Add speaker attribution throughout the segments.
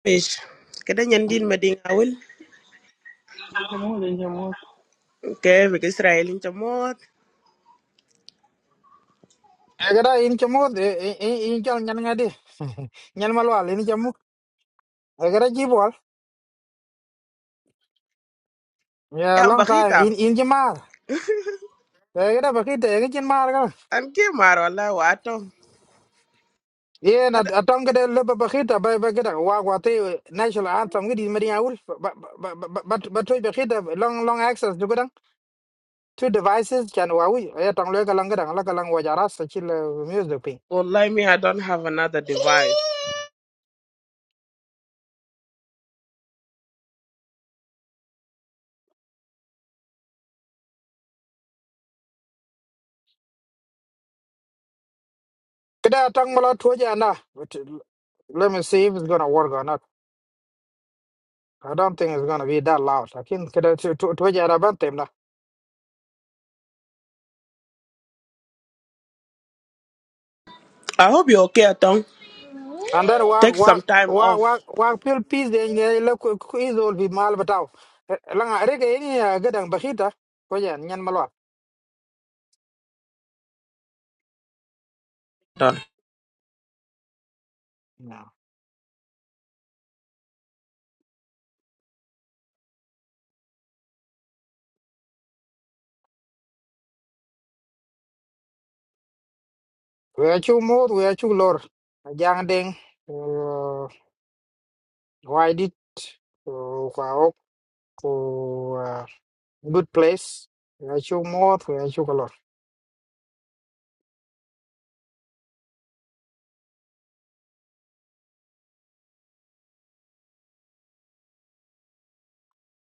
Speaker 1: Ish, kada nyan din mading awil,
Speaker 2: Jamul, then Jamul.
Speaker 1: ke bik Israel in chamot.
Speaker 3: egera in chamot in in chal nyan ngadi nyan malwal in chamu egera jibol yeah
Speaker 1: Ya
Speaker 3: long time in
Speaker 1: bakita,
Speaker 3: in jimar egera bakita ege chin mar ga
Speaker 1: an ke mar wallahi
Speaker 3: ye na atong gede le bakita ba bakita wa wa te national anthem gidi mari awul but but toy bakita long long access to gudang two devices chan wa wi ya tong le galang gadang la galang wa jara sa chil uh, music ping
Speaker 1: me I don't have another device.
Speaker 3: kada tong mala tuja na But, uh, let me see if it's gonna work or not I don't think it's gonna be that loud. Lakini kada tu tu tu je arabantem na.
Speaker 1: I hope you're okay atong.
Speaker 3: And then wa
Speaker 1: Take
Speaker 3: wa
Speaker 1: some time
Speaker 3: wa
Speaker 1: off.
Speaker 3: wa wa pil pis de nge le ku ku izol bi mal bataw. Langa rega ini ya gadang bakita ko ya nyan malwa. No. We achu mod we achu lor. Jang ding uh, why did uh, kwa ok uh, good place. We achu mod we achu lor.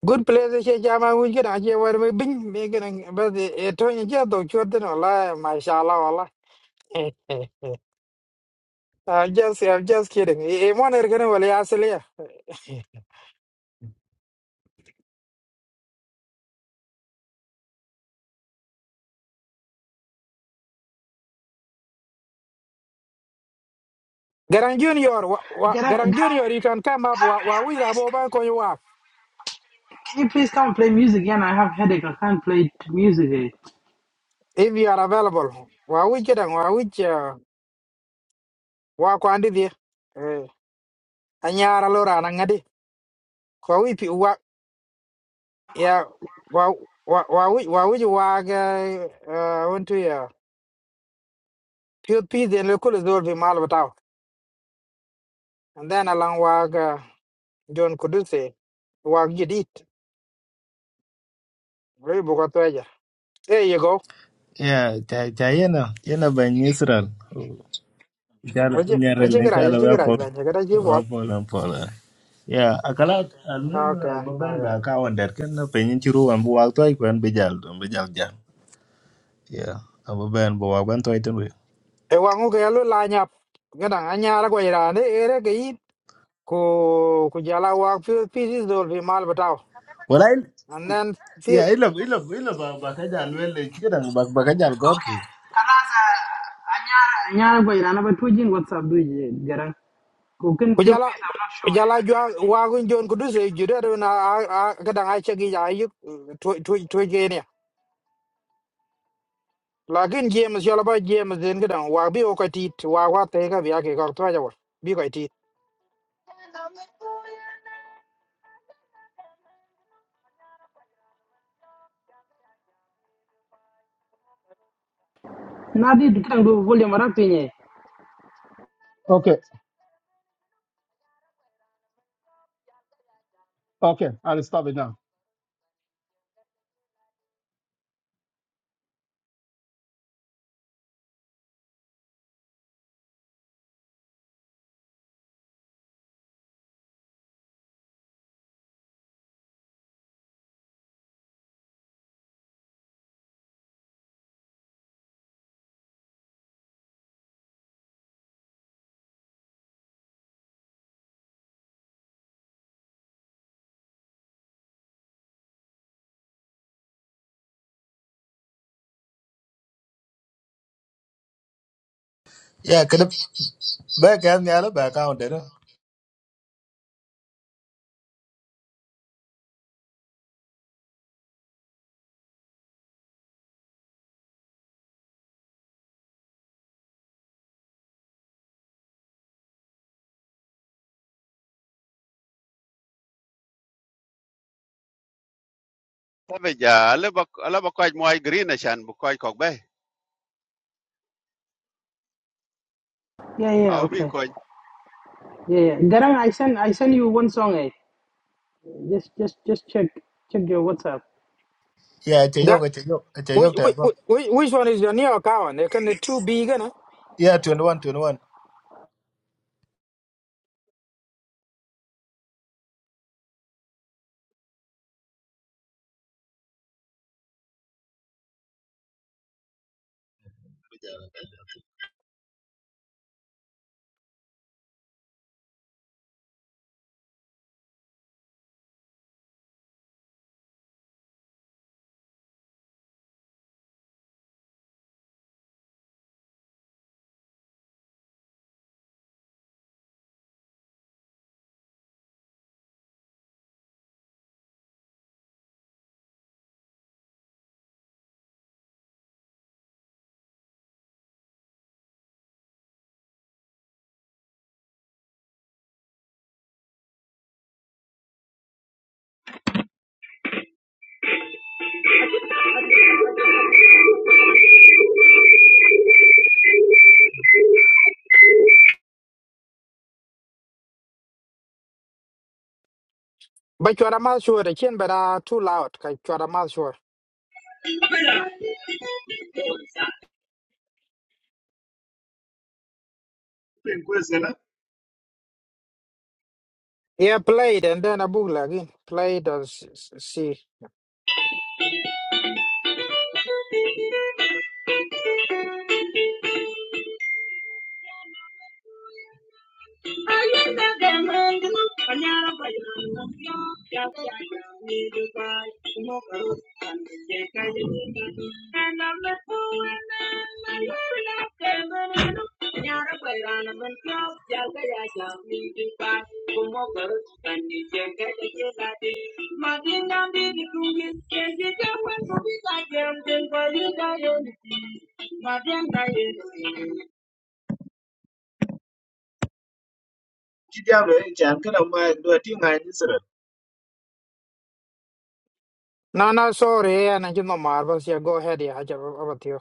Speaker 3: Good place eh, che jama wi gina che war me bin me gina ba de to ni je do chodno la eh, mashallah I'm just, I'm just kidding. I want to get away. I say, Garang Junior, wa, wa,
Speaker 2: Get up, get up,
Speaker 3: Garang
Speaker 2: Julian.
Speaker 3: Junior, you can come up.
Speaker 2: Get up,
Speaker 3: Wa, wa,
Speaker 2: Julian,
Speaker 3: we are
Speaker 2: please.
Speaker 3: mobile call you walk
Speaker 2: Can you please come play music again? I have headache. I can't play music. eh.
Speaker 3: if you are available. Wa, we get wa, we uh, wa, kwandi di. Eh, Anyara lora nangadi. Wa, we pi wa, ya, wa, wa, wa, we, wa, we you walk. Uh, want to ya. Pure peace and local is all be malvatao. And then along walk. Uh, John Kuduse, walk you Very bukatwaja. There you go.
Speaker 4: Yeah, cha cha yana yana ban Israel. Inchala unyarel
Speaker 3: Ajingira
Speaker 4: inchala wa
Speaker 3: ajingira
Speaker 4: pol
Speaker 3: ajmenye kada ji
Speaker 4: wa
Speaker 3: wat.
Speaker 4: pol wa pol. Yeah, akala almem
Speaker 3: Okay, à,
Speaker 4: baban
Speaker 3: okay.
Speaker 4: ba ka wonder kan na penin chiru wan bu wak toy kan bejal don bejal jam. Yeah, ababan bu wak ban toy tenwe.
Speaker 3: E wangu ke alu la nyap. Ngada anya ra ko irane ere ke yi ko kujala wa fi fi this dol fi mal bataw.
Speaker 4: Walai
Speaker 3: And then fi
Speaker 4: yeah, ila ila ila ba ba ka jal wel le chikadang ba ba ka jal gor.
Speaker 2: Okay. Kalaza, Anyara, Anyara, boy, I'm not twitching. What's up, dude? Get up. Cooking pure
Speaker 3: kujala
Speaker 2: face, I'm not sure.
Speaker 3: kujala jwa wa gun jon kudu se jure do na kada ai chegi ya yi to to to ge ne. Lakin James yola ba James den kada wa bi o ka tit wa wa te ka bi ake ka to ja wa. Bi ka tit.
Speaker 2: yeah, I Like, you know, but, eh. Nadi can ndio volume rapi yenye.
Speaker 5: Okay, okay, I'll stop it now.
Speaker 4: Yeah, kada ba ka mi ala ba ka wonder.
Speaker 6: tabe ja ale ba ale ba kwaj moy green chan bu kwaj kok be
Speaker 2: Yeah, yeah, yeah,
Speaker 6: aw bi
Speaker 2: okay.
Speaker 6: ko
Speaker 2: Yeah, yeah. Garang, I send I send you one song eh. Just just just check check your WhatsApp.
Speaker 4: Yeah, che yo
Speaker 3: Ga
Speaker 4: che yo che yo
Speaker 3: which
Speaker 4: ten
Speaker 3: which
Speaker 4: ko.
Speaker 3: which which one is your near account? They Can the two big?
Speaker 4: Yeah, twenty one.
Speaker 7: Thank you.
Speaker 3: But you are not sure the chin, but uh, too loud. Like you are not sure. Yeah, played and then a book again. Played and s- s- see. No, no, sorry. Yeah, and you know, Marvels. Yeah, go ahead. Yeah, I just about you.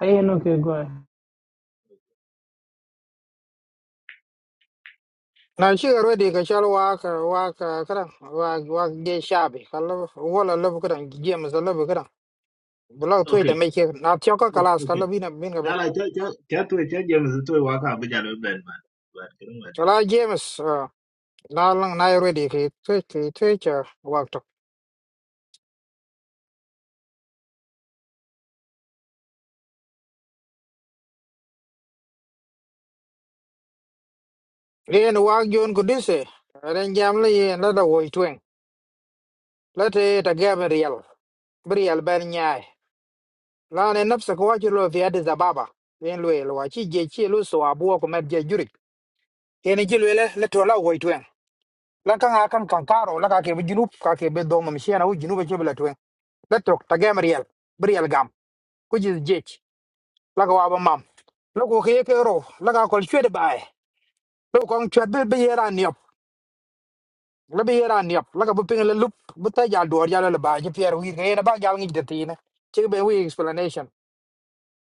Speaker 2: I ain't okay, go ahead.
Speaker 3: Now she already can shall walk, uh, walk, uh, kada, walk, walk, get shabby. Hello, wall, I love good. James, I love good. Below tweet and make it not your cockalas. Hello, been a been a Shall I, James? Uh, now long, now already. he Tweet, he tweet, walk to. Then walk you on good. say. Then jamly and let away twin. Lati tagame real. Brial ben nyai. Lani nafsa kwa chilo fi Addis Ababa. Yen lwe lwa chi je chi lu so abuwa kumet je jurik. Yen chi lwe le le tola uwa itwen. Lanka nga kan kankaro laka kebe junub ka kebe doma mshiana u junub chebe le twen. Letok tagame real. Brial gam. Kujis jech. Laka waba mam. Lako ke ke ro. Laka kol chwede bae. Lako kong chwede be be yera niop. Le be yera niop. Laka bupinga le lup. Buta jal duwar jala le bae. Jepier wii kaya na ba jal ngik detine. Chik be wii explanation.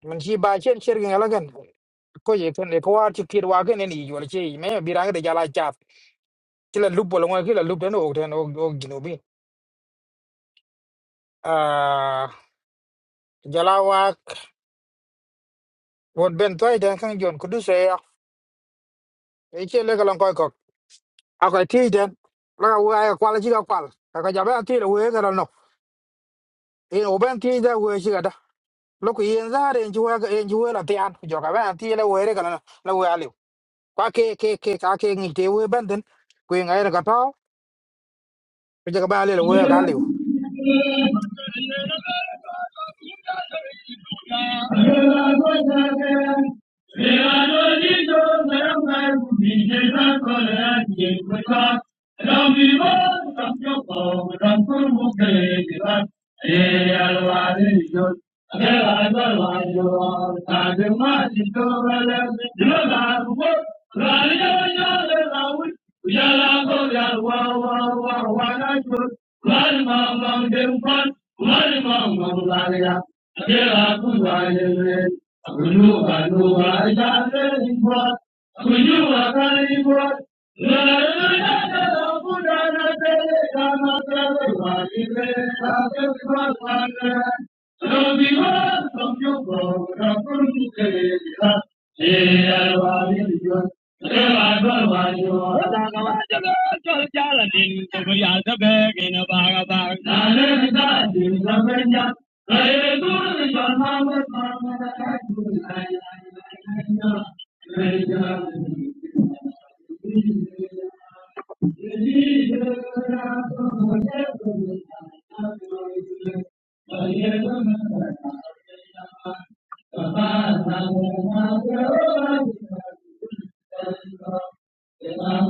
Speaker 3: man shi ba chen cher gen ala gan ko ye kan e ko war chi kir wa gen ni yol chi me bi rang de jala chap chi la lup bol ngwa ki la lup den o den o o ginu bi a jala wa won ben toy den kan jon ku du se ya e che le galan ko ko a ko ti den la wa ya kwal chi ga kwal ka ka jabe ti le we ga no e o ben ti da we chi ga da lo ku yen za re ji wa ga en ji we la ti an ku jo ka ben ti le we re ga na la we ali kwa ke ke ke ka ke ngi te we ben den ku ngai ra ka pa ku ja ka ba le we ka
Speaker 8: Hallelujah. Thank you. Thank you.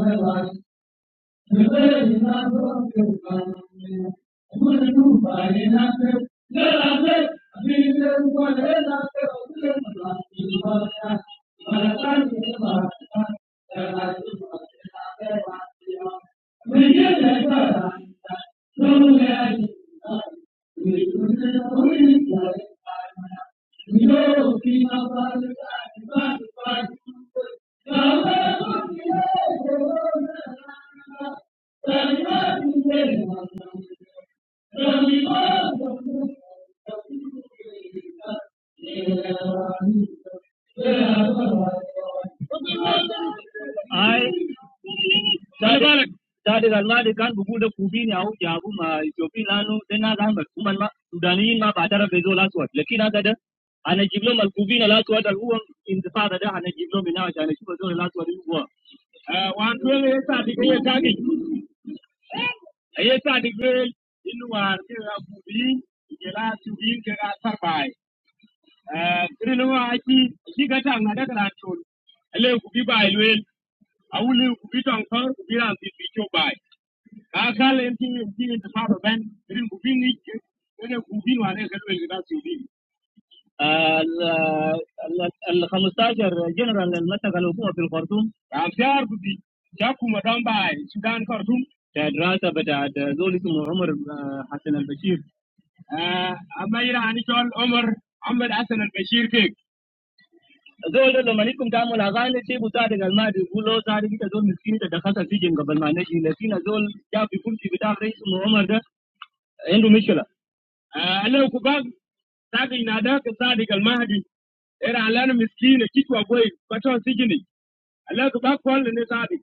Speaker 8: Thank you. Thank you. I Tare balak. Tare gal ma de kan bugu da kubi ne au jabu ma Ethiopia lanu de na ga mal kuman ma Sudaniyin ma ba tara bezo la suwat. Lakin aga da ana jiblo mal kubi na la suwat al uwan intifada da ana jiblo mina wa shana shi bezo la suwat ni uwa. Eh, Wan dole ya sa dike ya tagi. Ya sa war ke ga kubi ke la tubi ke ga kiril wa aki ki ga ta na daga ran chul ale ku bi bai lwel awuli ku bi tong kor ku bi ran ti bi chu bai ka ka len ti ti ta fa ban kiril ku bi ni ke ne ku bi wa ne ال ال 15 جنرال اللي مسكوا في الخرطوم am بدي kuɗi ja kuma dan ba sudan kartum دراسه بتاعت زول اسمه عمر حسن البشير amma ira ani chol omar ahmed hasan al bashir ke زول لما نكم تعمل اغاني تيبو صادق المادي يقولوا صادق كده زول مسكين تدخلت في جنب قبل ما نجي لكن زول جاب في كرسي بتاع رئيس عمر ده عنده مشكله آه انا كباب ساقي ناداك صادق المهدي era alana miskine kichwa kwei pato sijini alaka ba kwalle ne sadi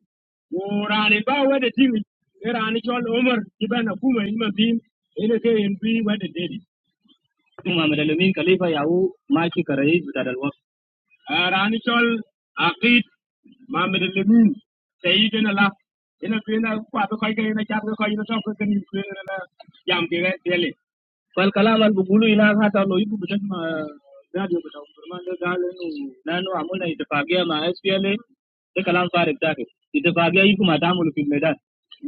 Speaker 8: worani ba wada timi era ani chol umar kibana kuma in mazin ina ke in bi wada dedi tuma madalamin khalifa yawo maki karai da dalwa Ah, Rani Chol, Akid, Mohammed Lemin, Said and Allah, in a queen of Quapaca in a Chapaca in a Chapaca in a Yam Gale. Well, Kalam al Bugulu in our hat are no you because my radio but Commander Galen, Nano Amuna is the Pagia, my SPLA, the Kalam Far exactly ittifaqiyya yi kuma ta mulki medan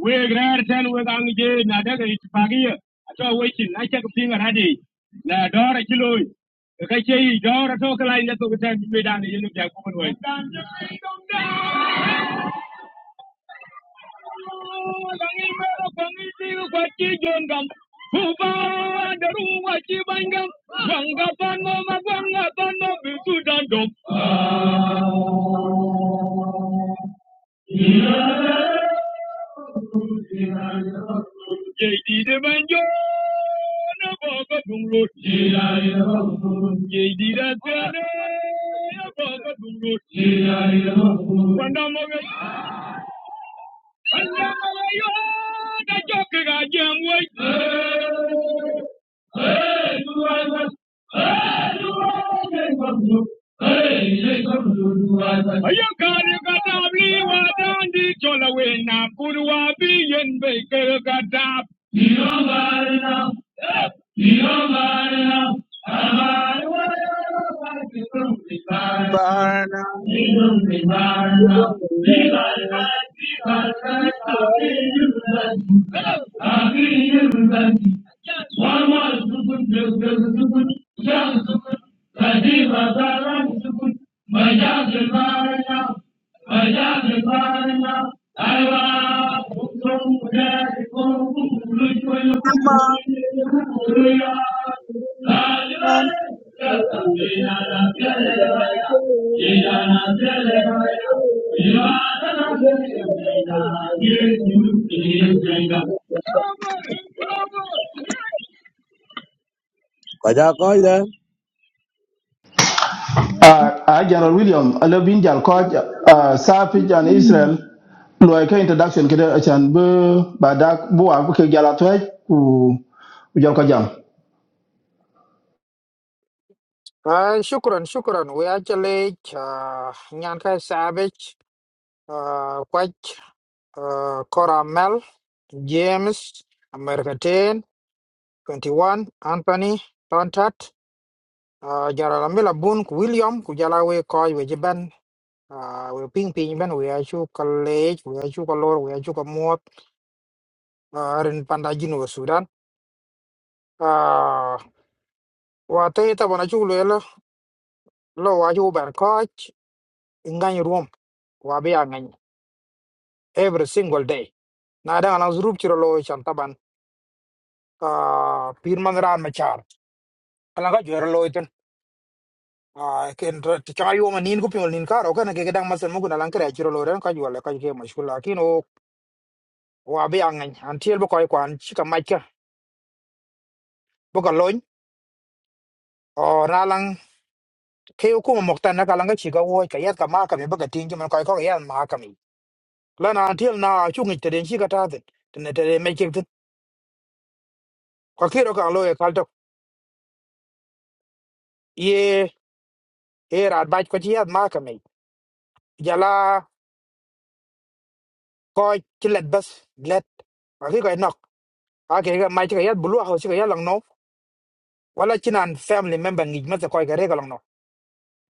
Speaker 8: we grer ten we gang je na daga itfagiya ato we chin na chak pinga rade na dora kilo ka ke yi dora to kala inda to ta be dan yin da ko we dan langir mero kongi siu kwati jongam kuba daru wati bangam wanga pano magwanga pano bisu dandom jeidi de banjo na boga dunglo jeidi da tene na boga dunglo wanda moga Thank you.
Speaker 9: Barnum,
Speaker 8: Thank
Speaker 9: Barnum, Barnum,
Speaker 8: you.
Speaker 5: Uh, uh, General William, I love in Jal Coach, uh, Savage and Israel, Loika introduction, Kida Achan Bu, Badak, Bua, Buke Jalatway, who Jalka Jam.
Speaker 3: Terima kasih. Terima kasih. We achieve. Nanti saya baik. Kau caramel. James. American. Twenty one. Anthony. Plantat. Jaralamilabun. William. Kujalawe. Kau wajiban. Wiping. Pijman. We achieve. College. We achieve. Kalor. We achieve. Kemuat. Ren Pandajin. Besudan. Waktu itu mana cuci lo? Lo wajib berkauh. Enggak nyium. Wabi nyium. Every single day. na da alang zrup chiro lo chan taban ah, pir man ran ma char alang ka jero lo iten a ken ti cha yo manin ku piol nin karo kana ke gedang masen mugun alang kre chiro lo ren ka jwale ka ke mashkul lakin o wa be angan an tiel bo koy kwan chika maika bo ka lon o na lang ke ku mo mokta na kalang ka chika wo ka yat ka ma ka me ba ka tin man koy ko yan ma ka mi la na an tiel na chu ngi te den chika ta den ne te me chik tin ka kiro ka lo e kalto ye era bat ko chi yat ma ka mi jala coi chỉ lệch bus lệch và cái gọi nọc à cái cái mai chỉ cái yết blue house chỉ cái yết lòng nó wala chỉ là family member nghịch mất coi cái đấy cái lòng nó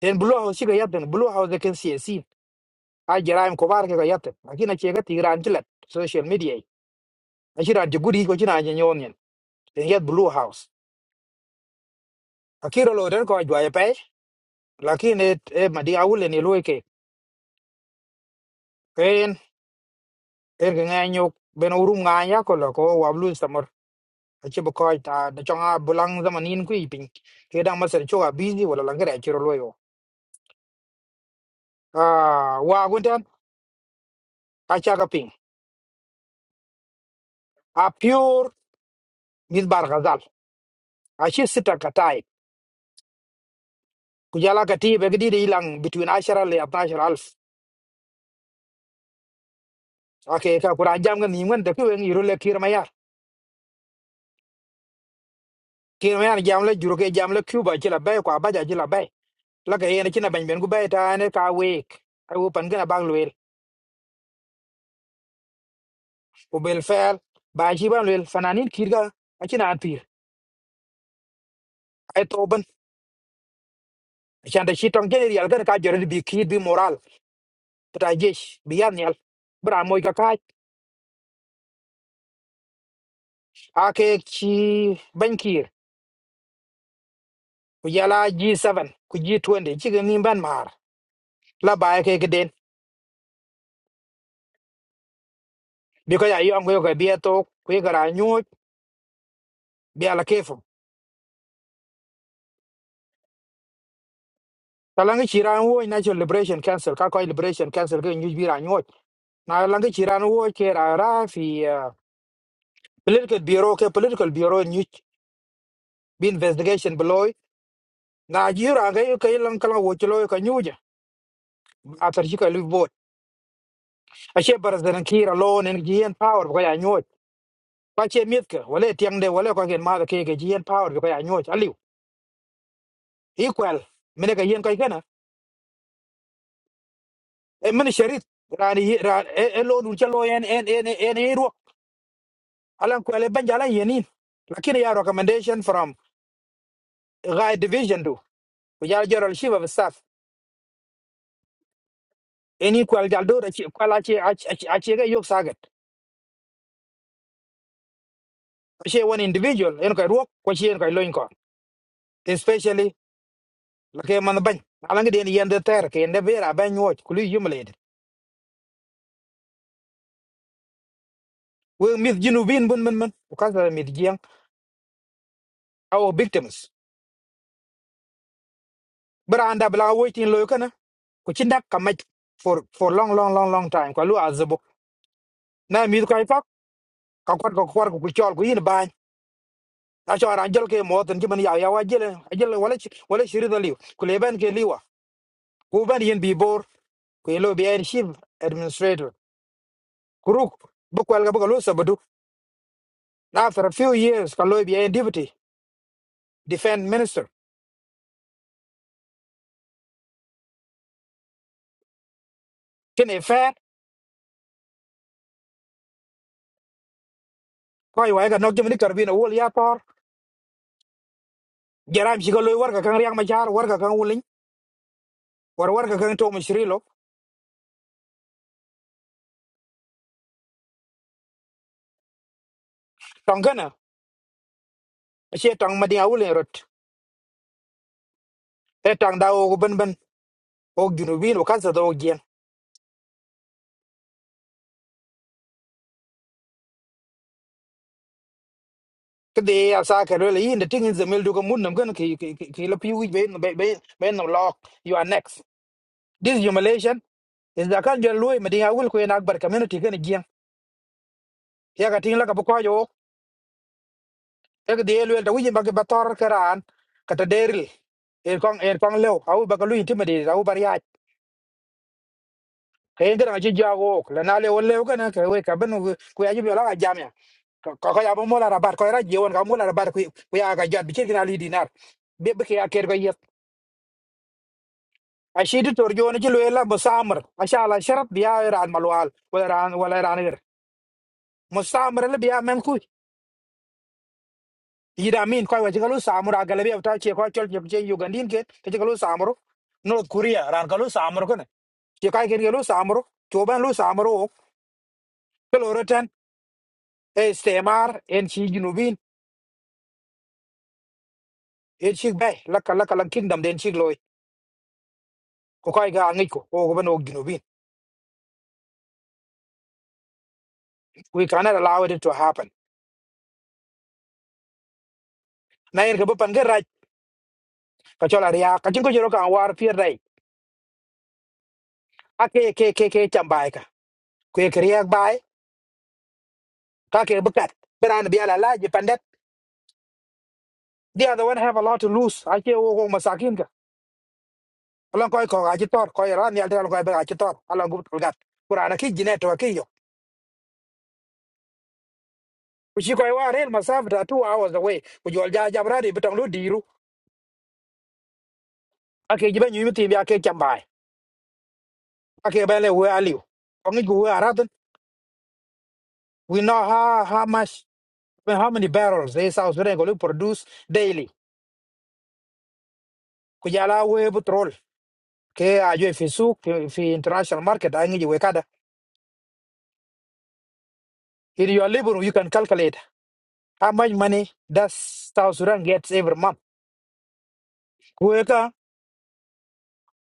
Speaker 3: then blue house chỉ cái yết then blue house can see see à giờ em có bar cái cái yết mà khi nó chỉ cái tigran chỉ social media à chỉ là chỉ guri có chỉ là nhân nhon nhân then yết blue house à khi rồi rồi coi vài pe là khi này mà đi ao lên lôi cái cái cái cái ngay nhok bên urum ngay nhá có là có wablu ci bu koy ta da chong a bulang zaman yin ku ipin ke dang masar choga busy wala lang gare chiro loyo ah wa guntan a cha ga ping a pure mis bar gazal a chi sita ka tai ku jala ka ti be gidi ilang between ashara le 12000 alf ake ka kura jam ga ni ngan da ku wen yiro le kir mayar kir mayar jam le juro ke jam le cuba ci la bay ko abaja ci la bay la ga yene ci na ban ben gu bay ta ne ka wek ai wo pan gana bang luel ku bel fer ba chi ban luel fananin kirga a ci na an pir ai to Shanda shi tong jeni real kan ka jorin bi ki bi moral ta jesh bi yan yal. Bra moy ka ka ake chi bankir ku yala G7 ku G20 chi ga nim ban mar la ba ke ke den bi ko ya yo ngo ko bi to ku ga ra nyu bi ala kefu. Ta lang chi ran wo na cho liberation council ka ko liberation council ke nyu bi ra nyu. Na lang chi ran wo ke ra ra fi ah, political bureau ke political bureau nyu bi investigation beloy na ji ra ga yo ke lang kala wo chi lo yo ka nyu ja. Atar chi ka lu ashe barazana kira lo nen gi yen power ko ya nyot kwa che miet ke wale tiang de wale ko gen ma ke ke gi yen power ko ya nyot aliu equal mene ka yen ko kana e mene sharit rani ran e e lo dun che lo yen en en en e ro alan ko le banjala yenin lakini ya recommendation from guy division do ko ya general chief of staff en equal dal do che kwala che a che ga yok sagat ashe one individual en ko ro ko che en ko lo ko especially la ke man ban ala ngi den yende ter ke ende bera ban nyoj kuli humiliated we mit junubin bun men men ko kasa mit jiang our victims bara anda bla waiting lo kana ko ci ndak ka maj for for long long long long time ko lu azbo na mi ko ay fak ka kwat ko kwar ko ku chol ko yin bañ a cho ran jol ke mo tan ci man ya ya wa jele jele wala ci wala ci rida liw ku le ben ke liwa ku ben yin bi bor ku lo bi en chief administrator kuruk bu ko ga bu ko lu sabadu after a few years ka lo bi en deputy defense minister kene fet ko ay way ga nok jëm ni karbina wol ya por jaram shi ko loy war ga kan riang ma jaar war ga kan wulin war war ga kan to mo shirilo tong kana she tong ma dia wulen rot e tong da o ben ben o ginu bin o kansa do gen kede ya sa ka le yin de tingin zemel du ko mun nam gan ki ki ki ki la pi wi be be be be no lock you are next this humiliation is da kan jël loy ma dia wul ko en akbar community gan gen ya ga ting la ka ko yo ek de el wel tawi ba ke bator karan kata deril el kong el kong lew au ba kalu intimidate au bar yaaj ke ngira ngaji jago la na le wolle ko na ke we ka ben ku yaji bela ga jamia ko ko ya mo la rabat ko ra jewon ka mo la rabat ku ku ya ga jat bi ke na li dinar be be ke ya ker ga yet a shi di tor jona ji lela musamar masha Allah sharab biya ran malwal wala ran wala ran ir musamar le biya men yida min koy wachi kalu samur agalabi avta che koy chol jeb je yugandin ke ke kalu samur north korea ran kalu samur kone che koy ken kalu samur choban lu samur ok kalu rotan e stemar en chi ginubin en chi bay lakka lakka lang kingdom den chi loy ko koy ga ngi ko o go ban ok ginubin we cannot allow it to happen na yer ke ban ga raj ka chol aria ka chin ko jero ka war pier dai ake ke ke ke chambai ka ko ke riak bai ka ke bukat beran bi ala la je The other one have a lot to lose. I care wo masakin ka. Alang koi ko aji tor koi ran yal dal koi ba aji tor. Alang gut gat. Kura na ki jine to ki yo. koi wa rel masaf da 2 hours away. Ku jol ja jam radi lu diru. Ake jiba nyu mitim ya ke chambai. Ake ba le we aliu. Ongi gu we aradan. We know how how much how many barrels they South Sudan go produce daily. Kujala jala we petrol. Ke ajo fi souk fi fi international market angi we kada. In your labor you can calculate How much money does South Sudan gets every month? Kuweka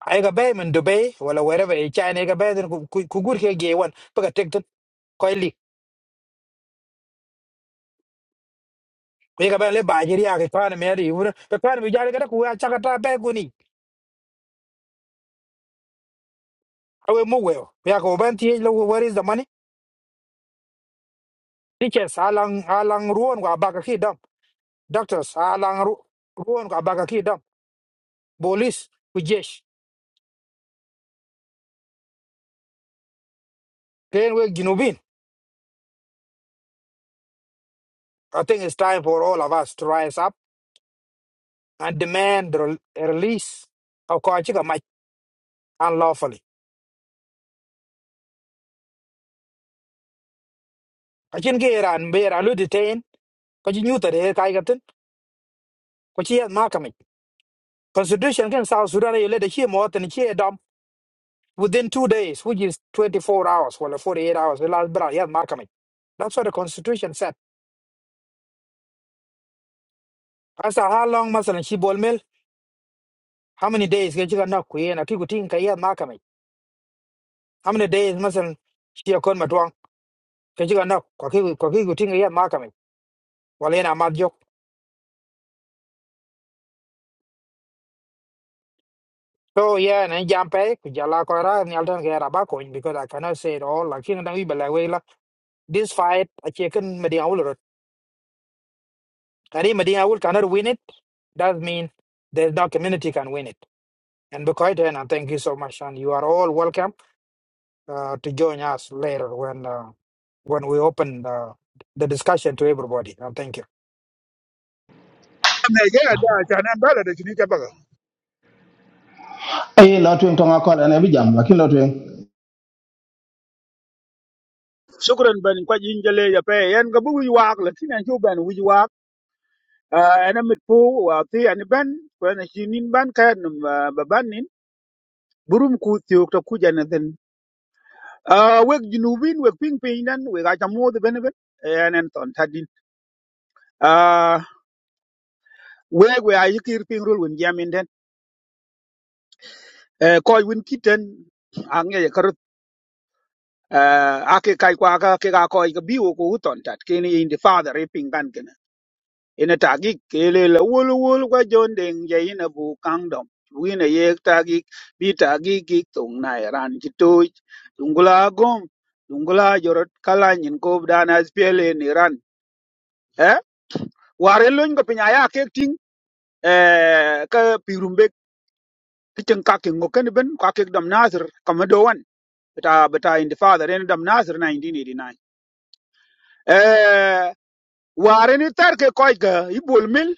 Speaker 3: aiga bay in Dubai wala wherever in China aiga bay then kugur ke ge wan paka tek tan koi li. Kuweka bay le bajiri ake kwan me ari wuna pe kwan me jale kada kuwa chakata bay guni. Awe mu weo. Ya ko ban ti lo where is the money? Teachers alang alang ruon wa baka ki dam. Doctors alang ru ruon wa baka ki dam. Police kujesh. Then we ginubin. I think it's time for all of us to rise up and demand the rel- release of Kachika unlawfully kachin ke iran be iran lu detain ko ji nyuta de kai gatin ko chi ma kam constitution kan south sudan ye le de chi mo tan chi dom within 2 days which is 24 hours or 48 hours the last bra ye ma kam that's what the constitution said as how long masalan chi bol mel how many days ke chi na ku ye na ki ku tin ka ye ma kam how many days masalan chi kon ma twang ke chi na ko ki ko ki ku tin ye ma kam wala na ma So yeah, and jampe kujala kora ni alton ke raba coin because I cannot say it all. Like you know, we believe like this fight a chicken Medina will rot. Kani Medina will cannot win it. That mean there's no community can win it. And because then, and thank you so much, and you are all welcome uh, to join us later when uh, when we open the the discussion to everybody. And thank you.
Speaker 9: me ga da ta nan bala da tuni ta baga
Speaker 5: A lot to Tonga call and every jam, like in Lotwing.
Speaker 9: shukran ban kwa jinjale ya pe yan ga buwi wak la tinan ju ban wi wak ana mit pu wa ti an ban ko na shinin ban ka ba ban nin burum ku ti ok ta ku jana den uh, wek junubin wek ping piny dan wek acamooth bene ben en en thon tadin uh, wek we ayikir piny rol wen jamin den uh, kɔc wen kiten aŋeje kerut uh, ake kai kuaka kek akɔc ke ka koy ka biwo ku ku thon tat keni indi father i piny kan kene ina tagik la awol wol kwa jon deng je ina bu kangdom wina yek tagik bi tagik gik thong na ran ci toj dungula gom dungula jorot kalanyin kob dan aspiel in iran war e lony ko piny aya kek ting eh, ka pirumbe kichen ka ke ngoken ben ka ke dam nasir kam do beta beta in the father in dam nasir 1989 eh war ni tar ke koy ga ibol mil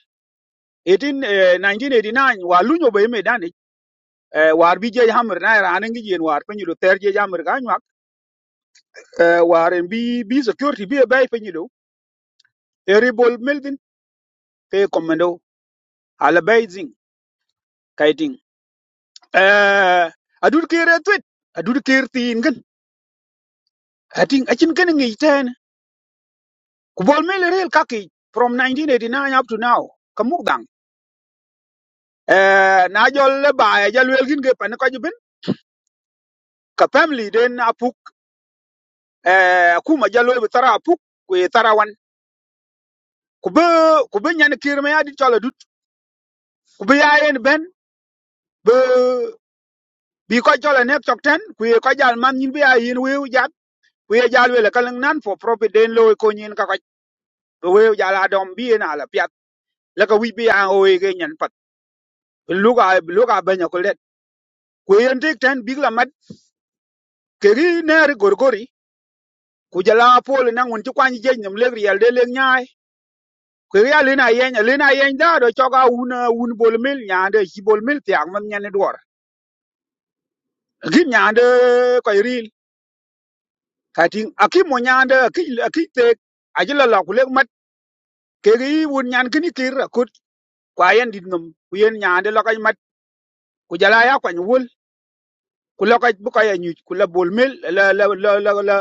Speaker 9: 18 eh, 1989 wa lunyo be me dani eh, war bi je hamr na ra ngi jen war penyu do ter je jamr ga nyak eh, war bi bi security bi e bay penyu do eri mil din ke komendo ala bay zing kaiting eh adut kire twit adut kirtin ating achin ken ngi ten ku bol mel rel kaki from 1989 up to now kamuk eh na jol le ba ya jal wel gin ge pan ko jibin ka family den apuk eh ku ma jalo be tara apuk ku ye tara wan ku be ku be nyan kir me adi chola dut ku be ya yen ben be bi ko chola nek chok ten ku ye ko jal man nyin be ya yin weu jat ku ye jal wel e ka lang nan for profit den lo e ko nyin ka ko be weu jal adom bi e na la piat la ka wi bi ya o ye ge nyan pat luka luka benya ku yen tik ten bik la mat ke gi ne ri gorgori ku jala pol na ngun ti kwany je nyam le riel de le nyaai ke ya le na yen le na yen da do choga un un bol mil nyaande chi bol mil tiak man nyane dwor gi nyaande ko ril kating aki mo akil akite aki ajila la ku le mat ke gi un nyan kini kir akut kwa yen dit ngam ku yen nyaande mat ku jala ya kwany wol ku loka buka ya nyu ku la bol mil la la la la la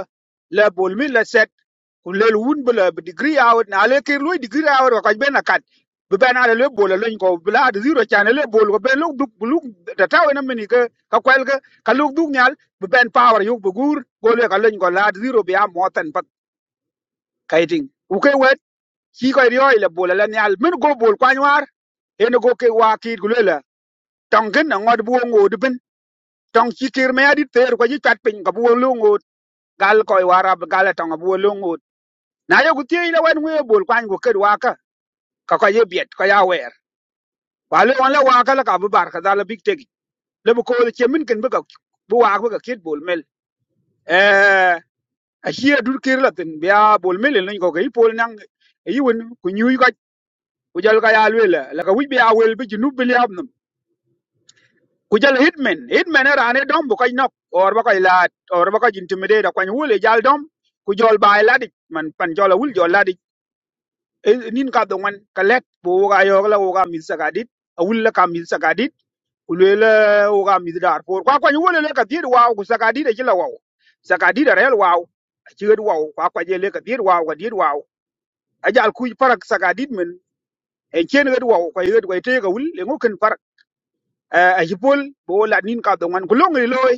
Speaker 9: la bol mil la set ku le wun bula degree hour na le kir lu degree hour ko ben kat bu ben ala le bol la ko bla de zero chan le bol ko ben lu duk lu da taw na mini ka ka kwel ka ka lu duk nyal bu ben power yu bu gur go le ka len ko la de zero bi am motan pat kaiting ku ke wet ki ko ryo le bol la nyal min go bol kwa nyar en go ke wa ki ku le la tongen na ngod bu ngo de tong chi kir me adit ter ko ji chat pin ka bu lungut gal ko wara gal tong bu lungut na yo gutie ina wen we bol kwan go ker waka ka ka ye biet ka ya wer wa le wan la waka la ka bu bar ka dala big tegi le bu ko le chemin ken bu ka bu wa bu ka kit bol mel eh a hie dur kir la tin bia bol mel ni ko ke pol nang e yun ku nyu ka ku jal ka ya le la ka wi bia wel bi nu bi liab ku jal hitmen hitmen era ne dom bu koy nok or ba koy laat or ba koy intimidate ko ni wule jal dom ku jol bay ladi man pan jola wul jol ladi nin ka do man ka let bu ga yo la wo ga mi sagadit a wul la ka mi sagadit ku le la wo ga mi dar por kwa ko ni wule le ka dir wa ku sagadit ji la wa sagadit rel wa ci gad wa kwa ko je le ka dir wa ga dir wa a jal ku parak sagadit men e chen gad wa ko gad ko te ga wul le ngo ken parak Eh, a jipol bo la nin ka do man ku long ni loy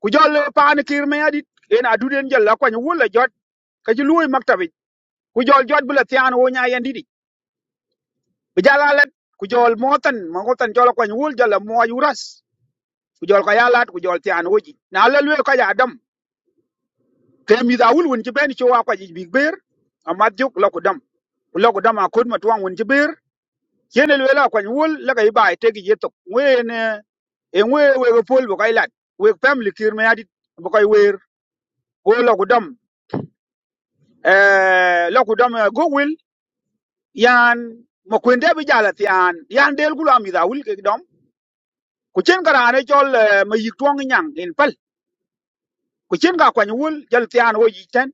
Speaker 9: ku jol paan kir me adit en aduden jol la kwany wul la jot ka ci luoy maktabi ku jol jot bi la tian wo nya yan didi bi jala la ku jol motan ma ngotan jol kwany wul jol la mo yuras ku jol ka yalat ku jol tian wo ji na la luoy ka ya dam ke mi da wul won ci ben ci wa kwa ji big ber amat juk la ku dam ku la ku dam a kod ma tuang won ci ber yene luoy la kwany wul la ka ibai te gi yetok wen en we we go pol bu kai lat we family kir me adit bu kai wer wo la ku dam eh la ku dam eh, go yan ma kwende bi jala tian yan del gulo am da wul ke dom ku chen kara ne jol eh, ma yik tuong nyang in pal ku chen ka kwany wul jal tian wo yi ten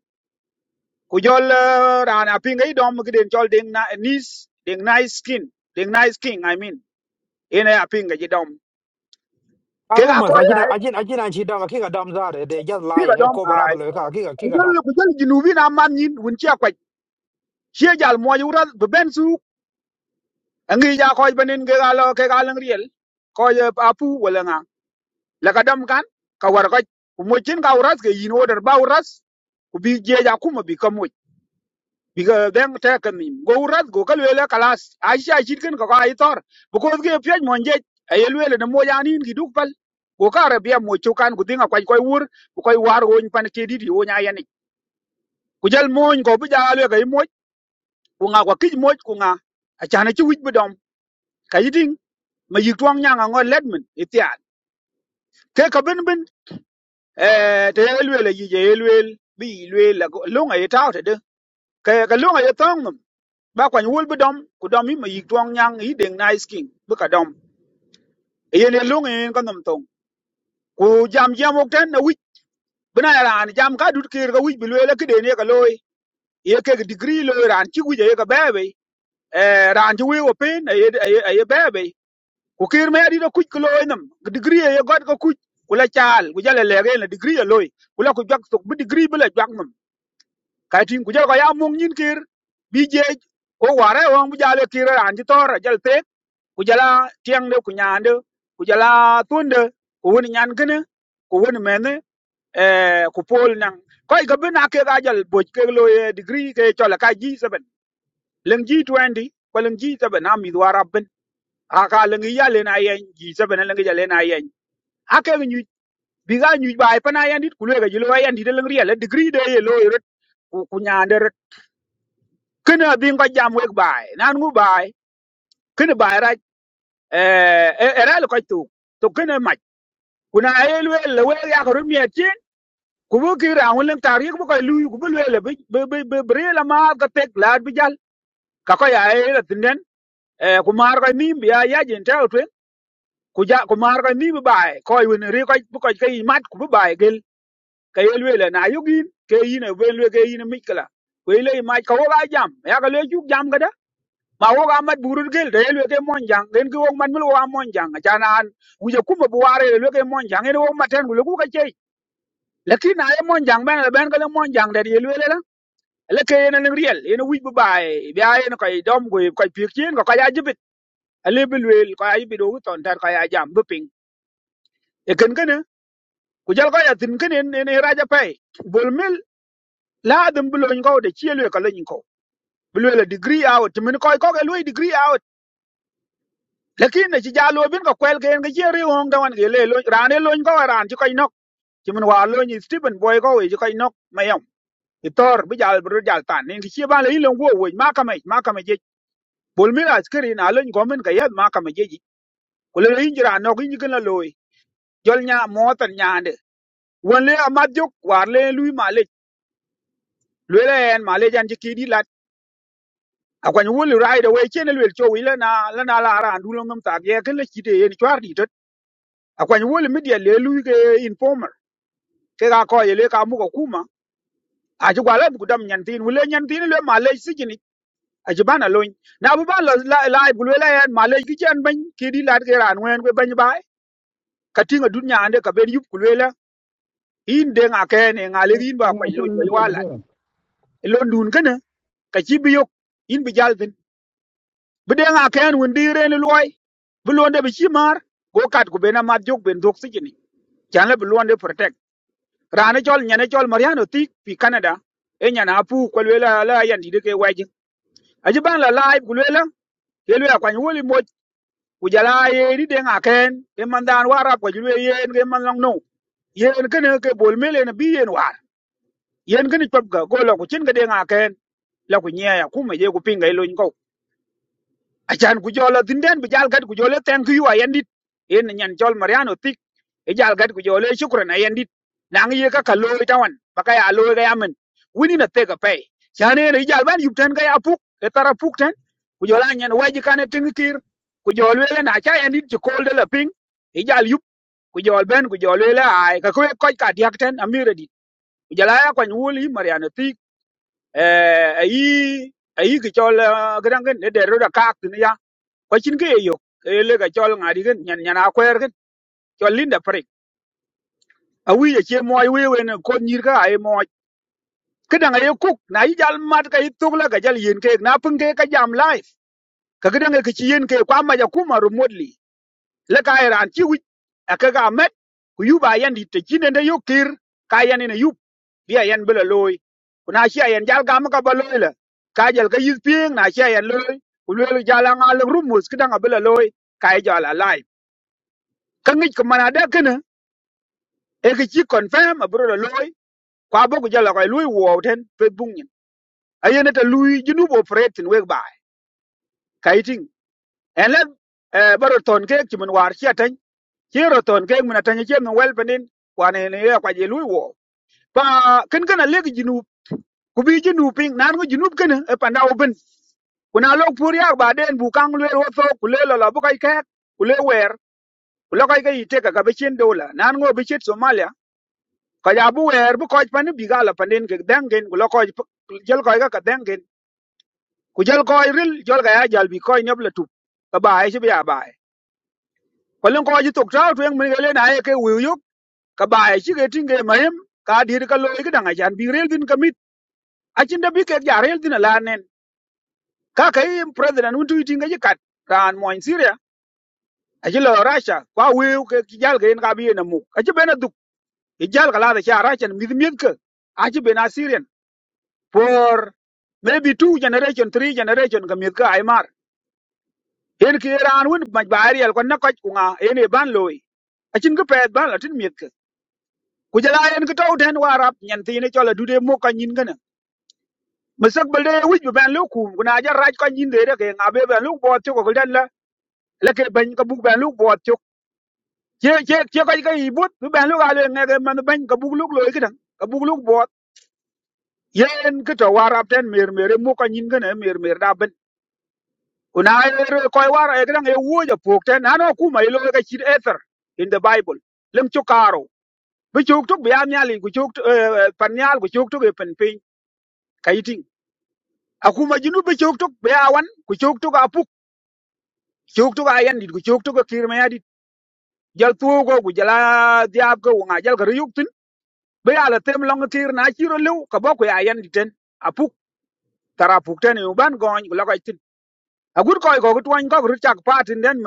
Speaker 9: ku jol eh, rana pinga i dom ki den jol ding na nis ding nice skin ding nice king i mean in a pinga ji dom ke ka ko
Speaker 3: Arumas,
Speaker 9: ya
Speaker 3: ajina ajina ajina chidam akiga dam zare. They just
Speaker 9: ti ka
Speaker 3: lying.
Speaker 9: dom
Speaker 3: Ko
Speaker 9: ai
Speaker 3: barabalo ka akiga
Speaker 9: ku
Speaker 3: akiga
Speaker 9: jol ku jol jinubi na man yin wun chi akwach chi jal mo yura be ben su ngi ja ko banin ke ga lo ke ga lang riel ko apu wala laka dam kan ka war ka ku mo chin ka uras ke yin order ba uras ku bi je ja kuma bi ka mo bi ga ben ta ka mi go uras go ka lele kalas a sha shit kin ka ka ai tor bu ko ge pye mo je ay lele na mo ya nin gi duk pal ko ka ra bia mo chu kan ku dinga kwai kwai wur ku kwai war go pan ke di di o nya ya ni ku jal mo ko bi ja le ga i mo ku nga kwa kij mo ku nga a cha na chi wit bu dom ka yiding ma yik twang nya nga ngo let min itia ke ka bin bin eh te elwel yi je elwel bi elwel la lunga ye taw te de ka ka lunga ye tong num ba kwa nyul bu dom ku dom mi ma twang nyang yi deng nice king bu ka dom ye ne lunga ye ka num tong ku jam jam ok ten na wich bina ya ran jam ka dut kir ka wich bi lwel ki de ne ka loy ye ke degree loy ran chi wich ye ka bebe eh ran chi wi opin ye ye bebe ku kir me adi do kuch ko loy num degree ye god ka kuch kula chaal ku jale lege na degree ye loy kula ku jak tok bu degree bu la jak nam kai tin ku jal ko ya mung nyin kir bi je ko ware won bu jale kir an ji tor jal te ku jala tiang de ku nyande ku jala tunde ku woni nyan gene ku woni mene eh ku pol nang ko ga bina ke ga jal bo ke lo ye degree ke chola ka ji seven leng ji 20 ko leng ji seven am idwa rabben aka leng yale na yen ji seven leng jale na yen ake nyu bi ga nyu bai pa na yen dit ku le ga jilo yen dit leng riele degree de ye lo ye kena bin ko jam wek bai nan ngu bai kena bai ra eh eh, era lo ko tu to kena ma kuna ayel we le we ya ko mi atin ku bu ki ra hun tar yek bu ko lu ku bu le le bi bi bi bre la ma ka tek la bi jal ka ko ya ayel tinen eh ku mar ko mi bi ya ya jin ta otwe ku ja ku mar ko mi bi bai ko yu ne ri ko bu ko ke mat ku bu bai gel ka yel we le na yugin ke yin we le ke yin mi kala ko ile ma ko ga jam ya ka le ju jam ga ma wo ga mat burut gel de lwe ke mon jang den ki wo man mil wo ga mon jang cha na an wu je kuma bu ware lwe ke mon jang ene wo maten gu ku ka chei lakin na ye mon jang ben le ben ka le mon jang de ye lwe le la le ke ene ne riel ene wi bu bai bi a ene ka dom go ka pik chen ko ka ya jibit ale bi lwe ka ya bi do ton tar ka ya jam bu ping e ken ken e, ku jal ka ya tin ken ene ene raja pai bol mil la dum bu lo ngo de chi lwe ka le ngo bu lwe le degree out min ko ko ke lwe degree out lakin ne ci jalo bin ko kwel ken ga jeri won ga wan ge le lo rane lo ko ran ci koy nok ci mun wa lo ni Stephen boy ko we ci koy nok mayam itor bi jal bru jal tan ne ci ba le ilon wo we ma kame ma kame je bol mi ras kri na lo ko men ga yad ma kame je ji ko le yin jira no gi gna lo jol nya mo tan nyaande won le amad jok war le lui ma le le le en ma le jan ci ki di lat akwan wul ride away chen le cho wi le na la na la ran du lo ngam ta ge ke le ci de en chwar di tot akwan wul mi de le lui ge informer ke ga ko yele ka mu ko kuma a ji gwala bu dam nyantin wule nyantin le malej sijini a ji bana loñ na bu ban la la la bu le la malej ki chen ban ki di lat ke ran wen ko ban bai ka tinga dunya ande ka ben yup kulela in de nga ke ne nga le
Speaker 5: Oh,
Speaker 9: in ba
Speaker 5: and
Speaker 9: ko
Speaker 5: I'll tell
Speaker 9: loñ
Speaker 5: you
Speaker 9: ba
Speaker 5: later
Speaker 9: wala
Speaker 5: about it.
Speaker 9: lon dun kana ka ci bi yok in bi jal tin bu de nga ke wen di re ni loy bu londe bi ci mar go kat ku bena ma jok ben dok sijini chan le bu londe protect rana chol nyane chol mariano ti pi canada e nyana apu ko lela la yandi de ke waji aji ban la live ku lela ke lela kwa nyuli mo ku jala ye ni de ngaken ke mandan wara ko jule ye ke man lang no ye ke ne ke bol mele na bi ye war yen ke ni chop ga go lo ku chin ga de ngaken la ku nya ya ku me ye ku pinga ilo nko achan ku jolo tinden bi jal gad ku jolo thank you ayandit en nyan jol mariano tik e jal gad ku jolo e shukran ayandit nang ye ka kalo tawan baka ya lo ga yamen wini na tega pay chane ne jal ban yuptan ga apuk e tara puk tan ku jola nyan waji kane tingkir ku jolo le na cha ayandit ti kol de la ping e jal yup ku jol ben ku jolo le ay ka ko ko ka diak tan amire dit ku jala ya kwa wuli mariano tik eh ayi ayi ki jol gadangen ne de roda kak ni ko cin ke yo ele ga chol ngari gen nyan nyan akwer gen chol linda prik awi ye che moy we we ne kon nyir ga ay moy kedang ye kuk na yi jal mat ka ituk la ga jal yin ke na pung ke ka jam life ka kedang e ke chi yin ke kwa ma ja kuma remotely le ka iran chi wi aka ga met ku yu ba yan di te chin de yo kir ka yan ne yu bi a yan bela loy kuna shi a yan jal ga ma ka ba loy la ka jal ka yis ping na shi a yan loy ku le jal jala ngal rumus kedang a bela loy ka e jal alive ka ngic ko man ada e ke chi confirm abro lo loy kwa bo jala ko lui wo ten pe bung nyin ayene ta lui jinu bo pretin we ba kaiting en la e baro ton ke ki mun war chi atan chi ro ton ke mun atan chi mun wel penin kwa ne ne ya kwa je lui wo pa ken kana le ki jinu ku bi jinu ping nan ko jinu kene e panda open kuna lo pur ya ba den bu kang le wo so ku le lo la bu kai ka ku le wer ku lo kai ka ite ka ka be chen dola nan ngo be chet somalia ka ja bu wer bu koj pani bi gala panen ke dengen ku lo koj jol koj ka dengen ku jol koj ril jol ka ya jal bi koj nyob la tup ka ba ai bi ya ba ai ko len koj tok trao tu yang mun ga len ai ke wi yuk ka ba ai chi ke tinge mayem ka dir ka lo ki danga jan bi rel din kamit a chin da bi ke ja rel din la nen ka ka im president un tu tinge ji kat ran mo in syria a chi lo rasha kwa wi ke jal ke en ka bi na mu ka chi bena duk ki jal ka la da cha rasha mi mi ke a chi bena syrian for maybe two generation three generation ka mit ka ai mar en ki ran won ma bari al kon na ko ku nga en e ban loy a chin ka pet ban la tin mit ka ku jala en ka taw ten warap nyen ti ne chola dude mo ka nyin kana masak balde wij be ban lu ku na ja raj ka nyin de de ke nga be ban lu bo ti ko ko dan la la ke ban ka buk ban lu bo ti che che che ka ka i but bu ban lu ga le nga ke man ban ka buk lu loy ka dan ka buk lu bo yen ka to warap ten mer mer mo ka nyin kana mer mer da Una koy war e gran e wuja pokte na no kuma ilo ka chir ether in the bible. Lem chukaro. Bi chuk tuk bi amyali ku chuk panyal ku chuk tuk e penpin kaiting. Akuma jinu bi chuk tuk bi awan ku chuk tuk apuk chuk tuk ayandit ku chuk tuk kirma yadit. Jal tugo ku jala diab ko wanga jal ka riyuk tin. Bi ala tem long kir na chiro lew ka boku ya Apuk tara pukten e uban gony ku lakoy Agur koi ko ku tuany ko richak patin den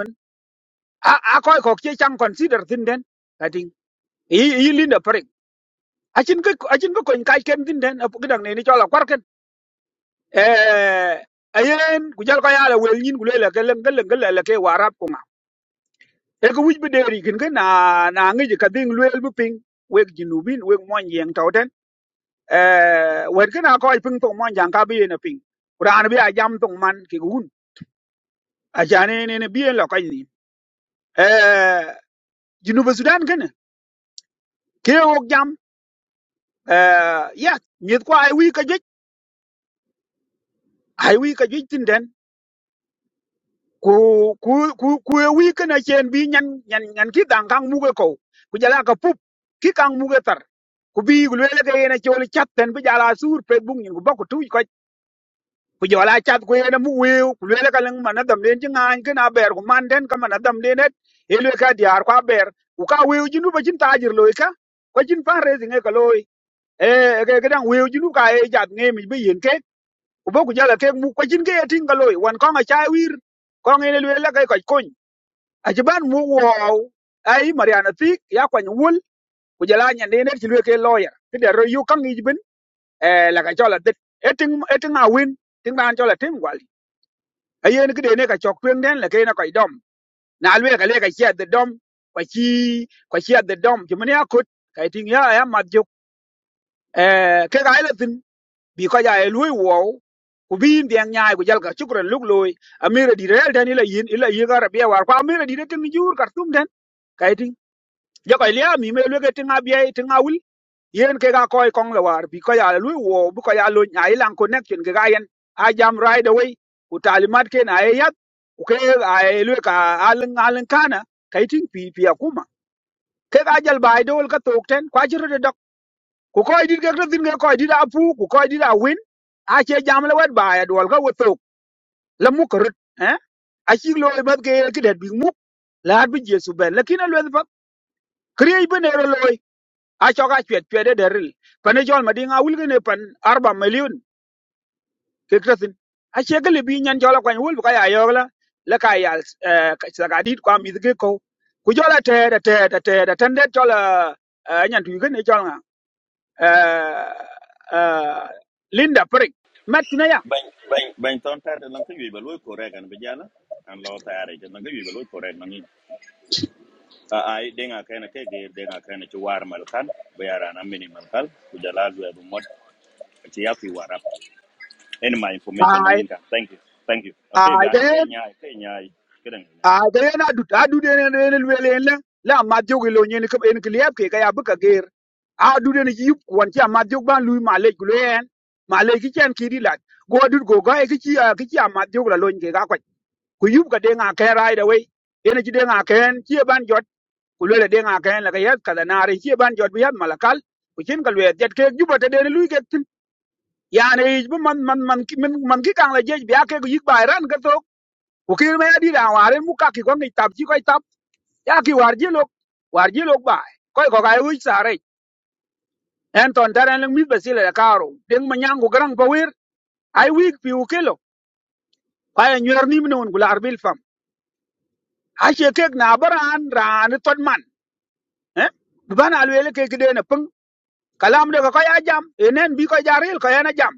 Speaker 9: a a koy ko che chang consider tin den ati i i linda parik achin ko achin ko kon kai ken tin den apu gidang ne ni chola kwar ken eh ayen ku jal ko yala wel nyin ku lela gelen gelen gelen ke warap ko ma e ko wij be deri kin ken na na ngi ka ding lwel bu ping weg jinubin weg mon yeng tawten eh wer ken a koy ping tong mon jang ka bi ne ping quran bi a jam tong man ke gun a jane ne ne bi en lo kai ni eh jinuba sudan ken ke wok jam uh, yeah mit ko ai wi ka jej ai wi ka jej tin den ku ku ku ku e wi ka na chen bi nyan nyan nyan ki dang kang mu ko ko. ku jala ka pup ki kang mu tar ku bi gu le ga yena chol chat den bi jala sur pe bung nyin ku ba ku tu ko ku jala chat ku yena mu we ku le ga lang man adam den ji ngan ka na ber ku man den ka man adam den et e le ka diar kwa ber ku ka we ji nu ba jin tajir lo ka ko jin fa re zinga ka loy e ga ga dang we ji nu ka e jat nge mi bi yen ke kubo ku jala kek mu kwacin ke yatin ka wan wan konga chai wir konga ine lwe lakai koch kony achiban mu wow ai mariana thik ya kwany wul ku jala nyande ine chi lwe ke lawyer kide ro yu kang ijbin eh laka chola dit eting eting a win ting ban chola tim gwali ayen kide ne ka chok twen den lake na koi dom na lwe ka le ka chia the dom kwa chi kwa chia the dom chimani akut kai ting ya ya madjuk eh ke ga ile tin bi ko ja e lui wo ku bi in biang nyaai ku jal ka chukran luk loy amira di rel den ila yin ila yi ga rabia war ko amira di de tin jur kar tum den kai tin ja ko lia mi me luge tin bia, tin awul yen ke ga koy kong la war bi ko ya lui wo bu ko ya lo nyaai lan connection ke ga yen a jam right away ku talimat ke na e yat ku ke a e lu ka alin alin kana kai tin pi pi akuma ke ga jal bai dol ka tok ten kwa jiru ku koy dit kek thin ke koy dit a pu ku koy dit a win a che jam le wet ba ya dol ka we tok la mu krut eh a chi lo e bat ke ke det bi mu la bi jesu ben la kina lo pa kriye be ne ro loy a cho ka chwet chwet de deril pa ne jol ma dinga wul ne pan arba million ke krasin a che ke le bi nyan jol kwa wul ka ya yo la la ka ya sa ka dit kwa mi ke ko ku jol a te te te te te ten det jol a nyan tu ke ne jol uh, uh, Linda Frick. Matina ya.
Speaker 10: Bany bany bany ton tare lan ka yuy ba loy korek an bejala an lo tare je lan ka yuy ba loy korek nangi a ai denga kaina ke ge denga kaina ci war mal kan be yara na mini mal kal ku jala lu bu mod ci ya fi warap any my information
Speaker 9: Ai
Speaker 10: nangi ka thank you thank you okay
Speaker 9: ai
Speaker 10: ga okay
Speaker 9: den
Speaker 10: nyaay okay nyaay kedan
Speaker 9: ai den adu adu den den den la la madio ke lo nyen ke en kliap ke kaya buka ger. Adu den yip kwan cha madio ban lui malek glen. Malek ki chan kiri la. Go adu go ga ke chi ki chi madio la lo nyen ke ga kwa. Ku yup ka den a ke rai da we. En chi den a ken chi ban jot. Ku le den a ken la ke yat kala na re chi ban jot bi yat malakal. Ku chin ka le jet ke juba te den lui ke yani bu man man man ki- man man ki kang la jej biya ke yik bai ran ka tok ko kir me adi da waren mu ka ki ko ngi tab ji ko tab ya ki war ji lok war ji lok bai ko ko ga wi sare en ton taran lang mi basile da karo ding ma nyangu garang pa wir ai wik pi u kelo pa ya nyor nim non gula arbil fam ha che kek na baran ran ton man eh bu ban alwele ke ki de na pung kalam de ko ya jam enen bi ko jaril ko ya na jam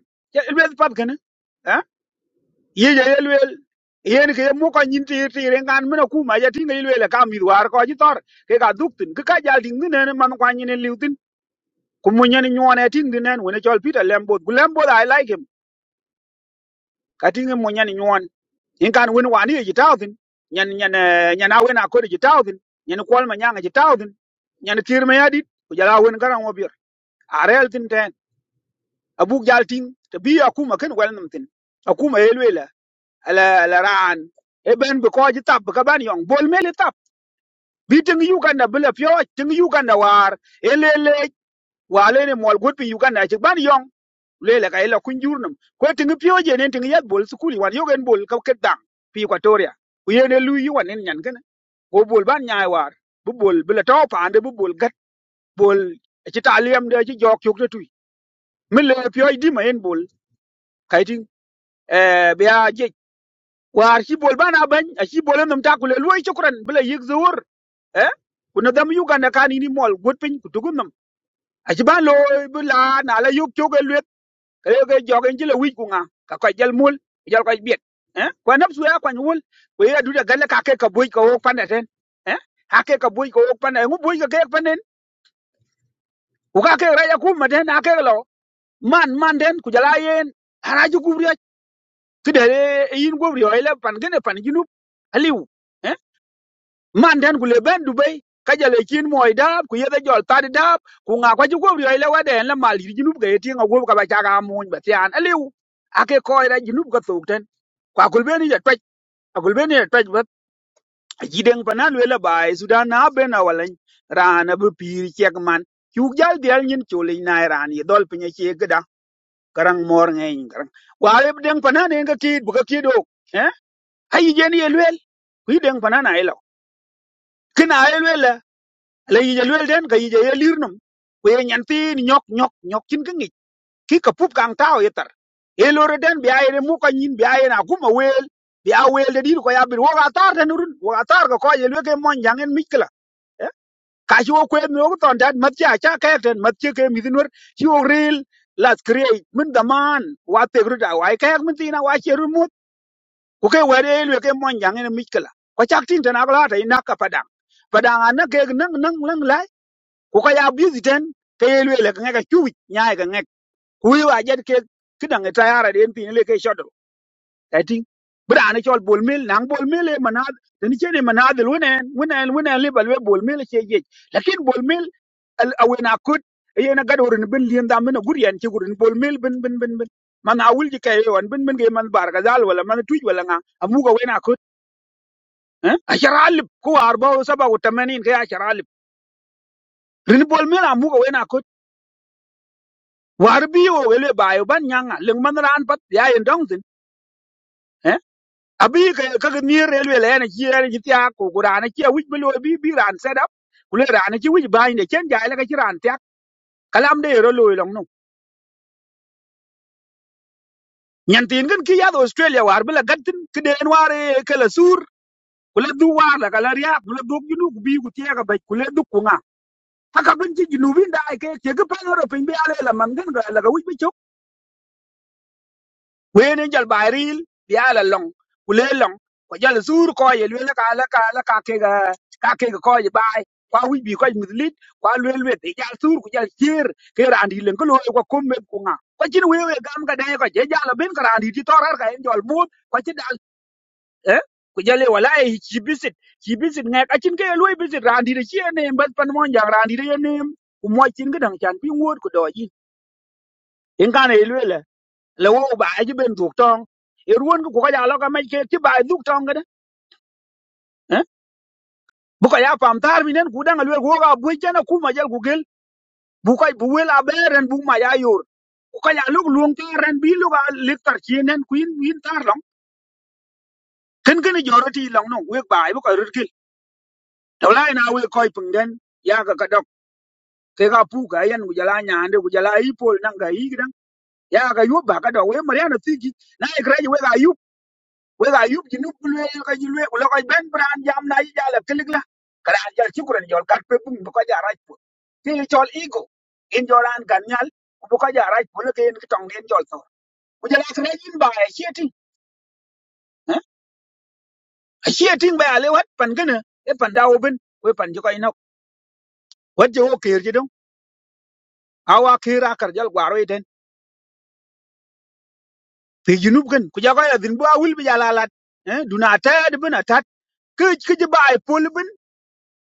Speaker 9: ilbe pat kana ye ye yelwel yen ke mu ko nyin ti ti ren kan mena ku ma ya ti ngi lwel e ka mi war ko ji tor ke ka duk tin ke ka jal ding ne ne man kwa nyin liu tin ku mu nyen nyon e ting ne wona chol peter lembo gu lembo i like him ka ti ngi mu nyen nyon in kan wen wa ni ji taw tin nyen nyen eh, nyen a wen a ko ji taw tin nyen ko ma nyanga ji taw tin nyen tir me yadit ku jala wen garan wo bir a rel tin ten abuk jal ting te bi akuma ken wel nam tin akuma yelwel la la ran e ben bi ko ji tab ka ban yong bol mele tab bi ting uganda bi le pyo ting uganda war e le le wa le ne mol gut bi uganda ji ban yong le le ka ila kun jurnum ko ting pyo je ne ting yat bol sukuli wan yogen bol ka ket dang pi equatoria ku ye ne lu yi wan en nyan gana go bol ban nyaay war bu bol bi le taw pande bu bol gat bol ci taliyam de ci jok yok de tuy mi le pyo di ma en bol kay ting e biya je war shi bol bana ban a shi bolan nam ta kule luwai shukran bila yik zuwur eh kuna dam yuga na kan ini mol gut pin ku tugum nam a shi ban lo bila na la yuk choge luet kale ge jogen jile wij ku nga ka ko jal mul jal ko biet eh kwa napsu ya kwa nyul we ya duda galle ka ke ka boy ka wok pande ten eh ha ke ka boy ka wok pande ngu boy ka ke pande ku ka ke ra ya ku ma den ha ke lo man man den ku jala yen haraji ku ri kide yin ku ri oile pan gene pan ginu aliu man den ku leben dubai ka jale kin moy dab ku yede jol tadi dab ku nga kwa jugo ri ile wade la mal yi junub ga yeti nga gob ka ba chaga muñ ba tian aliu ake koy da junub ga thukten kwa kulbeni ya twaj a kulbeni ya twaj ba yiden panan wele bai sudan na be na walan rana bu pir chek man ku jal dial nyin chulin na ran yi dol pinye che gda karang mor ngeng karang wa le den panan en ga kid bu ga kido eh ayi jen ye lwel ku yiden panan ay lo kina ay lwel la yija luel den ka yija ye lir num ku ye nyan tin nyok nyok nyok kin ka ngik ki ka pup kang tao ye tar ye lore den bi aye de mu ka nyin bi aye na kuma wel bi a wel de dir ko ya bir wo ga tar den run wo ga tar ko ko ye luel ke mon jang en mikla ka chi wo kwe mi wo ton dat mat cha cha ka den mat che ke mi dinwer chi wo ril las create min da man wa te gru da wa ka min tin wa che ru mut ku ke wa de luel ke mon jang en mikla ko chak tin tan agla ta ina ka padang padang an ke nang nang nang ku ka ya busy ten ke ye lwe le ka ngeka chuwi nyae ka ngek ku yu a jet ke kidang e tayara den tin le ke shodro ta ting bra ne chol bol mil nang bol mil e manad ten che ne manad lu ne wena wena le balwe bol mil che ye lakin bol mil al awena kut ye na gado rin bin lien da mena gurian che gurin bol mil bin bin bin bin man awul ji kay yon bin bin ge man bar ga dal wala man tuj wala nga amuga wena kut eh a sharalib ko arba wa saba wa tamanin ke a sharalib rin bol mil amuga wena kut war bi o ele bayo ban nyanga leng man ran pat ya en dong tin eh abi ka ka ga ni re le le na chi re chi ta ko ko ran chi wi bi lo bi bi ran set up ku le ran chi wi ba ni chen ja le ka chi ran ta kalam de ro lo long no nyan tin gan ki ya do australia war bi la gat tin ki den war e, ke la sur ku le du war la ka la ria ku le du gi nu ku bi ku ti ga ba ku le du ku nga ta ka ban chi gi nu bi da ke ke ga pa ro pin bi ale la man gan ga la ga wi bi wene jal bayril bi ala long kule long ko jal zur ko ye lele ka la ka la ka ke ga ka ke ga ko ye bay kwa wi bi ko mitlit kwa lele we de jal zur ku jal tier ke randi len ko lo ko komme ku nga ko jin we we gam ga de ko je jal ben ka randi ti torar ka en jol mut ko ci dal eh ku jale wala e ci bisit ci bisit nga ka cin ke lo bisit randi de ci ne mbas pan mon jang randi de ne ku mo cin ga dang chan bi ngot ku do yi en kan e lele le wo ba ji ben duk tong e ruon ko ka ja lo ka me ke ti ba duk tong ga eh bu ka ya pam tar mi nen ku dang alwe ko ga bu jana ku ma jal ku gel bu ka bu wel a beren bu ma ya yor ku ka ya lo luong ta ren bi lo ga le tar chi nen ku in in tar long ken ken jo ro ti long no we ba bu ka rut gel to la na we ko pung den ya ga ka dok ke ga pu ga yan ku jala nya ande ku jala i pol nang ga i ga ya ga yo ba ka do we ma ya na ti gi na e kra ji we ga yu wega yub jinub kulwe ka jilwe kula ka ben bran jam na yi jala kilik la kala an jal chukran jol kat pe bum bu ka ja raj pu ti yi chol ego in joran kan nyal bu ka ja raj pu la ke en kitong den jol to bu jala kra yin ba ya sheti eh? a sheti ba ale wat pan gana e pan dawo ben we pan jo ka ina wat jo o ker jidong awa kera kar jal gwaro iten pe jinub gan ku ja ka ya din bu awul bi jala lat eh duna ta de ben atat ke ke ba e pol ben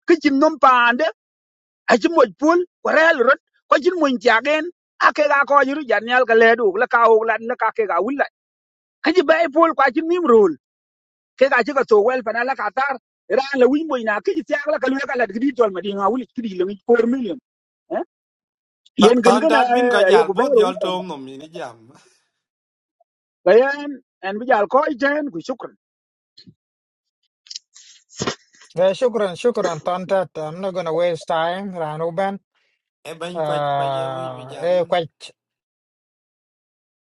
Speaker 9: ke chin nom pa aci moc puol ku rɛɛl rot kɔc cin muny tiakeen ake ga ko yiru janyal ka kɔc ru jan nial ke lɛɛt wuk la ka wuk lat la ka ke ka wul lat aci bɛi puol ku acin mim rool ke ka ci ke thok wɛl pana la ka taar raan la winy boi na kici tiak la ka luek alat kidi tɔl madiŋ a wulic kidi leŋic kuor million eh? yen
Speaker 11: Than
Speaker 9: kenken
Speaker 11: tat bin ka
Speaker 9: aye
Speaker 11: jal
Speaker 9: ku
Speaker 11: bot
Speaker 9: bɛɛr wu
Speaker 11: jol
Speaker 9: tɔnta
Speaker 11: tom nom ni jam.
Speaker 9: ka yen ɛn bi jal kɔc tɛɛn ku shukran
Speaker 3: Yeah, shukran, shukran, Tontat. I'm not gonna waste time, Ranuben.
Speaker 11: E ben kwa kwa je wi bi
Speaker 3: Uh, eh,
Speaker 11: jam.
Speaker 3: quite,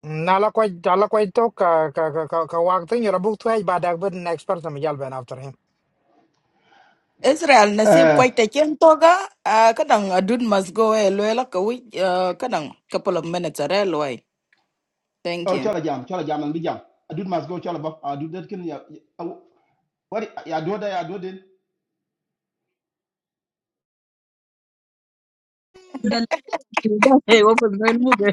Speaker 3: nala quite, nala quite talk, ka, ka, ka, ka, ka wag thing, you're a book twice, but I've been next person, Miguel Ben after him.
Speaker 12: Israel nasib
Speaker 5: Uh,
Speaker 12: Quite a chen toga uh, kadang a dude must go e luela ka we uh, kadang couple of minutes are loy. Thank
Speaker 5: oh,
Speaker 12: you.
Speaker 5: Chola Jam, Chola Jam and Bijam. I do must go Chola Bob, I do that. Can you? What I do that, I do it.
Speaker 13: Dal- Hey, open mail mube.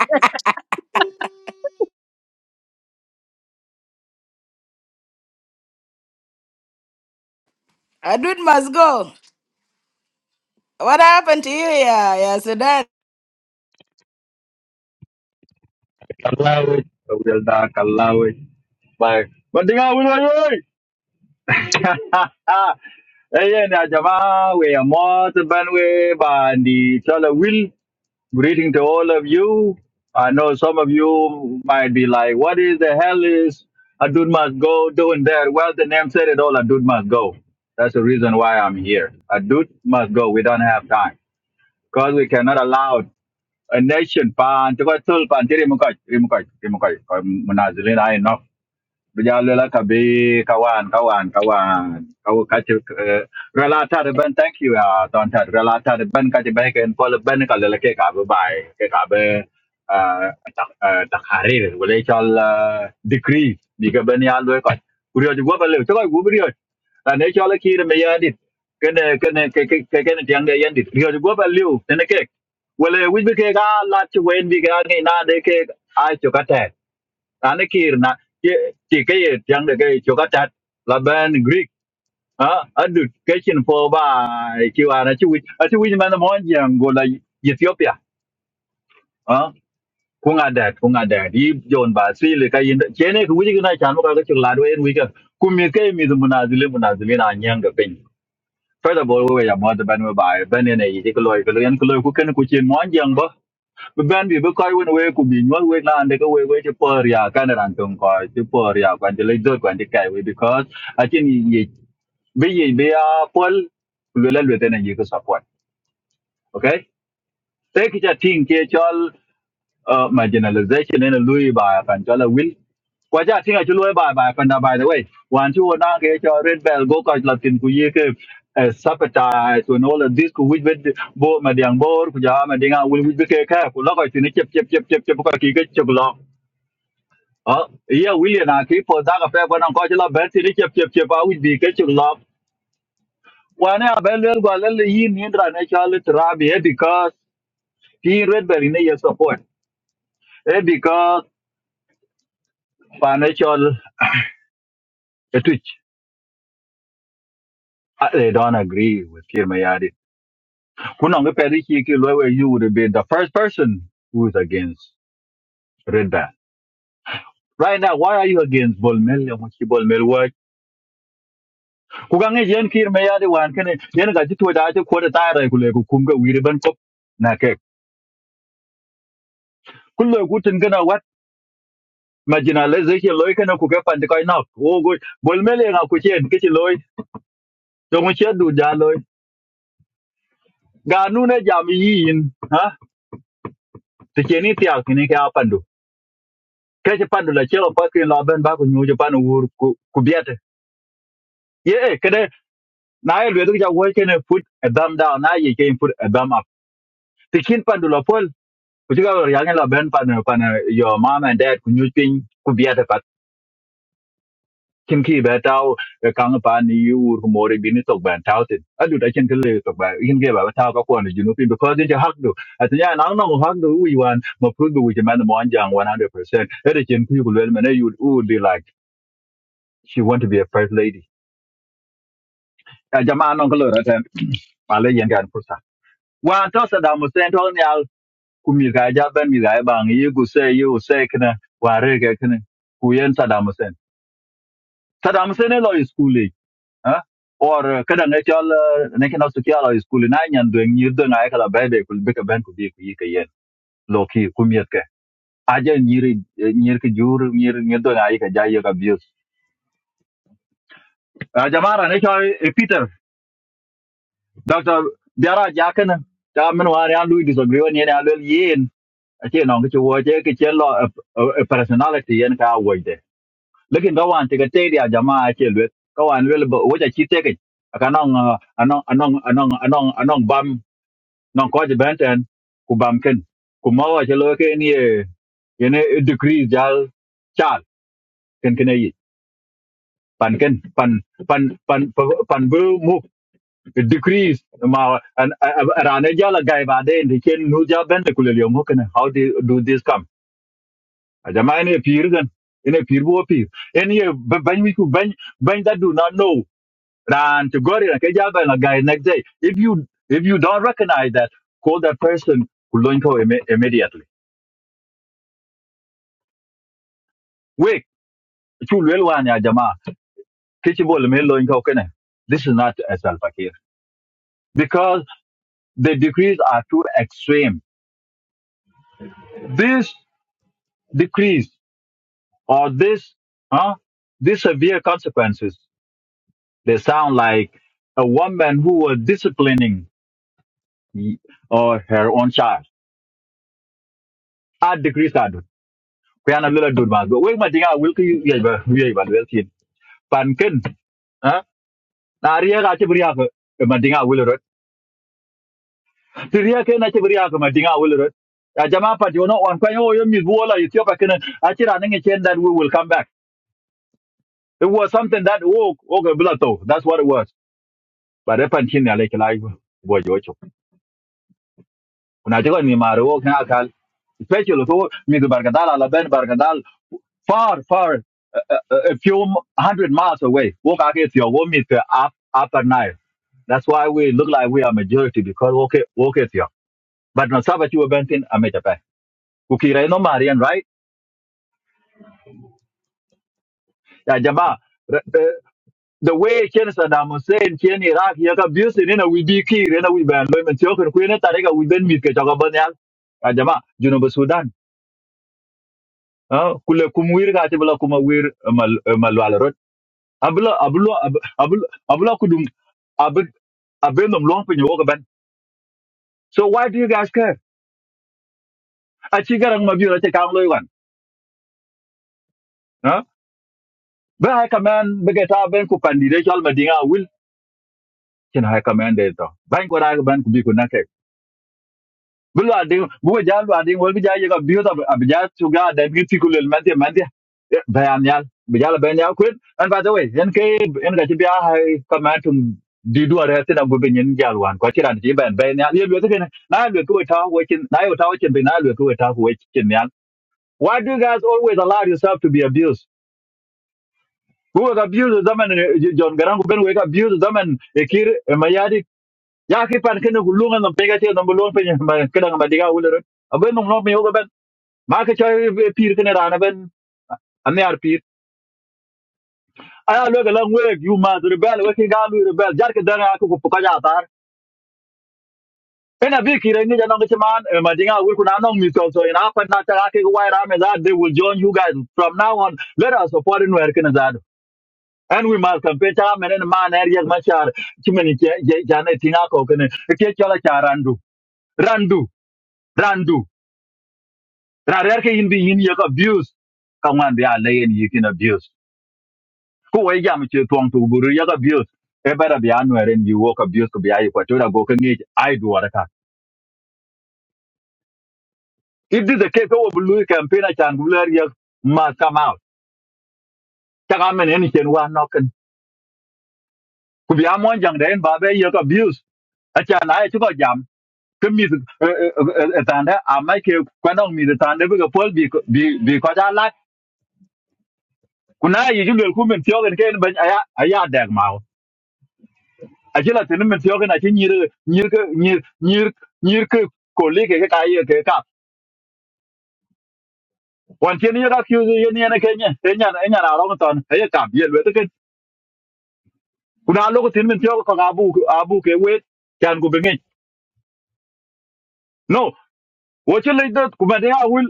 Speaker 12: A dude must go. What happened to you yeah yeah Sudan?
Speaker 14: Allow it. So we'll not allow it. Bye. But the guy will allow it. Hey, na jamaa, we are more than we bandi. Chala will greeting to all of you. I know some of you might be like, what is the hell is a dude must go doing there? Well, the name said it all. A dude must go. That's the reason why I'm here. A dude must go. We don't have time because we cannot allow. a nation pan to go tul pan ti rim ko rim ko rim ko ko munazilin no bija lela ka be kawan kawan kawan kau kacu relata de ben thank you ya don ta relata de ben kacu baik en pol ben ka lela ke ka be bai ke ka be tak tak harir boleh chal decrease di ka ben ya lu ka kurio ju gua balik cakap gua beri dan ne chal ki de me ya dit kene kene ke ke ke kene tiang de yan dit kurio ju gua balik tene ke wala wij be ke ka la chu wen bi ka ni na de ke ai chu ana kir na ke ti ke ye tiang de ke cho ka tat la ben greek a adu ke chin po ba ki wa na chi wi a chi wi man mo yang go la ethiopia a ku nga da ku nga da di jon ba si le ka yin che ne ku wi ki na chan mo ka ke la do en wi ka ku mi ke mi du na zile mu na zile na nyang ga pin First of all, we are more than by Ben and a particular Korean Kulu who can cook in one young bên bi ben bi bi koy wen we ku bi nyol we na ande ko we we che por ya kan ran tong ko che por ya kwan che le dot kwan che kai we because a chin bây giờ bây giờ a pol le la tên ten ye ko support ok thế it a thing che cho uh, marginalization là a Louis by a Panchola will. Kwaja tinga chulu by by panda by the way. One two na ke cho red bell go kaj latin ku ye ke sabotage and all of this ku which with bo madiang bor ku mà madinga will which ke ka ku lo ko tin chep chep chep chep chep ka ki ke chep lo. Ha ye will na ki po da ka pe ko na ko chela ber tin chep chep chep a which bi ke chep lo. Wane a bel wel gwa lel yin hindra ne chale trabi e because ki red bell ne ye support. Eh, because financial etwich I, they don't agree with Kir Mayadi. Kunong Periki Kilwewe, you would be the first person who is against Red Band. Right now, why are you against Bolmel? Yamuchi Bolmel work. Kugange Yen Kir Mayadi one can Yen Gajitu Dati Kota Tara Kuleku Kumga Wiriban Kop Nake. Kulo Gutin Gana what? Marginalization Loikana Kukapa and the Kainok. Oh, good. Bolmel and Akuchi and Kitty Loy. Yamuchi Dujaloy. Ganuna Jami Yin. Huh? The Kenny Tiakini Kapandu. kece pandu la chelo pa kin lo ben ba ku nyu je panu wur ku ku biete ye kede na ye lwe ja wo kene put a thumb down na ye kene put a thumb up tikin pandu la pol ku ga ya ngi la ben panu pan eh, your mom and dad ku nyu pin ku biete pat kim ki be taw ka ng pa ni wur ku more bi ni tok ban taw tin adu da chen kele tok ba yin ge ba taw ka ko ni ju nu pin because je hak du atnya na no hak du wi wan ma pru du wi je man mo anjang 100% ere chen ku ku lwe me ne yu u di like she want to be a first lady ya jamaa non ko lora ten pale yen gan fursa wa to sa da musen to ne al kumi ga ja ben mi ga ba ngi gu se yu se kna wa re ga kna ku yen sa da musen sa da musen lo is kuli ha or kada ne chal ne kna su kya lo is kuli na nyan do ngi do na ka la ba de kul be ka ben ku bi ku yi ka yen lo ki kumi yet ka aja nyiri nyir ki jur nyir nyir do na yi ka ja yi ka bi jamaa ra ne chal peter dr biara ja kna ta min wa ne lu disagree ne ne al yen ake non ke wo je cái chế lo a personality yen ka wo de lekin ga wan te ke te dia jama ake lwet ka wan lwel bo wo ja chi te cái aka non anong anong anong anong anong bam nong có ko je benten ku bam ken ku ma wa che lo ke ni e yene degree jal chal ken ken yi pan ken pan pan pan pan bu mu degrees ma an rane jala gai ba de ken nu ja ben ku le yo mo ken how do do this come ajama ene pir gan ene pir bo pir en ye ba- bany wi ku bany bany that do not know ran to gori na keja ba na guy next day if you if you don't recognize that call that person ku loin imme- immediately Wake. chu lel wan ya jama kichi bol me loin ko kene this is not a self care because the decrees are too extreme this decrees or this huh these severe consequences they sound like a woman who was disciplining y- or her own child. At the Greek adult. Kuyana lula dud mas. But we might think I will see. you yeba yeba well seen. Pankin. Huh? Na riya ka chibriya ko madinga will rot. Riya ke na chibriya ko madinga will rot. A jama pat you know on kwen oh you miss wola you tiopa kenen. Achira ninge chen that we will come back. It was something that woke okay blato. That's what it was. But if I'm chin like like boy jocho. Kuna chigo ni maro kan akal. Especially ko mi bargadal ala Bargadal. far, far, uh, uh, uh, a few hundred miles away. Walk out here, your home is the up, upper Nile. That's why we look like we are majority because walk it, walk here. But no sabbat you went in America. Ukira no Marian, right? Ya jama. r- uh, The way Ken Saddam Hussein, Ken Iraq, he got abused in a we be key, in a we ban, and Tiokan Queen Tarega, we been meet Kachagabanyal. Ya jama, Junuba Sudan. Ah, Kule kumwir ka tibula kuma wir abla abla abla abla kudum abin abin nom long pin yoga ban so why do you guys care a chi garang ma biyo ta kang loy wan ha ba hay kaman ba ga ta ben ku pandi de chal madinga will kin hay kaman de to ban ko ra ban ku bi ku na bu lwa ding bu ja lwa ding wol bi ja ye ga bi da bi ja tu ga da bi ti kulel man ti man ti bayan yal bi ja la bayan yal kwet an ba da we en ke en ga ti bi a ka ma tu di du ara ti da go be nyen ja lwan ko ti ran ti ban bayan yal ye lwa ti ken na lwa ko ta we kin na yo ta we kin bi na lwa ko ta we kin yal why do you guys always allow yourself to be abused who was abused zaman John Garang ben we abused zaman ekir mayadi ya ki pan ken ku lunga no pega ti no bulon pe ma kedang ma diga ulero ma ka choy pir kene rana ben an yar pir aya lo ga lan weg yu ma zur bel we ki ga lu re bel jar ke dara ku ku ka ja tar ena bi ki re ni ja nang chman ma dinga ul ku na nang mi so so ina pa na ta ke wa ra they will join you guys from now on let us support in where kene zado and we must compare time and man area machar chimeni je je tinga ko kene ke chola cha randu randu randu ra ke in bi ye abuse ka wan bi a abuse ku wai jam che tuang tu guru ya abuse e bara bi anwere ni walk abuse ko bi ayi ko tora go ka ngi ai duwara ka if this the case ko bulu campaign a chan gular ya must come out taka men en chen wa noken ku bi amon jang den ba be ya abuse a chan ai chu ko jam ke mi tanda a mai ke kwanong mi tanda bi ko pol bi ko- bi bi ko ja lat kuna yi jul ku men tiogen ken ban aya aya dag mawo a jila tin men tiogen a chi nyir nyir ke- nyir nyir nyir ke- colleague còn chiến như đã kêu gì như này cái nhỉ thế nhà này nhà nào đó mà toàn thấy cảm nhận với cái cũng đã lúc cái tiếng mình theo còn abu abu cái wait chẳng của bên ngay no wo chỉ lấy đất của mình ha will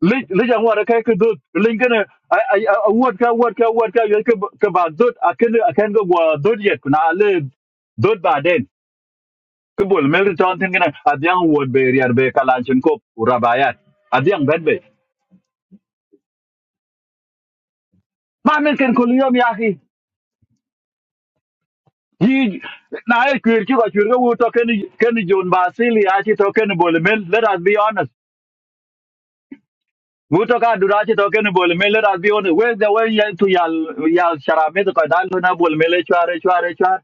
Speaker 14: lấy lấy chẳng qua cái cái đất lấy cái này ai ai ai word cái word cái word cái cái cái bản đất à cái này à cái cái word đất yết cũng đã lấy đất bà đen cái bộ mail cái chọn thế cái này à diang word về riêng về kalanchin cop urabayat à tiếng bên về mà mình cần có liam yahi He na e kwer ki ko chwer ko to ken ken John Basili a chi to ken Bolman. Let us be honest. Wu to ka dura chi to ken Bolman. Let us be honest. Where the way ye to yal yal sharame to ka dal na Bolman le chware chware chware.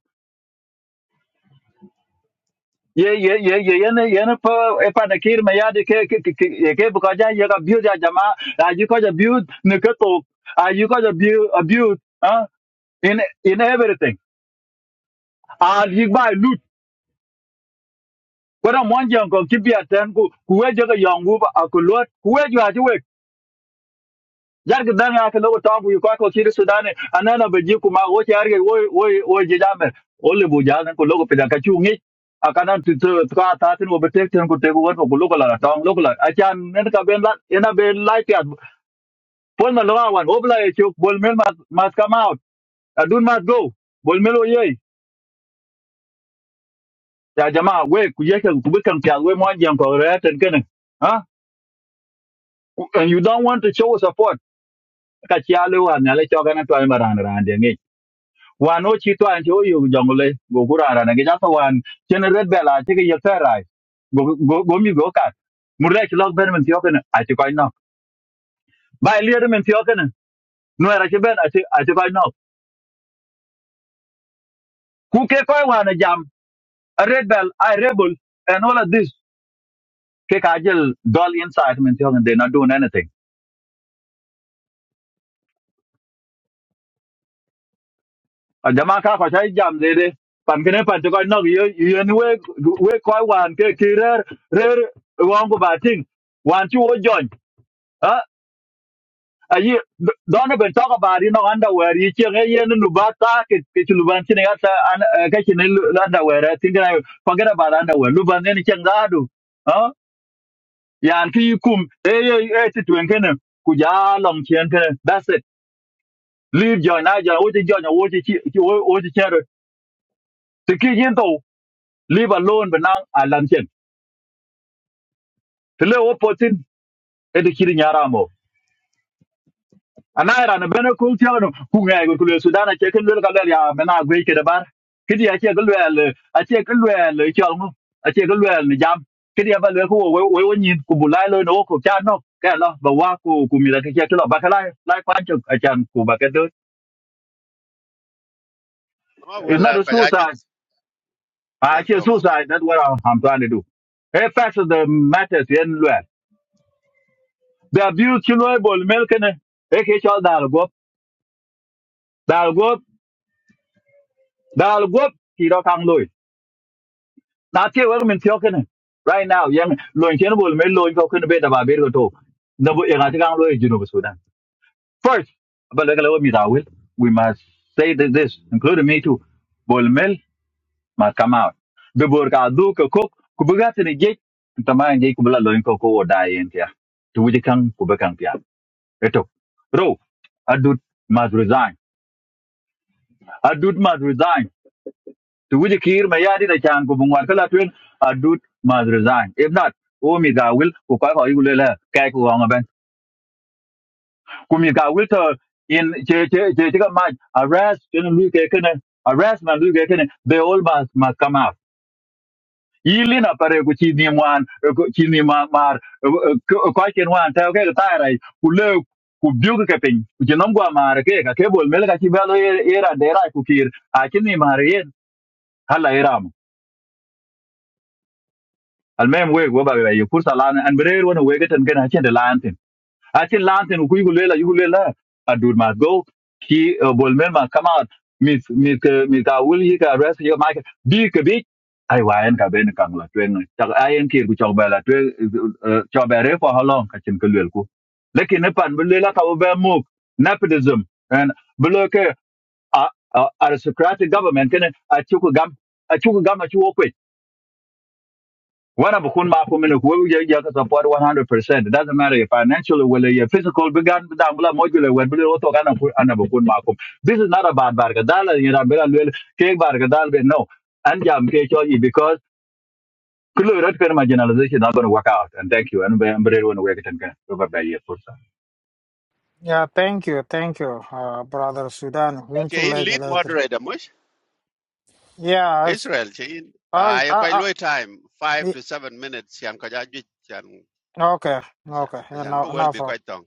Speaker 14: Ye ye ye ye ye ne ye ne pa e pa na kir me ya de ke ke ke ke- ye ke bu ka ja ye ka biu ja jama a ji ko ja biu ne ke to a ji ko ja biu abuse huh? in in everything. A ji ba kwara monjang ko kibia ten ku kuweje ga yangu ba akulot kuweje ha jiwe jar ga dan ya ka lobo tangu ko ko kiri sudane anana be ji kuma wo ti arge wo wo wo je jame ole bu jalan ko logo pedan ka chungi akana tu tu ka ta tin wo betek ten ko te ko ko logo la tang logo la achan nen ka ben la ena be light ya pol ma lawa wan obla e chok bol mel mas mas come out adun mas go bol mel o yei ya jama we ku yeke ku bekan pya we monjang ko re ten kenen ha and you don't want to show support ka chiali wan nyale choga na twa maran ran de ngi wan o chi twa nti o yu jongle go kura ran ngi jato wan chen red bela ti ge yefera go go go mi go ka murle chi log ben men ti okene a ti koy no ba lier men ti okene no era chi ben a ti a ti koy no ku ke koy wan jam a red bell i rebel and all of this ke ka jel dol inside men ti okene they not doing anything a jama ka ko sai jam de de pan kene pan to ko no yo yen we we ko wan ke ki rer rer wan go batin wan ti wo jon a a yi don't even talk about you know underwear yi che ye yen nu ba ta ke ke ti luban ti ne ata an eh, ka ti ne underwear I think I forget about underwear luban ne chen ga do a yan ki yi kum e ye e ti twen kene ku ja long chen kene that's it leave join na join wo ti join wo ti chi wo wo ti chen ti ki yin leave alone benang alanchen tele opotin ede kiri nyaramo anayra na bena kultiano kunga go kulo sudana che kello kalal ya mena gwe ke dabar kidi ya che kello al a che kello al chalmo a che kello al jam kidi ya balwe ko we we nyin ku bulai lo no ko chano ka la ba wa ku ku mi da ke ke lo bakala lai kwan chok a chan ku ba ke do
Speaker 6: ma
Speaker 14: it's not
Speaker 6: wala
Speaker 14: a
Speaker 6: ka ja ju
Speaker 14: suicide a
Speaker 6: jal
Speaker 14: che
Speaker 6: tom na ma
Speaker 14: suicide that's what i'm, I'm trying to do hey facts of the matters in lo the abuse kilo bol melkene Dal go, dal go, kiro kang loy. Na tie wer min tio kene. Right now, yang loin chen bol me loin ko kene be da ba be go to. Na bu yang ati kang loy jinu bu Sudan. First, but like lo mi da will, we must say that this, including me too. Bol mel must come out. The bor ka du ko kok ku bu gat ni ge ta ma ge ku bla loin ko ko wo da yen tia. Tu wi kang ku be kang tia. Eto. Ro, adut must resign. Adut must resign. tu wuji kir ma yadi da chan ko bungwar kala twen adut must resign if not o mi ga will ko ka ko yule la kai ko nga ben ku mi ga will to in che che che che ma arrest chen lu ke ken arrest man lu ke ken they all must must come out yili na pare ku chi ni wan eh, ku chi ni ma mar eh, eh, ko ko chen wan ta ke ta rai ku le ku biu ke pin ku je nom gwa mar ke ka ke bol mel ka chi ba lo era de ra ku kir a chi ni mar ye hala era المهم ويك وبا بيو فرصه لان ان برير وانا ويك تن كان عشان لانتن عشان لانتن وكو يقول لا يقول لا ادود ما جو كي بولمن ما كما ميت ميت ميت اول هيك راس يو مايك بيك بيك اي وين كا بين كان لا توين تاع اي ان كي كو تشوب لا توين تشوب ري فو هالون كاتين كلكو لكن نبان بلا كا وبا موك nepotism and بلوك aristocratic government كان اتشوكو gam اتشوكو gam اتشوكو When I'm a kun ma kumina kuwe you yaka support 100%. It doesn't matter if financially whether your physical began down below modular when We to kana kun ana ba kun ma kum. This is not about bargadala you know bela lel ke bargadala be no. And jam ke choji because kulu rat kana marginalization generalization not going to work out. And thank you. And be ambre when we get and can over by your force.
Speaker 3: Yeah, thank you, thank you, uh, brother Sudan. Won't
Speaker 6: che
Speaker 3: you
Speaker 6: in
Speaker 3: later,
Speaker 6: lead
Speaker 3: later?
Speaker 6: moderator mush
Speaker 3: Yeah, it's,
Speaker 6: israel che in
Speaker 3: I,
Speaker 6: ay ko
Speaker 3: I, I,
Speaker 6: loy time five
Speaker 3: the-
Speaker 6: to seven minutes chan ka ja ju chan
Speaker 3: okay, okay, yeah,
Speaker 6: chan bu
Speaker 3: no,
Speaker 6: wel
Speaker 3: no,
Speaker 6: bi
Speaker 3: for,
Speaker 6: kwaj tong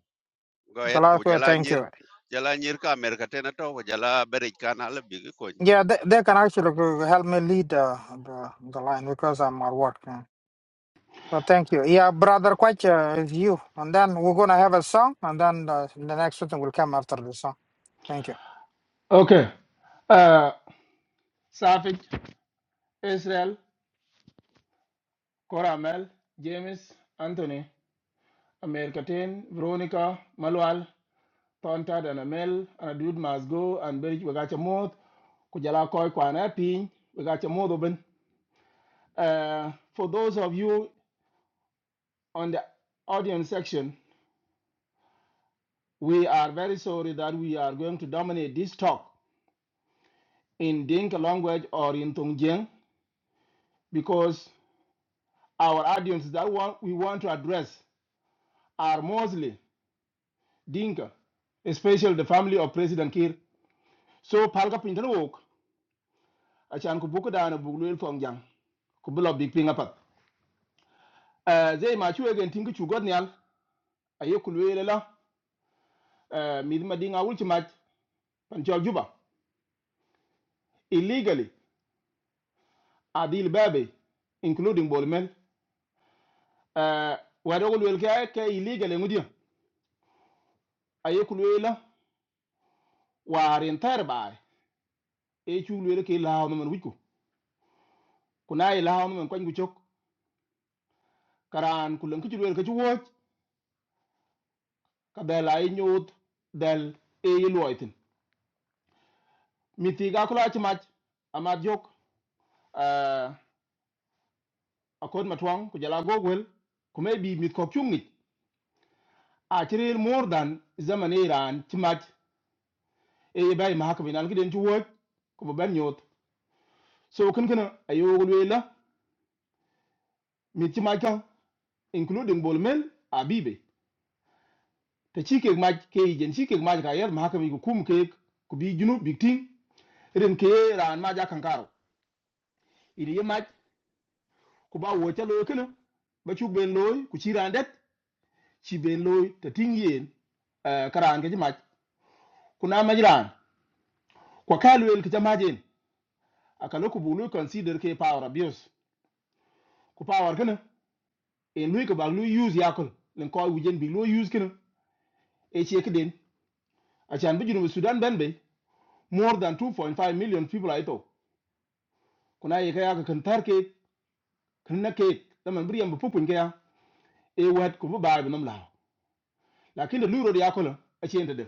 Speaker 6: go et ku
Speaker 3: Galakwe,
Speaker 6: jala
Speaker 3: thank
Speaker 6: nyir
Speaker 3: you.
Speaker 6: jala nyir ka america tena to ko jala berik kan ale bi ko
Speaker 3: Yeah, they, they can actually help me lead uh, the, the line because I'm at work. yeah. No, thank you. Yeah, brother, quite uh, is you. And then we're gonna have a song, and then uh, the next thing will come after the song. Thank you.
Speaker 5: Okay, uh, Safik, Israel, Coramel, James, Anthony. America ten, Veronica, Malual, Tontad and Amel, and a dude must go and bury Wagachamot, Kujala Koi Kwana Pin, Wagachamodoben. Uh, for those of you on the audience section, we are very sorry that we are going to dominate this talk in Dinka language or in Tongjiang because our audience that we want to address are mostly Dinka, especially the family of President Kir. So, Palka Pintanwok, achan ku buku dana buk luel fong jang ku bulo big ping apat Eh, zai ma chuwe gen tingi chu god nyal aye ku luel la mid ma dinga wul chi mach pan chol juba illegally adil babe including bolmel Eh, wado ku luel ke ke illegally ngudia aye ku luel la warin ter bai e chu luel ke lao no man wiku kuna e lao no man kwan gu chok karan ku len ku chu luel ke chu wot ka bela e nyot del e yiloitin mitiga kula chi mach amat jok uh, akod matwang ku jala gogwel kuma bi mit ko kyungit a tiril more than zaman iran timat e bai ma haka binan gidan ci wot ku ba ban yot so kun kana ayo gulwela mit timat kan including bolmel a bibe ta ci kek maj ke jen ci kek maj ka yar ma haka bi ku kum kek ku bi junu big ting irin ke ran ma ja kan karo iri ye maj ku ba wo ta lo kana ba ci ben loy ku ci ran det ci ben loy ta ting yen karan ke ji maj kuna majiran kwa kalu el kita majin akalo ku bulu consider ke power abuse ku power kana en lui ko bag lui use yakol len ko wujen bi lui use kana e che kden a chan bi junu sudan ben be more than 2.5 million people aito kuna ye kaya ka kan tarke kan na ke da man briyan bu pupun kaya e wat ku bu ba bu nam la lakin da lui ro yakol a chen de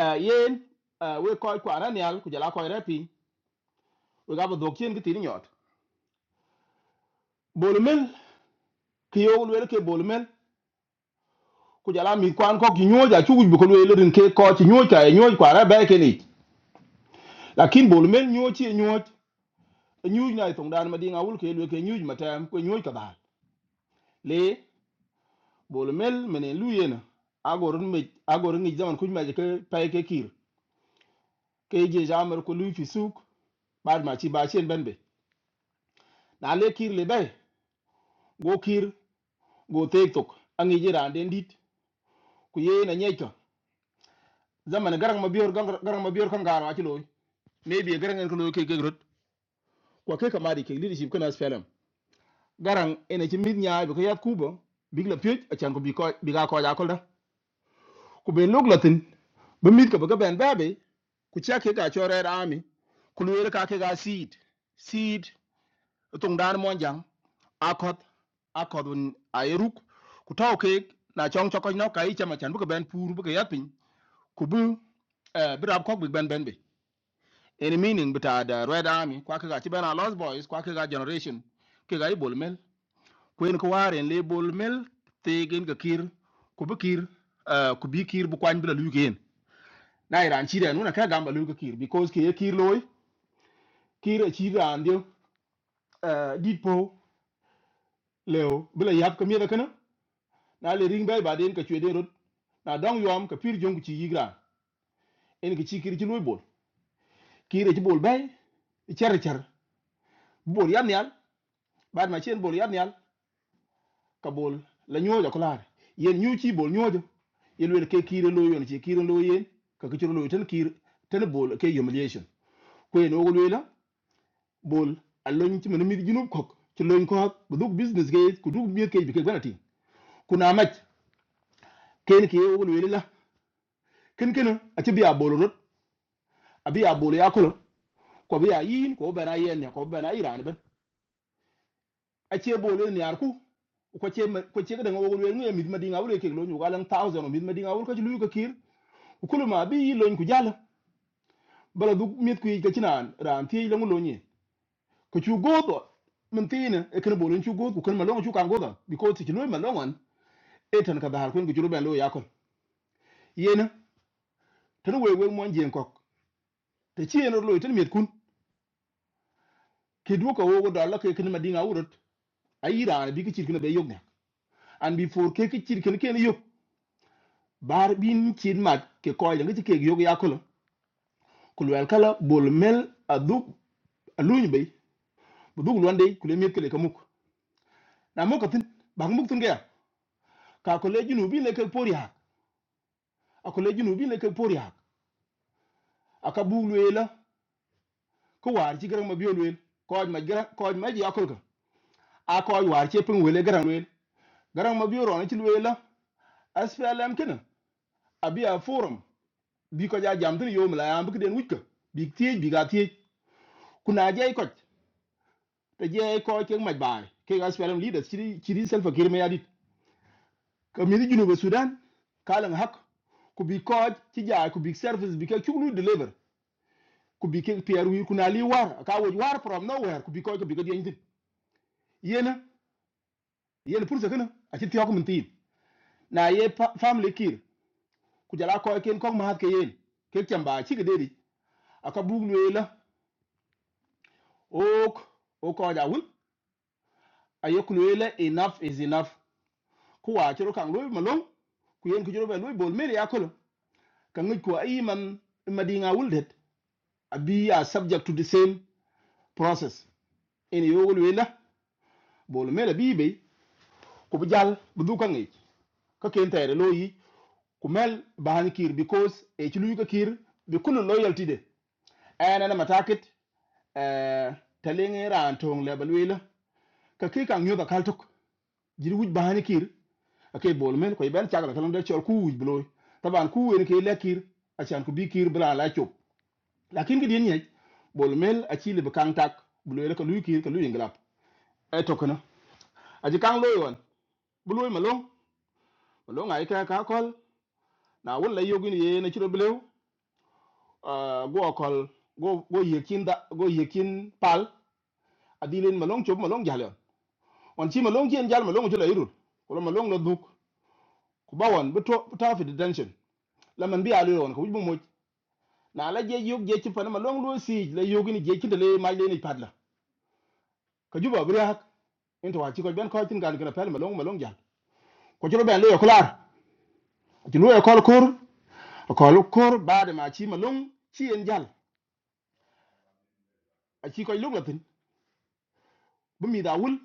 Speaker 5: eh yen eh, we ko ko ananial ku jala ko repi we ga ba dokien ki tin nyot bolumel ki yo wel ke bolumel ku jala mi kwan ko ki nyoj a chuguj bu ko le rin ke ko ci nyoj ka e nyoj kwa ra be ke ni lakin bol men nyoj ci nyoj e nyoj na tong dan ma dinga wul ke le ke nyoj ma tam ko nyoj ka ba le bol mel mene lu yena agor me agor ngi zaman kuj ma je ke pay ke kir ke je jamar ko lu fi suk bad ma ci ba chen ben be na le kir le be go kir go te tok angi je ran den dit ku ye na nyej to zaman garang ma bior garang ma bior kan garo a ci loy maybe garang en ko lo ke ke kwa ke kamari ke leadership kana spelem garang ene ci mit nyaa bi ko yat kubo big la piet a chan ko bi ko bi ga ko ja ko da ku be log latin be mit ko ga ben babe ku cha ke ga chore rami ku lu ka ke ga seed seed tung dan mon jang akot akot un aeruk ku taw ke na chong chokoj no kai chama chan bu ko ben pur bu ko yat pin ku bu eh bi rab ko bi ben ben be any meaning bita da red army kwa ke ga ci ben a lost boys kwa ke ga generation ke ga ibol mel kwen ko waren le bol mel tegen ga kir ko be kir ah, ko bi kir bu kwany bla lugen na iran chi den una ka gamba lugo kir because ke ye kir loy kir a chi ran dio ah, dit po leo bla yap ka mieda kana na le ring bay ba den ka chwe den rot na dong yom ka pir jong chi yigra en ki chi kir chi loy bol kir chi bol bay cher cher bol yam nyal bad ma chen bol yam nyal kabol la ñoojo ko laare yen ñu ci bol ñoojo yen wel ke kiire lo yon ci kiire lo yen ka ke ciro lo tan kiir tan bol ke humiliation ko yen ogol wela bol a loñ ci mëna mi junub kok ci loñ ko ak bu dug business ge ku dug mi ke bi ke banati ku na maj ken ke ogol wela la ken ken a ci biya bol rot a biya bol ya ko ko biya yin ko bana yen ne ko bana iran ban a ce bol ne yar ku ko ce ko ce ga daga ogol wela ngi mi ma dinga wure ke lo ñu galan 1000 mi ma dinga wure ko ci luyu ko kiir kulu ma bi loñ ku jall bala du mit ku ga cinan ran ti lo lo ni ku chu godo min tina e kan bolon chu godo ku kan ma lo chu kan godo because ti lo ma lo wan e tan ka dahar kun ku juru ben lo ya kon yena tan we we mon jen kok te ci en lo tan mit kun ke du ko wo do la ke kan ma dinga wurut ayira bi ki ci kan be yok ne an bi for ke ki ci kan ken yok bar bin ci mat ke ko ya ngi ci ke yok ya ko ku wel kala bol mel adu aluñ bay bu dug londe ku le mit ke le kamuk na mo katin bak muk tin ga ka ko le jinu bi le ke pori hak a ko le jinu bi le ke pori hak a ka bu le la ko war ci garang ma biyon wel ko ma gara ko ma ji akol ka a ko war ci pin wele garang wel garang ma biyo ron ci wel la asplm kina a biya forum bi ko ja jam tin yo mla ya bi den wutka bi tiej bi ga tiej kuna jey ko te jey ko ke ma bay ke ga asplm leaders ci ci self kir me yadit ka mi jinu ba sudan kalan hak ku bi ko ci ja ku bi service bi ka chuklu deliver ku bi ke pierre wir kuna li war ka wo war from nowhere ku bi ko bi ko yen tin yena yen purse kana a ti tiyo mun tin na ye family kir ku jala ko ken ko ma hat ba chi ke deri aka bug le ok o ko ja a ye ku le la enough is enough kua wa chiro kan lo malong ku yen ku jiro be lo bol meri akolo kan ngi madinga wul det abi a be are subject to the same process en yo wul we la bol meri bi ka ken tere lo Kumel ku mel bahan kir because e ci luy ka kir bi kulu loyalty de ana na matakit eh talinge ran tong le balwela ka ki kan yoga kaltuk jiri wuj bahan kir ake bol men ko ben chagala kalon de chol ku wuj bloy taban ku wen ke le kir achan ku bi kir bra la chop lakin ki din nyej bol mel achi le kan tak bloy ka luy kir ka luy nglap e tokana aji kan loy won bloy malong malong ay ka ka kol na wala yogin ye na chiro blew uh, go okol go go yekin da go yekin pal adilin malong chop malong jalon on chi malong jen jal malong jula irul ko malong no duk ku bawon bu to bu tafi detention la man bi alu won ko bu mo na la je yug je chi pan malong lo si la yogini je kin da le ma le ni padla ka juba bu hak into wa ci ko ben ko tin gal gala pel malong malong jal ko ci ben le okular ci lu e kol kur ko lu kur baade ma ci malong ci en jal a ci ko lu latin bu mi da wul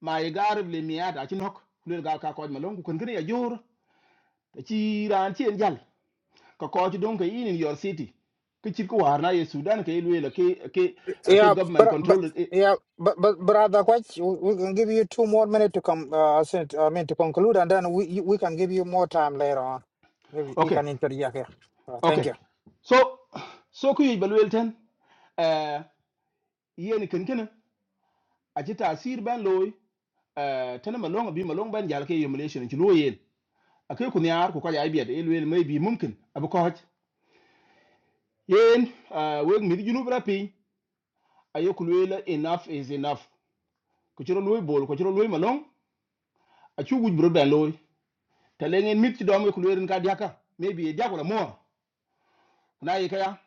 Speaker 5: ma ye garib le mi ada chin hok le ga ka ko ma lon ku kun kene ya jor ta ci ran ci en jal ka ko ci don ka in in your city ke ci ko warna ye sudan ke le ke ke la ke
Speaker 3: Yeah,
Speaker 5: government
Speaker 3: but, but
Speaker 5: control it. eh,
Speaker 3: yeah, but but brother, quite we we can give you two more minutes to come. Uh, since- I mean to conclude, and then we you- we can give you more time later on. Maybe you
Speaker 5: okay
Speaker 3: can interject here. Uh, thank
Speaker 5: okay
Speaker 3: you.
Speaker 5: so so ku yi balwel ten eh yeni kun kene a ci tasir ban loy eh tan ma lon bi ma lon ban jal ke emulation ci loyen akai ku nyar ku ka ya bi da elwel mai bi mumkin abu ko haj yen eh weg mi junub rapi ayok luwe la enough is enough ko chiro luwe bol ko chiro luwe malong a guj bro ben loy talengen mit ti dom ko luwe rin ka diaka maybe e diakola mo na yi kaya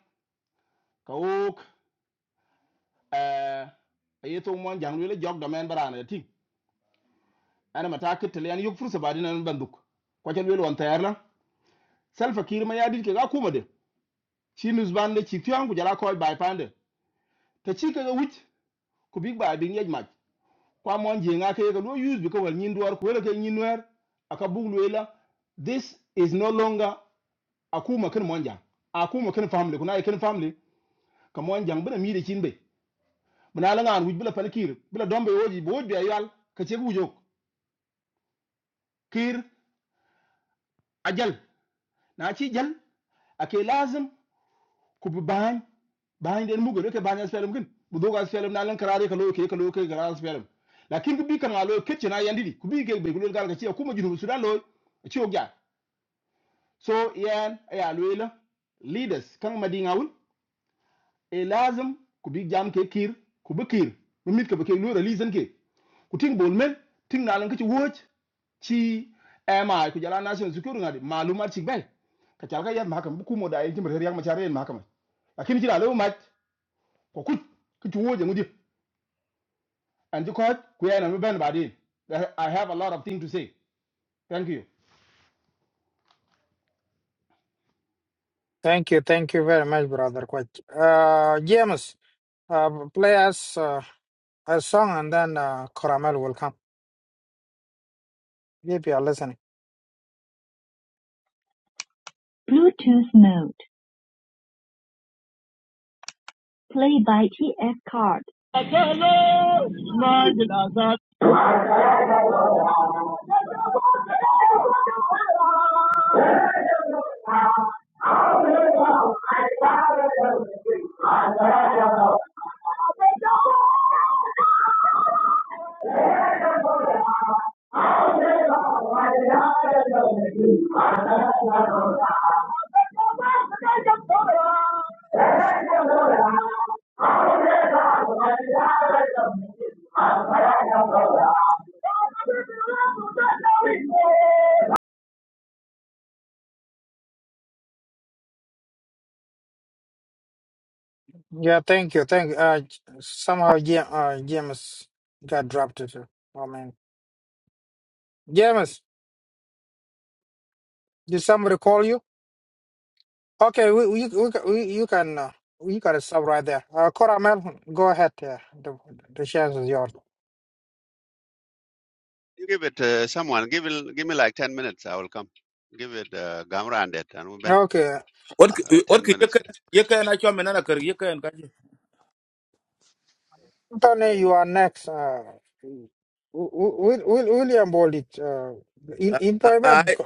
Speaker 5: ka ok eh ayeto mon jang luwe la jog do men barana ti ana mata ka talen yok fursa ba dinan banduk ko chen luwe won tayarla selfa kir ma yadit ke ga kuma de chi nus bande chi tiang ku jara ko bay pande ta chi ka ga ku big ba bin yej mach kwa mon jenga ke ga lo use because well nyin duar ko le ke nyin wer aka buglu ila this is no longer akuma kan mon jang akuma kan family kuna kan family ka mon jang bana mi de kin be bana la ngan wuj bula pal kir bula dombe woji bo woji ayal ka ce wujo kir ajal na ci jal ake lazim ku bi ban ban den mugo ke ban asfelem kin bu doga asfelem na lan karare ka lo ke ka lo ke ga asfelem lakin ku bi kan alo ketche na yandidi ku bi ke be ku lo gal ka ci akuma jinu sudan lo ci o so yan ya lwela leaders kan madi ngawul e lazim ku bi jam ke kir ku bi kir mi mit ka ba ke lura lizen ke ku ting bol men ting nalan ka ci woj ci ema ku jala nation security ngadi malumat ci bay ka cal ka yat mahakam bu kumo da yin jimbar her yak machar yin mahakam lakini ci lalu mat ko kuc ku ci woje ngudi an ci ko ku yana mi ben badin i have a lot of things to say thank you
Speaker 3: Thank you. Thank you very much, brother. Quite. Uh, James, uh, play us uh, a song, and then uh, Caramel will come. Maybe you are listening.
Speaker 8: Bluetooth mode. Play by TF card.
Speaker 3: Yeah, thank you. Thank you. Uh, j- somehow Jam, uh, James got dropped. It. Oh man, James, did somebody call you? Okay, we we, we, ca- we you can uh, you gotta stop right there. Uh, Coramel, go ahead. Yeah, the the chance is yours.
Speaker 6: give it uh, someone give it, give me like ten minutes i will come give it uh, gamra and it and we ben
Speaker 3: Okay,
Speaker 15: What
Speaker 6: uh,
Speaker 15: c- what
Speaker 6: 10
Speaker 15: ki
Speaker 6: minutes
Speaker 15: yeke
Speaker 6: kira
Speaker 15: yeke na chwa mena na ker yeke en kaji.
Speaker 3: Anthony, you are next. Uh, Will William Bolit, uh, in in Poiban.
Speaker 15: Ai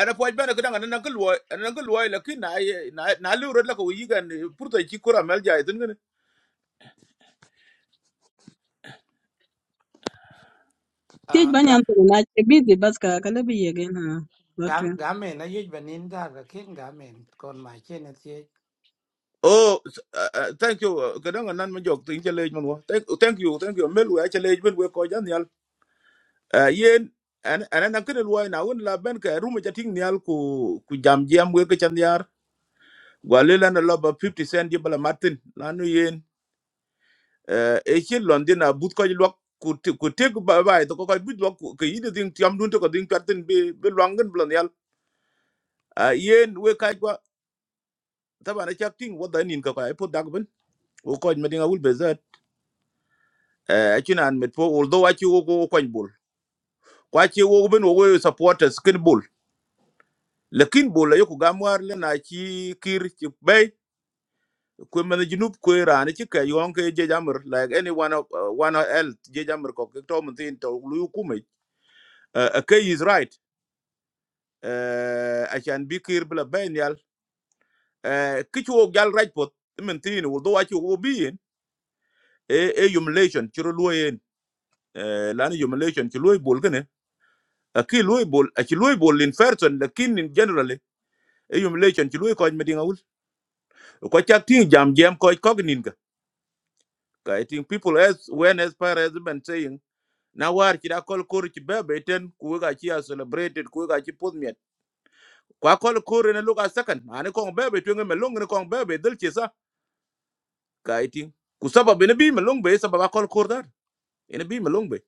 Speaker 15: ana po bana kudanga na nangul wo na nangul wo lakin na ye- na na lu rod la ko yigan purto chi kura mel jai tun gane.
Speaker 13: Tij
Speaker 11: Ah ga
Speaker 13: banyan to na che busy bas ka kale bi yege na
Speaker 11: ga
Speaker 13: lotwe.
Speaker 11: nó men na nín ra, cái ka kin ga men kon ma nó ti.
Speaker 15: Oh s- ah, ah, thank you ah, kudanga nan ma jok tin chele Thank thank you thank you mel wo chele ben wo ko jan yal. Ah, Yen ana ana nangul wo na won la ben ka ruma chating nyal ku ku jam jam wo ke chan yar. Gwalela na loba 50 cent jibala Martin lanu e chi london a but ko lok ku ti- ku te ku ba ba to ko ko but lok ku yi de ding tiam dun to ko ding patin be be longen blon yal a yen we ka ko taba na chak ting wo da nin ko ka po dag ben wo ko me dinga wul be zat Eh, a chi nan met po although a chi wo ko ko bul kwa chi wo ben wo we supporters kin bul lakin bul yo ku gamwar le na chi kir chi bay ku men jinup ku ran chi ka yon ke je jamur like anyone one of uh, one else je jamur ko ke to mun tin to lu ku me a is right eh achan bi kir bla benyal eh kichu gal rajpot mentini wo do achu wo bien e e humiliation chiro loyen eh lan humiliation chi loy bol gane aki loy bol achi loy bol in person lakin in generally e humiliation chi loy ko medinga ul ko chak tin jam jam ko ko gnin ga i think people as when as far as been saying na war ci da kol kor ci bebe ten ku ga ci a celebrated ku ga ci podmiet kwa kol kor ne luka second ani ko bebe to ngem long ne ko bebe dal ci sa kaiting ku sabab ene bi malong be sabab akol kordar ene bi malong be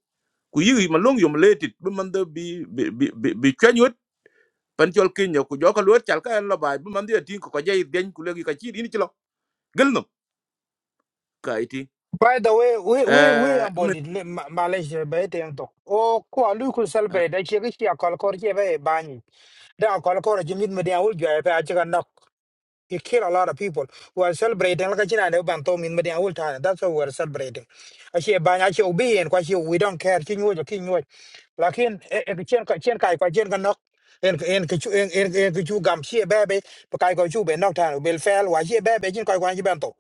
Speaker 15: ku yigi malong yom letit be man de bi bi bi bi bi chanyot pan chol kenya ku joka luot chal ka en la bay be man de tin ko jay den ku legi ka chir ini chlo gelno kaiting
Speaker 3: By the way, we we we William Bolit, Malaysia, by the end. Oh, ko alu ko
Speaker 15: eh
Speaker 3: celebrate. That she she a call call she by down Kolokoro, Jimmy Media will drive Achaga knock. He killed a lot of people who are celebrating like a China Bantom in Media will time. That's what we're celebrating. I see a bang, I see obedient, quite you. we don't care, King Wood, King Wood. Like in a Chen Chen Kai, quite Chen knock. And and kichu and and and kichu gam she baby, but I go chu be knock down. Will fail. Why she baby? Jin koi kwan jibanto.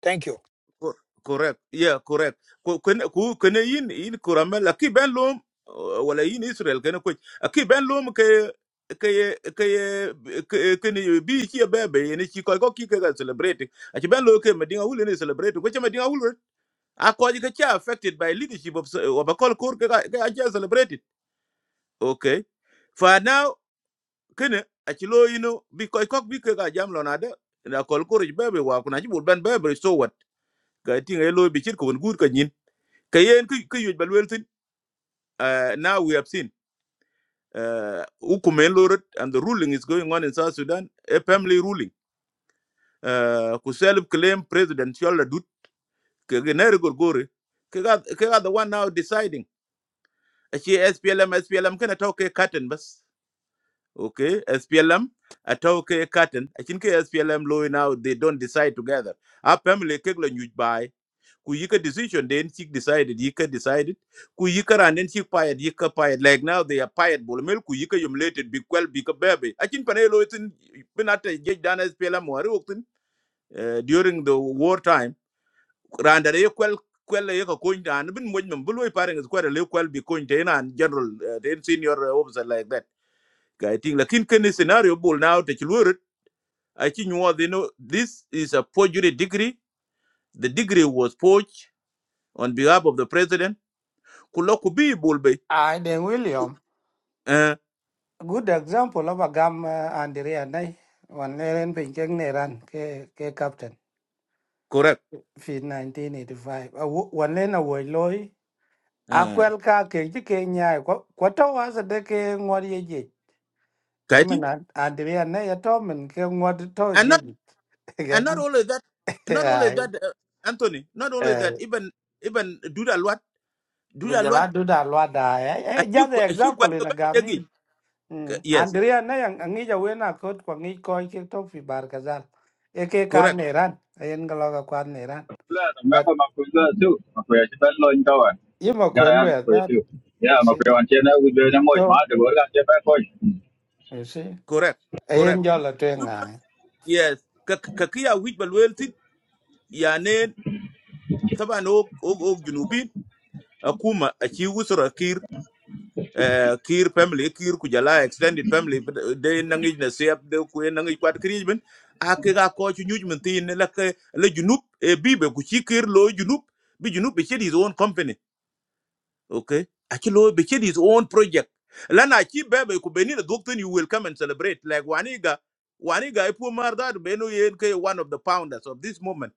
Speaker 3: Thank you.
Speaker 15: Cor- correct yeah correct Ku- kun ku kun yin yin kuramel aki ben lom uh, wala yin israel kan ko aki ben lom ke ke ke ke ni bi ki be be ni ki ko ko ki ka celebrate aki ben lo ke medinga wul ni celebrate ko che medinga wul a ko ji ka affected by leadership of uh, of a call court ka ka ja celebrate okay for now kene aki lo yino bi ko ko bi ka jam lo na de na call court be be wa kuna ji bul ben be be so what ga tinga lo bi chir ko gun gur ka nyin kayen ku ku yuj balwel tin uh, now we have seen uh, ukumen lorot and the ruling is going on in south sudan a family ruling uh, ku self claim presidential dut ke gener gorgore ke ga the one now deciding Eh, She splm splm can talk a curtain bus, okay splm I talk a curtain I think splm law now they don't decide together a family ke lo yuj ku yika decision then she decided yika decided ku yika and then she fired yika fired like now they are fired bolmel ku yika yumlated big well big baby akin pane lo itin pinata jej dana spela mo ari waktin eh, during the war time randa re kwel kwel ye ko koin dan bin mo nyum buloi pareng is kwel le kwel bi koin ten and general eh, then senior eh, officer like that i think lakin ken scenario bol now te chlurit akin you they know this is a forgery degree the degree was forged on behalf of the president kulo bi bul be
Speaker 11: Ai den William.
Speaker 15: eh
Speaker 11: Good example là a gam uh, Andrea Nai. Wan leren pin keng ne ran ke ke captain.
Speaker 15: correct
Speaker 11: Fi 1985. A wo- Wan len a wo loy. A
Speaker 15: eh
Speaker 11: kwel ka ke ji ke nyai ko ko to wa sa de ke ngor ye ji.
Speaker 15: kaiti
Speaker 11: Mình Andrea Nai ya to mình ke
Speaker 15: and not and not only that not only
Speaker 11: Yeah,
Speaker 15: that uh, anthony not only
Speaker 11: eh,
Speaker 15: that even even duda luat duda luat
Speaker 11: kujala duda lwada. Eh,
Speaker 15: a
Speaker 11: eh,
Speaker 15: few
Speaker 11: just an
Speaker 15: a few kwa
Speaker 11: example in
Speaker 15: ka
Speaker 11: a gamin. Mm.
Speaker 15: yes
Speaker 11: Andrea na yang angija wena kot kwa ngi koi ke top fi bar kazal. Eke kan
Speaker 15: correct
Speaker 11: neran, ayen galoga kwan neran.
Speaker 14: Blood,
Speaker 11: But
Speaker 14: remember Makuya too. Makuya, she fell low in tower.
Speaker 11: yima
Speaker 14: Got a
Speaker 11: kwen lwe
Speaker 14: hand
Speaker 11: at
Speaker 14: Makuya
Speaker 11: that,
Speaker 14: too. Yeah,
Speaker 11: you see.
Speaker 14: Makuya, and Chena, we do them much.
Speaker 11: So,
Speaker 14: Mother, we're going to get back
Speaker 11: you see,
Speaker 15: correct
Speaker 11: ayen
Speaker 15: correct
Speaker 11: jola
Speaker 15: You ca-
Speaker 11: tuenga.
Speaker 15: yes ka ka kiya wit balwelti ya saban o o o junubi akuma a ci usra eh, kir family kir kujala, extended family but, eh, de nangi na sep de ku nangi kwat kri ben a ke ga ko chu nyuj men tin la ke la junup e bibe ku chi kir lo junup bi junup be his own company okay a chi lo be his own project la na chi bebe ku beni na doctor you will come and celebrate like waniga waniga ipu pu beno da no yen ke one of the founders of this movement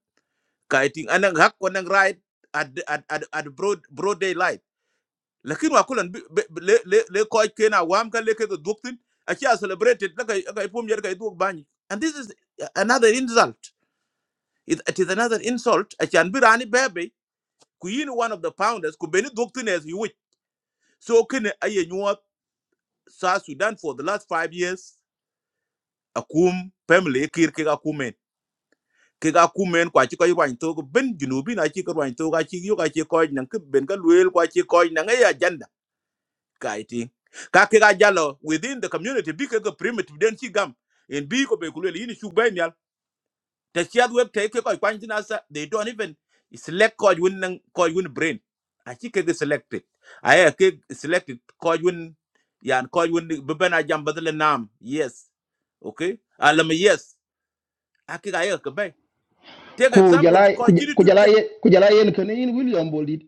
Speaker 15: kaiting anang hak ko right at at at, at broad broad daylight lakin wa kulan bi- bi- bi- le le le ko kena wam kan le ke ga doktin a ci a celebrated la kai kai pom yer kai duk bani and this is another insult it, it is another insult a ci an birani bebe ku yin one of the founders ku beni doktin as you wish so kene aye nyuwa sa sudan for the last 5 years akum family kir ke ga kumen ke ga kumen kwa ci kai wan to ben junubi na ci ka wan to ga ci yo ga ci ko nan ke ben ga luel kwa ci ko nan ya kaiti ka ke ga jalo within the community bi ke ga primitive den chi gam in bi ko be kulele ini shu ben yal te chi ad web te ke ko kwan jina sa they don't even select ko yun nan ko yun brain a chi ke ga selected a ya ke selected ko yun yan ko yun be bana jam badal nam yes okay alam yes a ga ya ke be take
Speaker 5: ku jala
Speaker 15: examples ko chi
Speaker 5: ku jala
Speaker 15: tu
Speaker 5: ku jala yen kan in william boldit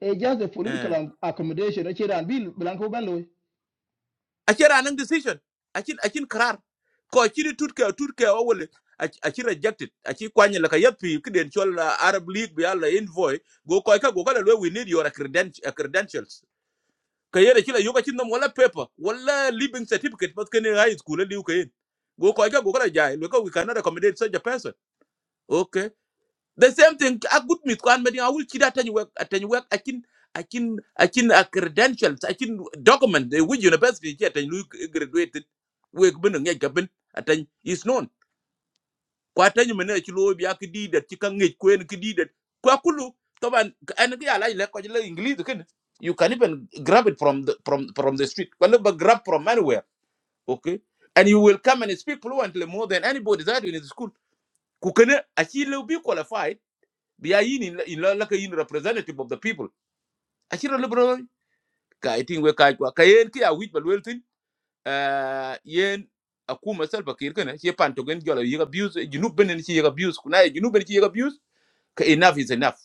Speaker 5: e just a political am- accommodation a chiran bil blanco bello
Speaker 15: aci anang decision Achin achin karar ko acini tutke tutke owole aci rejected aci kwanye laka yapi kiden chol uh, arab league bi ala envoy go koy ka go kala we we need your credentials credentials ka yere kila yoga cin wala paper wala living certificate but kene high school liu kayen go koy ka go kala jay we ka we cannot accommodate such a person the same thing a good mit kwan medin a will chida tany wek tany wek akin akin akin a credentials akin document the which university che tany lu graduated wek bin ngej gaben atany is known kwa tany mena chi lo bi ak di det chi ka ngej kwen ki di det kwa kulu english ken you can even grab it from the from from the street kwa le grab from anywhere okay and you will come and speak fluently more than anybody that in the school kukene achi le bi qualified bi ya in in like a ka representative of the people achira liberal I think we ka kwa ka yen ki a wit balwel tin eh yen akuma sal bakir kana che pan to gen jola yiga abuse junub benen chi yiga abuse kuna ye junub benen chi yiga abuse enough is enough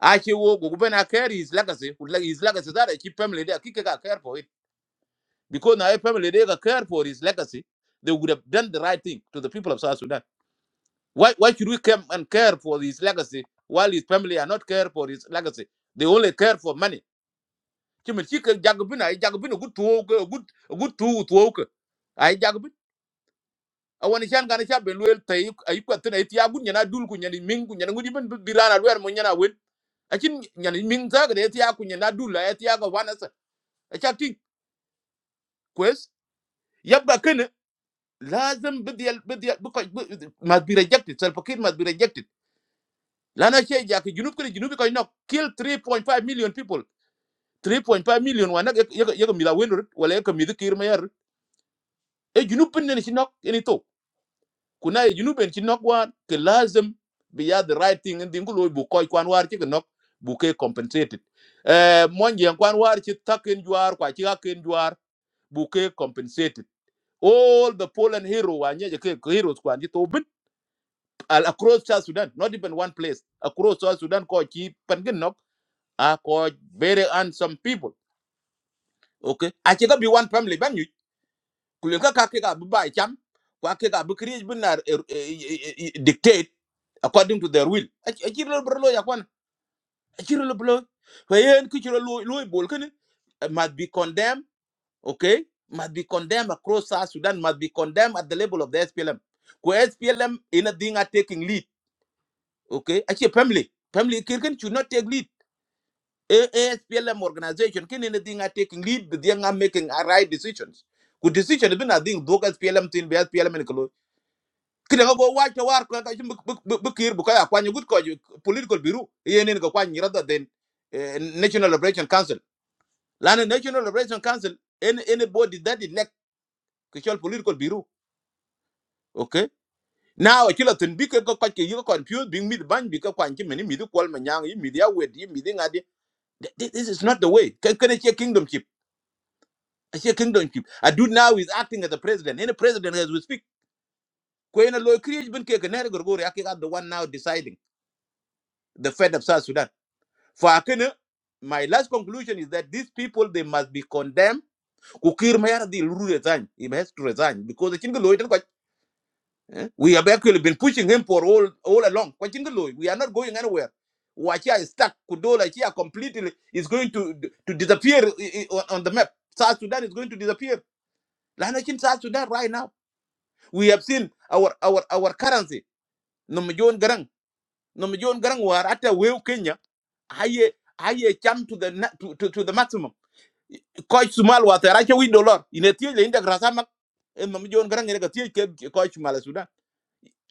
Speaker 15: a che wo go ben a care his legacy would like his legacy that a chi family there kike ka care for it because now, a family there ka care for his legacy they would have done the right thing to the people of south sudan why why should we come and care for his legacy while his family are not care for his legacy they only care for money ci men ci ke jagbin ay jagbin gut tuwo gut gut tuwo tuwo ke ay jagbin awon chan gana cha ben wel tay ay ko tan ay tiya gut nyana dul ku nyani min ku nyana ngudi ben birana wer mo nyana wen akin nyani min za ga tiya ku nyana dul ay tiya ga wana sa acha ti kwes yabba kana lazim bidyal bidyal must be rejected self kid must be rejected lana che ja ke junub kene junub ko no kill 3.5 million people 3.5 million wana yaga mila wenur wala yaga midikir mayar e junub pen ne chinok eni to kuna e junub en chinok war ke lazim be ya the right thing ndi ngulo bu koy kwan war chi nok bu ke compensated eh mon yen kwan war chi taken juar kwa chi aken juar bu ke compensated all the Poland hero wa nye je ke ke heroes kwan chi to bit all across South Sudan not even one place across South Sudan ko chi pen gen nok a ko very handsome people okay a chi ka be one family ban kulen ka kake ka bubai cham kwa ke ka bukri binar dictate according to their will achiro brolo ya kwana achiro brolo wayen kichiro loy bol kan must be condemned okay must be condemned across South Sudan must be condemned at the level of the SPLM ko SPLM in a thing are taking lead okay achi family family kirkin should not take lead A- SPLM organization kin in a thing are taking lead but they are making a right decisions good decision been a thing do SPLM thing SPLM kide ko bo waj to war ko ka chim bu kir bu ka kwa nyugut ko ju- political bureau yenen ko kwa rather than eh, national liberation council lana national liberation council any anybody that is elect ko political bureau okay now chila tin bi ko ko ko ke yu confused being mid ban bi ko kwa chim ni mid kwal ma nyang yi mid ya wed yi mid ngadi Th- th- this is not the way ka kene che kingdom chip a che kingdom chip a dude now is acting as a president any president as we speak ko ina lo create bin ke ka nere gorgori ake the one now deciding the fate of south sudan For Akene, my last conclusion is that these people they must be condemned. Kukir Mayar the Lulu resign. He has to resign because the Chingal Lloyd. eh, We have actually been pushing him for all all along. Kwa Chingal Lloyd, We are not going anywhere. Wachia is stuck. Kudola Chia completely is going to to disappear i- i- on on the map. South Sudan is going to disappear. Lana Chin South Sudan right now. We have seen our our our currency. Namajon Garang. Namajon Garang war at a Kenya. Aye aye jump to the na- to, to, to the maximum koy sumal wa tera che wi dollar ine tie le inda grasa mak en mam jon gran ne ga tie ke ke koy sumal sudan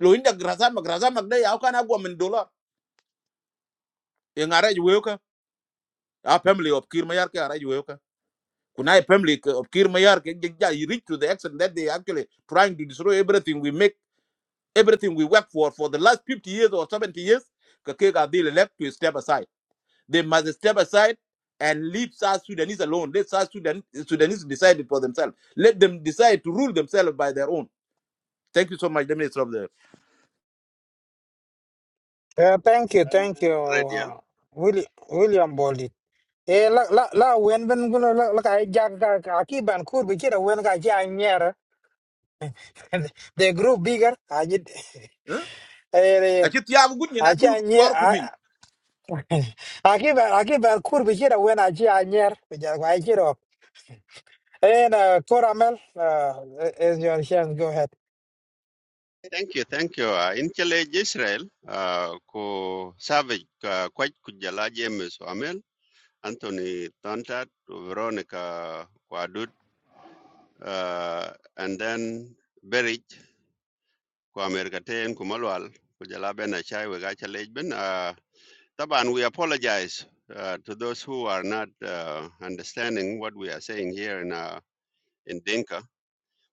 Speaker 15: lo inda grasa mak grasa mak de yaw kana go men dollar e ngare ju weo ka a family of kir mayar ke ara ju weo ka kunai family ke- of kir mayar ke ge ja you reach to the extent that they actually trying to destroy everything we make everything we work for for the last 50 years or 70 years ka ke ga deal left to step aside they must step aside and leave South Sudanese alone. Let South Sudan, Sudanese decide it for themselves. Let them decide to rule themselves by their own thank you so much let me stop there
Speaker 3: Uh, thank you,
Speaker 6: ben
Speaker 3: thank you,
Speaker 6: ready
Speaker 3: uh, Willi- William Boldy. Eh, la la la wen ben gulo la la ka ja ka ka ki ban kur bi kira wen ka ja And they grew bigger. I did.
Speaker 15: eh
Speaker 3: Eh,
Speaker 15: ati tiago gudni na
Speaker 3: achi
Speaker 15: dul gu
Speaker 3: anyer.
Speaker 15: jor ku min
Speaker 3: Aki ba aki ba kur bichira when achi anyer. Bichira kwa ichiro. And uh, Coramel, uh, is your chance. Go ahead.
Speaker 6: Thank you, thank you. Uh, in Chile, Israel, uh, ku Savage, uh, Kwaj Kujala James Amel, Anthony Tontat, Veronica Kwadut, uh, and then Berich, ku America Ten, ku Malwal, Kujala Ben Achai, Wegacha Lejben. Uh, Taban, we apologize uh, to those who are not uh, understanding what we are saying here in, uh, in Dinka,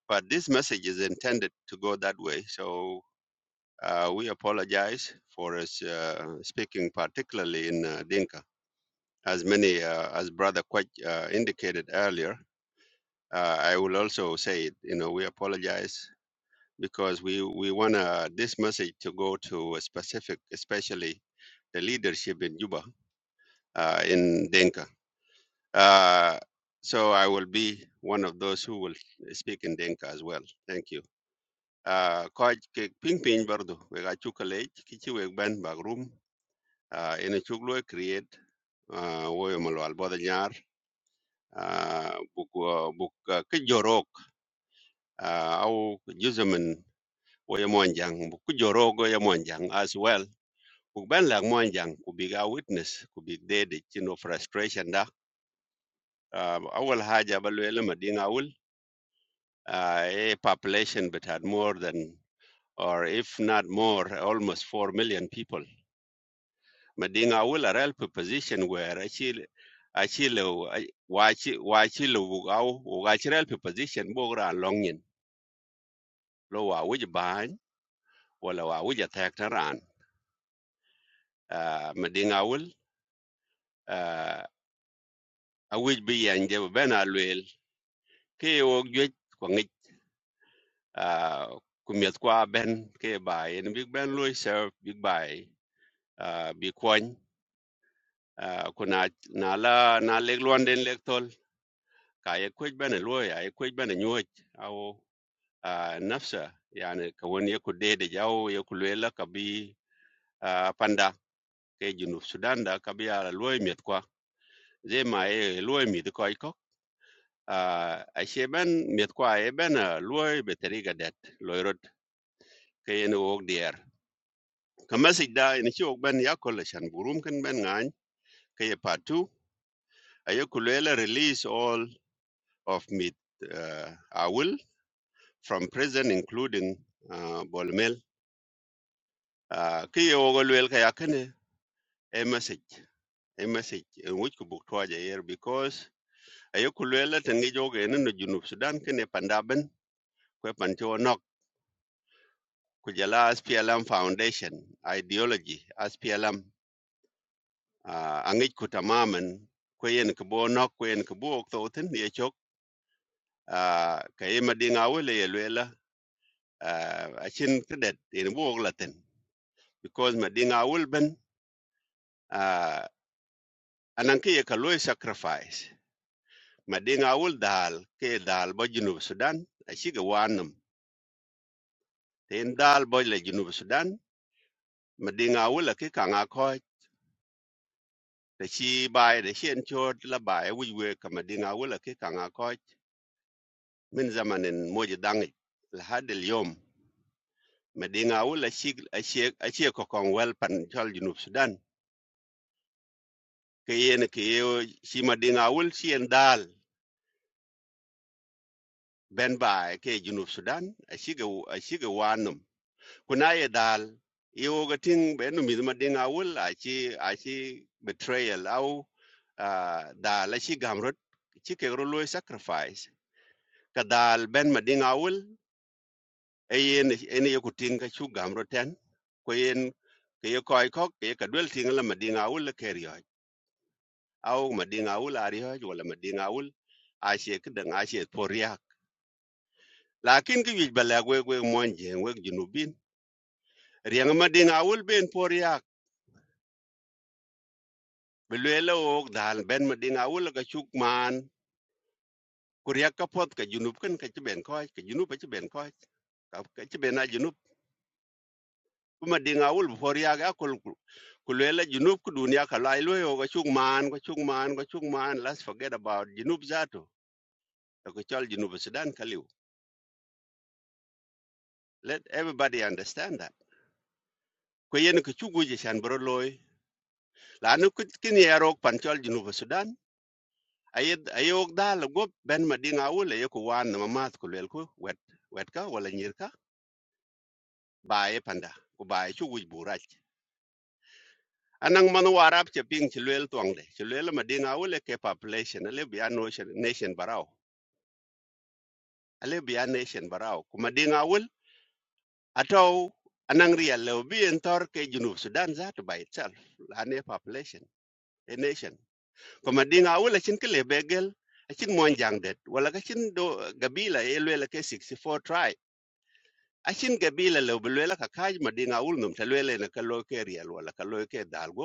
Speaker 6: but this message is intended to go that way. So Uh, we apologize for us, uh, speaking particularly in uh, Dinka. As many uh, as Brother Quach uh, indicated earlier, uh, I will also say, you know, we apologize because we, we want uh, this message to go to a specific, especially the leadership in Juba, uh, in Dinka. Uh, so I will be one of those who will speak in Dinka as well. Thank you. Uh, Coach Ping Ping Bardo, we got you college, Kichi Wegban Bagrum, uh, ene chuk lo create uh, wo yo malwal boda nyar uh, buk uh, buk uh, ke jorok uh, au userman wo yo buk ku jorok as well buk ben la monjang ku biga witness ku big dede chino frustration da uh, awal haja balwele madinga awul uh, a population but had more than or if not more almost 4 million people Madinga will a help position where actually actually watch watch lugau or watch help position bogra longin lo wa wuj ban wala wa wuj attack taran Ah, Madinga will a wuj bi yan je ben alwel ke o gwe ko ngi kumiet kwa ben ke bai en big ben loy serve big bai ah, bi kwany Ah, kuna na la na leg luanden leg tol ka ye kwej ben loy ay kwej ben nyoj au ah, nafsa yani ka won yeku dede jaw yeku lela ka bi ah, panda ke junub sudan da ka bi ala loy miet kwa ze ma e loy miet ko iko ah, a sheben miet kwa e ben loy be teriga det loy rot ke yen wog dier ka masik da ni chi shan burum ken ben ke ye patu a release all of meat uh, awil from prison including uh, bolmel uh, ke ye ogo lel ka yakene e message a message in which ku buk twaja here because ayo ku lwela tangi joge no junub Sudan kene pandaben kwe pancho nok kujala jala SPLM foundation ideology SPLM uh, angich ku tamamen kwe yen ku bo nok kwe yen ku bo ok thotin ye uh, ka ye madinga wele ye lwela uh, a chin cadet in bo ok latin because madinga wul ben uh, anan ke ye sacrifice madinga wul dal ke dal ba junub Sudan ashiga wanam tin dal boy le junub sudan madinga wala ki kanga ko ta chi bai da shen chot la bai wujwe ka madinga wala ki kanga ko min zamanin moji dangi la hadil yom madinga wala shi ashe ashe ko kon well pan chol junub sudan ke yen ke yo shi madinga wul shi en dal ben bai ke junub sudan ashe ga ashe ga kuna ye dal iwo ga ting be no mi ma dinga wul a chi a betrayal au dal, da gamrot chi ke ro lo sacrifice ka dal ben ma dinga wul e yen en ye ku ting ka chu gamrot ten ko yen ke ye koi ko ke ye ka dwel ting la ma dinga wul le ker yo au ma dinga wul ari yo wala ma dinga wul a che ke dang a che poriak lakin ki wij bala gwe gwe mon je gwe junubin riang ma dinga wul ben poriak belwela wok dal ben medina awul ka chuk man kuria ka pot ka junub kan ka ben ko ka junub ka ben ko ka ka ben a junub kuma dinga awul before ya ga kul kulwela junub ku dunia ka lai lo yo ka chuk man ka chuk man ka chuk man let's forget about junub zato ka chal junub e sudan kaliu let everybody understand that ko yen ka chugu je shan bro loy la nu kin yarok pan chal junub e sudan ayed ayok dal go ben medina awul e ko wan ma mat kulwel ko wet wet ka wala nyir ka bae panda ku bae chu wuj burach anang man warap che ping che tuang twang de che lwel ma dinga wole ke population ale bi nation nation barau ale bi nation barau ku ma dinga wol atau anang ria le bi en tor ke junub sudan za to by itself ane population a nation ku ma dinga wol chin ke le begel achin mon jang det wala ka chin do gabila e lwel ke four tribe achin gabila le bi lwel ka kaj ma dinga wol num te lwel ne ka ke riel wala ka lo ke dal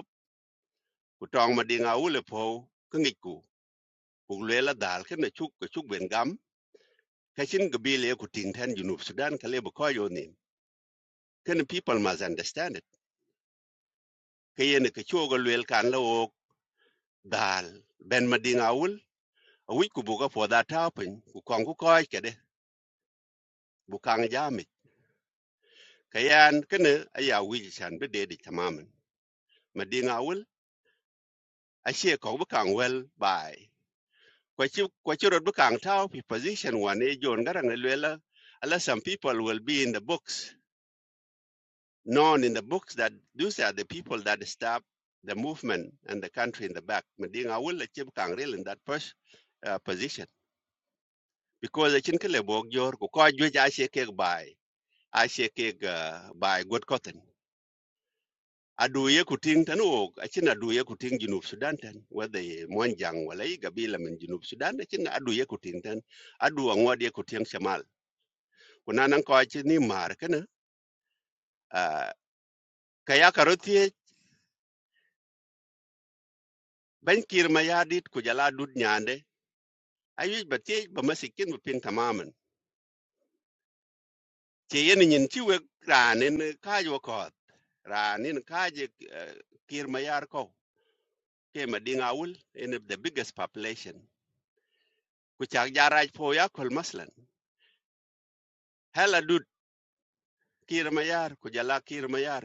Speaker 6: ku tong ma dinga wule po ku ngi ku ku le la dal ken na chuk ku chúc ben gam cái xin ga bi le ku ting ten junub sudan cái ka le bu ko yo cái này people must understand it cái yen ke cho ga le kan la o dal ben ma dinga wul quý wi ku cái ga po da ta pen ku kong ku ko ke de bu kang ja cái anh cái ken ai ya wi chan be de di tamamen ma đi ngầu, ai sẽ có bu kang well bai quay chi quay chi rồi bu kang ta pi position one wan e jon garang le là, Unless some people will be in the books known in the books that those are the people that stop the movement and the country in the back. Medinga will achieve Kangril in that pos- uh, position because the Chinkele Bogjor, Kukajuj Ashekeg by i Ashekeg by Good Cotton. I do ye kuting tanu achina ye kuting junub Sudan tan whether Mwanjang walay gabila min junub Sudan I achina ye kuting tan adu angwadi kuting shamal kunanang ko achini mar kana uh, kaya karotie ben kirma yadit kujala dud nyande ayuc ba tiëc ba masikin ba piny tamamen ci yen nyin ci wek raan en kaaj wakɔɔth raan en kaaj kir ma yar kɔu ke ma diŋ awul en the biggest population ku cak ja raac po ya kol maslan hel adut kir ma yar ku jala kir ma yar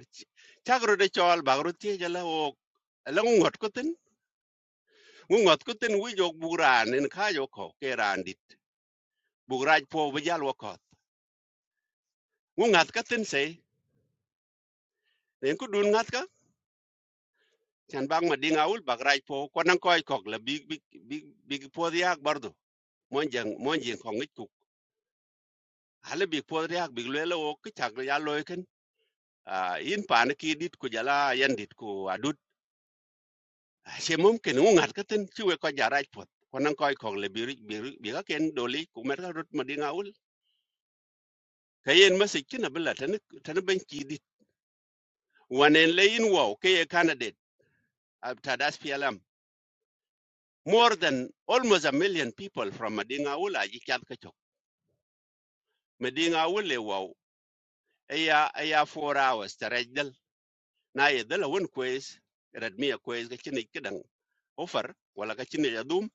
Speaker 6: cak rot ecɔɔl bak rot tiëc ala wok ala ŋu ŋɔt kutin ŋu ŋɔt kutin wic ok buk raan en kaaj wakɔ ke raan dit buk raac po bi jal wakɔɔth ŋu ŋath katin sei nen ku dun ŋath chan bang ma ding aul bak raj po ko nan kok la big big big big po riak bardu mon jang mon jing ko ngit ku hale big po riak big le lo ok chak ya loy ken a in pa ne ki dit ku jala yan dit ku adut she mum ken u ngat katen chu we ko ja raj po ko nan koy kok le big big bi ga ken doli ku mer ga rut ma ding aul kayen masik kina bella tan tan ben ki dit wanen le in wow ke ye candidate ab tadas pialam more than almost a million people from Madinga Ula Jikyat Kachok. medinga wule wow aya aya 4 hours tarajal na yedala won kwes radmiya kwes ga chini kidan offer wala ga chini yadum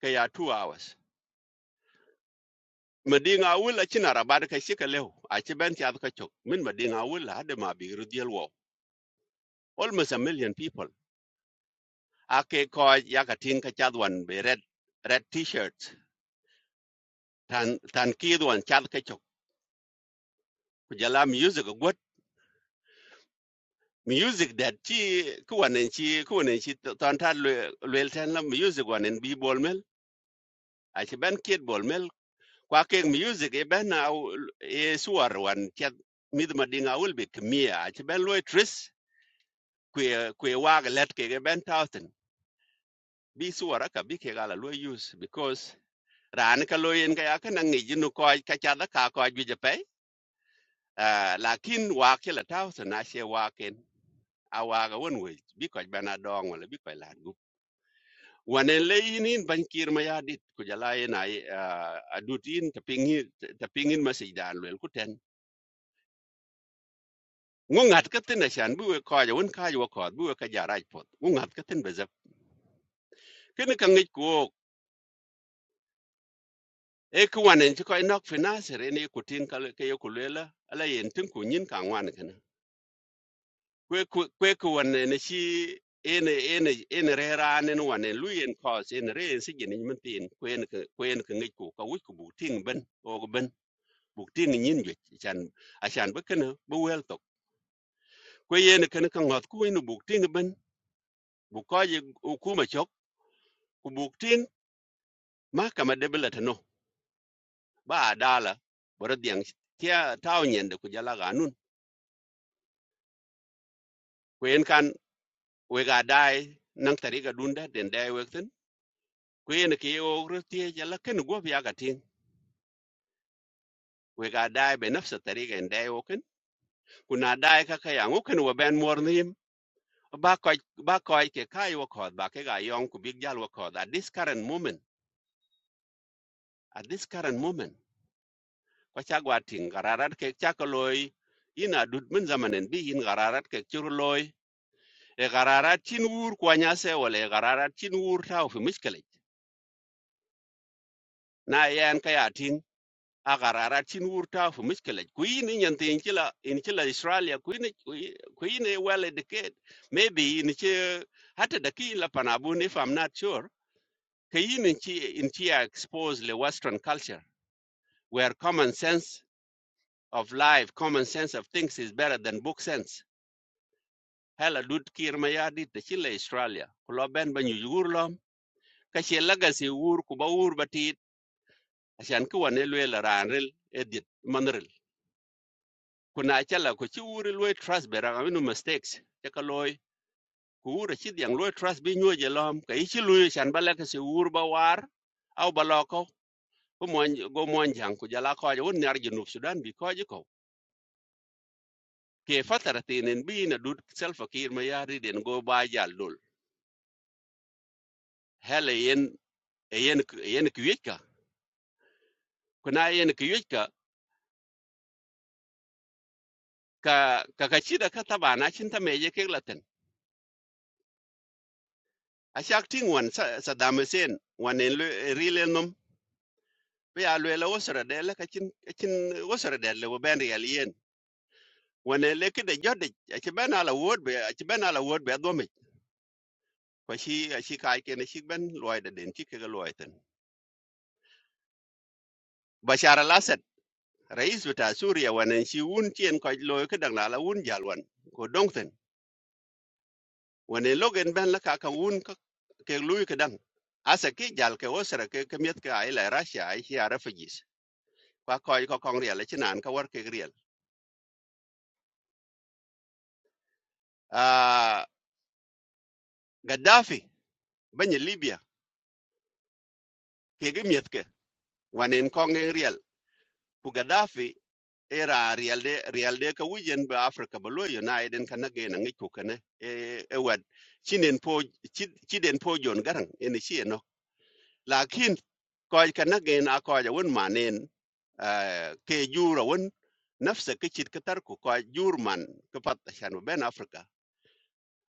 Speaker 6: ka ya 2 hours medinga wula china rabad ka shika lew a ci benti ad ka chok min medinga wula hade ma bi rudial wow almost a million people ake ko ya ka tin ka chadwan be red red t-shirts tan tan kidwan chad ka chok kujala music music that chi ku wanen chi ku wanen chi ton ta lwel ten la music wanen bi bol mel a chi ban kid bol mel kwa ke music e ben au e suar wan chat mid ma dinga ul bi kmia a chi ben loy tris kwe kwe wag let ke ban ben thousand bi suara ka bi ke gala loy use because ran ka loy en ga ya ka nang ji nu ko ka cha da ka ko ju je pe lakin wa ke la thousand a she wa ken a wa ga won we bi ko ben a dong wala bi ko la gu wane leyin in ban kir ma yadit ku jala yen ay adut in ta pingin ta pingin masidan lel ku ten ngungat katin ashan buwe koja won kaj wa kod buwe ka jaraj pot ngungat katin bezap kene ka ngik ku e ku wanen ko nok financer ene ku tin ka ke yo ku lela ala yen tin ku nyin ka wan kana kwe ku- kwe ku wanen shi ene ene ene rera nen wanen luyen cause ene re sigin min tin kwen ka kwen ka ngik ku ka wik ku bu ting ben o ben buk ting nyin jwe chan ashan be kana be wel tok ko yen kana ka ngot ku inu buk ting ben bu ko je hukuma chok ku buk ting ma kama debela tano ba dala boro diang kia taw nyen de ku jala ganun ko yen kan we ga dai nang tari ga dunda den dai we ten ko yen ke o rotie jala ken go bi aga tin we ga dai be nafsa tari ga dai o ken ku na dai ka ka yang o ken we ben mor nim ba ko ba ko ke kai wo ko ba ke ga yong ku big jal wo ko at this current moment at this current moment ko chagwa ting gararat ke chakoloi ina dud zamanen bi in gararat ke churloi e gararat chin wur kwanya se wala e gararat chin taw fi miskele na yan kaya ting a gararat chin wur taw fi miskele ku in yan tin kila in kila australia ku in well educated maybe in che hata da ki la panabu if i'm not sure ke in in chi in chi exposed le western culture where common sense of life, common sense of things is better than book sense. Hela dut kir mayadi te chile Australia. Kulo ben banyu yugur lom. Kashi legacy wur kuba wur batit. Ashan kuwa ranril edit manril. Kuna achala kuchi wuri trust berang aminu mistakes. Chaka loy. Kuwura chidi yang loy trust bi nyue jelom. Ka ichi luyo shan balekasi wur ba war. Au baloko. Go mwanjang kujala koja. Wun nyarji Sudan bi koja ko. Ke fatara tinin bi na dut self akir mayari den go ba jal dul. hela yen yen yen kuyika kuna yen kuyika ka ka ka chida ka taba na chin ta meje ke laten a shak ting wan sa sa damesen wan en rile nom be a le wosra de la ka chin ka chin wosra de le ben yal yen wan en le ke de jode a chi ben ala wod be a chi ben ala wod be do me ko shi a shi kai ke ne shi ben loy de den chi ke loy ten bashar al asad rais bita suriya wan en shi wun chien ko loy ke dang la la wun jalwan ko dong ten wane logen ben la ka kan wun ka ke lui ka dang asa ki jal ke osra ke kemiet ke miet ka ila russia ai hi ara fajis kwa ko ko kong riel chi nan ka war ke riel a gaddafi banye libya ke ge miet ke wanen kong e riel ku gaddafi era riel de riel de ka wujen ba africa ba lo united kan na ge na ngi ku kane e e wad chinen po chiden po jon garang en chi no lakin ko ka na ge na ko ja won manen Khi Jurwan nỡ sẽ kích thích các tác của các Jurman các phát sinh ở bên Africa.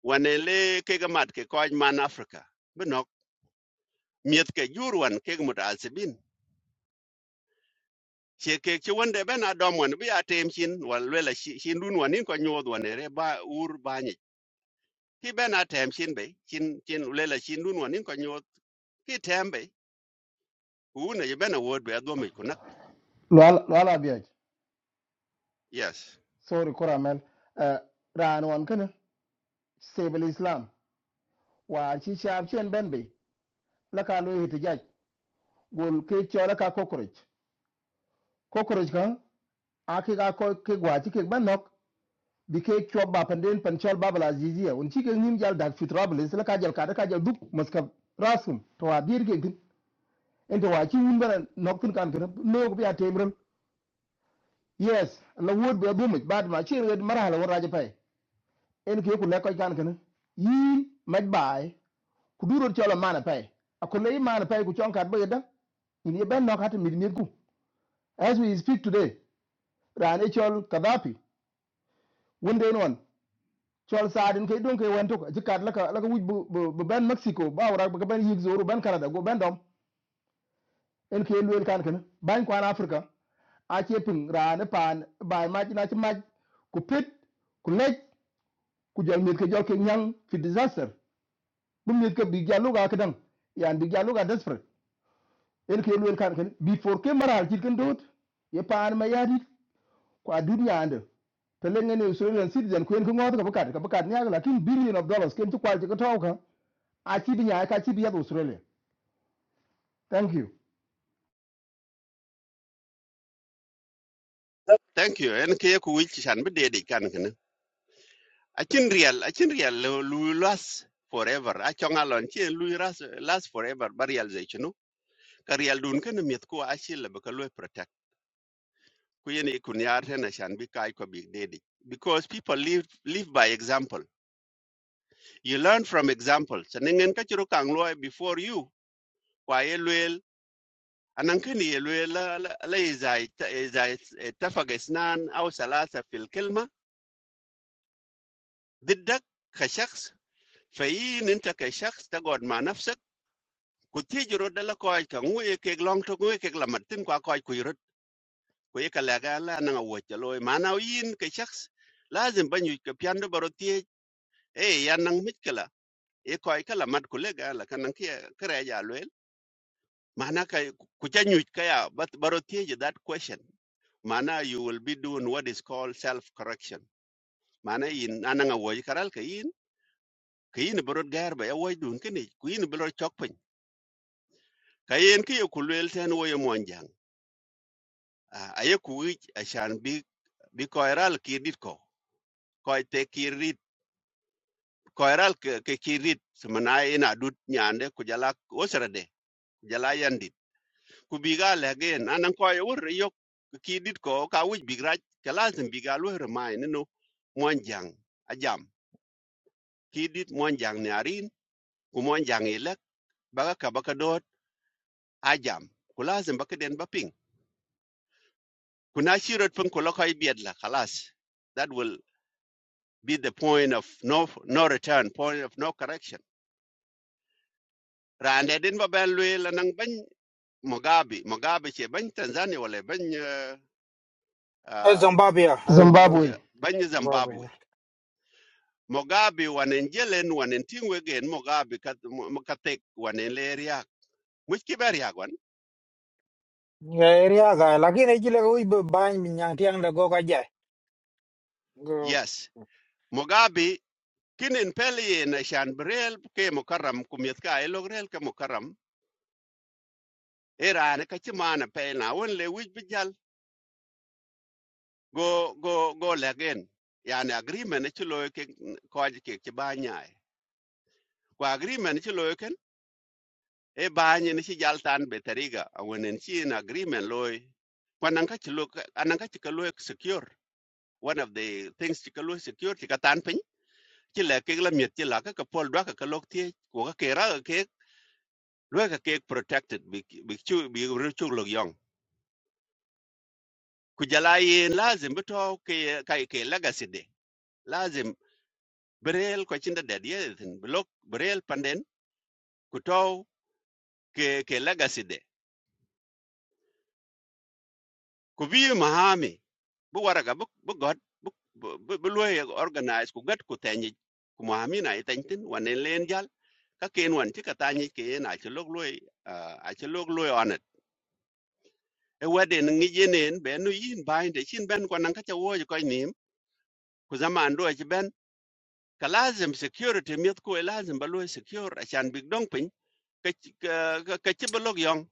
Speaker 6: Quan hệ các công tác các quan chức bên Africa. Bên nhắc miệt các Jurwan các công tác Al Sabin. Xe các chuyện bên Adam bên Attention. Với là xin xin luôn bên những con nhớ bên này là ba Urbanic. Bên Attention bên Xin Xin luôn là Xin luôn bên những con nhớ khi thêm bên. Hôn này bên là word bên đó mấy con nhắc.
Speaker 5: Lual lual biya.
Speaker 6: Yes.
Speaker 5: Sorry Koramel. Eh ran wan kana stable Islam. Wa chi sharp chen ben be. La ka lo hitijaj. Gol ke chola ka cockroach. Cockroach ka aki ka ko ke gwachi ke ban nok. Bi ke chwa ba panden pan chol ba bala ziziya. Un chi ke nim jal dak fitrable. La ka jal ka da ka jal dup maskab rasum. To adir ke gin. into wa chi wun bana nok tin kan kene no ko ya temren yes la wod be bu mi bad ma chi red mara la wora je pay en ke ku le ko kan kene yi maj bay chola mana pay akole yi mana pay ku chon kat be da in ye ben nok hat mi as we speak today rane chol kadapi wunde non chol sadin ke don ke wan to ji kat la ka la ka wuj bu bu bu ben mexico ba wora ba ka ben yig zoru ben canada go ben dom en ke luel kan ken ban kwan afrika a che ping ran pan bai ma na chi ma ku pit ku lej ku jol mit ke jol ke nyang fi disaster bu mit ke bi jalu ga kedang yan bi jalu ga desperate en ke luel kan ken before ke maral chit ken dot ye pan ma yadi kwa dunia ande pelenge ni Australian citizen kwen ko ngot ka bakat ka bakat nyaga lakin billion of dollars ken to kwal ci ka tawka a chi bi nyaa ka chi bi ya Australia thank you
Speaker 6: Thank you. Anh kêu huỳnh Chiến bên để đi căn không ạ. Achin real, achin real, lui last forever. Achong alon, chin lui last, last forever, barial zay chino. Ka real dun ka na miet ko achil la baka lui protect. Kuyen e kunyar ten ashan bi kai ko big daddy. Because people live live by example. You learn from examples. Sa ningen ka chiro kang lui before you. Kwa ye luel, anang kini ye luel la la la izay izay tafagesnan au salasa fil kelma. Diddak ka shaks. فإن أنت كشخص تقعد مع نفسك ku ti juro de la koy ka ngue ke long to ngue ke la martin kwa koy ku yurut ku ye ka la ga la na wo cha loy mana yin ke cái lazim ban yu ka pian do baro ti e ya nang mit kala là koy ka la mat ku le ga la ka nang ke kre ya loel mana ka ku cha cái ka ya but baro ti je that question mà mana you will be doing what is called self correction mà mana yin ananga wo karal ka yin ka yin baro gar ba ya wo dun ke ni ku yin baro chok pin ka yin ke ku loel ten wo ye Ah, aye ku wich achan bi bi koiral kirit ko koi te kirit koiral ke, ke kirit semana ina dut nyande ku jala osrade ku jala yandit ku biga legen anan koi wor yok kirit ko ka wich bigra kalazim biga lu remai no monjang ajam kirit monjang ne arin ku monjang ilek baga ka baka dot ajam ku lazim baka den baping ku na shirot pun ku lokoi biedla kalas that will be the point of no no return, point of no correction. Rande din ba ben lwe nang ban Mugabe, Mugabe che ban Tanzania wala ban uh,
Speaker 3: Eh,
Speaker 6: uh,
Speaker 3: Zimbabwe. eh, eh,
Speaker 5: Zimbabwe
Speaker 3: Zimbabwe.
Speaker 6: Zimbabwe. Mugabe wanen jelen wanen tingwe gen Mugabe kat mu- wanen le Muski ba
Speaker 3: Eh, Area guy. Lakini ichile kui bany minyang tiang le go kajai. Go.
Speaker 6: Yes. Mugabe kinin peli na shan brel ke mukarram kumyet ka ke mukarram. Era ne kachimana pe na won le wij bijal go go go legen yani agreement ci loy ke ko ke ci ba nyaay ko agreement ci loy ken e ba nyi ni ci jaltan be tariga wonen ci in agreement loy ko nan ka ci lo anan ka ci ka loy secure one of the things ci ka loy secure ci ka tan pin ci le ke la miet ci la ka ka pol do ka ka lok tie ko ka ke ra ka ke loy ka ke protected bi bi chu bi ru chu lo yong ku jala yin lazim bi to ke ka ke legacy de lazim berel ko chinda de ye tin blok berel panden ku to ke ke legacy de ku bi mahami bu waraga bu bu god bu bu bu loye organize ku gat ku tanyi ku mahami na itantin wane len jal ka ken wan ti ka tanyi ke na ti lok loy a ti lok loy onet e wade ngi yenen be no yin bain de chin ben ko nan ka ta wo ko nim ku zaman do ci ben ka lazim security mit ku e lazim ba loy secure a chan big dong pin ka ci- ka ka ci blok yong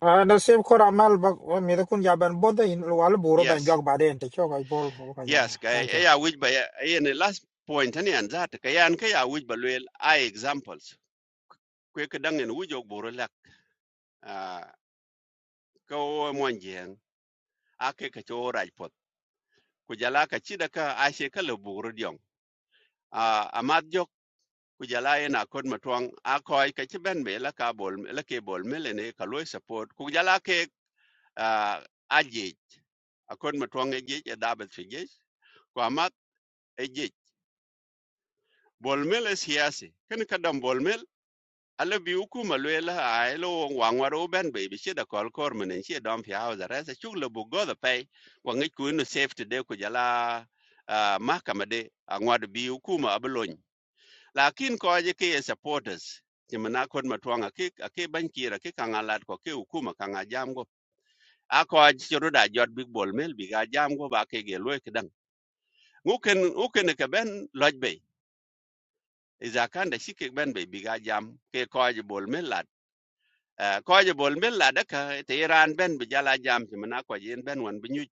Speaker 3: Ah, na same Coramel. Ba mi da kun jaban boda in wal buro ban
Speaker 6: yes
Speaker 3: jog baden. Te chok ay ko
Speaker 6: Yes,
Speaker 3: kajai.
Speaker 6: ka
Speaker 3: Thank you.
Speaker 6: ya wij ba yen last point ni an zata ka yan ka ya wij ba lwel ai examples. Kwe ka dang en wujo boro lak ah, ka o mon jeng a ke ka cho raj pot. Ku jala ka chida ka a she ka le boro diong. A amat jok ku jala yen a kod matwang a koi ka chi ben be la ka bol la ke bol mele ne ka loy support. Ku jala ke ah, a jej a kod matwang e jej e dabel fi jej. Ku amat e jej. Bol mele siyasi. Kan ka dam bol mel ala bi uku ma lwe la ai lo wang wa ro ben be bi shida kol kor men shi dom pi hawa za rasa chuk lo bu go da pe wa ngi ku no safety de ku jala ah, mahkama de angwad bi uku ma abalon lakin ko je ke supporters ti mana kon ma twanga ke ke ban kira ke kangalat ko ke uku ma kanga jam go a ko ji ro da jot big ball mel bi ga jam ba ke ge lwe ke dang nguken uken ke ben loj be iza kan da shi ke ben be bi ga jam ke ko ji bol mel lat koje bol mel la daka te iran ben bi jala jam ti mana ko yen ben wan bi nyuj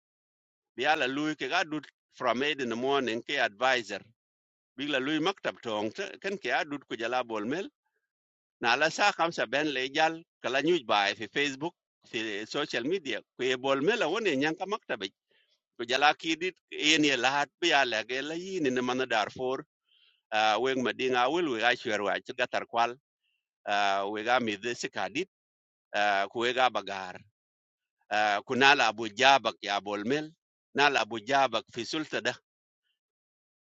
Speaker 6: bi ala lui ke ga dut from 8 in the morning ke advisor bi la lui maktab tong te ken ke adut ko jala bol mel na la sa khamsa ben le jal kala nyuj bai fi facebook fi social media ko ye bol mel won e nyanka maktab ko jala ki dit yen ye lahat bi ala ge la yin ne mana darfor weng madinga wel we ga shwer wa ti gatar kwal ah, we ga mi de sikadit ko we ga bagar Ah, kunal abu jabak ya bolmel nal abu jabak fi sulta da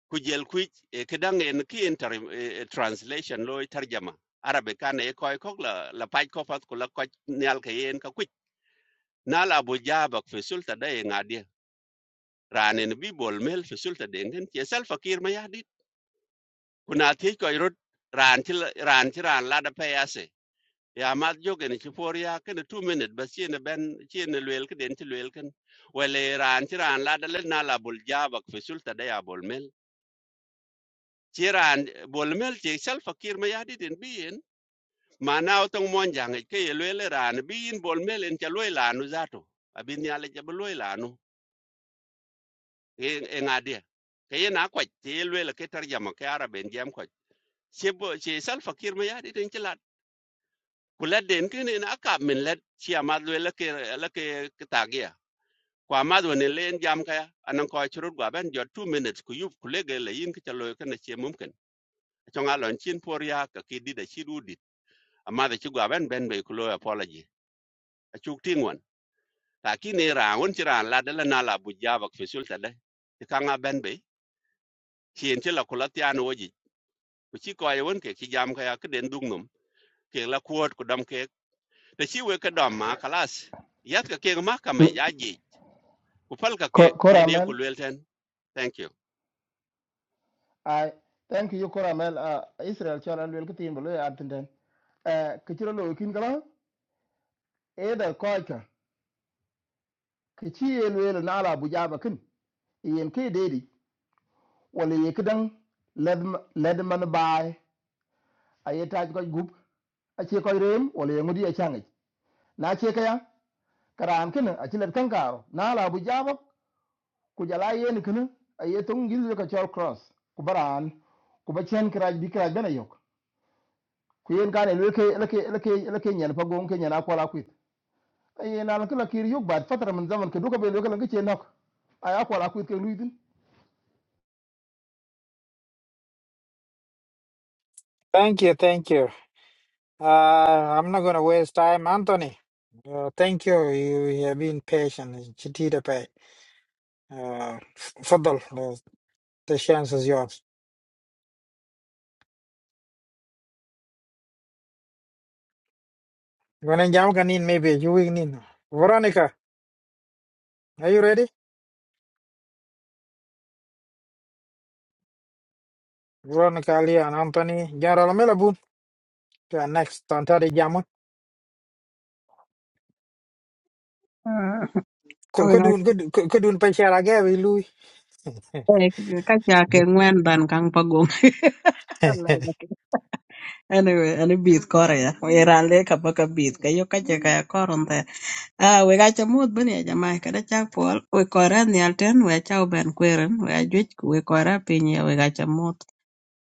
Speaker 6: kujel kuj eh, kidang en ki inter eh, eh, translation lo tarjama arabe kan e koy kok la la paj ko pat kula ko nyal ka yen ka kuj nal abu jabak fi sulta da e ngadi ranen bi bolmel fi sulta de ngen ke sal fakir ma yahdi kuna te koy rod ran til ran tiran la da payase ya mat jogen ci for ya ken two minute ba sene ben sene lwel ke den ci lwel ken wala ran ci ran la dal na la bul jabak fi sulta da ya bol mel ci ran bol mel ci sal fakir ma ya di den biyen mana to mon jange ke lwel e ran biyin bol mel en ca loy lanu zato abin ya le jab loy lanu e e ngade ke ye na ko ci lwel e ke tarjama ke araben jam ko ci bo ci sal fakir ma ya di den ci lat kula den ken en akab min let ci amat lwel e ke la ke tagia kwa madwa ne len jam kaya anan ko churur gwa ben jot 2 minutes ku yup ku lege le yin ka loy kana che mumkin chonga lon chin por ya ka ki di da chi du dit amma da chi gwa ben ben be ku loy apology a chuk ting won ta ki ne ra won chi ran la de la na la bu ja bak fisul ta de ti ka nga ben be chien chi la ku la tian wo ji ku chi ko ye won ke chi jam kaya ka den dung num ke la kuot ku dam ke da chi we ka dam ma kalas yat ka ke ma ka me
Speaker 5: L-
Speaker 6: ya ji ku pal ka ke
Speaker 5: Ko-
Speaker 6: ke ne ku
Speaker 5: Koramel
Speaker 6: lwel ten thank you
Speaker 5: ai thank you koramel uh, israel chol an lwel kitin bulu ya tinten uh, kichiro lo kin kala eda koika kichi elwel na ala bujaba kin yen ke dedi wala ye kidan led led man bai aye taj ko gup ache ko rem wala ye ngudi achangi na che kaya karam kin ache led kankaro na ala bujaba ku jala yen kin aye tung gizu ka chol cross ku baran ku bachen kraj bi kraj bana yok ku yen kan elwel ke elke elke elke nyen pa gon ke nyana kwala kwit ay na kula kiri yuk bad fatara min zaman ka duka bai lokal ka ce nok ay akwal akwit ka luitin
Speaker 3: Thank you. Thank you. Uh, I'm not gonna waste time, Anthony. Uh, thank you. You you have been patient. Chitita pay. Uh, f- Fadal, the, the chance is yours. Gonna jam can in maybe you will need. Veronica, are you ready? Veronica, Ali, and Anthony. General Mela Boon. To our next Tantari Jamo.
Speaker 13: Owe ka
Speaker 3: Kudun, kudun, pachara gavi, Louis.
Speaker 13: ka cha ke ngwen dan kang pagong. Alai ka ke- Anyway, ani bith kore ya. We ran le ka baka bith ka yo ka che ka ya koron te. Ah, we ka cha mut bani ya jamai kada chak pol. We kore ni alten we cha uben kweren we ajuich we kore pinyi we ka cha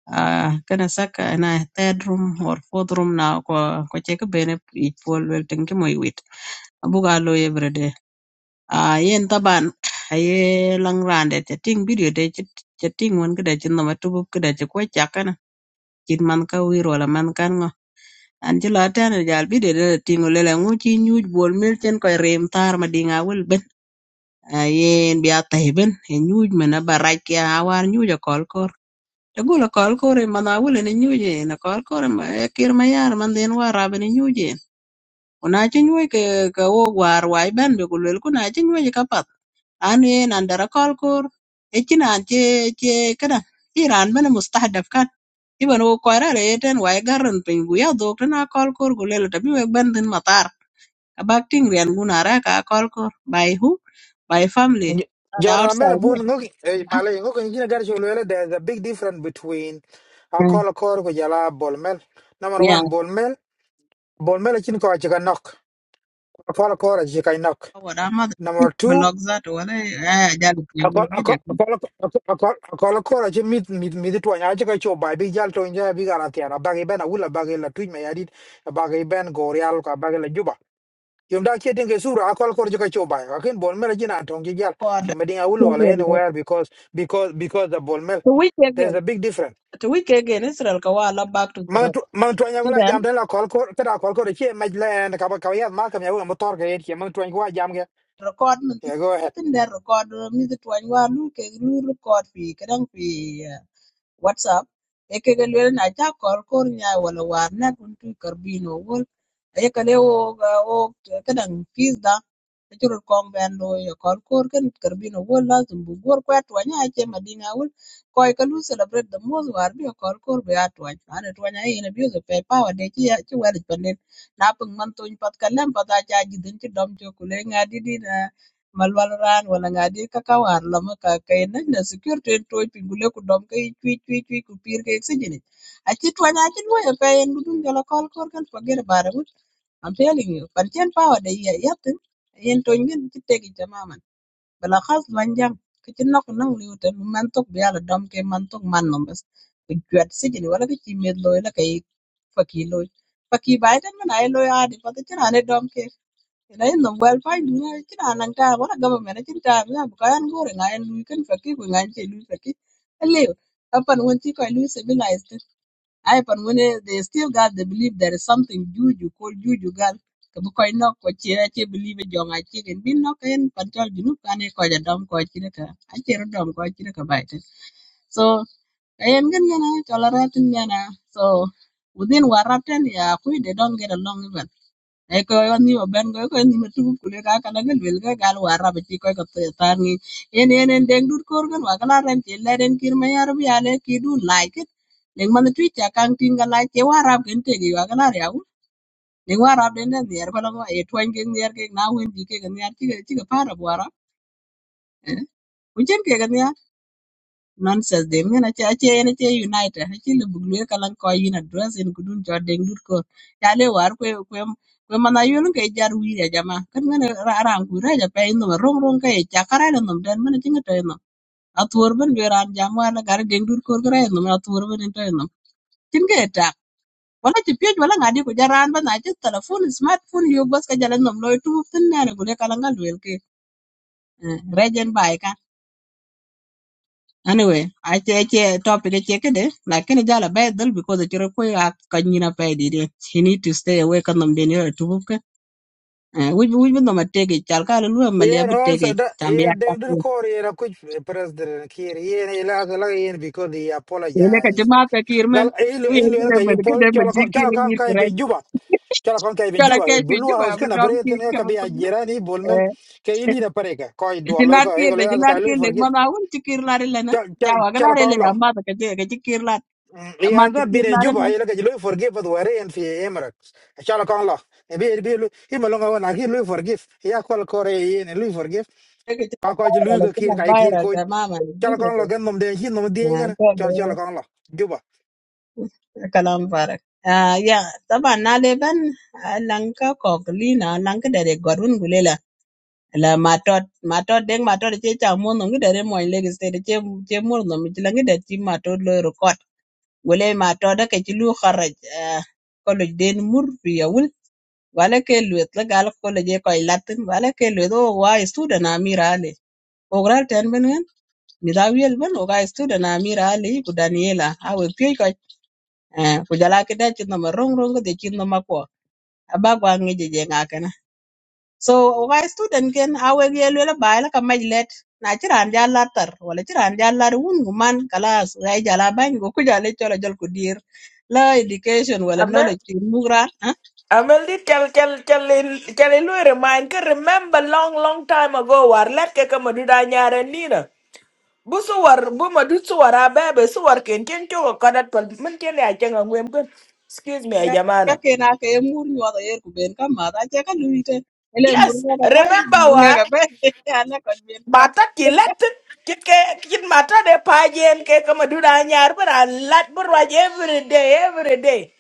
Speaker 13: uh, kana saka na third room or fourth room na ko ko che ko bene i pol wel ten ke moy wit abuga lo everyday a yen taban aye lang rande te ting video de che che ting won kede che no matubu kede che ko chakana chin man ka wiro la man kan ngo an ji la tane jal bi de de tingo le la ngu chi nyuj bol mel chen ko rem tar ma dinga wel ben a yen bi a tai ben e nyuj mena barak ya war nyuj ko Dogula kol kore ma na wule ni nyuje na kol kore ma e kir ma yar man den war rabe ni nyuje kuna chi nyuje ke ke wo war wai ben be kulel kuna chi nyuje ka pat an ye nan dara kol kor e chi nan che che kada iran ben mustahdaf kan iban wo kwara re ten wai garan pin gu ya dok na kol kor kulel tabi we ben den matar abak ting rian guna ka kol kor by who by family not
Speaker 3: General Mela
Speaker 13: outside here
Speaker 3: Boon, Malay, looking, you know, there's a big difference between I
Speaker 13: huh?
Speaker 3: call a call with Jala Bolmel. Number one, Bolmel. Bon mele chin ko chika knock. Akola kora chika knock.
Speaker 13: Howard, I'm
Speaker 3: Number two,
Speaker 13: that one. I just
Speaker 3: akola
Speaker 13: video.
Speaker 3: akola akola akola akola kora chika mid mid mid tu anya chika cho bai big jal to inja big ala tiara bagi ben awula bagi la tuj me yadit bagi ben gorial ka bagi la juba. Yom da kia dinge sura akola kora chika cho bai. Akin bon mele jina antong jal.
Speaker 13: God,
Speaker 3: Fi meding awulu ala anywhere
Speaker 13: to
Speaker 3: because because because the bon mele
Speaker 13: week
Speaker 3: there's
Speaker 13: again,
Speaker 3: a big difference.
Speaker 13: to week again, Israel Kawala back to the
Speaker 3: mang
Speaker 13: road.
Speaker 3: tu mang tuan yang wala
Speaker 13: then
Speaker 3: jam dan la kol ko kada kol ko che maj len ka ba ka ya ma kam ya wala motor ga yet ke ye mang tuan ko jam ga
Speaker 13: record me.
Speaker 3: yeah, go ahead
Speaker 13: Nothing there, record me the twenty one. Look, are looking, record fee, kadang fee. WhatsApp ekega lwel na ca kor kor nya wala war na kun tu karbino wol ayeka le o ga- o kadang pizda achuru kong ben lo ya kor kor kan karbino wol lazim bu gor kwa twa nya che madinga wol ko ka lu celebrate the most war bi kor kor be atwa ana twa nya ina bi zo pe power de chi chi wal pande na pung man tun pat kalem pat acha jidin chi dom cho kule nga didi malwalran wala ngadi kakawan lo ma kakainan na security en toj pi gule ku dom ka i cuic cuic cuic ku pir kayit sijini aci tuany acin waya pe en dudun jolo kol kor kan forget about it I'm telling you par cen power de ya yatin yen toj ngin ci tegi tamaman bala khas lanjang ki ci nok nang liu tan man tok bi yalla dom ke man tok man nom bas ku juat sijini wala ki ci med loy la kay fakki loy fakki bay man ay loy adi pati ci rane dom Lain nom gwel pany dunia ki na naŋ taab wala government acin taab ya ko kayan gore ŋa en lui ken faki ko ŋa che lui faki aliu apan when ti ko lui civilized ai pan when they still got the belief there is something juju called juju gan ka bu ko nok ko che che believe jo ŋa che ken bin nok en pan chol junu kan e ko ja dom ko chine ka a che ro dom ko chine ka bai so ayen gen gana chola ratin gana so within waratan ya kui they don't get along even eko yo ni oben go ko ni metu kule ka kana gel bel ga gal wara be ti ko ko tar ni en en en deng dur kor gan wa kala ren ti le ren kir me yar bi ale ki du like it ning man tu cha kang tin ga like wara gen te gi wa kala ya u ning wara den den yer ko lo e twen gen yer ke na wen bi ke gen yer ti ke ti ke para wara eh u chen ke gen yer nonsense de mena cha che en che united ha chi le bugle kalan ko yin address en kudun cho deng dur ko ya le war kwe kwe kwe mana yun ke jar wi ya jama kan ngana ran ku ra ja pe no rong rong ke cha kara le nom den mena chinga to no atur ben be ran jama la gar deng dur ko gra no atur ben en to no chin ta wala ti pej wala ngadi ko jaran ba na ci telephone smartphone yo bas ka jalan nom loy tu tin na ne gule kalan gal wel ke rejen bai Anyway, ache ache topic ache kede, lakini jala bai dhul because achiro kwe a kanyina pai didi. He need to stay away kan nam deni ra tubuke. Wij wij bin nama tege, chal ka lulu amalia
Speaker 3: Yeah, and
Speaker 13: bi tege,
Speaker 3: also that
Speaker 13: chambi
Speaker 3: yeah,
Speaker 13: ya
Speaker 3: they do the
Speaker 13: kapu.
Speaker 3: call yeah, which president here yeah, he la la yeah, yeah, because he
Speaker 13: Ele ka
Speaker 3: apologized.
Speaker 13: chima ka kirman,
Speaker 3: Gal ilu
Speaker 13: uye
Speaker 3: ilu
Speaker 13: kide
Speaker 3: elka he
Speaker 13: ben kide
Speaker 3: pol
Speaker 13: ben
Speaker 3: chola ko-
Speaker 13: jiki
Speaker 3: chola kam
Speaker 13: ringir
Speaker 3: kai
Speaker 13: kurai.
Speaker 3: be juba. Chola kam kai be
Speaker 13: Chala
Speaker 3: juba.
Speaker 13: ke
Speaker 3: Eh,
Speaker 13: shi
Speaker 3: Blue
Speaker 13: juba
Speaker 3: house
Speaker 13: bi
Speaker 3: kana
Speaker 13: dom
Speaker 3: breath
Speaker 13: ki
Speaker 3: ne ka
Speaker 13: kama
Speaker 3: be
Speaker 13: pugni.
Speaker 3: ajira ni bolmel ke ili na pareka. Koi do lo
Speaker 13: Jilar
Speaker 3: ko
Speaker 13: ki
Speaker 3: e ko
Speaker 13: re
Speaker 3: la
Speaker 13: jilar
Speaker 3: ka
Speaker 13: ki
Speaker 3: lo
Speaker 13: le
Speaker 3: forgive.
Speaker 13: mana awun chikir lari lena.
Speaker 3: Chola chola
Speaker 13: Chawa
Speaker 3: chola
Speaker 13: galare le
Speaker 3: kam lo.
Speaker 13: amma ta kaje kaje kirlar
Speaker 3: Mm, He
Speaker 13: amma
Speaker 3: has
Speaker 13: ta
Speaker 3: not been in
Speaker 13: kirlar
Speaker 3: Juba. He like lo forgive but were in the Emirates. Chola kam lo. E be be lo he malonga wona he lo forgive. Ya kol kore ye lo forgive.
Speaker 13: Kollege,
Speaker 3: Ka ko lo ko kir ka kir
Speaker 13: college,
Speaker 3: ko cho là con
Speaker 13: college.
Speaker 3: là cái nằm đèn khi nằm đi cái này cho cho là con là giúp à
Speaker 13: Nidha wel ben uga student Amira Ali ku Daniela awe piyo ko eh ku jala kida chinno ma rong rong de chinno ma ko aba gwa ngeje je ngakana so uga student ken awe yel wel ba la ka majlet na chiran ja latar wala chiran ja lar wun guman kalas uga jala ban go ku jala chola jol ku dir la education wala
Speaker 12: Amen.
Speaker 13: knowledge ki mugra ha
Speaker 12: Amen. Did tell tell tell in tell in we remind ke remember long long time ago war let ke ke madu da nyare ni na. Bu su war bu madu su war abe be su war ken ken choko kadat pal min ken ya jenga ngwem ken. Excuse me
Speaker 13: ka
Speaker 12: jamana.
Speaker 13: kena ke mur nyodo yer ku ben ka ma da che ka luite ele mur
Speaker 12: Yes,
Speaker 13: ga mur
Speaker 12: remember war.
Speaker 13: ga be ala ko
Speaker 12: mata ki let ki ke ki mata de pa jen ke kama duda nyar bara lat bara every day every day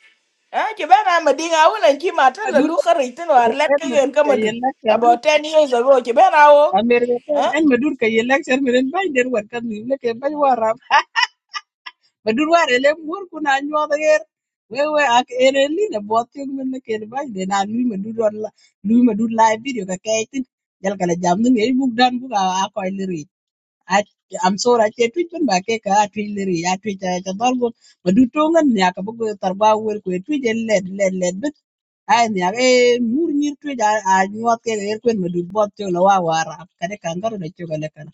Speaker 12: eh ki bana madinga wona ki mata la
Speaker 13: ben
Speaker 12: lu khari tin war let
Speaker 13: en
Speaker 12: ki gen
Speaker 13: medud ka
Speaker 12: kama dud
Speaker 13: yen lakcar
Speaker 12: about 10 years ago ki bana wo
Speaker 13: a mer gaten
Speaker 12: eh
Speaker 13: en medud ka yen lakcar miren bany der wat kat mim leke bany warab medud war ele muor kuna nyuɔth yer wewe ak en elin ebuɔth thiök men leken bany de na lui medud on lui medud live video kakɛc thin jal kala jam thin ei buk dan buk a kɔc I- I'm sorry, I can't tweet when back a tweet Larry, I tweet at a Chabalgo, but do tongue and Yakabuko Tarba will quit tweet and let, let, let, but I never more near tweet. I knew what can airquin, but do bot to Lawa war up, Kade Kankaru the Chogalakan.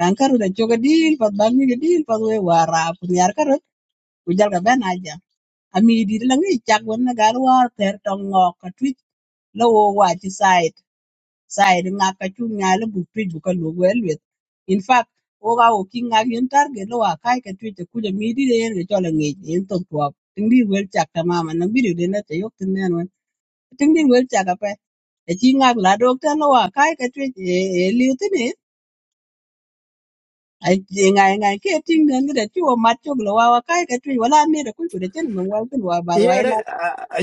Speaker 13: Kankaru the Choga deal, but Bangi the deal, but we war up, Yarkaru, Ujalga Ben Aja. I mean, did Langi Chak when the Galwar, their tongue walk a tweet, low watch side sai di ŋak ka cu nyai lo buk tuic bu ka luok wek lueth in fact wok a ko ki ŋak yen target lo wa kai ka tuic akuc amidi de yen ke col aŋic yen thok tuak tiŋ dit wel cak tamama naŋ bidi de na cayok tin nen wen tiŋ dit wel cak ape aci ŋak la dok tan lo wa kai ka tuic e e liu tini ŋai ŋai ke tiŋ nen kede ci wo mat cok lo wa wa kai ka tuic wala nida kuc kode cen meŋ wal kin wa bar wa
Speaker 3: ye ne
Speaker 13: ila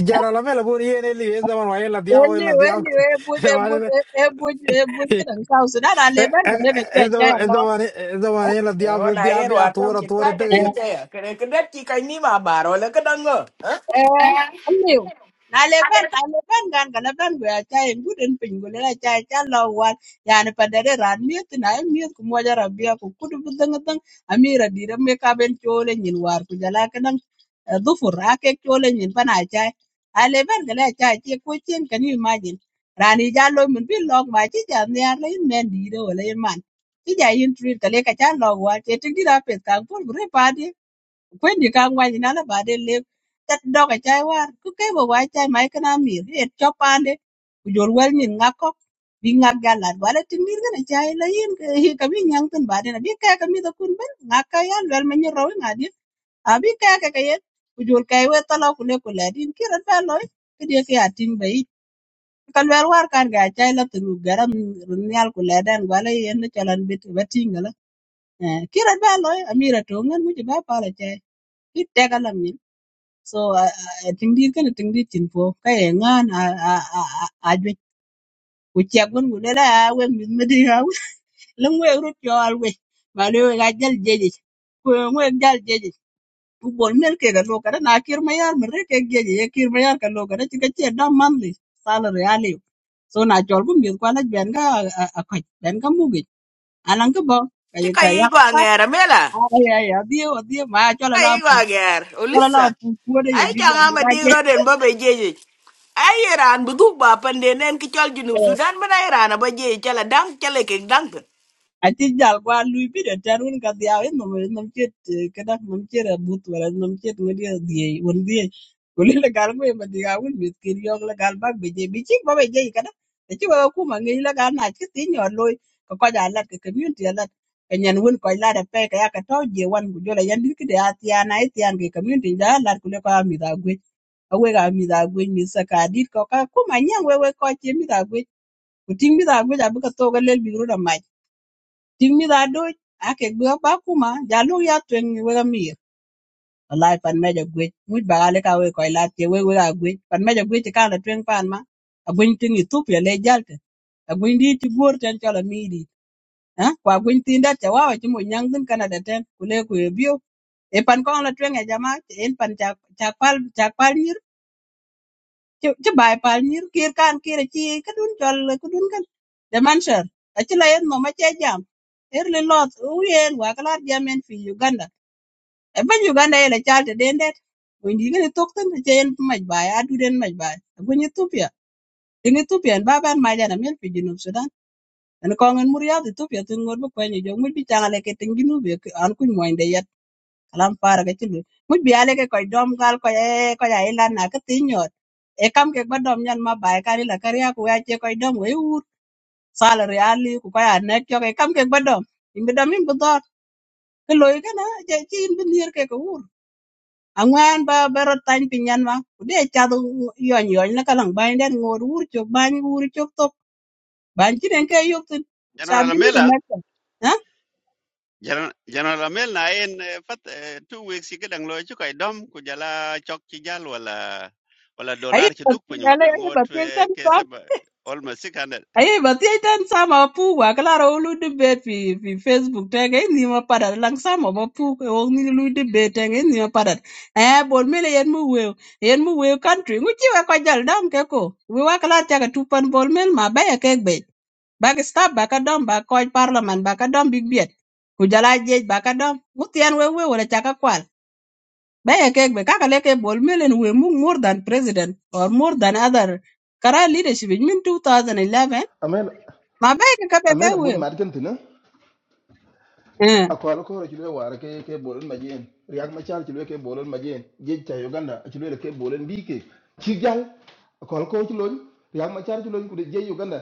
Speaker 3: jara la mela bun ye ne li ez zaman wa ye la diao ye
Speaker 13: Eni
Speaker 3: la diao
Speaker 13: eni e buj e
Speaker 3: zaman
Speaker 13: buj
Speaker 3: ne
Speaker 13: e buj e buj kidan sau sudan a leber ga lebe cia
Speaker 3: ez
Speaker 13: cia
Speaker 3: zaman ez
Speaker 13: no
Speaker 3: zaman ez zaman ye la
Speaker 12: Eh,
Speaker 3: diao
Speaker 12: wona
Speaker 3: diao
Speaker 12: yer
Speaker 3: via
Speaker 12: war tam
Speaker 3: tora
Speaker 12: ki ta
Speaker 3: tora pe
Speaker 12: ka tu
Speaker 3: ye
Speaker 12: je ya kare ke det ki kai ni ma baro le ka dango
Speaker 13: eh
Speaker 12: eh
Speaker 13: aliu na leben a leben gan gan leben we a chai ngu den pin gu le chai cha lo wan ya ne pa dere ran mi ti na mi ku mo ja rabia ku ku bu dang dang a mi ra di ra me ka chole nyin war ku jala ka dang du fu ra ke chole nyin pa na chai a leben ga le chai chi ku chen kan you imagine rani ja lo min bi lok ma chi ja ne ar le men di re wala man chi ja yin tri ka le ka cha lo wa che ti di ra pe ka ku re pa kwendi kaŋ wany ina na baden lew tat doga chai war ku ke bo wai chai mai kana mir et cho pande ku jor wel nyin ngako bi ngak ga lad wala ti mir gana chai la yin hi ka bi nyang tan baden bi ka ka mi da kun ben ngaka ya wel ma nyin rawi ngadi a bi ka ka ka yet ku jor kai we tala ku le ku le din ki rat ba loy ki de ki atin bai kan wel war kan ga chai la tu garam run nyal ku le dan wala yen na chalan bit batingala ki rat ba loy amira to ngan mu ji ba pala chai ki te ka so I I think this kind of thing this info kaya ngan a a a a a jwe kuchia kun gule la we mizmedi ha lang we rut yo alwe bale we gajal jeje ko we gajal jeje tu bol mel ke galo kada na kir mayar mere ke jeje ye kir mayar kalo kada chika che da manli salary ali so na chol bu mi kwala ben ga a ko ben ga mugi alang ka bo
Speaker 12: ki
Speaker 13: kaya
Speaker 12: kai
Speaker 13: kaya
Speaker 12: gwa
Speaker 13: pat
Speaker 12: ngera mela
Speaker 13: ay ay ay adio adio ma chola la
Speaker 12: ai
Speaker 13: pu
Speaker 12: wa ger
Speaker 13: chola la
Speaker 12: ulisa
Speaker 13: pu ko de ye
Speaker 12: ai ka
Speaker 13: biga
Speaker 12: nga ma
Speaker 13: biga
Speaker 12: di
Speaker 13: je
Speaker 12: roden ba be jeje ai iran bu du ba pande nen ki chal junub
Speaker 13: eh,
Speaker 12: sudan ba na iran ba jeje chala dang chale ke dang
Speaker 13: Aci jal gwa lui bi de tan wun ka dhiau in nom nom chet kadak nom chet abut wala nom chet ngodi dhiei won dhiei kuli la gal gwe ma dhiga wun bit kir yok la gal bak beje bi chik ba beje kada aci wa ku ma ngi la gal na chi ti nyor loy ka ko ja la ka community la ka nyan wun ko la da pe ka ya ka to je wan gu jola yan dir kide atia na itian ke community ja la kule ko mi da gwe awe ga mi da gwe mi sa ka dit ko ka ku ma nyang we we ko chi mi da gwe ku ting mi da gwe ja bu ka to ga lel bi ru da Cïng mïtö aduc ëk egweo ba akuma jö alüü yaa thwëng wek amïr ölaï pan më agwëc ngwëc ba lëk ka wee köc lath cë wek wek agwëc pan më agwëc ï karë na pan man agwëny thïn Ethiopia lëc jal tën agwëny dï tye bor tën cölö amïï dït ku agwëny thïn dëk cawawä cë mon nyan gïn Canada tën ku lee ku ebio ï pan köngö na thwëng e jama. ën pan cak pal cha pal ci bai pal nyir kir kan kir ci ka dun jol ka dun kan de man sher a ci la yen no ma ce jam er le lot u yen wa kala jam en fi uganda e ban uganda ele chal te den det ko ndi ne tok tan ce yen maj bai a du den maj bai ko ni tupia tin ethiopia ba ban ma jana men fi junub sudan en ko ngen mur ya ethiopia tin ngor bu ko ni jo mu bi changale ke tin ginu be an ku moy de kalam fara ga chilu mu biale ke koy dom gal ko e ko ya ila na ka tinyot e kam ke ba dom nyan ma bai kali la kariya ku ya che koy dom we ur sala reali ku ko ya ne kyo ke kam ke ba dom in bi dom in bu dor ke loy ke na je chi in bi nier ke ko ur angwan ba bero tany pinyan ma ku de cha do yon yon la kalang bai den ngor ur chok ban ur chok tok ban chi den ke yok tin sab
Speaker 6: General
Speaker 13: ji mu ko
Speaker 6: Mela.
Speaker 13: na ha
Speaker 6: General General Amel na en eh, fat eh, two weeks ke dang loy chukai dom ku jala chok chi jal wala wala
Speaker 13: ai
Speaker 6: dollar chi
Speaker 13: ba
Speaker 6: duk
Speaker 13: ti
Speaker 6: pin
Speaker 13: dale
Speaker 6: wala
Speaker 13: ai ba
Speaker 6: ngot
Speaker 13: ti
Speaker 6: eh, ke
Speaker 13: kan
Speaker 6: sab almost 600
Speaker 13: Aye, but I done some of poo, a claro lu debate fi fi Facebook tag in your padat, lang some of a poo, only lu debate tag in your padat. Eh, bon mele yen mu weo, yen mu weo country, which you were kajal down keko. We were clad tag a two pan ball mill, my bay a cake bait. Back a stab, back a dumb, back coy parliament, back a dumb big beard. Kujala jej, back a dumb, mutian we we were a chaka kwal. Bay a cake, back a leke ball mill, and we move more than president or more than other. Kara leadership in 2011
Speaker 5: amel
Speaker 13: my bai ka kabe ke
Speaker 5: amel bun
Speaker 13: wil
Speaker 5: mad kan tuna
Speaker 13: eh
Speaker 5: akwal ko ra kilo war ke ke bolon majen riak ma char kilo ke bolon majen je cha uganda kilo ke bolon dike chigal akwal ko kilo riak ma char kilo ku je uganda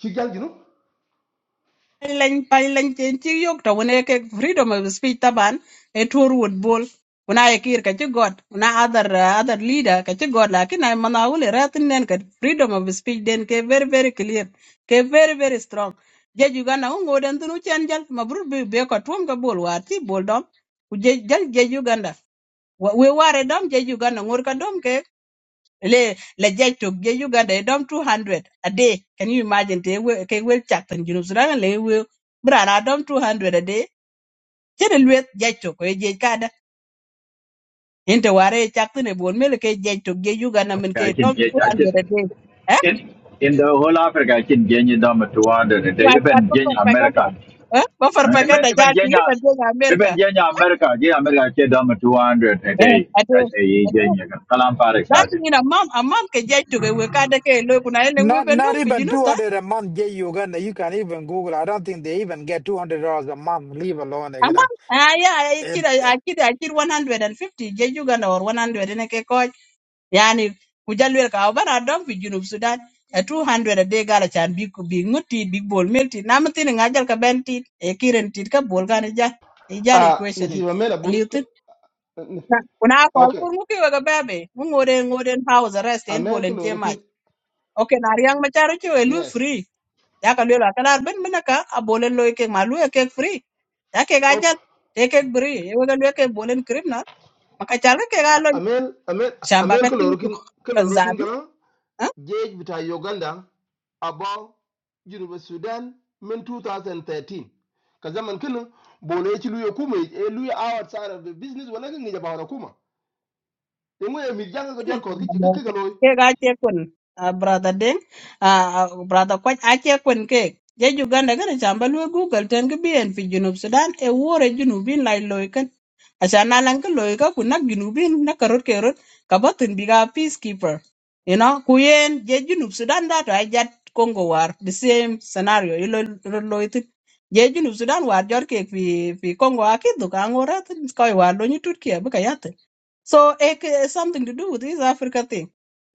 Speaker 5: chigal jinu
Speaker 13: Ai lan ai lan chen chi yok to wona ke freedom of speech taban e tour wood bol kuna ye kir ka chi god kuna other uh, other leader ka chi god lakin ai mana wul ratin nen ka freedom of speech den ke very very clear ke very very strong je ju gana un goden tunu chen jal mabru be be ko tum ka bol war ti bol dom ku je jal je ju ganda we ware dom je ju gana ngur ka dom ke le la jai tok je Uganda e dom 200 a day can you imagine te we ke we chat. tan jinu sudan le we bra na dom 200 a day che de le jai tok e je kada inte ware e chak tan e bon mele ke jai tok je Uganda men
Speaker 14: I
Speaker 13: ke
Speaker 14: can
Speaker 13: dom
Speaker 14: get, I just,
Speaker 13: 200 a day eh
Speaker 14: in, in the whole Africa, I can get you down to order today,
Speaker 13: wa kwa
Speaker 14: even
Speaker 13: to for
Speaker 14: Kenya, America.
Speaker 13: pagada
Speaker 14: Uh,
Speaker 13: eh ba for
Speaker 14: Even,
Speaker 13: pagada ja
Speaker 14: even
Speaker 13: ti
Speaker 14: Kenya,
Speaker 13: ba de
Speaker 14: even
Speaker 13: America
Speaker 14: Kenya, America, yeah, America, get down to 200 a
Speaker 13: eh
Speaker 14: day.
Speaker 13: ade
Speaker 14: I say,
Speaker 13: ade
Speaker 14: Kenya, Kalam Parik,
Speaker 13: that mean a mom a mom ke jai tok e we kada ke lo kuna ele we
Speaker 3: not not even
Speaker 13: bendum
Speaker 3: 200 a month ye you can you can even google i don't think they even get 200 dollars a month leave alone
Speaker 13: Ama ah yeah, I kid
Speaker 3: again
Speaker 13: I kid I kid one hundred and fifty je Uganda or one hundred in a coach. Yani kujalwer ka obana dog fi junub Sudan. A two hundred a day gala chan big big muti big bol milti. Namatin ngajal ka benti e kiren tit ka bol gan ja.
Speaker 5: a
Speaker 13: Ijal equation it.
Speaker 5: nisiba mela bun
Speaker 13: Liutin.
Speaker 5: ke- n-
Speaker 13: Una call
Speaker 5: okay
Speaker 13: for muki waga bebe. Mungore ngore house arrest en
Speaker 5: amel ko
Speaker 13: and
Speaker 5: lorokin
Speaker 13: tiamaj. Okay, na riang macharo chewe lu
Speaker 5: yes
Speaker 13: free. Yaka lwela kalar ben menaka a bolen loike ma e free yake gajal
Speaker 5: okay
Speaker 13: teke bri yewega lweke bolen criminal makachalwe ke
Speaker 5: A-
Speaker 13: galo
Speaker 5: amel amel
Speaker 13: shamba
Speaker 5: amel ko
Speaker 13: katingi tu
Speaker 5: lorokin ko
Speaker 13: kazabi
Speaker 5: lorokin
Speaker 13: ah
Speaker 5: Gauge bita Uganda about Junuba Sudan min 2013. Ka zaman kinin bolo ya ci luya kuma ya luya awa tsara da business wala kan ya bawa kuma. In waya mi janga ga
Speaker 13: kene
Speaker 5: jar ko
Speaker 13: shamba
Speaker 5: kike
Speaker 13: loke
Speaker 5: ga loyi.
Speaker 13: ke gache kun ah, brother den ah, ah, brother kwach ache kun ke je Uganda gane shamba lwe Google ten ki bien fi Junub Sudan e wore Junubin lai Asan alan ka loy ka ku nak junubin na karot kerot ka batin biga peacekeeper. You know, ku yen je junub Sudan da to ajat Congo war the same scenario ilo ro loy tin. Je junub Sudan war jor ke fi fi Congo akidu ka ngora tin koy war lo ni tut ke ka yat. So it has something to do with this Africa thing.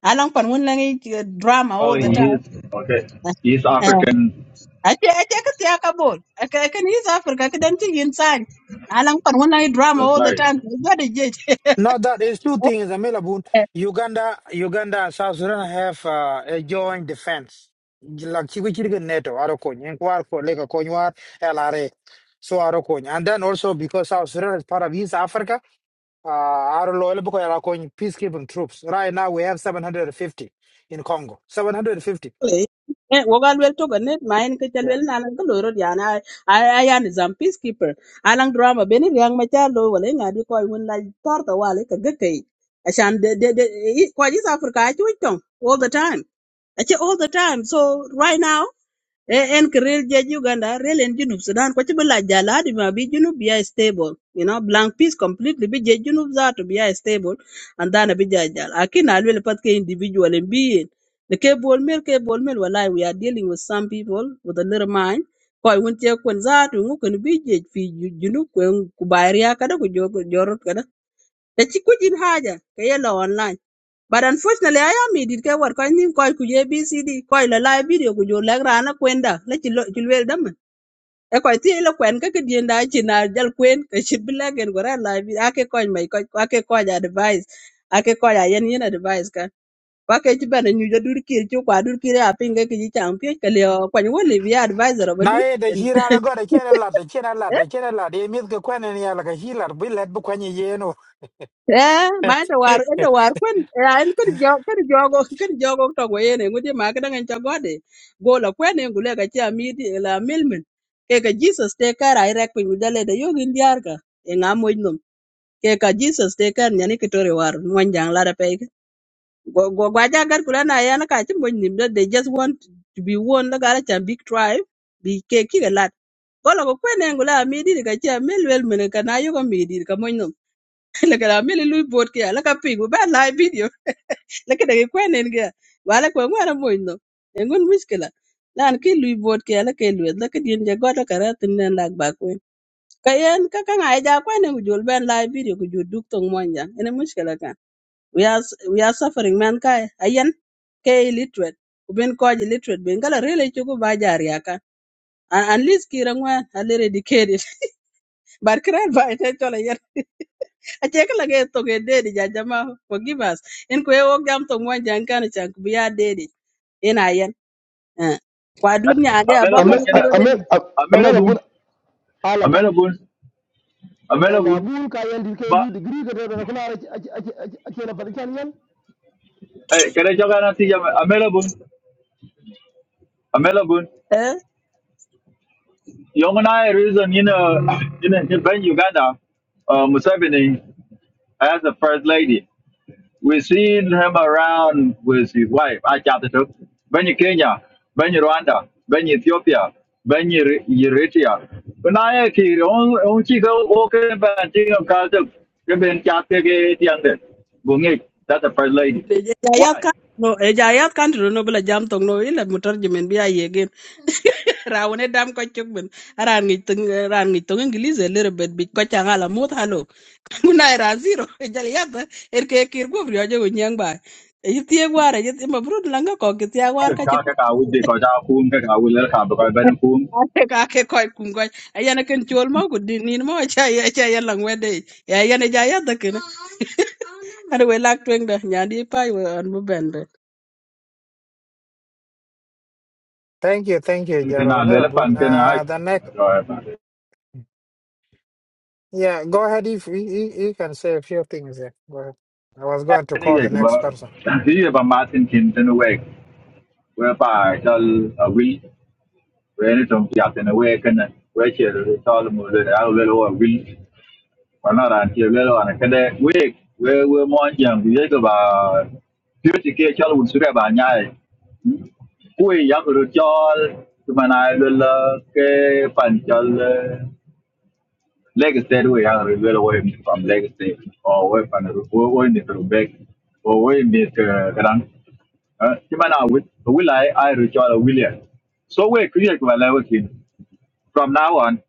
Speaker 13: Alang pan won lang eh, drama
Speaker 14: Oh,
Speaker 13: all the
Speaker 14: he
Speaker 13: time.
Speaker 14: is, okay. He's African,
Speaker 13: Ake ake kati ya kabol. Ake ake ni East Africa. Ake danti insani. Alang pan wana i drama
Speaker 14: that's
Speaker 13: all the
Speaker 14: right.
Speaker 13: time. Gwa de jej.
Speaker 3: No, that is two things, Amila Boon. Uganda, Uganda, and South Sudan have uh, a joint defense. Like Chiquichirigan NATO, Arokony, and Kwarko, Lake Konyuar, LRA. So Arokony. And then also because South Sudan is part of East Africa, uh, Arolo, Elboko, Arokony, peacekeeping troops. Right now we have 750 in Congo. 750.
Speaker 13: Eh, wogal wel toga net ma en ke
Speaker 3: Yeah.
Speaker 13: chalwel na alang kalo rod yana aya ni zam peacekeeper alang drama beni liang ma chalo wala ngadi ko won la torta wale ka gakei ashan de de de ko East Africa achu tong all the time ache all the time so right now e en ke rel je uganda rel en junub sudan ko chibi la jala adi ma bi junub bi stable you know blank peace completely be je junub za to be stable and then bi ja jala akin alwe le pat individual en bi yen le ke bol mel ke we are dealing with some people with a little mind ko won che kun za to ngu kun bi je fi ju- junub ko ku bayriya kada ku jor jorot kada ta chi kujin haja ke online but unfortunately aya midit ke war koy nim koy kuje bcd koy lo live video ku jo lek rana kwenda la ci lo ci wel dam e koy ti lo kwen ka ke dien da ci na jal kwen ke ci bi legen go ra live video. ake koy mai koy ake koy advice ake koy a yen yen advice Quack to kwa ke ci bana nyu jadur kir ci kwa dur kir a pinga ke ci champion ke le koy wole bi advisor ba du
Speaker 3: Now, eh, the Hira, I got a Chena lad, the Chena lad, the Chena lad, the Miska Quenen, like a Hilar, we let Bukwanya Yeno.
Speaker 13: Eh, ma ta war ta war kun eh, en kedi jo kedi jogo kedi jogo to go yene ngudi ma ka dangan chagode go la kwen en gule ka cha mi di la milmen ke ka Jesus te kara irek pin gudale de yogi ndiar ka en amoy num ke ka Jesus te kar nyani kitore war mwan jang la da pe go go gwa ja gar kula na yana ka chim bon nim they just want to be one la gara cha big tribe bi ke ki ga lat go la go kwen en gule mi di ka cha milwel men ka na yogo mi di ka moy laka da mili lui bot kia laka ping ba live video laka da kwen en kia wala kwen wala mo no engun miskela lan ki lui bot kia laka lui laka din je goto kara tin nen lak ba kwen ka yen ka ka ngai ja kwen en jul ben live video ku jul duk tong monja ene miskela ka we are we are suffering man kai ayen ke illiterate uben ben ko illiterate ben kala rele chugo ba jar yaka at at least kira ngwan alere dikedi bar kran ba ite chola yer acheke lo ke toke dedi ja jama forgive us in ko wo jam to mo jan kan cha ku ya dedi ina yen eh kwa dunya ade abaka
Speaker 14: Amelabun,
Speaker 5: ame
Speaker 13: mo
Speaker 14: can
Speaker 13: den
Speaker 5: ame
Speaker 14: I?
Speaker 5: ame
Speaker 14: Amelabun,
Speaker 5: rabun ala kam
Speaker 14: Amelabun,
Speaker 5: e ma
Speaker 14: Amelabun,
Speaker 5: gun ka yan dir ke
Speaker 14: but,
Speaker 5: lu degree ka da kula ake ake ake na fadi kan yan
Speaker 14: hey, can I jog on and see Amelabun, Amelabun?
Speaker 13: eh
Speaker 14: Young I reason you know in in Uganda, uh, Museveni as the first lady. We seen him around with his wife, Achatatuk, Benny Kenya, Benny Rwanda, Benny Ethiopia, Benny Eritrea. When I hear on on Chico walking back in a car, the Ben Chatake Tiande, Bungik, that's the first lady.
Speaker 13: de ja ya
Speaker 14: Why?
Speaker 13: kan no e ja ya kan ro no bla jam to no ile mutar jimen bi aye rawne dam ko chuk aran ngi tung aran ngi tung ingilize little bit bit ko cha ngala mut halo kuna era zero e ja ya ta er ke kir go brio jo nyang ba e gwara e ma langa ko ke gwara
Speaker 14: Because
Speaker 13: ka
Speaker 14: Kaka would be because I wouldn't because I will let her because Ben Kum.
Speaker 13: ate ka ke koy kum koy ayana ken chol mo ku din nin mo cha ya cha ya lang wede ya yana jaya ya da we lak tweng da nyandi pa we an bu ben be
Speaker 3: Thank you, thank you,
Speaker 14: Can I
Speaker 3: Gerald
Speaker 14: let a pan?
Speaker 3: Mirabun.
Speaker 14: Can
Speaker 3: Uh, the next,
Speaker 14: I?
Speaker 3: yeah, go ahead. If you, you, you can say a few things, yeah. Go ahead. I was going to call
Speaker 14: Anyway,
Speaker 3: the next person.
Speaker 14: here by Martin Kinton away, whereby tell a week, where any don't get in away, can where she tell them I will a week, or not until well on a cadet week, where we're more young, we take about beauty care, child would survive by night. Quay young to the child, to my eye, the luck, Legacy anyway, yeah, we are real away from Legacy or away from the we need to back or we need to run. Chimana will will I I recall William. So we create my level team. From now on,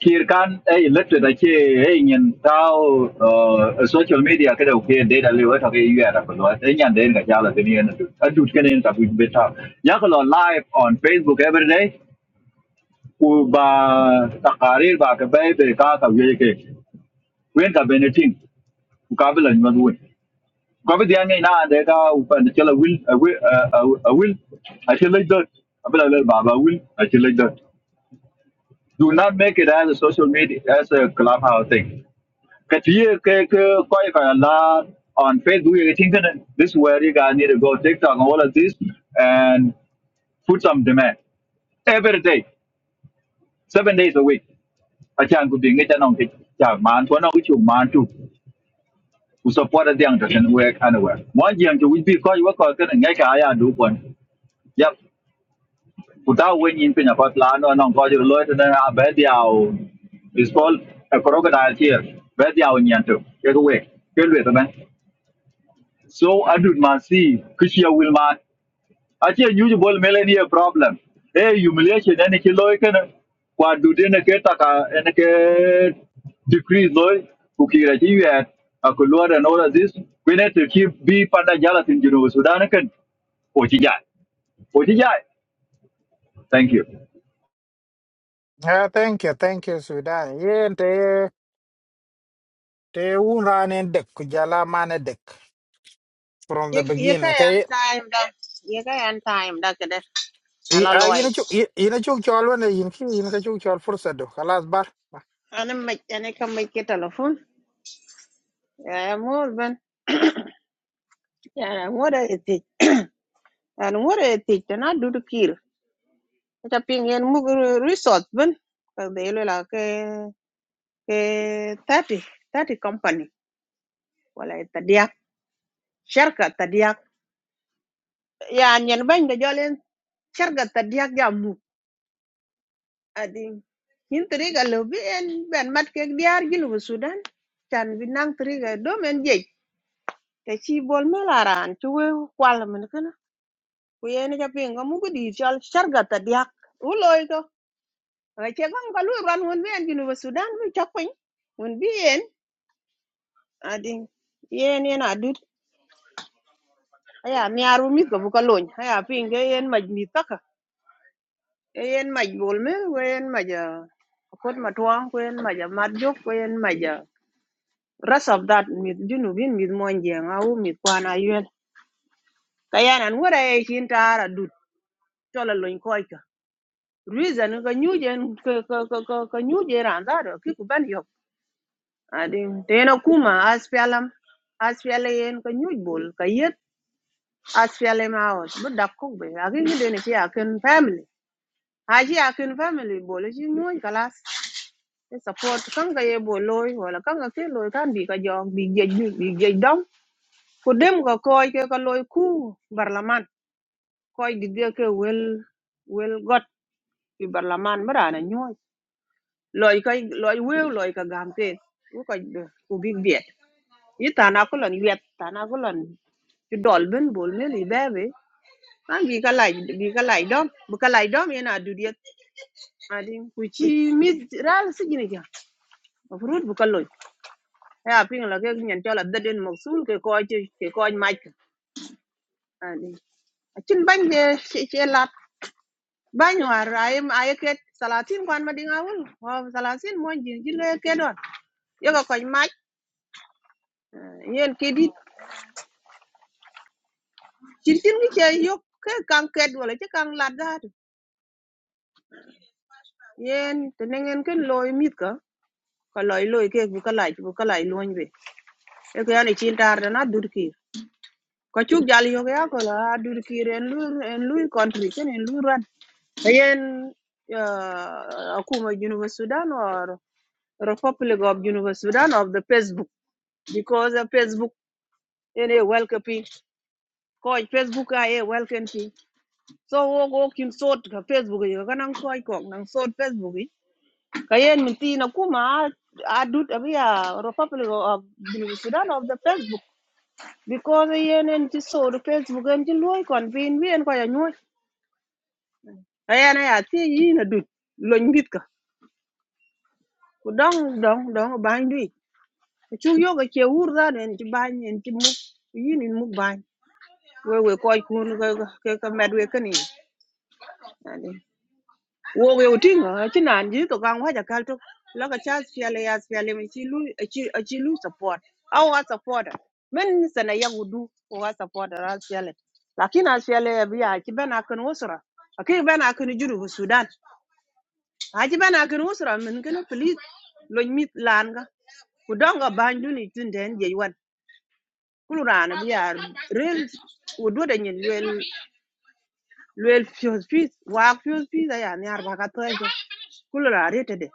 Speaker 14: here can a elected a key in tao uh, social media cái đầu kia đây là lưu ở trong cái UR là của nó thế nhận đến cả cha là cái này là được anh chụp cái này là bị biết sao giá cái là live on Facebook every day u ba takarir ba cái bé về ca cái gì kì. wen ka benetin ku ka bi la nyuwa wen ko bi dia ngai na de ka u chela will a will a will uh, a chela dot a bi le baba will a chela dot do not make it as a social media as a clubhouse thing ka ti ye ke ke ko ye la on facebook you think that this is where you guys need to go tiktok and all of this and put some demand every day, seven days a week. I can go being it Yeah, man, one of which you man too. ku support the young to work anywhere one young to we be call you work can ngai ka ya d o i n l o no t i a s c e crocodile here ba i lwe t s a t man s s i a will man achi ache nyuji bol meleni e problem e humiliation ene ki loy kene kwa dudene ke taka ene ke decrease loy kukira ji yet akuluwa and all of this we need to keep be panda jala tin jinu sudan ken oji jai oji jai thank you
Speaker 3: Yeah, thank you, thank you, Sudan. Yeah, te te unrane dek kujala mane dek from the
Speaker 16: You you
Speaker 3: beginning.
Speaker 16: can
Speaker 3: Kay,
Speaker 16: time da you can time da kada ala
Speaker 3: ah,
Speaker 16: loy
Speaker 3: ina chuk ina chuk chal wana inki ina ka chuk chal fursa do. Kalas bar.
Speaker 16: ana mai ana kan mai ke telefon ya mor ben ya mor eti an mor eti na dudu kir ta pingen mu resort ben ka de lo la ke ke 30 30 company wala ta dia sharka ta dia ya nyen ban da jolen sharka ta dia adi yin triga lo bi en ben mat ke diar ginu bu sudan chan bi nang triga do men je te chi bol me la ran chu we kwal men kana ku yen ja pin ga mu gudi chal sharga ta diak u loy to ga che gam ga lu ran won bi ginu bu sudan bi chak pin won bi en adi yen yen adut aya mi aru mi ga bu ka lon aya pin ga yen maj mi taka E yen maj bol me we yen maj ah, kot matwa ko yen maj ah, mat jok ko yen maj ah, rest of that mith junubin mith mon jeng au mith kwan ayuen kayan an wera e chin tara dut chola loin koika reason ka nyujen ka ka ka ka ka nyujen ran zaro ki ku ban yok adin tena kuma aspialam aspiale yen ka nyuj bol ka yet aspiale ma aus bu dak ko be agi ni dene ki akin family haji akin family bol chi nyuj kalas e support kanga ye boloy wala kanga ke loy kan bi ka jong bi jej bi jej dom ku dem ko koy ke ko loy ku barlaman koy didia ke wel wel got fi barlaman marana nyoy loy koy loy wew loy ka gam ke ku ko ku big biet yi tana ko lon yet tana ko lon ti dol ben bol me li bebe an bi ka lay bi ka lay dom bu ka lay dom yana dudiet adin ku chi mi ral sigini ja afrut bu ka loy ya ping la ke nyen tola daden moksul ke koy ke koy mike adin acin bany je ce lat banyuar ay ay ket salatin kwan ma dinga wul wa salatin mon jin jin le ke don yo ko koy mach eh, yen ke dit chin chin ki che yo ke kang ket wala che kang lat da tu yen te nengen ken loy mit ka ko loy loy ke bu ka laj bu ka laj loñ be e ko yani chin tar da na dur ki ko chuk jal yo ya ko la "Ah, dur ki ren lu en lu country ken en lu ran yen uh, akuma University of Sudan or Republic of University of Sudan of the Facebook because of Facebook ene welcome ko Facebook a e welcome pi so wo go kin sort ka Facebook yo kanang ko ko nang sot Facebook yi. ka yen min ti na kuma adut abia Republic of Junub Sudan of the Facebook because eh, yen en ti sot Facebook en ti loy kon vin vien ko ya nyoy ayen ya ti yi na dut loñ bit ka ku dong dong dong bañ dui chu yo ga che wur da en ti bañ en ti mu yin en mu ban we we koy kun ke ke ke med we kani ani wo we uting chi nan ji to gang wa ja kal to la ka cha fiale ya fiale mi chi lu eh, chi eh, chi lu support au wa support men sana ya wudu ko wa support ra fiale lakin a fiale bi ya ki bana kan usra akai bana kan juru fu sudan a ji bana kan usra min kan please lo mit lan ga ku donga bandu ni tin den je wan kulurana bi ya rel wudu da nyen wel luel fios pis wak fios pis aya ni arba ka kulo la rete de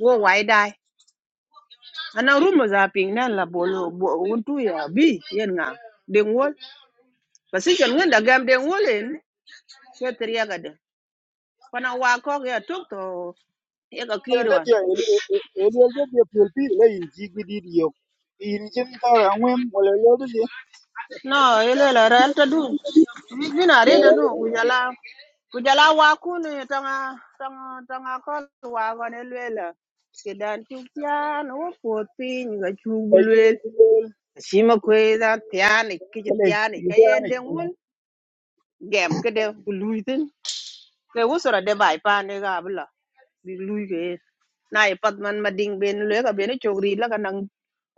Speaker 16: wo wai dai ana rumo za ping nan la bolo bo- wuntu ya bi yen nga den wol basi jon ngenda gam den wolen shetir ya gade Pana wa ya tok to ya ka kirwan
Speaker 9: elwel de dia piol pi la in ji gidi dio in jin ta ra ngwem wala
Speaker 16: no ele la rel ta du Mi bina
Speaker 9: lo
Speaker 16: rede no kujala jala ku tanga tanga tanga ko wa ko Kedan luel ke dan wo pot piny ka
Speaker 9: de
Speaker 16: shima kwe da tiani kiji
Speaker 9: Ele
Speaker 16: tiani ka yende
Speaker 9: yani
Speaker 16: ngun gem ke de luitin ke wusura de bai pa ne ga bla bi lui ke na e pat man ma ding ben le ka ben chogri la ka nang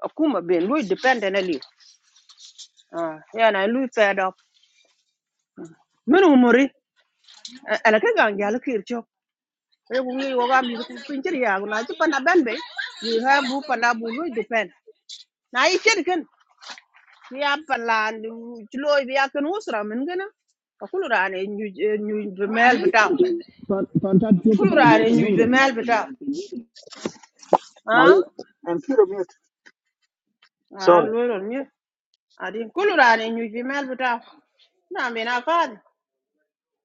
Speaker 16: akuma ben lui depend na li ah ya na lui fed up men umuri ala ka gang ya lukir chok e bu ngi woga mi ku pinchir ya na ci pana ben be you have bu pana bu lui depend na i chen ya palan ci loy bi yak nu usra min gëna akulu raane ñu ñu be mel bi taw
Speaker 5: fantat
Speaker 16: kulu
Speaker 5: lokuta jo
Speaker 16: raane
Speaker 5: ka
Speaker 16: ñu
Speaker 5: dobro
Speaker 16: be mel bi taw han
Speaker 9: malu and kiro mute.
Speaker 16: ay
Speaker 9: Sorry.
Speaker 16: loolu ñu adi kulu raane ñu be mel bi taw na me na faade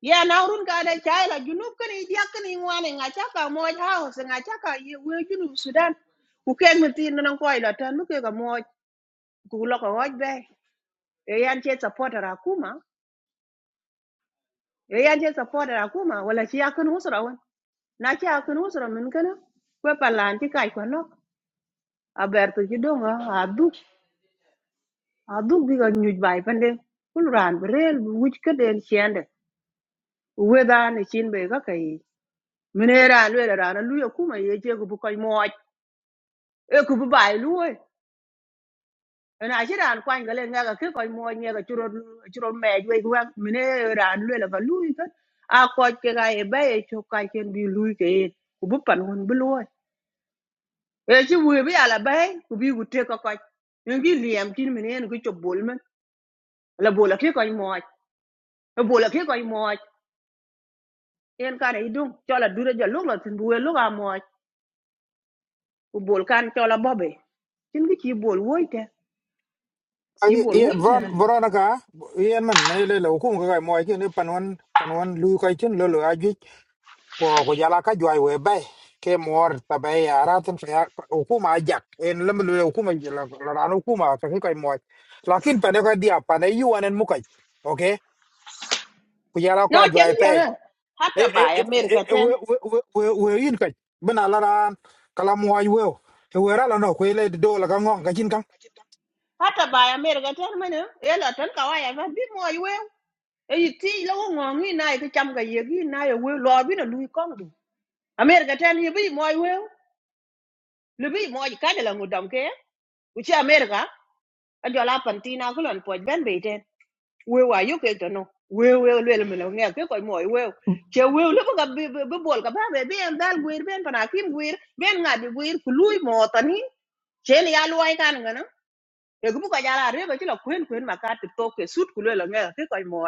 Speaker 16: ya na urun ka da chai la junub kan idi yak ni ngwane nga chaka moj house nga chaka ye we junub sudan ku ken mi tin nan ko ila tan mu ke ga moj ku lo ko hoj be e yan che supporter akuma e yan che supporter akuma wala ci yak nu usra na ci a kin usra min kana kwe palan ci kaj kwa lok a bertu ci donga a duk a duk bi ga nyuj bai pande kul ran bi rel bi wuj ka den siende weda ni chin be ga kai mine ran le ran lu ya kuma ye je ku bu koy moj e ku bu bai lu we E na ci ran kwan ga le nga ga ke koy moj nga ga churo churo mej we ku mine ran le ga lu ka a ko ke ga e ba e chu kai ken bi lu ke ku bu pan hun bu lu e ci wuy bi ala bay ku bi ku nhưng cái ko ñu mình liam kin mi neen ku ci bol men la bola ke ko mooj e bola ke ko mooj en ka re dum chola dure ja lu la tin buwe lu ga mooj ku bol kan chola bobe tin gi ci bol woyte ci
Speaker 3: Ay,
Speaker 16: bol
Speaker 3: ay,
Speaker 16: woyte
Speaker 3: bron
Speaker 16: na li
Speaker 3: bron ka. Iyan man manila lo kung ka kay mo ay kin eh, panwan panwan lu kay kin lolo ko ko yala ka joy we bay ke mor ta bay ara tan fa hukuma ajak en lem le hukuma la ran hukuma fa ko mo lakin pa ne ko dia pa ne yu anen mukai okay ko yala
Speaker 16: no
Speaker 3: ka
Speaker 16: ci
Speaker 3: joy
Speaker 16: ngi
Speaker 3: pe
Speaker 16: jona
Speaker 3: e
Speaker 16: hatta
Speaker 3: e
Speaker 16: bay
Speaker 3: e e-
Speaker 16: america
Speaker 3: e- e,
Speaker 16: ten
Speaker 3: we we we we- we in kai bena la ran kala mo ay we e we ra la no ko le do la ka ngong ka jin kan
Speaker 16: hatta bay america trên, hát là bài America e la tan ka wa ya ba bi mooj we e yi ti la wo ngi na yi ki cham ga ye gi na ye we lo bi na lui ko ndu america ten thì bi mooj we lebi mo ka de la ngudam ke u chi america a jo la pantina ko lon poj ben be ten we wa yu ke to no we we le le lo nge ke ko mo we che we le ga bi bi bol ka ba be bi en dal guir ben pana kim guir ben nga bi guir ku lui mo tani chen ya luai kan ngana e gu ka jala re ba chi la kwen kwen ma ka ti to ke sut ku le lo nge ke ko mo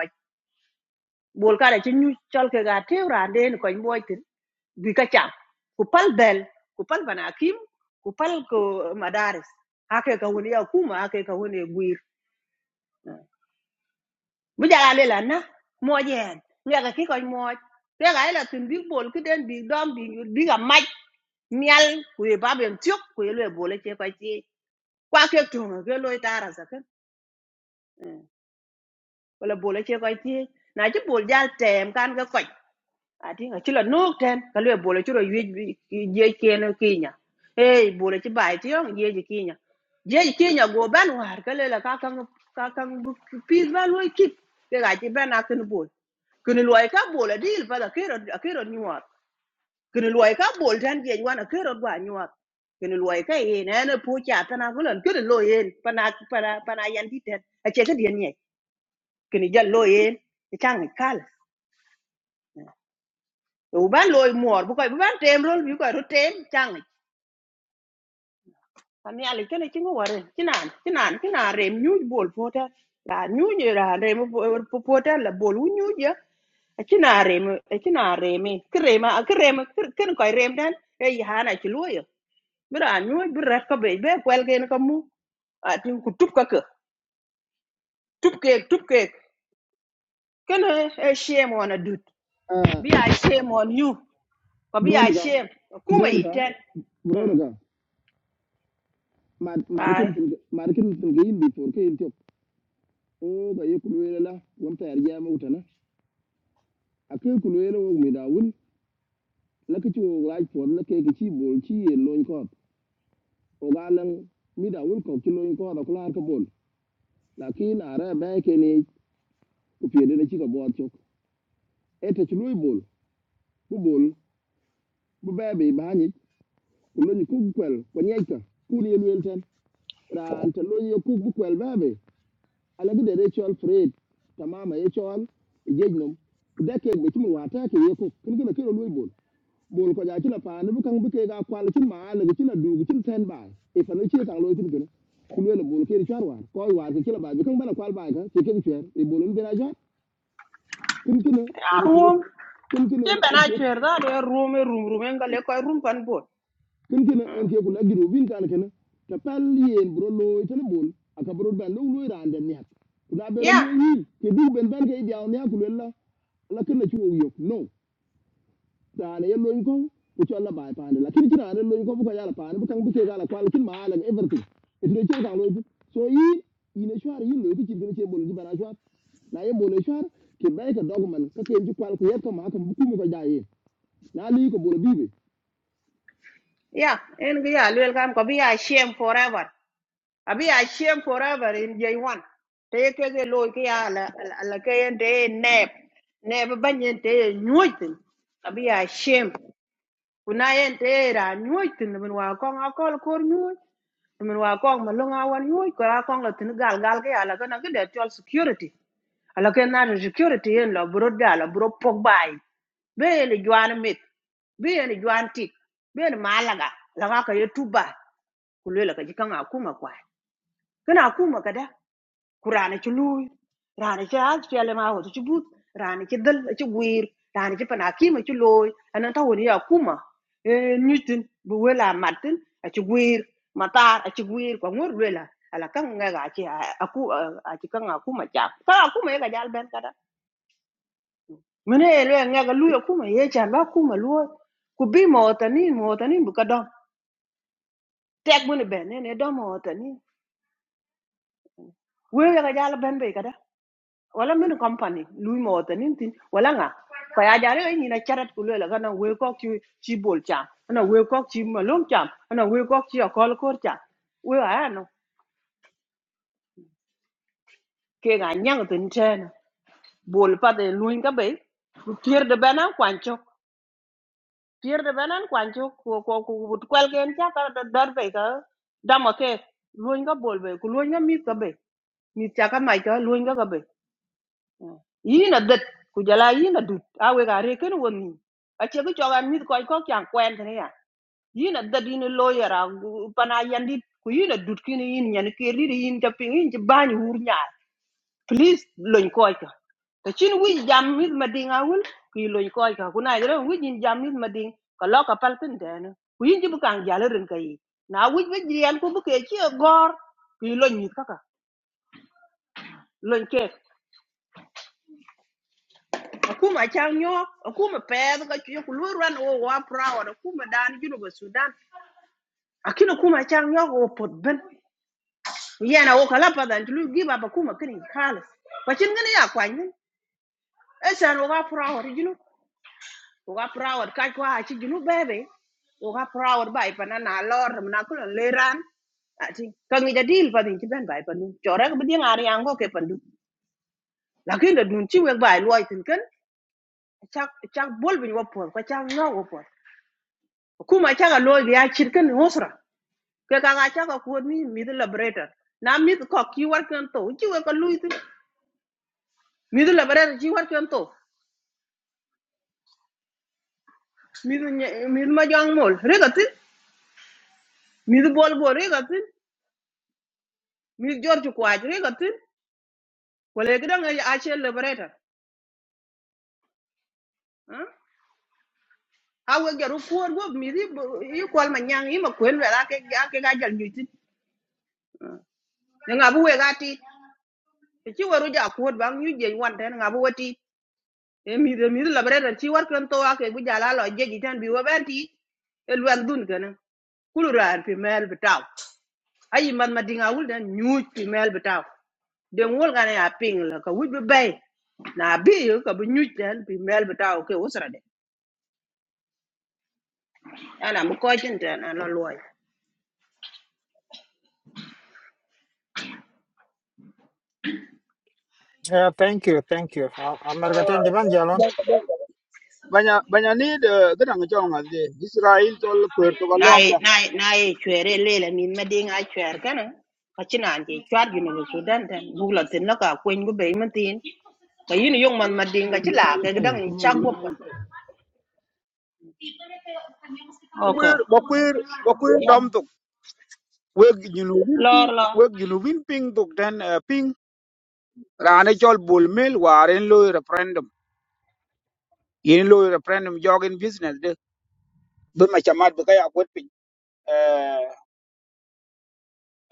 Speaker 16: bol kada ci ñu chol ke ga tew rande ni koñ moy tin bi ka cham ku pal bel ku pal banakim ku pal ko madaris hake ka woni ya kuma hake ka woni guir bu jala le la na mo jen ngaga ki koñ moy te ga ila tin bi bol ki den bi dom bi bi ga maj mial ku e babem tiok ku e le bol ce ko ci kwa ke to ke loy tara sa ken wala bol ce ko ci na ci bol jal tem kan ga koñ ati nga chila nok là ka lwe bole chiro ywej nó keno nhá, hey bồ là bole chi bai ti yong nhá, kinya je nhá, go ban war cái lela là các ka các bu pis ba lwe kip cái cái ti ban ác nó bồ, cái lưỡi các bồ là bol kun lwe ka bole dil pa da kero kero nyuat kun lwe ka bol tan je wan kero gwa nyuat kun lwe ka yin ene pu cha tan a gulan kun lo yin pana pana pana yan di ten a che ka dien giờ kun jal cái yin cái kal u ban loy mor bu koy bu ban tem rol bi koy ro tem chang tan yalla kene ci ngo ware ci naan ci naan ci naan rem ñuuj bol fota la ñuuj la rem fota la bol wu ñuuj ya ci naan rem ci naan rem ki rem ki rem ken koy rem tan ay hana ci loyo bi ra ñuuj bi rat ko be be kwel ken ko mu ati ku tup ka ke tup ke tup ke kene e shame on a dude
Speaker 5: ah
Speaker 16: be a shame on you ko be a
Speaker 5: bronica
Speaker 16: shame kuma
Speaker 5: bronica
Speaker 16: yiten
Speaker 5: bronica maade
Speaker 16: ay
Speaker 5: kem tin maade kem ke yinti o ga ye la wamta yar jama utana ake kulwela wo mi dawul la ke wo raj por la ke ke chi bol chi ye loñ ko o ga mi dawul ko chi loñ ko da kular ka bol lakin ara ba ke ne ku pede na chi ka bo chok ete chi loy bol bu bol bu ba be ba ni ku loñ ku kwel ko nyai ku ni lwel ran te loñ ku ku kwel ba alagi de rachel fred tamama ye chol ijej nom kudake be chimin wata ke ye ko kin gina kiro lui bol bol ko ja chila pa ne bukang buke ga kwal chin ma ne chila du gi chin ten bai e pa ne chie kang loi tin gina kin le bol ke ri char war ko war ke chila bai bukang bana kwal bai ga che ke ri chwer e bolon bena ja kin kin ne
Speaker 16: ya
Speaker 5: ne ku
Speaker 16: ruom
Speaker 5: kin kin ne
Speaker 16: ke bena
Speaker 5: ne
Speaker 16: chwer da de room e room room, rum en
Speaker 5: ku
Speaker 16: gale ko room pan bot
Speaker 5: kin kene en ke kula giro bin kan kene ta pal yen bro lo tan bol aka bro ban lo lo ran den yak kuna bero
Speaker 16: Yeah,
Speaker 5: lo yin ke du ben ban ke dia onya kula la la kin na chuo yok no ta ne lo yin ko ku cho la bai pan la kin kina ne lo yin ko bu ka ya la pan bu kan bu ke ga la kwal kin ma la everything it do chen kan lo yin so yin yin shwar yin lo ki kin ne che bol ji bana shwar na ye bol shwar ke bai ka dogman ka ke ji kwal ku yet ka ma ka bu ku mu ka ja yin na li ko bol bi
Speaker 16: yeah, ya en ga ya lel kam ko bi ya shame forever abi ya shame forever in j one te ke ge lo ke ya la la la ke en de nep nep ban en te nyuitin abi ya shame kuna en te ra nyuitin bin wa ko akol kor nyuit min wa kong ma lunga wan nyoy ko a kong la tin gal gal ke ala kana ke de tol security ala ke national security yen lo bro da lo bro pogbai be yen juan mit be yen juan tik be yen malaga la ka ka yetuba kulela ka jikan akuma kwa kana akuma kada kurana ci luy rana ci az ci ale ma hoto ci but rana ci dal ci wir rana ci pana kima ci loy anan ta woni akuma e nitin bu wela matin a ci wir matar a ci wir ko ngor wela ala kan nga ga ci aku a ci kan akuma ja ka akuma ya ga jal ben kada mene ele ngaga luya kuma ye chan ba kuma luo ku bi mo tani mo tani bu ka dom tek mun be ne ne dom mo tani we ga jala ben be kada wala men company lu mo tani tin wala nga ko ya jare ni na charat ku le ga na we ko chi chi bol cha na we ko chi ma lom cha na we ko chi akol kor no ke ga nyang tin chen bol pa de lu ka de bana kwancho piir de benen kwan ci ko ko ko but kwel gen cha ka do dor be ka damo ke luñ ga bol be ku luñ ga mit ka be mit cha ka mai ka luñ ga ka be yi na det ku jala yi na dut a we ga re ken won ni a che ku cho ga mit ko ko kyan kwen ne ya yi na det yi ni lo ya ra pana yandi ku yi na dut ki ni yin nyen ke ri ri yin ta pin yin ci ban hur nya please lony koyka te chin wij jam mit mading awul ki lony koyka kuna jere wij jam mit mading ka loka paltin dene ku yin jibu kan jalerin kayi na wij be jriel ku buke chi gor ki lony mit kaka lony kek akuma chang nyo akuma ped ka chi ku lu ran o wa proud akuma dan jinu ba sudan akina kuma chang nyo o pot ben yana o kala padan lu giba ba kuma kini khalas bacin gani ya kwanyin esan o wa proud jinu uga proud kai kwa achi chi junu bebe uga proud bai pana na lor na ko le ran ati ka da deal pa din chi ben bai panu chora ko bi ngari ango ke pandu lakin da dun chi we bai loi tin kan chak chak bol bin wo por chak no wo por kuma chak a loi ya chir kan hosra ke ka ga chak ko ni mi the liberator na mi ko ki war kan to chi we ko lui tin mi the liberator chi war kan to mi mi ma jang mol re ga bol bol re ga George mi jor ju wala ga dang a che liberator ah a we ga ru ko go mi di i kwal ma nyang i ma kwen wa ke ga ke ga jal ni ti nga bu we ga ti ti chi waru ja ko bang yu je wan ten nga bu wati e mi de mi di liberator chi war kan to a ke bu ja la lo je ji tan bi wa ben ti el wan dun kana kulu raar pi mɛɛl bi ayi man ma wul dan nyuuc pi mɛɛl bi tau den wol ŋa a piŋ la ka wic bi bɛi na bi yu ka bi nyuuc dan pi mɛɛl bi tau ke usra de. ala mu ko jin ta na lo loy
Speaker 3: yeah thank you thank you amar ga
Speaker 9: Uh,
Speaker 3: ten ban jalon
Speaker 9: but- but- banya banya need gadang jong ade Israel tol kwer to galom
Speaker 16: nai
Speaker 9: da.
Speaker 16: nai nai chwere le le min ma ding a chwer kana ka china je chwar ju no sudan tan bu la tin la ka kwen bu be man tin ka yin yong man ma ding
Speaker 5: Sama
Speaker 16: ka
Speaker 5: ulua
Speaker 16: chila
Speaker 5: raja
Speaker 16: ka
Speaker 5: pay,
Speaker 16: dang in
Speaker 5: sama
Speaker 16: chak
Speaker 5: ulua
Speaker 16: wo pa
Speaker 5: raja pay.
Speaker 9: Kwer ba kwer ba kwer dam to weg junubin
Speaker 16: lor
Speaker 9: ping
Speaker 16: lo
Speaker 9: weg junubin ping to den eh, ping rane tol bul mel waren lo referendum. Yin lo referendum jogin business de be ma chamat be kaya kwet ping. Eh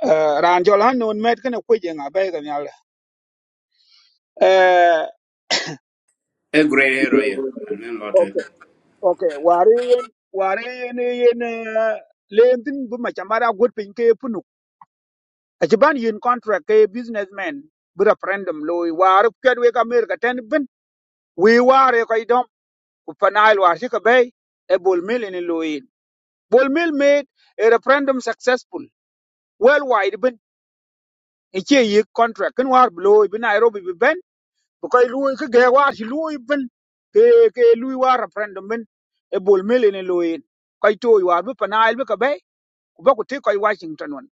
Speaker 9: eh ran tol han non met kana kwe jenga be ganyal.
Speaker 17: E grey area. Anen
Speaker 9: Eh
Speaker 17: lote.
Speaker 9: okay wari yen wari yen yen eh, lentin bu ma chamara gut pin ke punu ajiban yin contract ke businessman bu referendum loy war ked we ka mer ka ten bin we ware ko idom ku panail war shi ka bay e bol mil ni loy bol mil made a referendum successful worldwide bin e che yi contract kin war loy bi nairobi bi ben bu koy loy ke ge war shi loy bin ke ke loy war referendum bin e bol mil ni loy koy toy war bu panail bu ka bay ku ba ku te koy washington won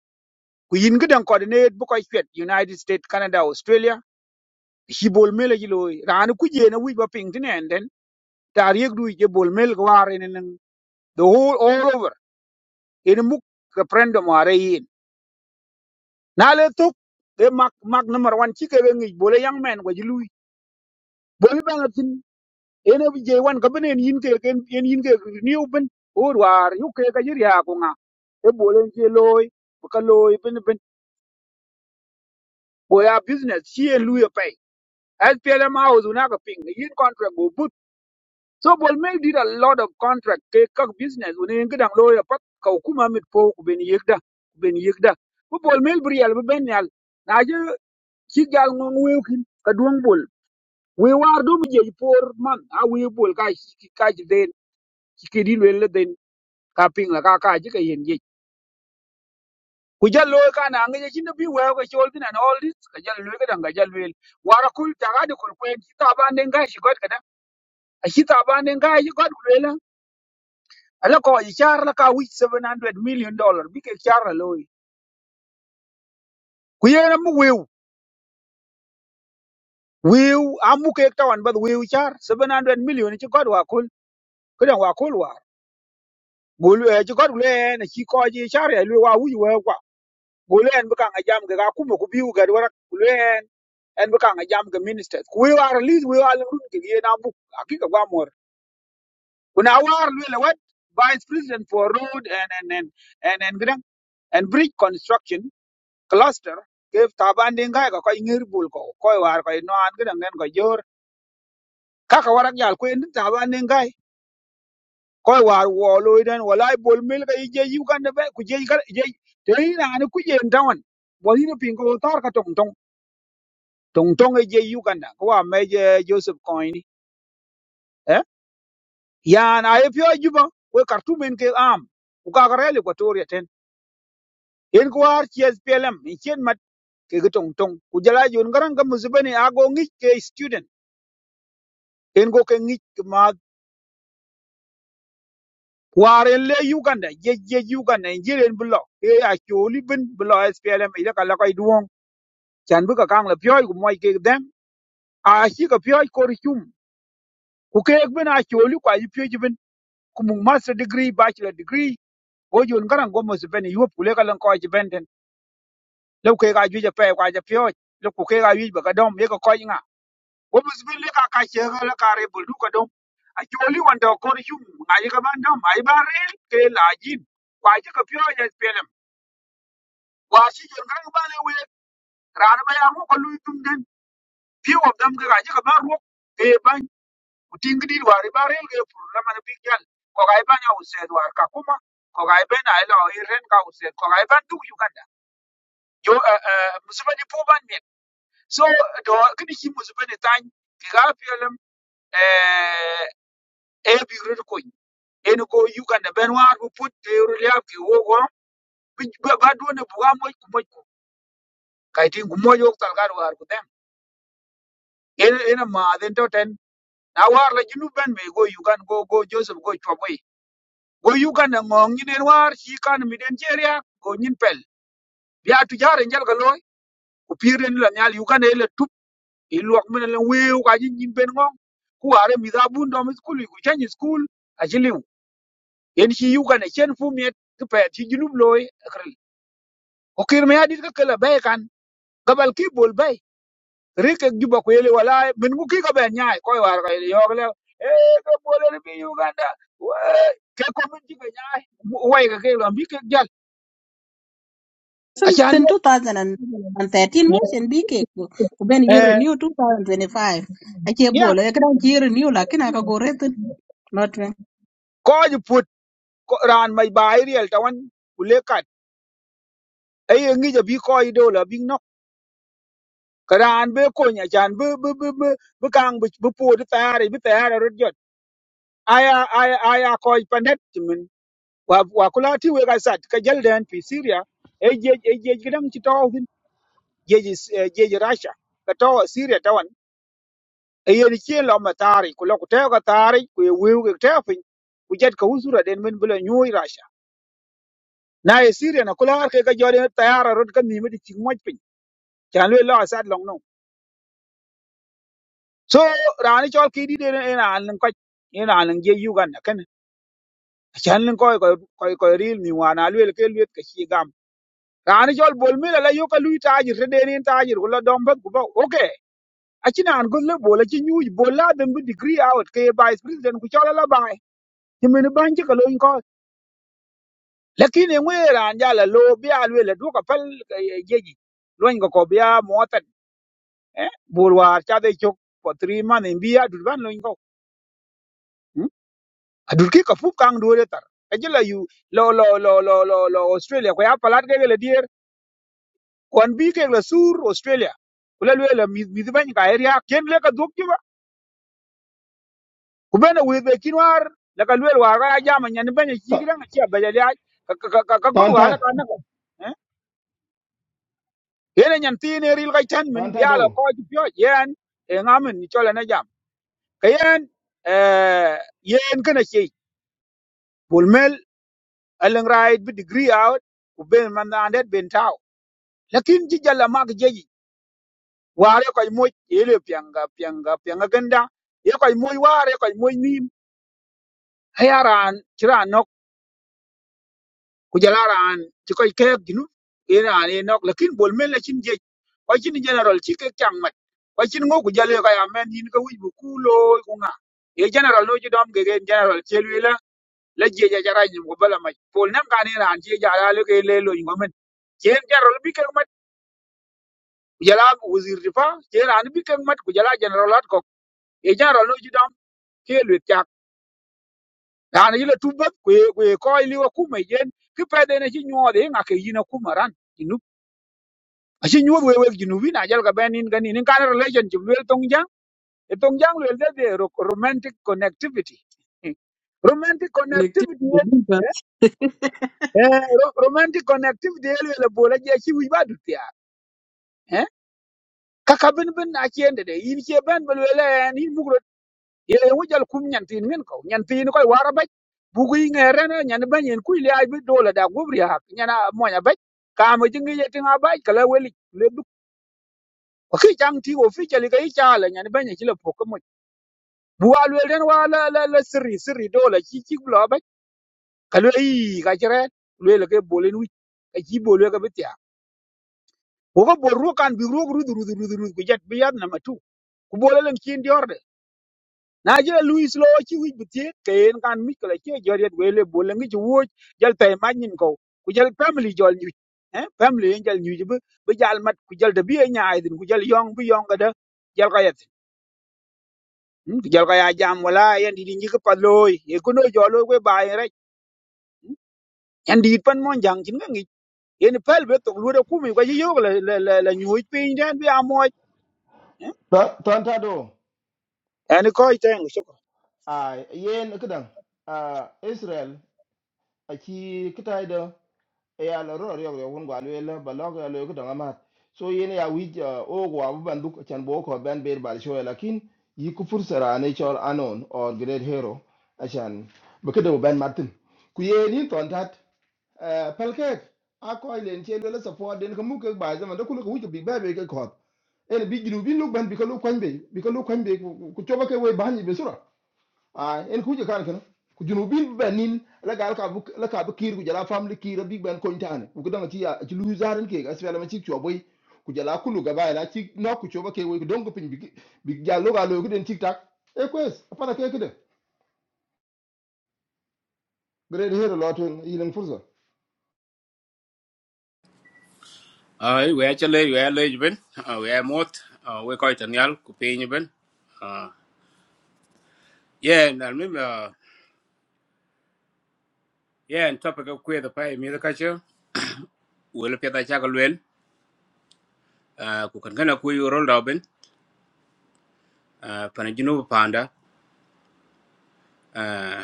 Speaker 9: ku yin gidan coordinate bu koy chwet united states canada australia shi bol mele ji loy ran ku je na wi ba ping tin en den tar yek du je bol mel ko war en en the whole all over en mu referendum are yin na le tok e mak mak number 1 ci ke ngi bol yang men ko ji lui bol ba na tin en bi je wan ka benen yin ke ken en yin ke ni open or war yu ke ka jir ya ko nga e bol en je loy ka loy bin bin boya business ci en lui SPLM house una ka ping yin contract go put so bol mel did a lot of contract ke kak business una ngi dang lo ya pat ka kuma mit po ku ben yegda ku ben yegda bu bol mel briel bu ben yal na je ci gal ngong wewkin ka duong bol we war do mu je por man a we bol ka shi- ka ji den ci ke di le den ka ping la ka ka ji ka yen ye ku jallo ka na ngi je chin bi we ka chol tin and all this ka jallo ka dang ka jallo wara kul tagadi kul kwen ci taban den ga shi god aci thaban en kaa ci kot ku luel ala ko ci char la ka wic 700 million dollar bi kek char la looi ku yen amu weu weu amu kek tawan bath weu char 700 million ci kot wa kul kedan wa kul war bol e ci kot ku luel en ci ko ci char ya luel wa wic weu kwa bol en bi kaŋ ajam ke ka kuma ku biu gad warak ku luel en en bi kaŋ ajam ke ministers ku weu ar lis We al run ke yen amu akika gwa mor kuna war luel wat vice president for road and and and and, and, and, and bridge construction cluster ke taban dingai ko koy ngir bul ko koy war koy no an gidan ngen ko jor kaka warak yal ko en taban dingai koy war wo loy den walai bol mil ga ije yu kan be ku je ga je te ina an ku je ndawan bo hino pingo tar ka tong tong tong tong je yu kan da ko wa me je joseph coin eh ya na e pyo juba we kartumen ke am ku ka ga rele ko toriya ten en ko war ches pelem en chen mat ke ga tong tong ku jala jun garan ga muzbani ago ngi ke student en go ke ngic ki math waren le uganda jej jej uganda en jeren bi lo e a coli bin bi lo splm ile ka lakoi duong chan bi ka kang la pyoi ku moi kek dem a shi ka pyoi kor chum ku kek bin a coli ku aji pyoi bin ku mung master degree bachelor degree go jon garang go mos ben yuop ku le ka lan ko ji benten le ku kek a juja pe ku aja pyoi le ku kek a yuj ba ka dom ye ka koi nga wo mu zibin lika ka ka shege le kare bul du ka dom a joli wanda kor yum nga yi ka man dom ai ba rel ke la jin kwa ji ka pyo ya pelem wa shi jor ga ba le we ran ba ya mu ko lu dum den pi wo dam ga ji ka ba ro e ban uting di wa ri ba rel ke pur la man bi kyal ko ga ba nya used wa ka kuma ko ga ba na ila i ren ka used ko ga ba du uganda yo eh, eh, musuba ni po ban men so do kini ki musuba ni tan ki ga pelem eh e bi ru ko en ko Uganda ben war bu put teru lia ki wogo ba do ne buga moy ku moy ku kay tin ku moy yok talgar war ku dem en en ma den to ten na war la jinu ben be go Uganda go go Joseph go chwaboy go Uganda ngong ni den war chi kan mi den jeria go nyin pel ya tu jare njal ga loy ku piren la nyal Uganda ele tup ilwak men le weu ka jin nyin ben ngong ku are mi da bun do mi school ku change school ajiliw en chi Uganda chen fu miet ku pet chi jinu loy akrel ko kir me adit ka kala bay kan gabal ki bol bay rike juba ko yele wala min ku ki ka ben nyaay ko war ka yo le e ka bol ni bi uganda we ke ko min ji ka nyaay way ka ke lo bi ke jal a
Speaker 13: Sin
Speaker 9: chan
Speaker 13: sin
Speaker 9: le
Speaker 13: 2013 mo sin bi ke ku ku ben year
Speaker 9: eh
Speaker 13: renew 2025 ake
Speaker 9: ya
Speaker 13: bolo ya kan year renew lakin aka gore tin not me.
Speaker 9: ko ji put ko ran mai bay riel tawan kule kat e ngi ja bi ko i do la bi no karan be ko nya chan be be be be kang be pu de tare bi tare rut jot aya aya aya ko pandet wa wa kula ti we ga sat ka jal den pi syria e je e je gidan ti to hin je je je russia ka to syria tawan e yen chi lo ma tari ku lo ku te ga tari ku ye we ku te fin ku jet ka usura den men bula nyu russia na e syria na kula har ke ga jore tayara rod ka mi mi ti mo pin chan le lo sat long no so rani chol ki di den en an ko en an je uganda ken chan ko ko ko ko ril mi wana le ke le ke chi rani jol bol mi la yo ka lui tajir te deni tajir wala dom bat ku ba okay aci nan go le bol aci nyuj bol la dem bi degree out ke vice president ku chola la bai ti men ban ci ka loin ko lakini ngwe ran ja la lo bi alwe la du ka pal eh, jeji loin ko ko biya motat eh bol war cha de chok for three man in biya du ban loin ko Hmm? adur ki ka fu kang du re tar aji la yu lo lo lo lo lo lo australia ko ya palat ke le kon bi ke la sur australia kula lwe la mi mi ban ka area ken le ka duk jiba ku bena we be kinwar la ka lwe wa ga ja ma nyan ban ji
Speaker 5: Ta-
Speaker 9: gran ci ba ja ya ka ka ka ka go
Speaker 5: Tan
Speaker 9: wala ka na ka eh yene nyan ti ne ril ka chan
Speaker 5: tan
Speaker 9: min bi ala
Speaker 5: tado.
Speaker 9: ko ji pyo yen e ngamen ni chola na jam ka yen eh yen kana ci bol mel alang right bi degree out ku ben man na andet ben taw lakin ji jalla mak jeji ware koy moy ele pianga pianga pianga ganda ye koy moy ware koy moy nim hayaran kiran nok kujalaran ti koy ke ginu iran e nok lakin bol men la chin je koy chin general chi ke kyang mat koy chin ngo kujale koy amen yin ko wi bu kulo ku nga e general no jidom ge gen general chelwi la la je ja jara nyim ko bala mai pol nam kan iran je ja la le ke le lo ngo men chen general bi ke mat kujala wazir difa chen an bi ke mat kujala general at ko e general no ji ke lwet chak dana yila tu bat kwe kwe ko liwa kuma yen ki pede ne chi nyo de nga ke yina kuma ran jinu achi nyo we we jinu wi na jal ka ben in gani in kan relationship lwel tong jang e tong jang lwel de de ro- romantic connectivity Hmm. romantic connectivity yen-
Speaker 13: I
Speaker 9: eh ro- romantic connectivity el le bola je chi wi ba du tia eh kaka ben ben a chen de in che ben bel le en in ye ye wujal kum nyantin ngin ko nyantin ko wara ba bugi ngere na nyan ba nyen kuy le ay bi dola da gubri hak nyana mo nya ba ka ma jingi ye tinga ba kala weli le du ko ki jang ti go fi jali ga icha la nyan ba nyen kila poko mo bu wa le den wa la la la sirri sirri dola ki ki bla ba kala yi ka jere le le ke bolen wi ka ji bolu ka bitya ko ko bol ru kan bi ru ru ru ru ru ku jet bi yad na matu ku bolen kin dior na je luis lo chi wi bitie ken kan mi kala che joriet wele bole ngi wo jal tay ma nyin ko ku jal family jol nyu eh family en jal nyu bu bu jal mat ku jal de bi nyaay din ku jal yong bu yong da jal ka yet ku jal ka ya jam wala yan di di ngi ko paloy e ku no jolo we baay rek yan di pan mon jang chin ngi en pel be to lu da ku mi ko ji yo la la la nyu pin den bi amoy eh
Speaker 5: Ta- Tan tado.
Speaker 9: en ko iten shukran
Speaker 5: Ah, yen kidan. Ah, Israel aki kitai da ya la ro yo yo won gwalu la balog ya lo kidan amat. So yen ya wi o gwa bu banduk chan bo ko ben ber bal shoy lakin yi ku fursara ne chol anon or great hero achan bu kidan ben martin. Ku yen ni ton tat pelkek a koy len chen wala support den ko mu ke ba zaman da kulu ko wujo bi ba be ke ko en bi gidu bi lu ban bi ko lu kwan be bi ko lu kwan be ku choba ke we ban be sura a en ku je kan kan ku junu bi ba nin la gal ka bu la ka bu kir ku jala family kir bi ban ko ntane ku dan ci ya ci lu zaren ke ga sfela ma ci choboy ku jala kulu ga ba la ci no ku choba ke we ku don ko pin bi bi jalo ga lo ku den tik tak e kwes apa da ke ke de great hero lotun yilen furza
Speaker 17: Ai, we actually we are late ben. Uh, we are mot. Uh, we quite anyal ku piny ben. Uh, yeah, and I remember yeah, and topic of queer the pay me the culture. We look at the chagal well. Uh, ku kan kana ku roll down ben. Uh, pana jinu panda. Uh,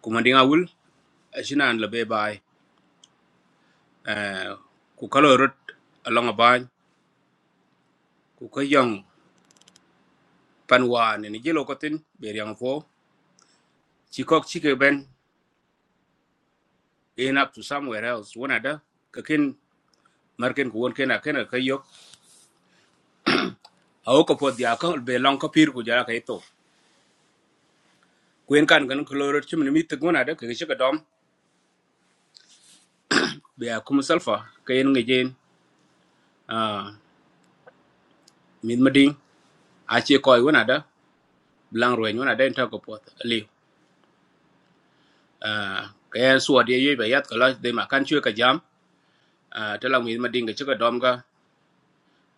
Speaker 17: ku mandinga wul. Ashina and labe bai. Uh, ku kalo rut along a ban. Ku ko yong panwa ne ni jelo kotin be yang fo. Chikok chike ben. In up to somewhere else. One other. Kakin marken ku won kena kena ka yok a o ko po dia ko be long ko pir ku jara ka ito kuen kan gan ko loro chim ni mit gona de ke shi ka dom be a kum salfa ka yen nge jen a min mading a che ko wona da blang ro wona da ta ko po li a ka yan suwa de ye be yat ka la de ma kan chue ka jam a ta la min mading ke shi ka dom ga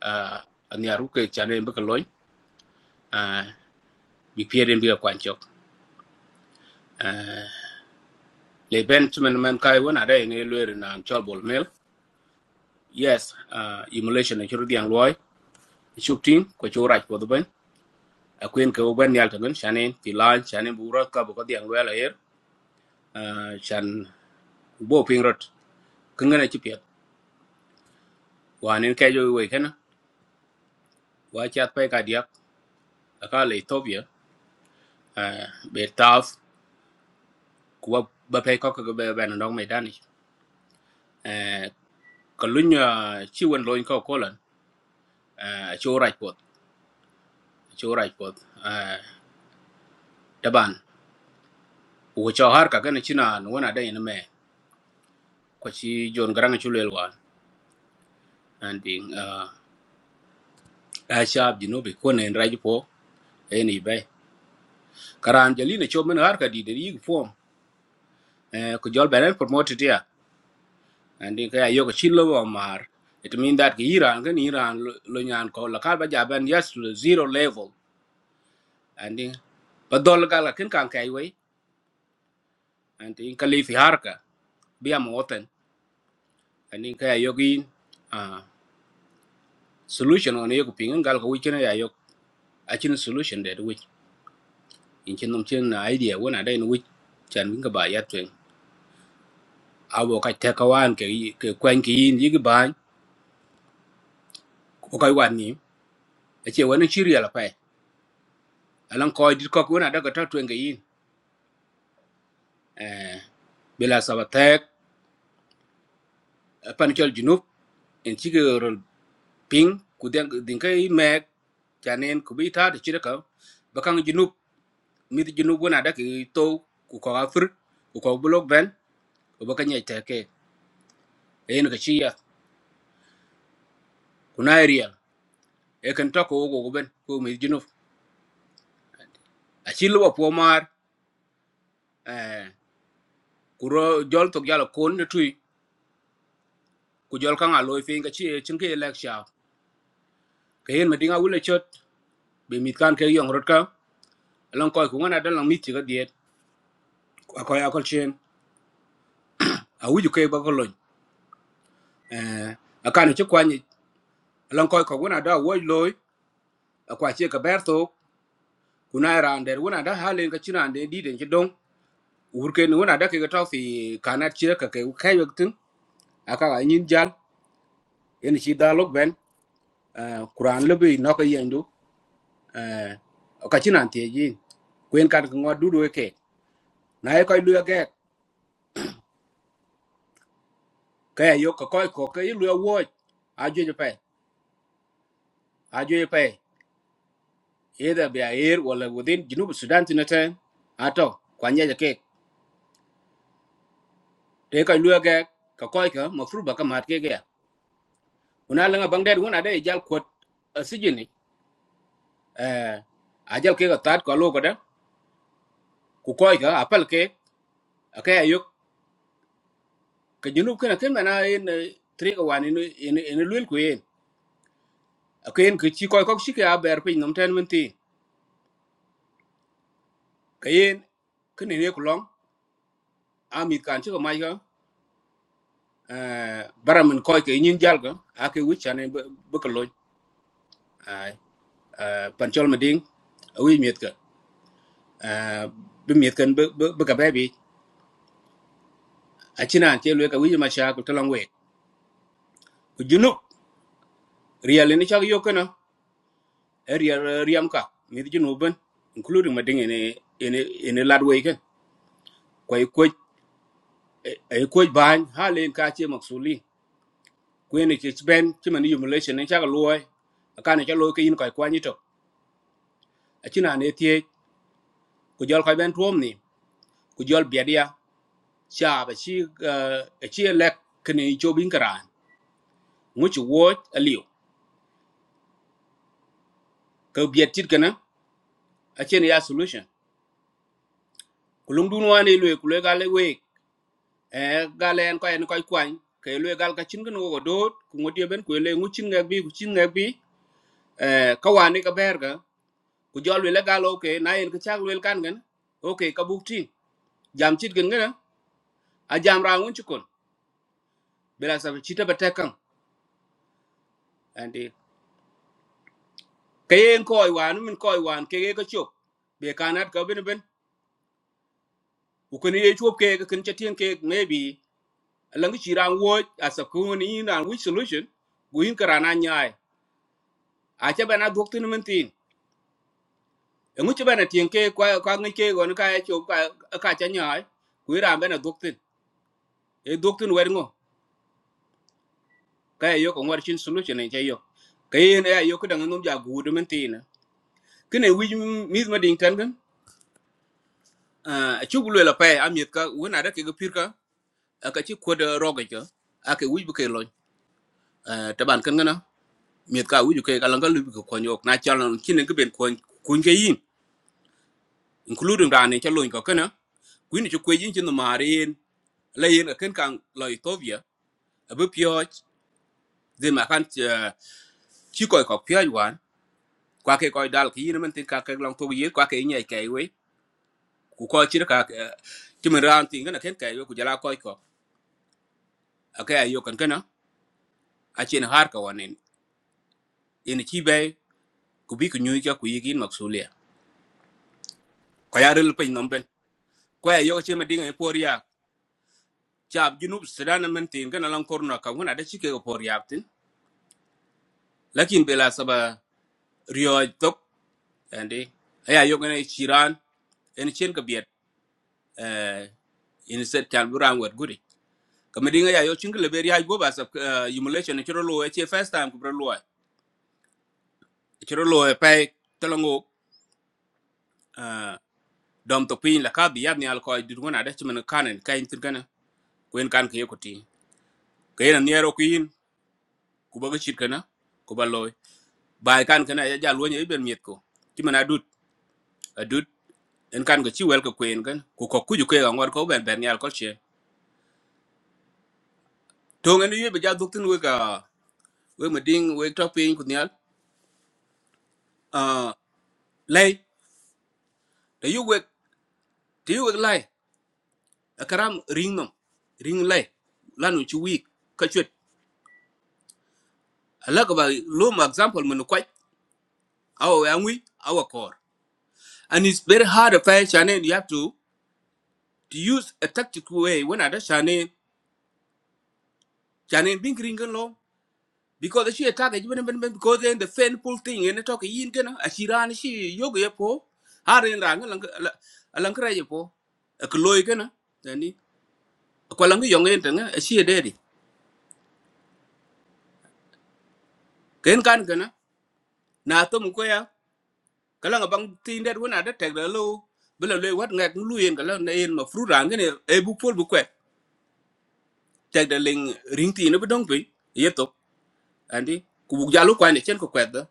Speaker 17: a ani aru ke chane be ka loy a bi pierden bi ka kwan chok le ben chim man kai wona da ne lwer na chol bol mel yes uh, emulation na churu diang loy chụp tin ko chu rach ko ben a quên cái bên ko ben yal tan shanen ti lan shanen bu ra ka bu ko diang wel ayer shan bo ping rot kun ngana chi pet wa nen ke jo we kana wa chat pe ka dia ka le tobia be taf ku ba pe ko ko be ben dong me dani ko lunya chi won loin ko ko lan chu rach pot chu rach pot taban u cho har ka kana china wona da ina me ko chi jon garanga chu lel wan and then a shab jinubi ko ne raj po eni be karan jali ne chomen har ka di de yig form eh, ko jol benen promoted ya andi ka yo ko chilo bo mar it mean that ki iran kan iran lo lo nyan ko la kal ba ja ben yes to the zero level andi ba dol ga la kin kan kai we andi in kali fi har ka bi am woten andi ka yo gi ah, solution on yo ko pingen gal ko wichina ya yo a chin solution de wich in chin num chin na idea wona de wich chan winga ba ya twen a wo ka te ka wan ke ke kwen ki yin yigi ban ko kai wan ni a ce wani shiri ala pai alan ko dit ko wona daga ta tuen ga yin eh bila sabatek pan chol junub en ci ke rol ping ku den din kai me janen ku bi ta de ci ka bakan junub mi de junub wona daga to ku ko afur ku ko blok ben ku bakan ya te ke en ka ci ya ku na real e kan to ko go ben ko mi junub a ci lo po mar eh ku ro jol to yala kon ne tui ku jol kaŋa loi fiŋ ka ci cin ke lek sha ka yen ma diŋa wule chot be mit kan ke yong rot ka along koy ku ngana dalang mit ci ka diet a koy akol chen a wuju ke ba ko loj eh a kan ci kwani along koy ko ngana da woj loy a kwa ci ka berto ku na ran der ngana da halen ka cinan de di den ci dong wur ke ngana da ke ka to fi kanat ci ka ke ka yok tin a ka ga nyin jal yen ci dalog ben eh kuran lebi no ka yendu eh ka cinan te yin kwen kan ko ngodu do ke na ye koy luya gek ka ya yo ka koy ko ka yi luya woj a jo je pe a jo je là either be a air wala within junub sudan tin ten ato kwanya je ke te koy luya gek ka koy ka ma furba ka mat ke ya una la bang der una de jal ko sijini eh a jal ke ka tat tát lo ko da ku koy ka apal ke ka ya yo ka junub kana ken na en tri ka wan en en luel ku en cái en cái chi koy ko chi ka ber pin nom ten mun tin ka en kene ne long amit kan ci ko may ga eh, bara min koy ke nyin jal ga ake wich ane bu ko loj ay pancol ma ding wi miet ka bi miet kan bu ka bebi a cinan ce lwe ka wi ma sha ko talan we ku junu riyal ni cha yo kana riyal riyam ka mi junu ben including ma ding ene ene ene lad we ke koy ko ay ko ban halen ka ce maksuli ku ene ce ben ci man yumulation ni cha ko loy kana cha loy ke yin koy kwani to a cinan ne tie ku jol ko ben tuom ni ku jol biedia cha ba chi e chi lek kini cho bin karan mu chi wo aliu ko biet tit kana a chen ya solution ku lung dun wan ilwe ku le gale we e gale en ko en ko kwan ke lwe gal ka chin gno go dot ku ngodi ben ku le ngu chin ngak bi ku chin ngak bi e ka wani ka ber ga ku jol le gal okay na en ka chak le kan gan okay ka buk tin jam chit gan gana a jam ra ngun chi kon bela sa chita ba tekam kayen koy wan min koy wan kege ka chop be kanat ka bin bin ku kun ye chop ke kun chatin ke maybe lang chi ran wo as a kun in ran which solution gu in karana nyai a cha bana dok tin min tin ngu cha bana tin ke kwa kwa ngi ke gon ka ye chop ka ka cha nyai ku ran bana dok tin e dok tin wer ngo ka ye yo ko war chin solution ne cha yo kayen e yo ku dang num ja gu min tin kene wij mis ma ding tan gan a chugulwe la pay amit ka wona da ke ga aka ci kod roga ka aka wuj bu kay loñ taban kan ngana miet ka wuj kay kala ngal bu ko kon yok na chalan kin ngi ben kon kun ga yin including rane cha loñ ko kana kuin ci koy yin ci no marin la yin kan kan la ethiopia abu pyoj de ma kan eh, ci koy ko pyoj wan kwa ke koy dal ki yin man tin ka ka lang to yi kwa ke nyai kay we ku ko ci ka ci man ran tin ngana ken kay we ku jala koy ko aka ayo kan kana a cin har ka wanen ina ci bay ku bi ku nyu ka ku yi kin ko ya rel pin nomben ko ya yo chema dinga e poria chab junub sudan men tin kana lan korno ka ngona da chike ko poria tin lakin bela saba rio tok ande aya yo ngene chiran en chen ka biet eh in set tal buran wat guri kama dinga ya yo chinga le beria go ba sab emulation ne chiro lo e first time ko bro lo chiro lo e pe talango eh dom to pin la ka bi yab ni alko du ngona da chema kanen kain tin kana ko en kan ke ko ti kayen niero kuin ku ba ga chit kana ko ba loy bai kan kana ya ja luonye iben miet ko ti mana dut adut en kan ko chi wel ko kwen kan ko ko kuju ke ga ngor ko ben ben yal ko che to ngene yebe ja duk tin we ga we ma ding we to pin ku nyal a lay da yu we ti yu we lay a karam ring nom ring lay lanu chi week ka chwet ala ko ba lo ma example mun ko aw ya ngui aw kor and it's very hard to find channel you have to to use a tactical way when ada channel channel bing ring lo because she attack it ben ben ben because then the painful thing in talk yin gana a chiran she yoga ye po harin rang lang lang kra ye po a kloy gana tani ko lang yong en tanga a she dedi ken kan gana na to mu ko ya kala bang tin det wona da tag da lo bela le wat ngak lu yen kala na en ma fru rang ne e bu pol bu kwet tag da ling ring ti ne bu dong pe ye to andi ku bu jalu kwa ne chen ko kwet da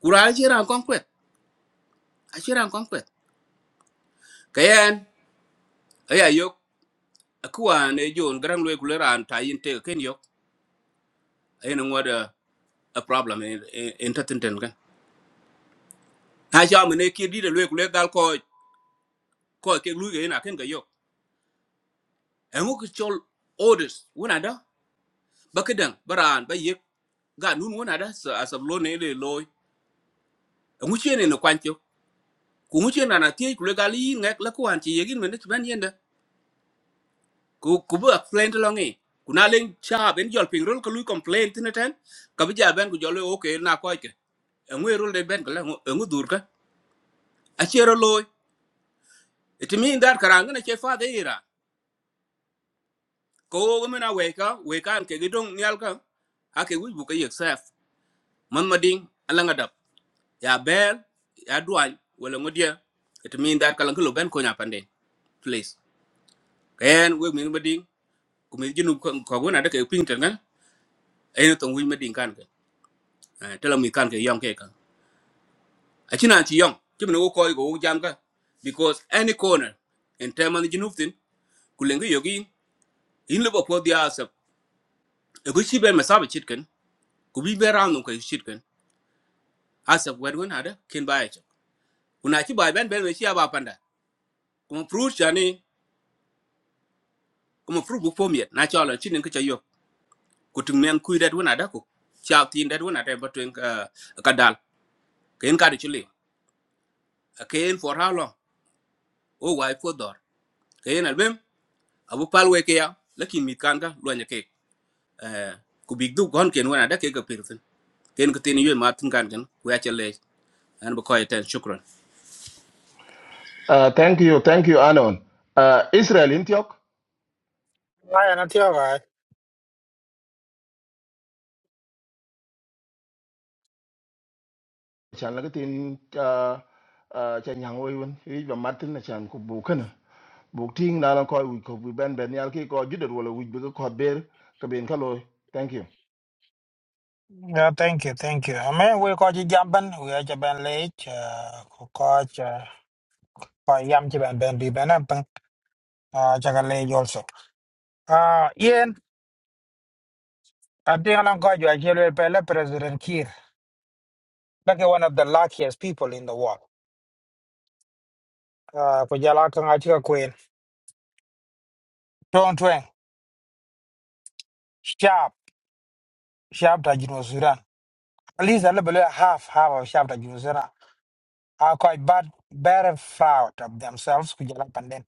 Speaker 17: kura a chiran kon kwet a chiran kon kwet kayan aya yok kuwan e jon garang lwe kule ran ta yin te ken yok en ngoda a problem en en tatin ten kan ha ja me ne ki di de lwe kule dal ko ko ke lu ge na ken ga yok en ko chol orders wona da ba ke dan baran ba ye ga nun wona da sa asab lo ne le loy en uche ne no kwancho ku uche na na ti kule ga li ngak la kwan ti ye gin me ne tban yenda ku ku ba plain to lo ngi ku na len cha ben jol ping rol ko lu complain tin ten ka bi ja ben ku jol le okay na ko ngwe rul de ben kala ngu dur ka a chero loy it mean that karang na che fa de ira ko go mena we ka we kan ke gidong nyal ka a ke wi bu ka yek saf man ma ding ala nga dab ya bel ya duan wala ngu dia it mean that kala ngu ben ko nya pande please ken we min ma ding ku min jinu ko go na de ke ping tan na ay no tong wi ma ding kan ka Eh, tela mi kan ke yong ke ka a china chi yong chi min go ko go jam ka because any corner in terms of jinuftin kulengu yogi in liba po dia asap e ko shi be ma saba chitken ku bi be round ko chitken asap wad won hada kin ba ya una ci ba e ben ben we shi ba panda kuma fruit jani kuma fruit bu pom yet na chala chin ko chayo ku tung men ku dat won hada ko cha tin dat won hada e ba twen ka dal ken ka de chule ken for how long o wai for dor ken albem abu pal we ke ya lakin mit kan ga lo nya ke eh ku big du gon ken won hada ke ga pirtin ken ko tin yue ma tin kan ken ku ya chale an ba ko ten shukran
Speaker 5: Uh, thank you, thank you, Anon. Uh, Israel Intiok,
Speaker 3: ay na tio ga
Speaker 5: chan là cái tin uh, uh, chan yang oi wen, yi ba Martin na chan ku bu kana. Bu ting na lan koi wi ko bi ben ben yal ki ko jidder wala wi bi ko ber ka ben ka loy. Thank you.
Speaker 3: yeah thank you thank you amen we ko ji jamban we ja ban le ko ko ko yam ci ben ben bi ben ben a jaga le also uh yen a de ala ko jo ajelo pe le president kir like one of the luckiest people in the world uh ko jala kan a ci ko en ton twen sharp sharp ta jino sudan at least a little bit half half of sharp ta jino sudan are quite bad very proud of themselves ko jala panden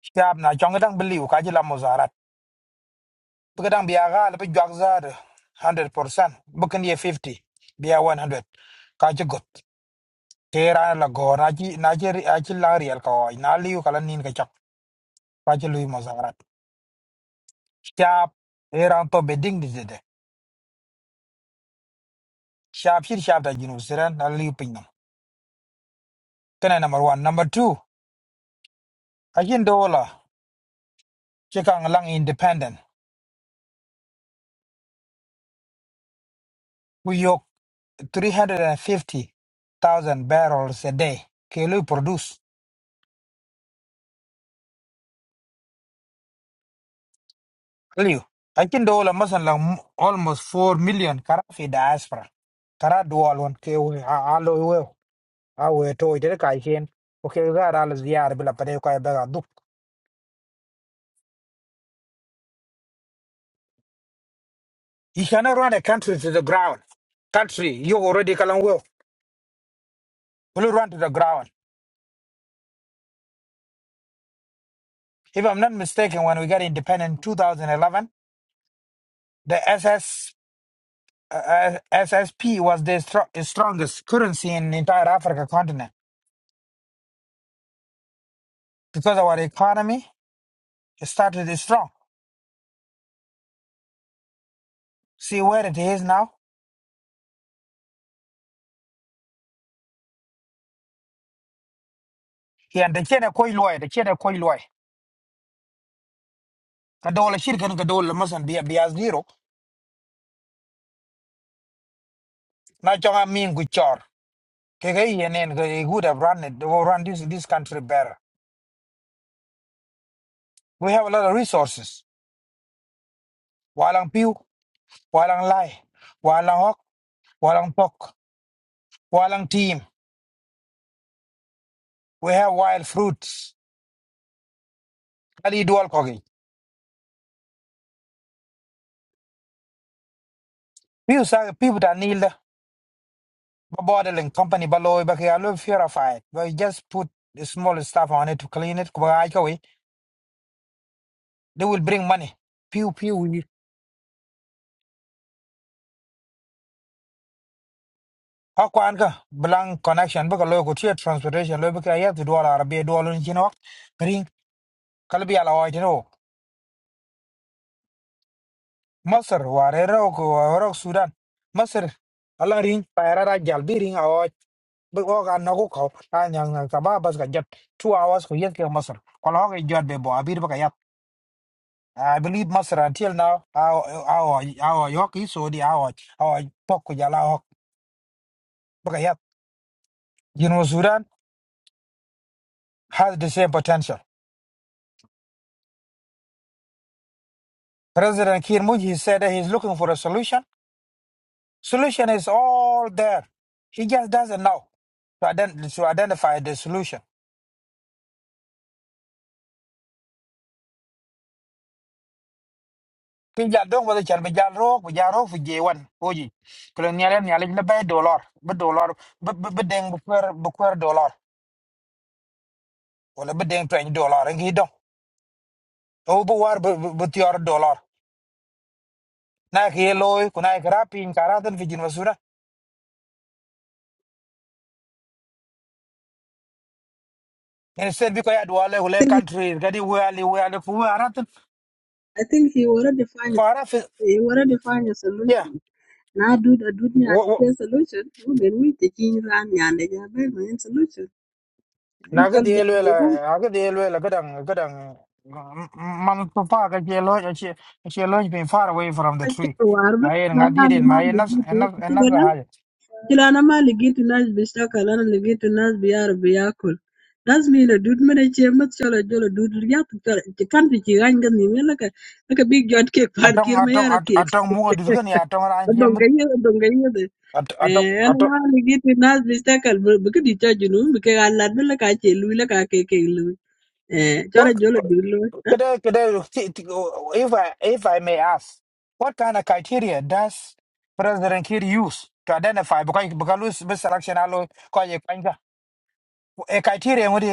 Speaker 3: sharp na jonga dang believe ka jila muzarat bu dang biya gal bu jog zar 100% bu kan ye 50 biya 100 ka ci ke ra la go na chi na chi ri- a chi la riel ka oi na liu kala nin ka chak pa chi lui mazarat shap e ran to be ding de de shap shir shap da jinu siran na liu pin nam kana number one, number two, a yin do la che kang lang independent we yok three hundred fifty thousand barrels a day ke lui produce liu a yin do la masan la almost four million kara fi diaspora kara dual won ke we Awe to ite kai hen. Okay, gara al ziyar bila pare You cannot run a country to the ground. Country, you already kalang will. Will run to the ground. If I'm not mistaken, when we got independent in 2011, the SS uh, SSP was the stro- strongest currency in entire Africa continent because our economy started is strong. See where it is now. Yeah, the China koi loy, the China koi loy. Kadola shirkan kadola masan biya biya zero. Na chonga mingu chor. KKENN, they would have run it, they will run this, this country better. We have a lot of resources. Walang Pew, Walang Lai, Walang Hok, Walang Pok, Walang Team. We have wild fruits. Ali dual kogi. Pew sa people that need the bottling company baloy baki alu purified. We just put the small stuff on it to clean it. Kubaga ay kawi, They will bring money. Pew pew. we- Hakwan ka belang connection baka loy ko transportation loy baka ayat dual Arabia dual unjinok. Bring kalbi ala oy Masar warera ko warok Sudan. Masar ala ring paira ra jalbi ring awa bu ko kan na ko ko ta nyang na kaba bas ka jet 2 hours ko yet ke Masar. Kala ko jot be bo abir ba ka yat. I believe Masar until now aw aw aw yok is so di aw aw pok ko jala hok ba ka yat. You know Sudan has the same potential. President Kir Muji said that he's looking for a solution. Solution is all there. He just doesn't know to, ident- to identify the solution. Kin ja dong wada chan bijal rok bijal rok fi J1 oji. Kalau ni ada ni ada ni bay dolar, be dolar, be be be deng buker buker dolar. Wala be deng tuan dolar engi dong. Tau bu war be be tiar dolar. Na ke loy ku na ke rapin karatan fi jin masura. En sen bi ko ya dwale wala
Speaker 13: think
Speaker 3: country gadi wali wali ku aratan
Speaker 13: I think he already find
Speaker 3: ko ara fi
Speaker 13: he already find a
Speaker 3: yeah.
Speaker 13: solution. Now do the do the solution. We will meet the king ran and the Jabel solution.
Speaker 3: na ga de
Speaker 13: Calden
Speaker 3: le la
Speaker 13: bebe
Speaker 3: a ga de le la ga dang ga dang man to pa ga je lo che che lo been far away from the tree
Speaker 13: kaccir war be
Speaker 3: ai nga di
Speaker 13: malana
Speaker 3: den
Speaker 13: ma
Speaker 3: mai na
Speaker 13: ligitu
Speaker 3: na na ga
Speaker 13: tilana
Speaker 3: ha
Speaker 13: tilana ma ligitu nas bi shakal ana ligitu nas bi yar bi yakul nas mi la dud mene che mat chola jola dud ya tu kar ti kan ti ci gañ gan ni la ka la ka big jot ke par
Speaker 3: atong
Speaker 13: kir ma
Speaker 3: atong
Speaker 13: yara ti
Speaker 3: at-
Speaker 13: ek
Speaker 3: atong mu du ga ni atong ran je
Speaker 13: don
Speaker 3: mu
Speaker 13: ga ye don ga ye de
Speaker 3: atong
Speaker 13: eh ana ma
Speaker 3: atong
Speaker 13: ligitu nas bi shakal bu ka di ta eh
Speaker 3: what could I, could I, if I if I may ask what kind of criteria does president kid use to identify because because lose selection alo ko ye kwanga a criteria ngudi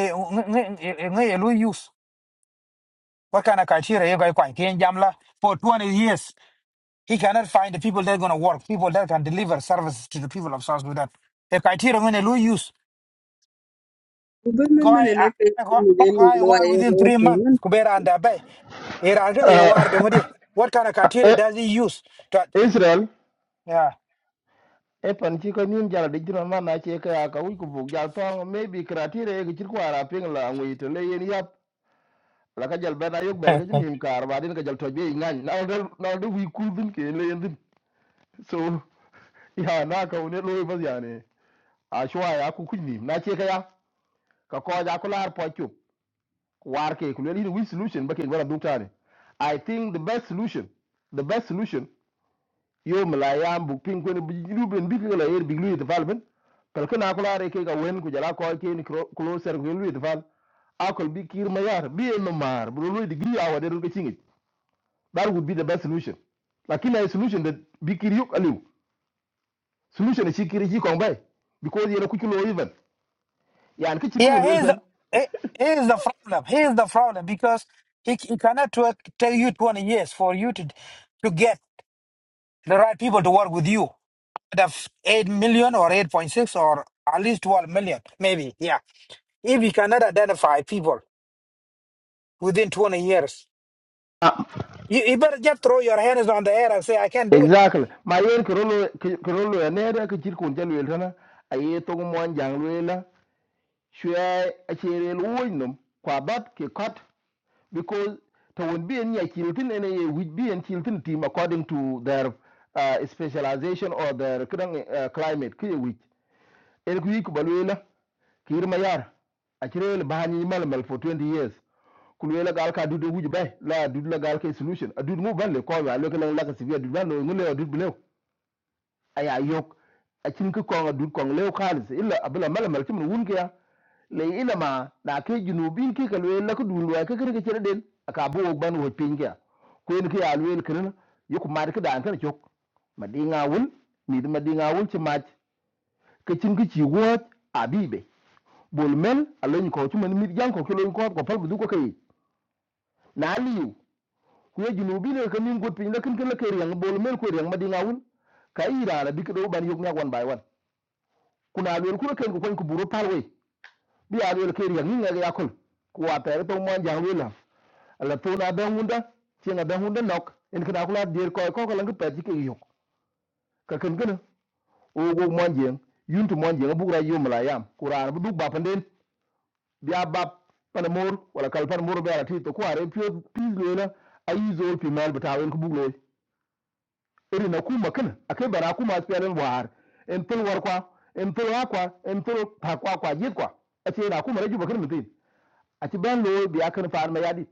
Speaker 3: ngi ngi use What kind of criteria you guys quite in Jamla for 20 years? He cannot find the people that are going to work, people that can deliver services to the people of South Sudan. The criteria when they use, guy, guy, war within three months, Kubera and Abai. Here are gonna war
Speaker 5: Uh,
Speaker 3: bemudi. What kind of criteria
Speaker 5: eh,
Speaker 3: does he use? To,
Speaker 5: Israel
Speaker 3: yeah,
Speaker 5: e pan chi ko nim jala di jura ma na che ka ka wi ku bu jal to maybe kratire ke chi ko ara ping la ngui to le yen yap la ka jal ben ayok bel
Speaker 3: yeah,
Speaker 5: ka nim kar ba din ka jal to be ngan na dal na dal wi ku ke le yen din. So ya na ka une loy bas ya ne a shwa ya ku kunni na ce ka ya ka ko ja kula har pokyo war ke ku leli win solution ba ke gwara dukta ne i think the best solution the best solution yo malayam bu pin ko ne ruben bi ko la yer bi lu development pel ka na kula re ke ga wen ku jara ko ke ni kro- closer ku lu develop akol bi kir mayar bi en mar bu lu degree awa de ko chingi that would be the best solution lakini ay solution da bi kir yuk aliu solution da shi kir ji kon bai because yera ku kilo even yan ki chit kun wel
Speaker 3: he's the
Speaker 5: tan
Speaker 3: he, he is the problem. He is the problem because he, he cannot work, tell you 20 years for you to to get the right people to work with you. The 8 million or 8.6 or at least 12 million, maybe. Yeah. If you cannot identify people within 20 years, you, you better just throw your hands on the air and say, I can't do it.
Speaker 5: exactly ma yen ko rolo ko rolo ne da ki chit kun jal wel tan a ye to mo an jang wel la shwe a chere lo wo num kwa bat ki kot because to won bi en ya kiltin ene ye wit bi en kiltin team according to their uh, specialization or their kran uh, climate ki ye wit el ku yik balwela ki irma yar a chere le bahani mal mal for 20 years kulwe la gal ka dudu wuj bay la dudu la gal ke solution a dudu mu ban le ko wa le ko la ka sibia dudu ban no ngule dudu bilew aya yok a cin ka ko dudu ko lew khalis illa abla mala mal kimun wun ke ya le ila ma na ke junubin ke ka le la ko dudu wa ka kire ke cere den aka bo ok ban wo pin ke ya ko en ke ya le le kire yoku mar ka dan kan chok ma di ngawul mi ma di ngawul ci maj ka cin ka ci wot abibe bol mel a lo ko ci man mi jan ko ko lo ko ko fal bu du ko kay na liyu kuye junubi le ka min gut piny la kin kin la ke riang bol mel ku riang madinga wul ka ira la bikdo ban yok nya wan bai wan kuna lel ku ken ku kon ku buru pal we bi a lel ke riang ni nga ya kul ku wa ter to mon jang we la la to na ben hunda ti na ben hunda nok en kana kula dir ko ko ko lang pe ti ke yok ka ken ken o go mon jeng yun tu mon jeng bu ra yum la yam kuran bu du ba panden bi a bab pan mor wala kal pan mor be ala ti to ku are pio pi le la ayi zo pi mal batawen ku bu le iri na ku makin akai bara ku masu fiyanin buhar in fil warkwa in fil wakwa in fil takwa kwa jit kwa a ce na ku maraji bakin mutum a ci ban lo biya kan fa'ar ma yadi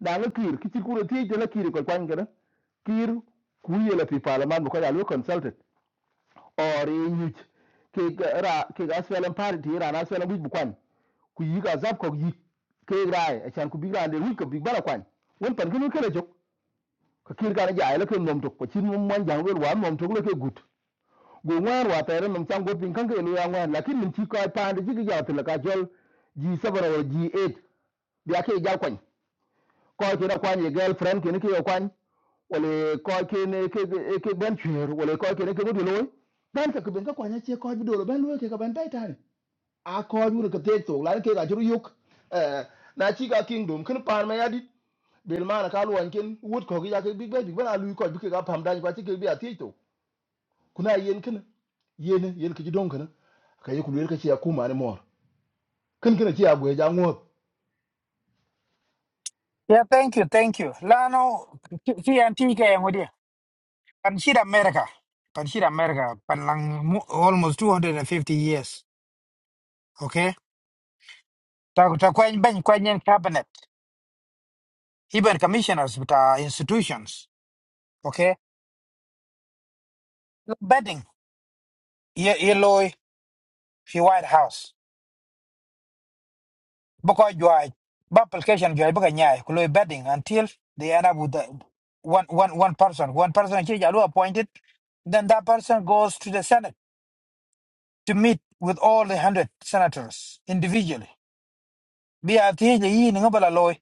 Speaker 5: da na kir kici kuro ti je na kir ko kwan gana kir ku ye la fi parliament ko ya lo consulted or yuj ke ga ra ke ga asfalan party ra na asfalan bu kwan ku yi ga zab ko yi ke ra a can ku bi ra de wi ko bi bara kwan won pan kinu kala jok ka kir ga na ja ya la ko nom to ko cin mon jang wel wa nom to ko le ke gut go wan wa tere num chang go pin kan ke lu yang wan lakin num chi ko pa de ji ga tla ka jol ji sabara wa ji 8 ya ke ja kwan ko ke da kwan ye girlfriend ke ne ke yo kwan wale ko ke ne ke ke ben chwer wale ko ke ne ke du loy dan ka ke ben ka kwan ya che ko bi do lo ben loy ke ka ben tai tai a ko ju ke te to la ke ga ju yuk eh na chi ga kingdom kin pa ma ya dit bel ma na ka lu wan ken wut ko ga ke big ben big ben a lu ko bi ke ga pam dan kwa chi ke bi a ti to kuna yen kin yen yen ki don kana ka yi kulwel ka ci ya kuma mor kin kin ci ya ja ngot
Speaker 3: Yeah, thank you, thank you. Lano, TNTK and with you. Consider America. Consider America. but lang- mo- Almost 250 years. Okay? Ta ta kwen ben kwen yen cabinet. Even commissioners with our institutions. Okay? Betting. Ye ye loy, fi White House. because joy but application joy because nyai kulo betting until they end up with the one one one person one person actually jalu appointed then that person goes to the senate to meet with all the 100 senators individually bi ati the yi ni ngabala loy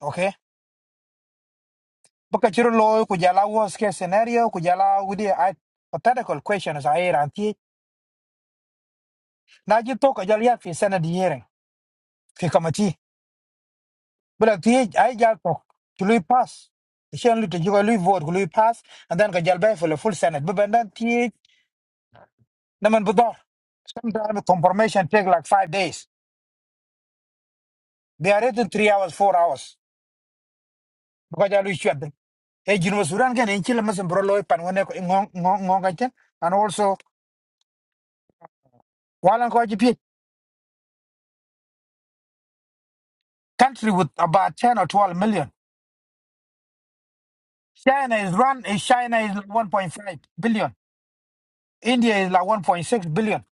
Speaker 3: okay baka chiro loy ku jala worst case scenario ku jala with the hypothetical questions are here anti now you talk ka jali fi senate hearing fi committee But the I jal to lui pass. The shen lui to you lui vote lui pass and then kajal bay for the full senate. But then the naman budor. Sometimes confirmation take like five days. They are written three hours, four hours. Because I wish you had a generous run can in Chile Muslim Brolo and when they and also while I'm country with about 10 or 12 million. China is run, is China is 1.5 billion. India is like 1.6 billion.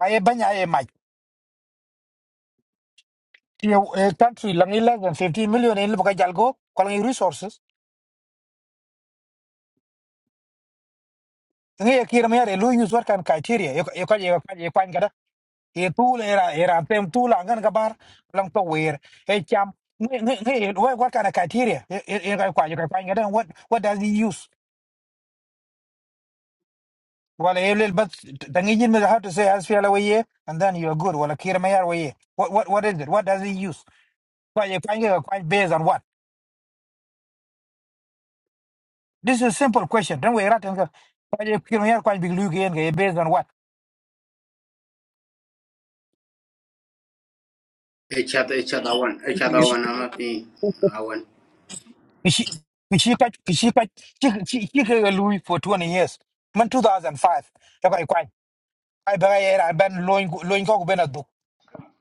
Speaker 3: I you a country lang i less than 15 million in baka jalgo kolang i resources ngi e kira mere lu use what kan criteria yo yo ka yo ka yo kan kada e tool era era tem tool angan gabar lang to wear e cham ngi ngi ngi what what kind of criteria e e ka kwa yo ka kan kada what what does he use wala e lel but tangi jin me how to say as fiala waye and then you are good wala kira mere waye what what what is it what does he use kwa yo kan ga kwa based on what this is a simple question don't we rat and kwa yo kira mere kwa big lu gen based on what
Speaker 17: Echat echat awan echat
Speaker 13: Kecil
Speaker 3: she
Speaker 17: awan amati awan.
Speaker 3: she she quite she quite she she she ke lui for 20 years man 2005 ya kai kwai ai ba ya ra ben loin gu- loin ko ben adu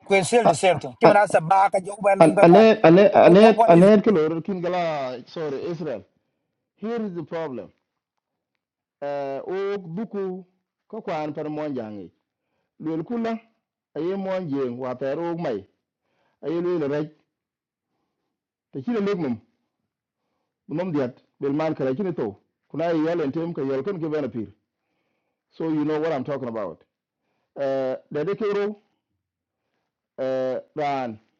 Speaker 3: ko sel de sel to ki man asa ba ka jo ben loin ko
Speaker 5: Anet, Anet,
Speaker 3: what,
Speaker 5: Anet,
Speaker 3: what is it?
Speaker 5: Anet, Kilor, Kingala, sorry, Israel. Here is the problem. Uh, o buku kokwan par monjangi. Lul kula, aye monjeng, water o mai, aye lul rek, te chile lignum, num diat, bel man kala chile to. Kuna aye yel and tem ka yel kun given appear. So you know what I'm talking about. Uh, dedikero, uh, ran,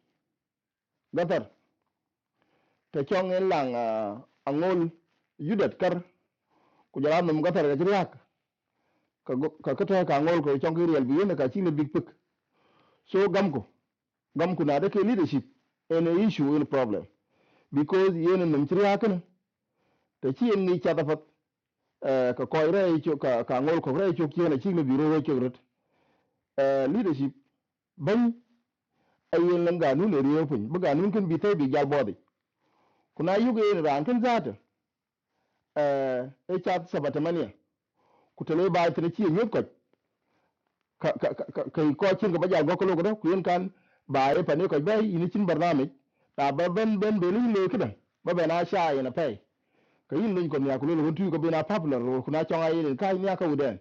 Speaker 5: te chong en lang eh, angol yudet kar ku jara num ga tar ga jriak ka go- ka ka ta ka angol ko chong ki real bi ne ka chi ne big pick so gam ko gam ku na de ke leadership en a issue in problem because yen num jriak ne te chi en ni cha da fat eh, ka ko re cho ka ka angol ko re cho ki ne chi ne bi ro cho rut leadership ban ayen lan ga nu ne riyo pun bu ga nun kin bi te bi gal bodi kuna yugo yen ran kin zata eh e chat sabatamania ku tele ba tre chi nyot ko ka ka ka ka ko chir ko bajar goko logo ku yen kan ba e pane ko be ini chin barname ta ba ben ben be ni le kidan ba be na sha ina pe ka yin nun ko mi akulu lo tu ko be na popular ro kuna chonga yin ka ni aka uden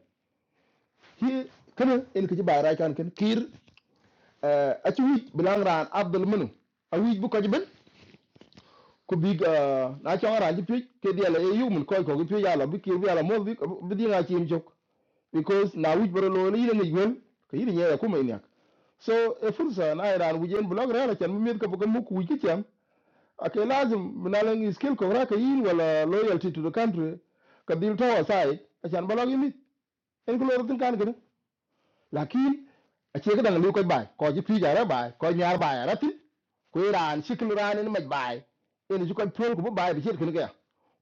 Speaker 5: ki kana en ki ba ra kan ken kir a chi wi bilang ran abdul munu a wi bu ko ben ku bi na chonga ran ji pi ke dia le e yu mun ko ko pi ya la bi ki ya la mo bi bi di chi im jok because na wij boro lo ni ne yuen ko yiri nyaya kuma inyak so e fursa na iran wujen blog rara chan mi med ka bukan muku wiki chan ake lazim minalang skill ko raka yin wala loyalty to the country ka dil tawa sai achan blog yimit en ko lor tin kan gene lakin a che ka dang lu ko bai ko ji pija ra bai ko nyar bai ra tin ko iran shikil ran en maj bai en ju ko tol ko bai bi chet kin ga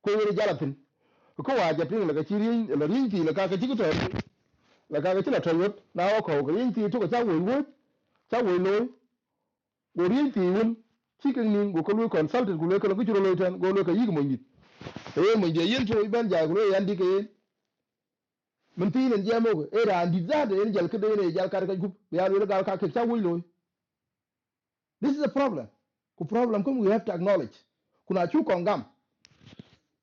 Speaker 5: ko yiri jalatin ko wa japin la ka chiri la rinti la ka ka jigito la ka ti la tol wot na wa ko ko yin ti to sa wo wo sa wo lo go rin ti un ti kin nin go ko lu consultant go lo ko ko lo tan go lo ka yig mo yit e ye mo je yin to iban ja go lo yan di ke mun ti nen je mo go e ra di za de yen jal ke de ne jal kar ka gup ya lo ga ka ke sa wo lo this is a problem ku problem ko we have to acknowledge kuna chu kongam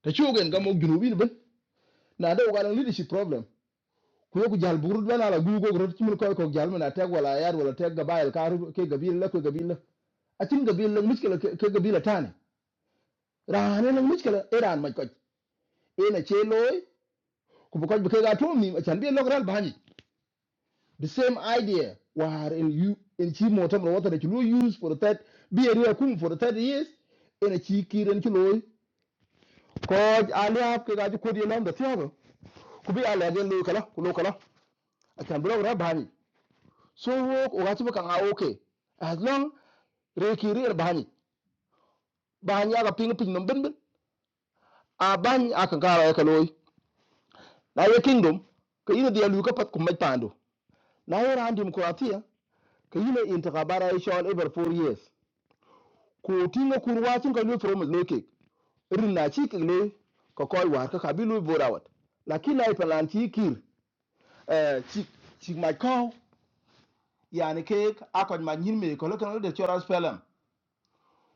Speaker 5: ta chu gen ga mo junubin ben na da ga leadership problem kuyoku jal burut bena la gugo grot chimin koy ko jal mena teg wala yar wala teg gabayel karu ke gabil la ko gabil la acin gabil la miskela ke gabil la tane rane la miskela iran ma ko ina che loy ku ko ko ga to mi achan bi logral bani the same idea war in you in chi motam la wata da chilu use for that bi area kum for that years ina chi kiren chi loy ko ali hab ke ga ko di lam da tiago ku bi ala ga loy kala ku lo kala achan bi logral bani so wo wati bukan a okay as long rekiri er bahani bahani aga ping ping nom bin a ban a kan kara ka loy na ye kingdom ka ina dia luka pat kuma pando na ye ran demokratiya ka ina intakabara ya shawal ever 4 years ko tinga kurwa sun ka lu from loke irin na ci kile ka koi war ka kabilu borawat lakin na ipalan ci kir eh ci ci mai kaw yani ke akon ma nyin me ko lokon da choras pelem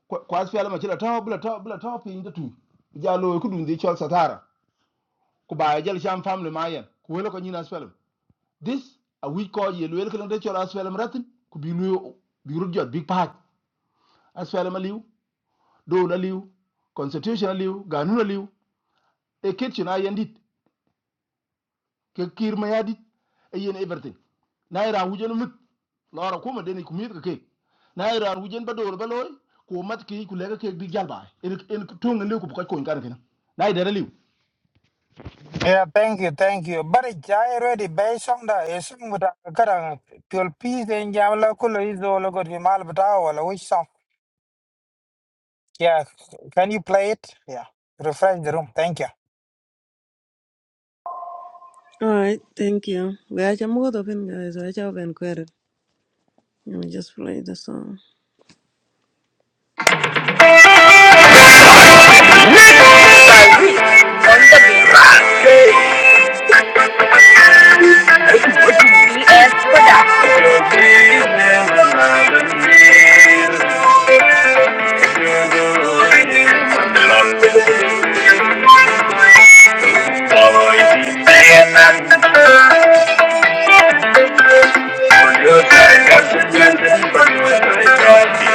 Speaker 5: kwa kwa fiala ma chila to bla to bla to pin da tu jalo ku dun di chol satara ku ba jal sham family ma yen ku welo ko nyina fiala this a we call ye wel ko de chol fiala ratin ku bi lu bi ru jot big pack as fiala ma liu do la liu constitution liu ganun liu e kitchen ayen dit ke kir ma yadit e yen everything na ira wujen mut lora kuma deni ku mit ka ke na ira wujen ba do ba loy ku mat ki ku lega ke big jal ba en en tong le ku ko ko kan kina na ida liu
Speaker 3: yeah thank you thank you but it jai ready bay song da e song da kara pure peace en jam la ko lo izo lo go mal bata wala which song yeah can you play it yeah refresh the room thank you
Speaker 18: I'm BS Production.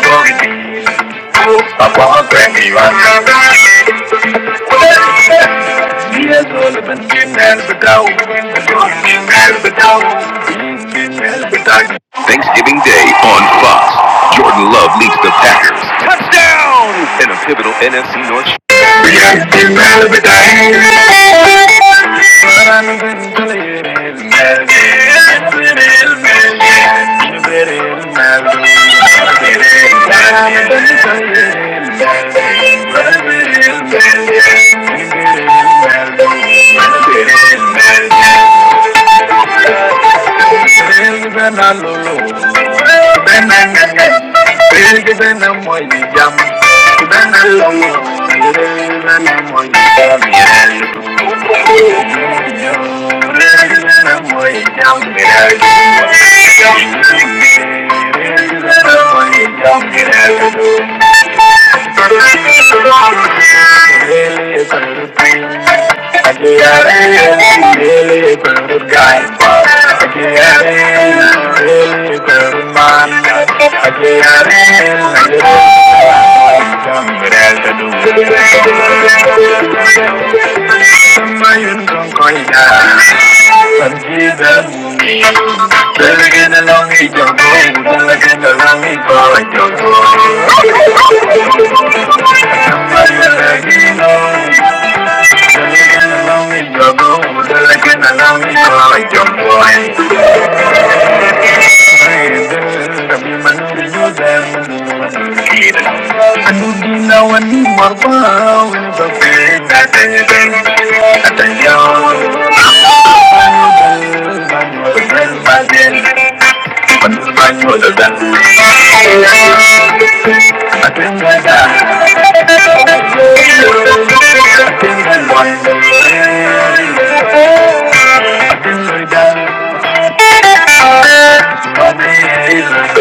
Speaker 18: Thank you. Thanksgiving Day on Fox. Jordan Love leads the Packers. Touchdown! In a pivotal NFC North. Pensé en el pecado. Thank you. Big than Ben and Big than Ben a lulu. Better get along, eat your food. Better get along, eat your food. Thank you. I think I got I think I got I think I got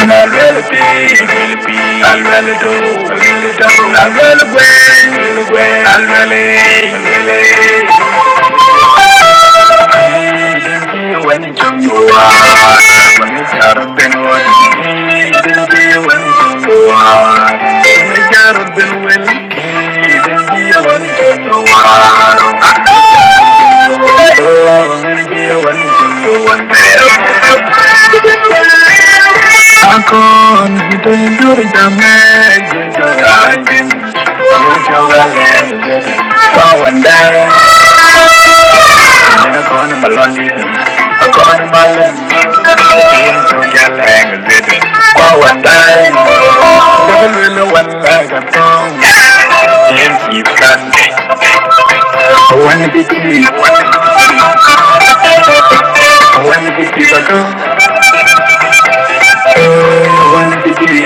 Speaker 18: and I'd rather be, really be, I'd rather do, I really do, I'd rather win, really win, I'd really, really. I can't do it, I'm mad, you're driving. Power down. I'm to my London. I'm going I'm to get angry with it. For what time? Never really I wanna be free. I wanna be free. I go. I wanna be free.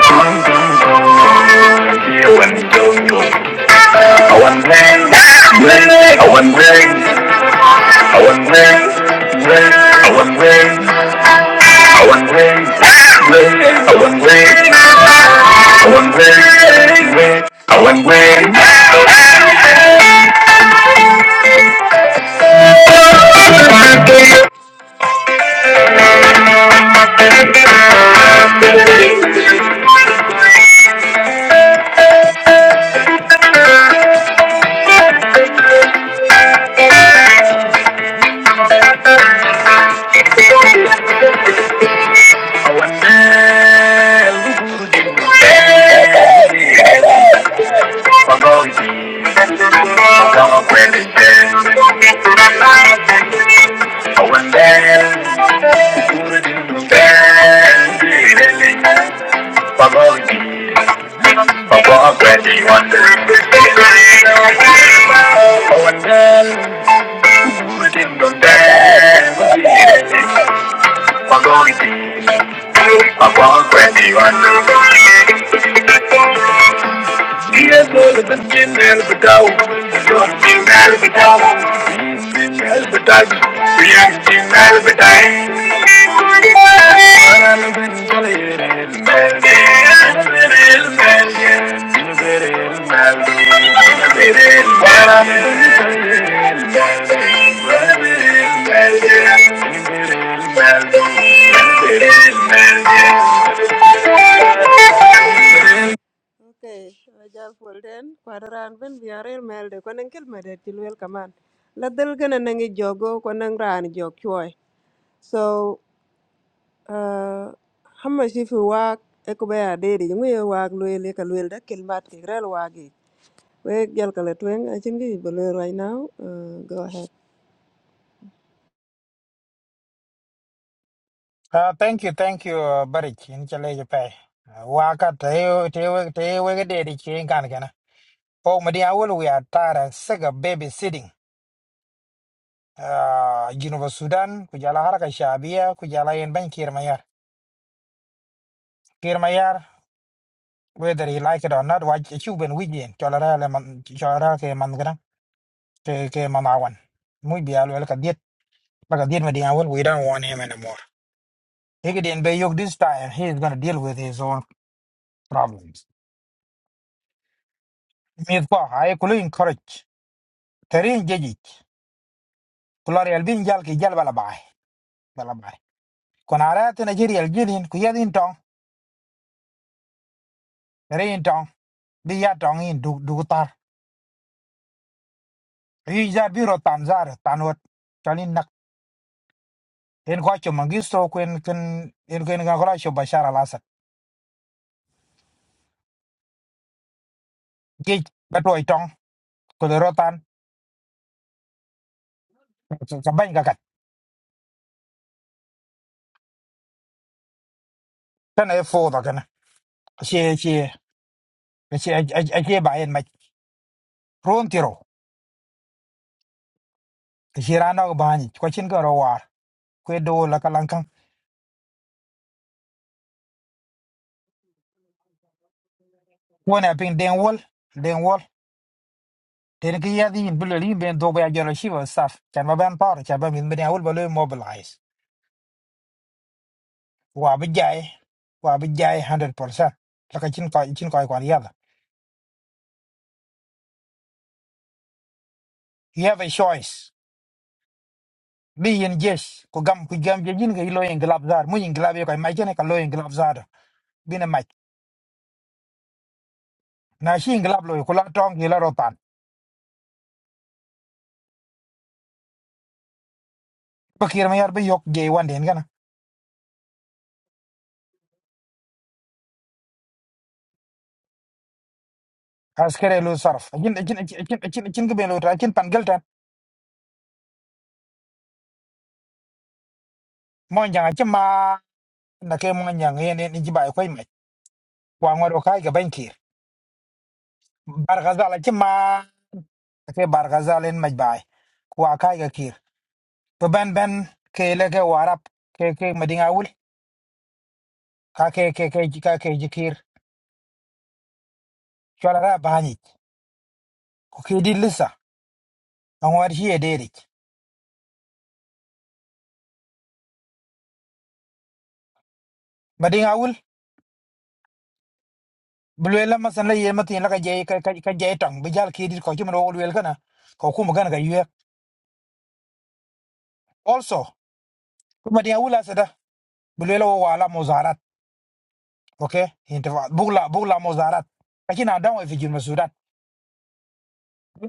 Speaker 18: Come, come, come, come. Here when you go, go. I want rain. Rain. I want rain. I want rain. Rain. I want rain. I want red, red. I want red. I want red, red. I want red. I want red. I'm going I'm going I want red. I for glory, for God greatly wonders. Our God, who kingdom there, Thank
Speaker 3: Uh, thank you, thank you, uh, Barich. In chale je pay. Waka tayo tayo tayo wega de di chien kan kana. Po madi awol we are tired and sick of babysitting. Uh, Geneva, Sudan, kujala haraka shabia, kujala yen ban kirmayar. Kirmayar, whether he like it or not, waj chuben wigien. Cholara le man, cholara ke man kana, ke ke mamawan. Muy bialu el kadiet. Baka diet madi awol, we don't want him anymore. He could be yoked this time, he is gonna deal with his own problems. Me, I could encourage. Terin jejik. Kulor yal bin jal ki jal bala bai. Bala bai. Kon ara te Nigeria jilin ku yadin tong. Terin tong. Bi ya tong in du du tar. Ri jar bi ro tan zar tan wot. Chalin nak. En ko cho mangisto kuen ken en kuen ga kola cho Bashar al-Assad. Jej batoi tong. Ko ro tan. Ka ban ga kat. Tan e fo da kana. Che che che a che ba en ma. Ron tiro. Ke rano ga bani. Ko chin ga ro war. Kwe do la kalankan. Wona ping den wol. Den wol. Then ki ya di bula li ben do ba jara shiva staff. Chan ba ban par chan ba min ben awul ba lo mobilize. Wa ba jai wa ba jai 100%. Laka chin ko chin ko ko ya. You have a choice. Be in yes ko gam ko gam je jin ga lo en glab zar mu in glab yo kai mai chen ka lo en glab zar. Bina mai. Na shi in glab lo ko la tong ki la rotan. Bakir ma yar ba yok je wan den gana. Askere lo sarf. Chin chin chin chin chin ga ben lo ta chin pan gelta. Mo jang a chima na ke mo jang yen ni ji ba ko mai. Wa ngoro kai ga bankir. Barghazal ci ma ke Barghazal en majbay ku akai ga kir to ben ben ke le ke warap ke ke madinga wul ka ke ke ke ka ke jikir chola ra bani ku ke di lisa angwar hi ederi madinga wul bulwela masan la yema tin la ka je ka ka ka je tang bijal ke di ko ci mo wul wel kana ko kuma gan ga yue also ku madinga wul asada bulwela wo wala muzarat okay intifa bugla bugla muzarat lakini adamu ifijin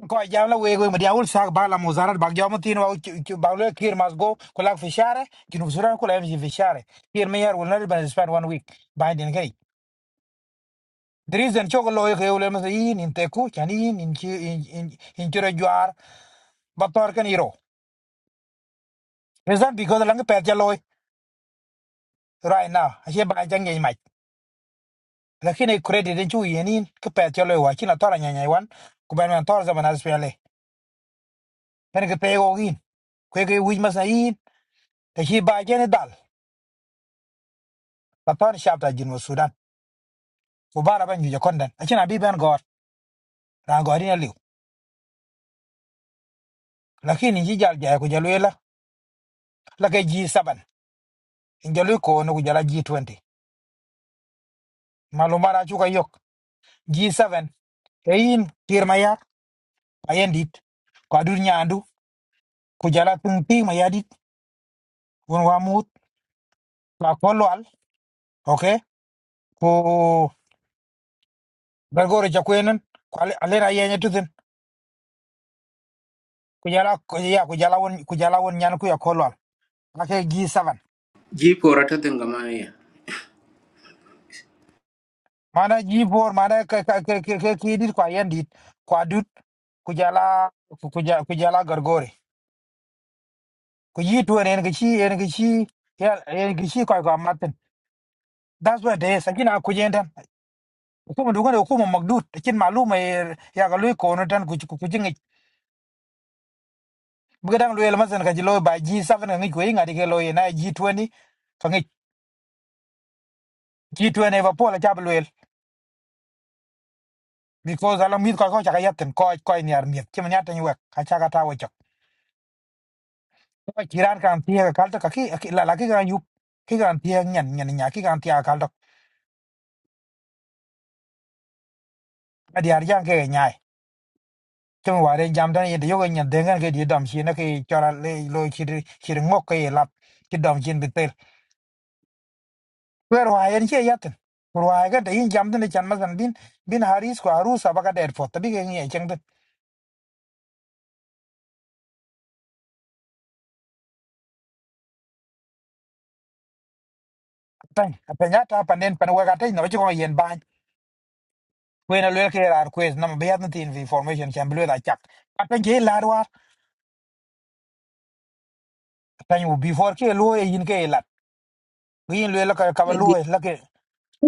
Speaker 3: ko jam la wego mi diawul sak ba la muzarat ba jam tin wa ba le kir mas go ko la fi share ki no suran ko la mi fi share kir me yar wal na ban spend one week ba den gari the reason choko lo yo yo le mas yin in teku chan yin in chi in in chura juar ba tor kan iro reason because la ngi pet ya loy right now a she ba jang ngai mai lakini credit den chu yin in ko pet ya loy wa chi na tora nya nya wan ko ban man tor zaman as pele pen ke pego gin kweke wij mas yin ta chi ba jen dal la tor shabta jinu sudan ku bara ban yuja konden achina bi ben gor ran gori na liu lakini ji jal jaya ku jalu la la ke ji 7 in ko no ku jala ji 20 malu mara chu ka yok ji seven, kayin kir maya ayen dit ko adur nyandu ku jala tung ti maya dit won wa la kolwal okay ku bergoro ja kwenen ku ale ra yenya tuzen ku jala ku ya ku jala won ku jala won nyan ku ya kolwal la ke ji 7
Speaker 17: Ji porata denga mania.
Speaker 3: mana G4 mana ke ke ke ke ke ke dit kwa yendit kwa dut kujala kujala kujala gargore ku yi to ne ga shi ne ga shi ya ne ga shi kwa kwa matin that's what they sakina kujenda kuma dukan kuma magdut kin maluma ya ga loy ko no tan ku ku jingi bugadang loy almasan ka jilo ba G7 ngi ko inga dige loy na G20 ka ngi G20 ba pola jab loy because alam mit ko ko chaka yatin ko ko ni armiet kim nyata ni wek ka chaka tawo ko chiran kan tiya kal to kaki la la ki gan yup ki gan tiya nyen nyen nya ki gan tiya kal to adi ar yang ke nyai tum ware jam dan yede yoga nyen dengan ke di dam shi na ke chora le lo chir chir ngok ke lap ki dam chin bitel wer wa yen che yatin wer wa ga de yin jam dan chan mazan bin bin haris ko aru sa baga der fo tabi ke ngi cheng den tan pa nya ta pan den pan wa ga tai no chi ko yen ban we na le ke ar quest nam be yat tin information chan blue da chak pa ke la war tan u before ke lo yin ke Green Lue Laka Kabalue, Lake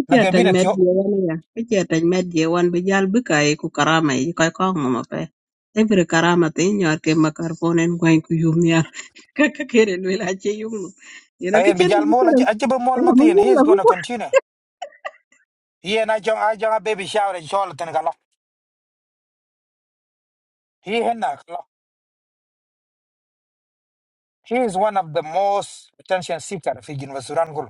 Speaker 3: Lake
Speaker 13: taj met
Speaker 3: Binatio.
Speaker 13: je wan ya, kecil taj met wan bi jal bi kai ku karama yi kai kong mama pe. Every karama te nyor ke makar ponen gwain ku yum ya. Kaka kere lu, la che yum no. Yena
Speaker 3: I am
Speaker 13: kecil
Speaker 3: Bijal
Speaker 13: bi
Speaker 3: Mol,
Speaker 13: kere.
Speaker 3: Ajiba Mol
Speaker 13: Ya bu
Speaker 3: Martin.
Speaker 13: bu
Speaker 3: He
Speaker 13: la
Speaker 3: is
Speaker 13: bu
Speaker 3: going to
Speaker 13: bu.
Speaker 3: continue. He and I John I John a baby shower in Charlotte and Gala. He henna. kala. He is one of the most attention seeker figure in Sudan Gul.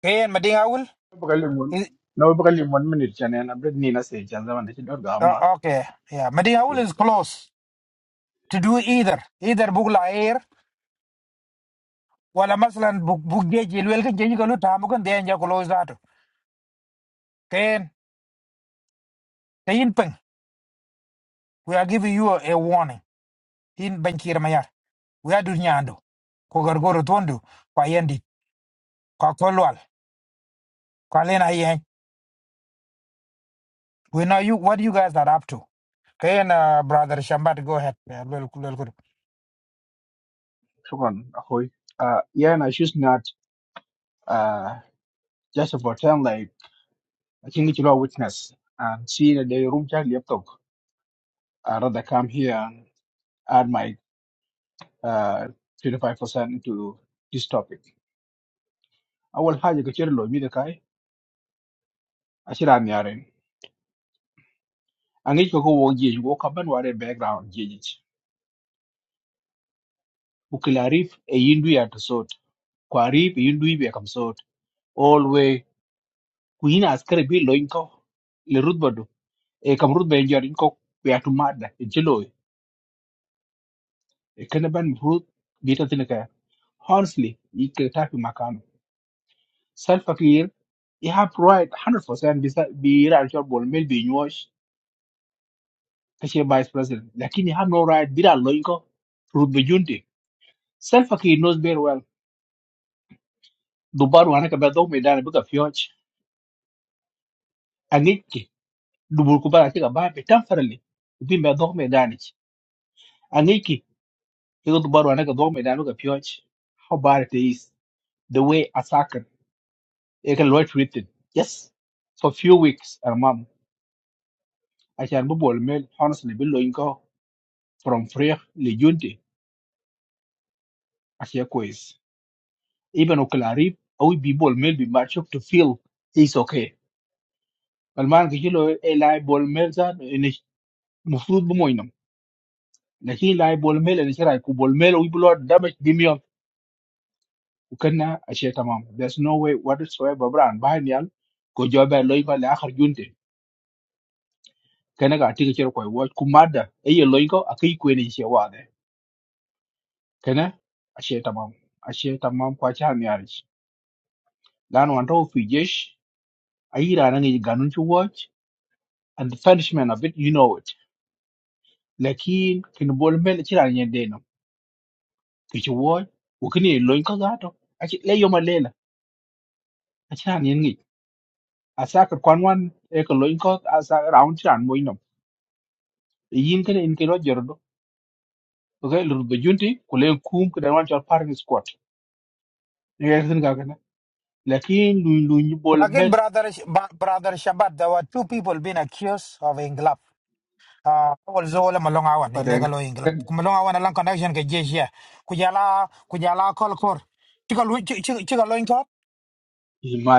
Speaker 3: He and Madinga Ul
Speaker 19: بكلم ون
Speaker 3: is
Speaker 19: لو بكلم ون من يعني انا بدي نسي كان زمان ايش دور غاما.
Speaker 3: uh, okay. Yeah, Madinga Ul is close to do either. Either Bugla Air, wala maslan buggeji lwelkin jenyi kalu tamukan denja kulo zato. Ken, tayin ping. We are giving you a, a warning. in bankir mayar we adu nyando ko gorgoro tondo ko yendi ko kolwal ko lena yen we know you what you guys are up to kayen uh, brother shambat go ahead uh, lel- lel kudu.
Speaker 19: شكرا اخوي. Uh, yeah, and I choose not uh, just to pretend like I'm not a witness and seeing the room just lit up. I'd rather come here and add my 25% to this topic. I will hide your children, Lloyd, behind. I see that many are. I need to go work. I need to go cover my background. I need to go. I'm not going to be a part of this. kuyina askari bi lo inko le rutba do e kam rutba e jor inko ya to madda e jelo e kana ban rut bi ta tin ka honestly i ke ta fi makano self clear you have right 100% bi sa- bi ra jor bol mel bi nyosh ka she vice president lakini you have no right bi ra lo inko rutba junte self clear knows very well dubar wana ka ba do me dana bi ka fioch angiki dubur ku bara ti ka ba be tan farale bi me do me dana ikut baru anak ke dom dan ke pyoj how bad it is the way attacker it can lot written yes for few weeks and mom I can be bol mel honestly be loin ko from free le junte asia quiz even oklari au be bol mel be match to feel is okay Alman, man ke hilo e lai bol mel za ne mufrut bu moinam lakin lai bol mel ne shara ku bol mel u blot damage dimion ukana asia tamam there's no way whatsoever brand buy nyal ko jobe loin ko le akhar kana ga tinga cer koi wo kumada e ye loy ko akai ko ne ce wa de kana ashe tamam ashe tamam kwa cha mi arish dan wan to fi jesh ayira nan yi ganun ci watch and the punishment of it you know it lakin kin bol mel ci ran yende no ki ci wo ko kini loy ko ga to ashe le yo ma lela a ci ran yen ngi a sakar kwan wan e ko loy ko a round ci ran moy no Eh, yin kana in ke ro jor do ko ga lur be junti ko le kum ko dan wan ci parking squad ne ga lakini lui lui ni bol
Speaker 3: again
Speaker 19: med
Speaker 3: brother Sh- Ba- brother shambat there were two people being accused of inglap uh also wala malonga wan
Speaker 19: pada
Speaker 3: illegal o inglap
Speaker 19: kan
Speaker 3: kumalonga wan lang connection ke jeshi ya. kujala kujala kolkor chikalo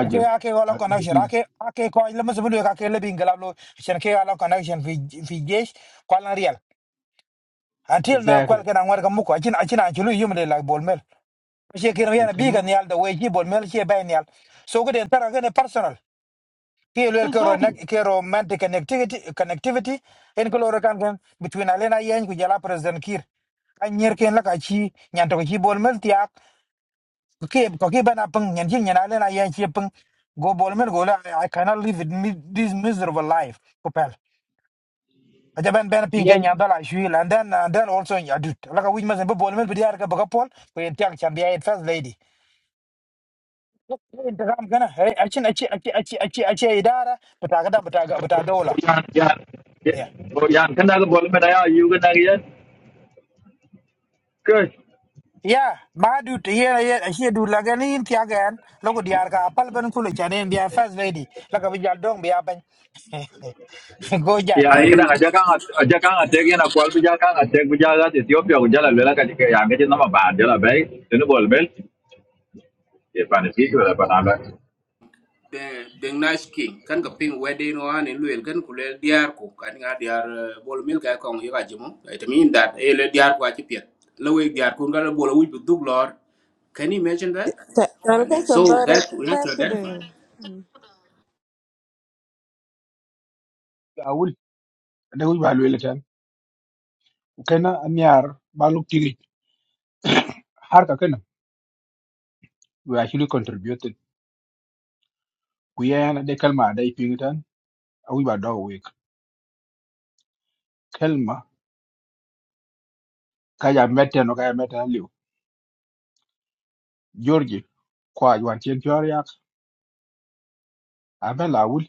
Speaker 3: Okay, ake wala
Speaker 19: as it
Speaker 3: connection.
Speaker 19: is
Speaker 3: Ake ake ko ile mse bulu ake le bingala lo shen ke wala connection fi fi jesh kwa la real. Until now kwal
Speaker 19: exactly
Speaker 3: ke na ngwar ka muko achin achin achulu yum de like ball mel. She ke
Speaker 19: and
Speaker 3: yana
Speaker 19: kana
Speaker 3: biga nial the way she ball mel she bay nial. So good entara ke ne personal. Ke lo ke ro nek
Speaker 19: exactly
Speaker 3: ke romantic connectivity connectivity en ko ro kan kan between alena yen ku jala president kir. Kan nyer ken la ka chi nyanto ko chi ball mel Okay, okay, but I pung and yin and I I pung go bolman go I cannot live with me, this miserable life. Kopel. I just been been ping
Speaker 19: yan
Speaker 3: and yandala shuil and then and then also I do. Like a witch must be bolman with the arka bagapol, we in can be a first lady. Look, I'm gonna hey, I chin, I chin, I chin, I chin, I chin, I chin, idara, but I got but I got but I dollar.
Speaker 14: yan yan
Speaker 3: Yeah.
Speaker 14: yan kana ga bol mena ya yu kana ga yan ke
Speaker 3: Yeah, my dude, yeah, yeah, I hear dude like any in Tiagan, look at the arka, a palban kulich and be a first lady, like a vijal dong be a bang. Go, yeah.
Speaker 14: yan
Speaker 17: Ayen
Speaker 14: kana ga jaka ga jaka ga te ga na kwal bi jaka ga te bi jaka ga ethiopia ko jala lela ka ya ga na ma ba jala bai tinu bol mel. Irfan is equal, but I'm not.
Speaker 17: de deng nice king kan ka ping wedding one in luel kan kulel diar ko kan nga diar eh, bol mil ka kong yiga jimo. It mean that ele diar ko achi piet. Lewe diar kun gala bol wuj bu dug lor. Can you imagine that? And then, so that we have to identify.
Speaker 19: awul da wi balu elekan kana anyar balu tigi har ka kana we actually contributed ku yana de kalma da ipin tan awi ba do we kalma ka ya meten no ka ya meten liu george kwa yuan chen choria abela awul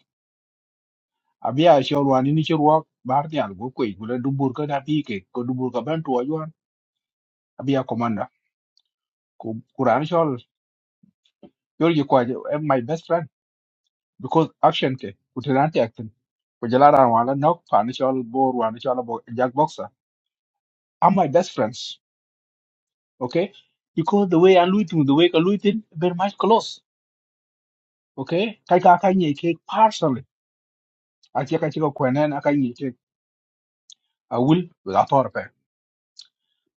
Speaker 19: abia shorwani ni chirwa bar nyal go kwe gule dubur ka da pike ko dubur ka ban tuwa yuan abia Ku- Quran shol yol you kwa am? my best friend because action ke kutirante action ko jalara wala nok pan shol bor wan shol bo jack boxer I'm my best friends okay because the way I look to the way I look it very much close okay kai ka kai ni ke personally a che ka che ko kwenen a kai ni ke a will with authority.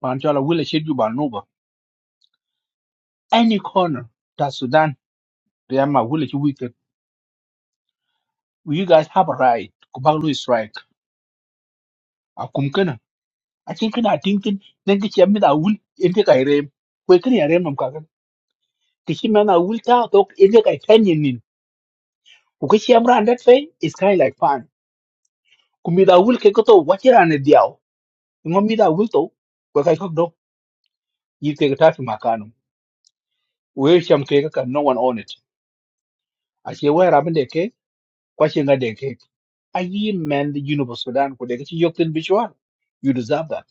Speaker 19: pan shol will shit you ban over any corner that Sudan they am a will you wicked you guys have a right to bang strike aci kena ting tin den ki chem da wul inde kai rem ko kri ya rem nam ka gan ki chi mena wul ta to inde kai ten yin nin ku ki chem ran that way is kind like fun ku mi da wul ke ko to wachi ran ne diao ngo mi da wul to ko kai ko do yi ke ta fi makano we chem ke ka no one on it aci we ra ben de ke kwa chi nga de ke a yi men the universe sudan ko de ki yok tin bishwa you deserve that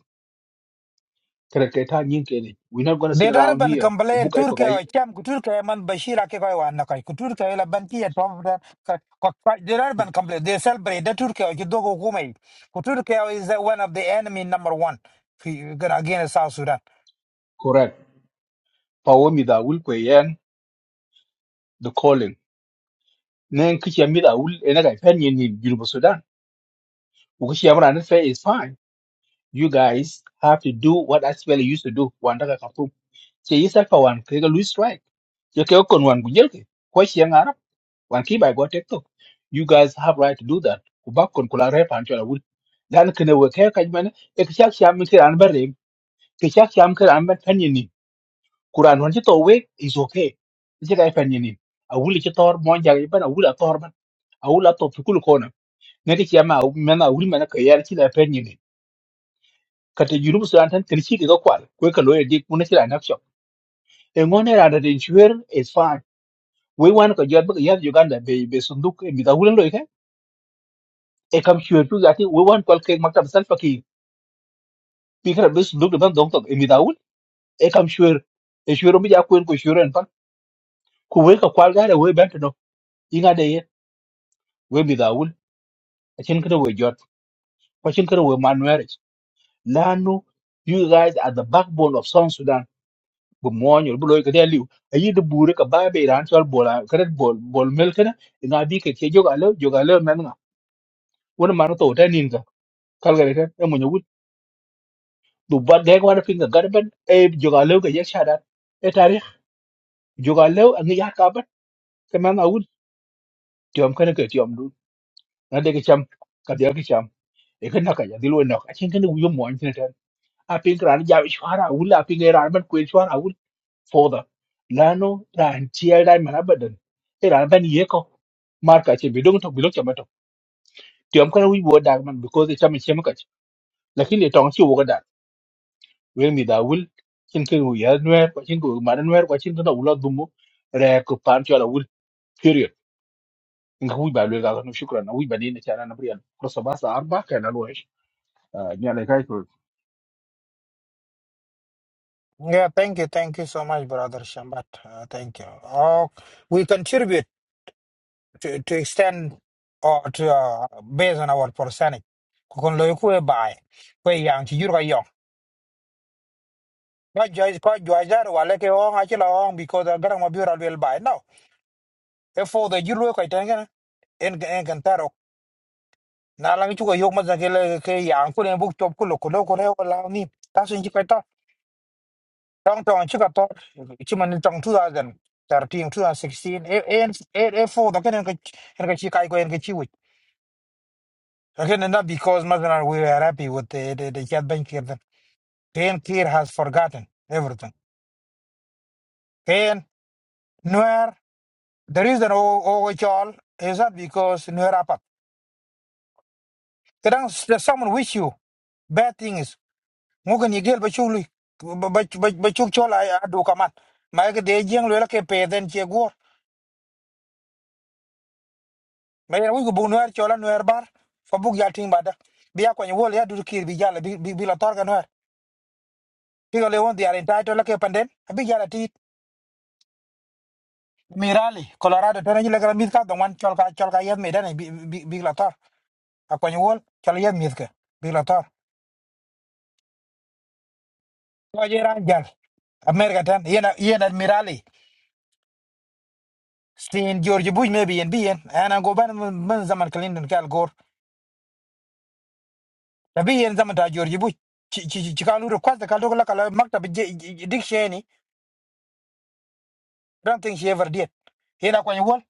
Speaker 19: kare ke ta nyin ke We're not going to sit
Speaker 3: de dar
Speaker 19: around
Speaker 3: ban
Speaker 19: here u bu
Speaker 3: kambale
Speaker 19: kai ko ga
Speaker 3: turke o cham ku turke man bashira ke koy wan nakoy ku turke la ban ki et pom da ka ko de dar ban kambale de celebrate de turke o jiddo ko kumai ku turke o is the one of the enemy number one fi gonna against south sudan
Speaker 19: correct Power wo mi da wul ko the calling nen kichi amida ul ena ga pen yin ni Junuba Sudan u kichi amra nan is fine you guys have to do what SPLA used to do wanda ka kapum che yisa pa wan ke ga Louis strike che ke kon wan gujel ke ko chi yang arab wan ki bai go tek you guys have right to do that ku bak kon kula re pan chola ul dan kene we ke ka jmane e kichi am ke an bare ke kichi am ke an ban pen yin ni kuran wan chi to we is okay che ga pen yin ni a wuli ci tor mo jang ban a wula ngati ci ama mena wuri mena ka yar ci la pen ni kata jurub su an tan kirci daga kwal ko ka loye dik mun ci la nak shop e ngone ra da den shuwer is fine we wan ka jor baka yar uganda be be sunduk e mi da wulen loye ka e kam shuwer tu zati we wan kwal ke maktab sal faki bi kara be sunduk da ban dong tok e mi da wul e kam shuwer e shuwer mi ja ko en ko shuwer en pan ku we ka kwal ga da we ban no inga da ye we mi da wul a cin kada we jot ko cin kada we manuel lanu you guys are the backbone of south sudan bu moñul bu loy kede liw ayi de bure ka babe ran sol bola kret bol bol mel kene nga bi ke che joga lo joga lo men nga wona man to ta nin ga kal ga ke e munya wut du ba de ko na finga garben e joga lo ke ye shada e tarikh joga lo an ya ka bat ke man awul tiom kene ke tiom du na de ke cham ka de ke cham e ke na ka ya dilu na ka chen kene wu yo moñ kene ta a pin kran ja shwara wula pin ga ran ban ko shwara Further, learn how to handle that man burden. If I'm not here, how? Mark, I said, be don't talk, be don't chat, be talk. Do you understand why we do that? Because it's something we can't. But if you don't see why we do that, when we travel, something we hear, new, something we learn, new, something that we learn, new. We're going to plan to our new period. Thank you very much for your gratitude. Thank you very much for your support.
Speaker 3: Yeah, thank you, thank you so much, brother Shambat. Uh, thank you. Oh, we contribute to, to extend or to uh, based on our percentage ku kon loy ku e bay ko yang ci jur ma joj ko joj dar wala ke on a chila on because a garang ma biura lwel bai now e for the jilu ko iten gana en en kan taro na lang chu ko yok ma zake le ke yang ko ne buk chop ko lo ku lo ko re wala ni ta sin chi ko ta tong tong chi ka to chi man tong 2013 2016 e en e e for the kan en ka chi kai ko en ka chi wi again not because mazana we are happy with the the the chat bank then Ken Kir has forgotten everything Ken Nuer The reason oh all is that because no rapat. Kadang s- there's someone wish you bad things. Mungkin igel bachuli bachuk chol ay adu kamat. Mai ke de jeng lo la ke pe den che go. Mai na wiku bu noer chola noer bar. Fa buk ya ting bada. Biya ko ni wol ya du kir bi jala bi bi bi la tor ka noer. Pigo le won diare tai to la ke panden. Abi jala ti Mirali, Colorado, tena jile kala mithka the one cholka cholka yed me dane bi bi bi la tor. Akwa ni wol chala yed mithka bi la tor. Ko je ran jal. America tan yena yena admirali sin George Bush maybe yen bien ana go ban ban zaman Clinton kal gor da bien zaman ta George Bush ci ci ci kalu request da kaldo la kala maktab dictionary don't think she ever did yena ko wol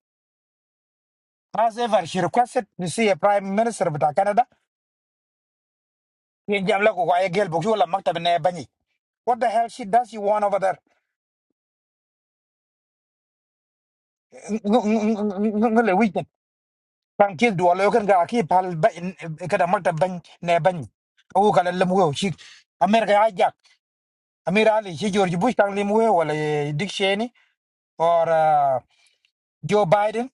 Speaker 3: has ever she requested to see a prime minister of Canada yen jam la ko ko ay gel bu wala maktab ne bani what the hell she does you want over there ngale weekend kan kid do lo kan ga ki pal kada maktab ban ne bani o kala lamu wo shi America ya Amir Ali, she George Bush Kang Limwe, well, Dick Cheney, or uh, Joe Biden,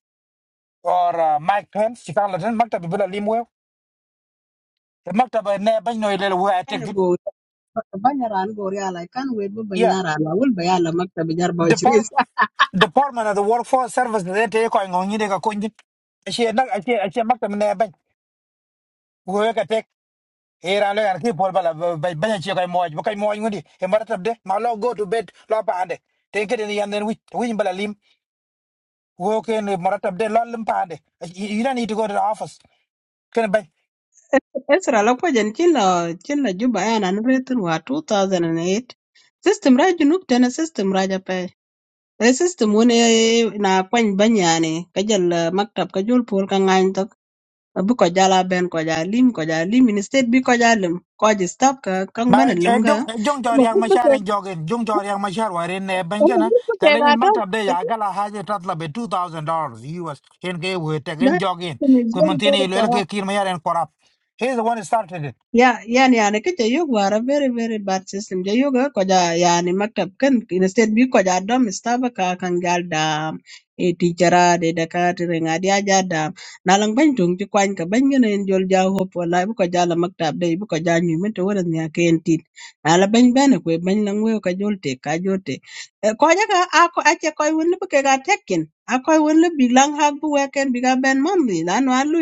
Speaker 3: or uh, Mike Pence, she can't let him. Maktab Bula Limwe, Maktab Neba, no, little way I
Speaker 13: Kanya
Speaker 3: it.
Speaker 13: go. Banyaran go ya la kan wet bu
Speaker 3: Yeah.
Speaker 13: banyaran la wul bayala makta bi jar ba chris.
Speaker 3: Department, Department of the Workforce Service, they take on Yideka Kunjin. She had not, I can't Maktab Neba, work attack. Here I learn people by Banachio Moy, Bokai Moy, Moody, a Maratab de, Malo go to bed, Lopande. Take it in the end, then we win Balalim, work in Maratab de Lolim Pande. You you don't need to go to the office.
Speaker 13: Esra la kwajan chilla chilla juba ya nan nretun wa 2008. System raj junub tena system raja pe. e system wun e na kwany banyane ka jal eh, maktab ka jol pol ka ngany tok abu ko jala ben ko ja lim ko ja lim in state bi ko ja lim ko ji stop ka kan
Speaker 3: ma
Speaker 13: bana lim ga
Speaker 3: ejong ejong jor
Speaker 13: ma
Speaker 3: yang
Speaker 13: bu bu
Speaker 3: mashar
Speaker 13: ke
Speaker 3: en jogen jong jor yang mashar waren ne
Speaker 13: ma bu
Speaker 3: bengena
Speaker 13: bu ke
Speaker 3: tele
Speaker 13: ga
Speaker 3: in
Speaker 13: da
Speaker 3: maktab de ya gala haje tatla be 2000 dollars us en ge we te gen
Speaker 13: that
Speaker 3: jogen
Speaker 13: system is
Speaker 3: ko
Speaker 13: very
Speaker 3: montine
Speaker 13: very
Speaker 3: le
Speaker 13: corrupt
Speaker 3: ke kir ma yaren korap he the one who started it
Speaker 13: Yeah, yani yani ke jayo gwara very very bad system. Jayo ga koja yani maktab kan instead bi koja dam staba ka kan gal dam e teachera de dakati renga dia ja dam na lang ban tung ti kwan ka ban ngene en jol ja hop wala bu koja la maktab de bu koja nyu men to wala nya ke en tit na la ban ban ko ban lang we ka jol te ka jol Eh, koja ka a ko a che ko won bu ke ga tekin a ko won bi lang hak bu weken bi ga ben mon bi la no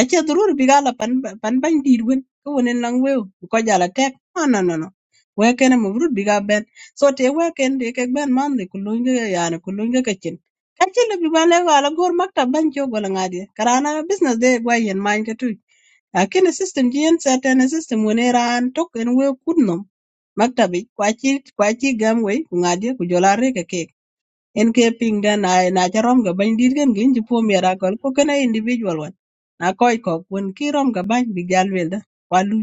Speaker 13: Ëcë dhurö pï gaa pan bany did wen ka wen ënön weo ko jala tëk no no no no wëk kënë mëbürü bï gaa bën co tye wëk ën dhi kek bën man dhi kulüny kë yani kulüny kë cin ka cï lobi ba lëk ökö agür maktab bany cë ogwëlö ngat ïë karë an bicines de ëgwö ïën many kï lakini system jö ën cet ënë system wen ïra an tök ën weo kür nom maktabi kwa cï kwa cï gam wëy ku ngat ïë ku jö arï kï kï en ke ping den na na ca rom ga bany dit ken gin ci po mi ra gol ko kena individual wan na koy ko wen ki rom ga bany bi gal wel da walu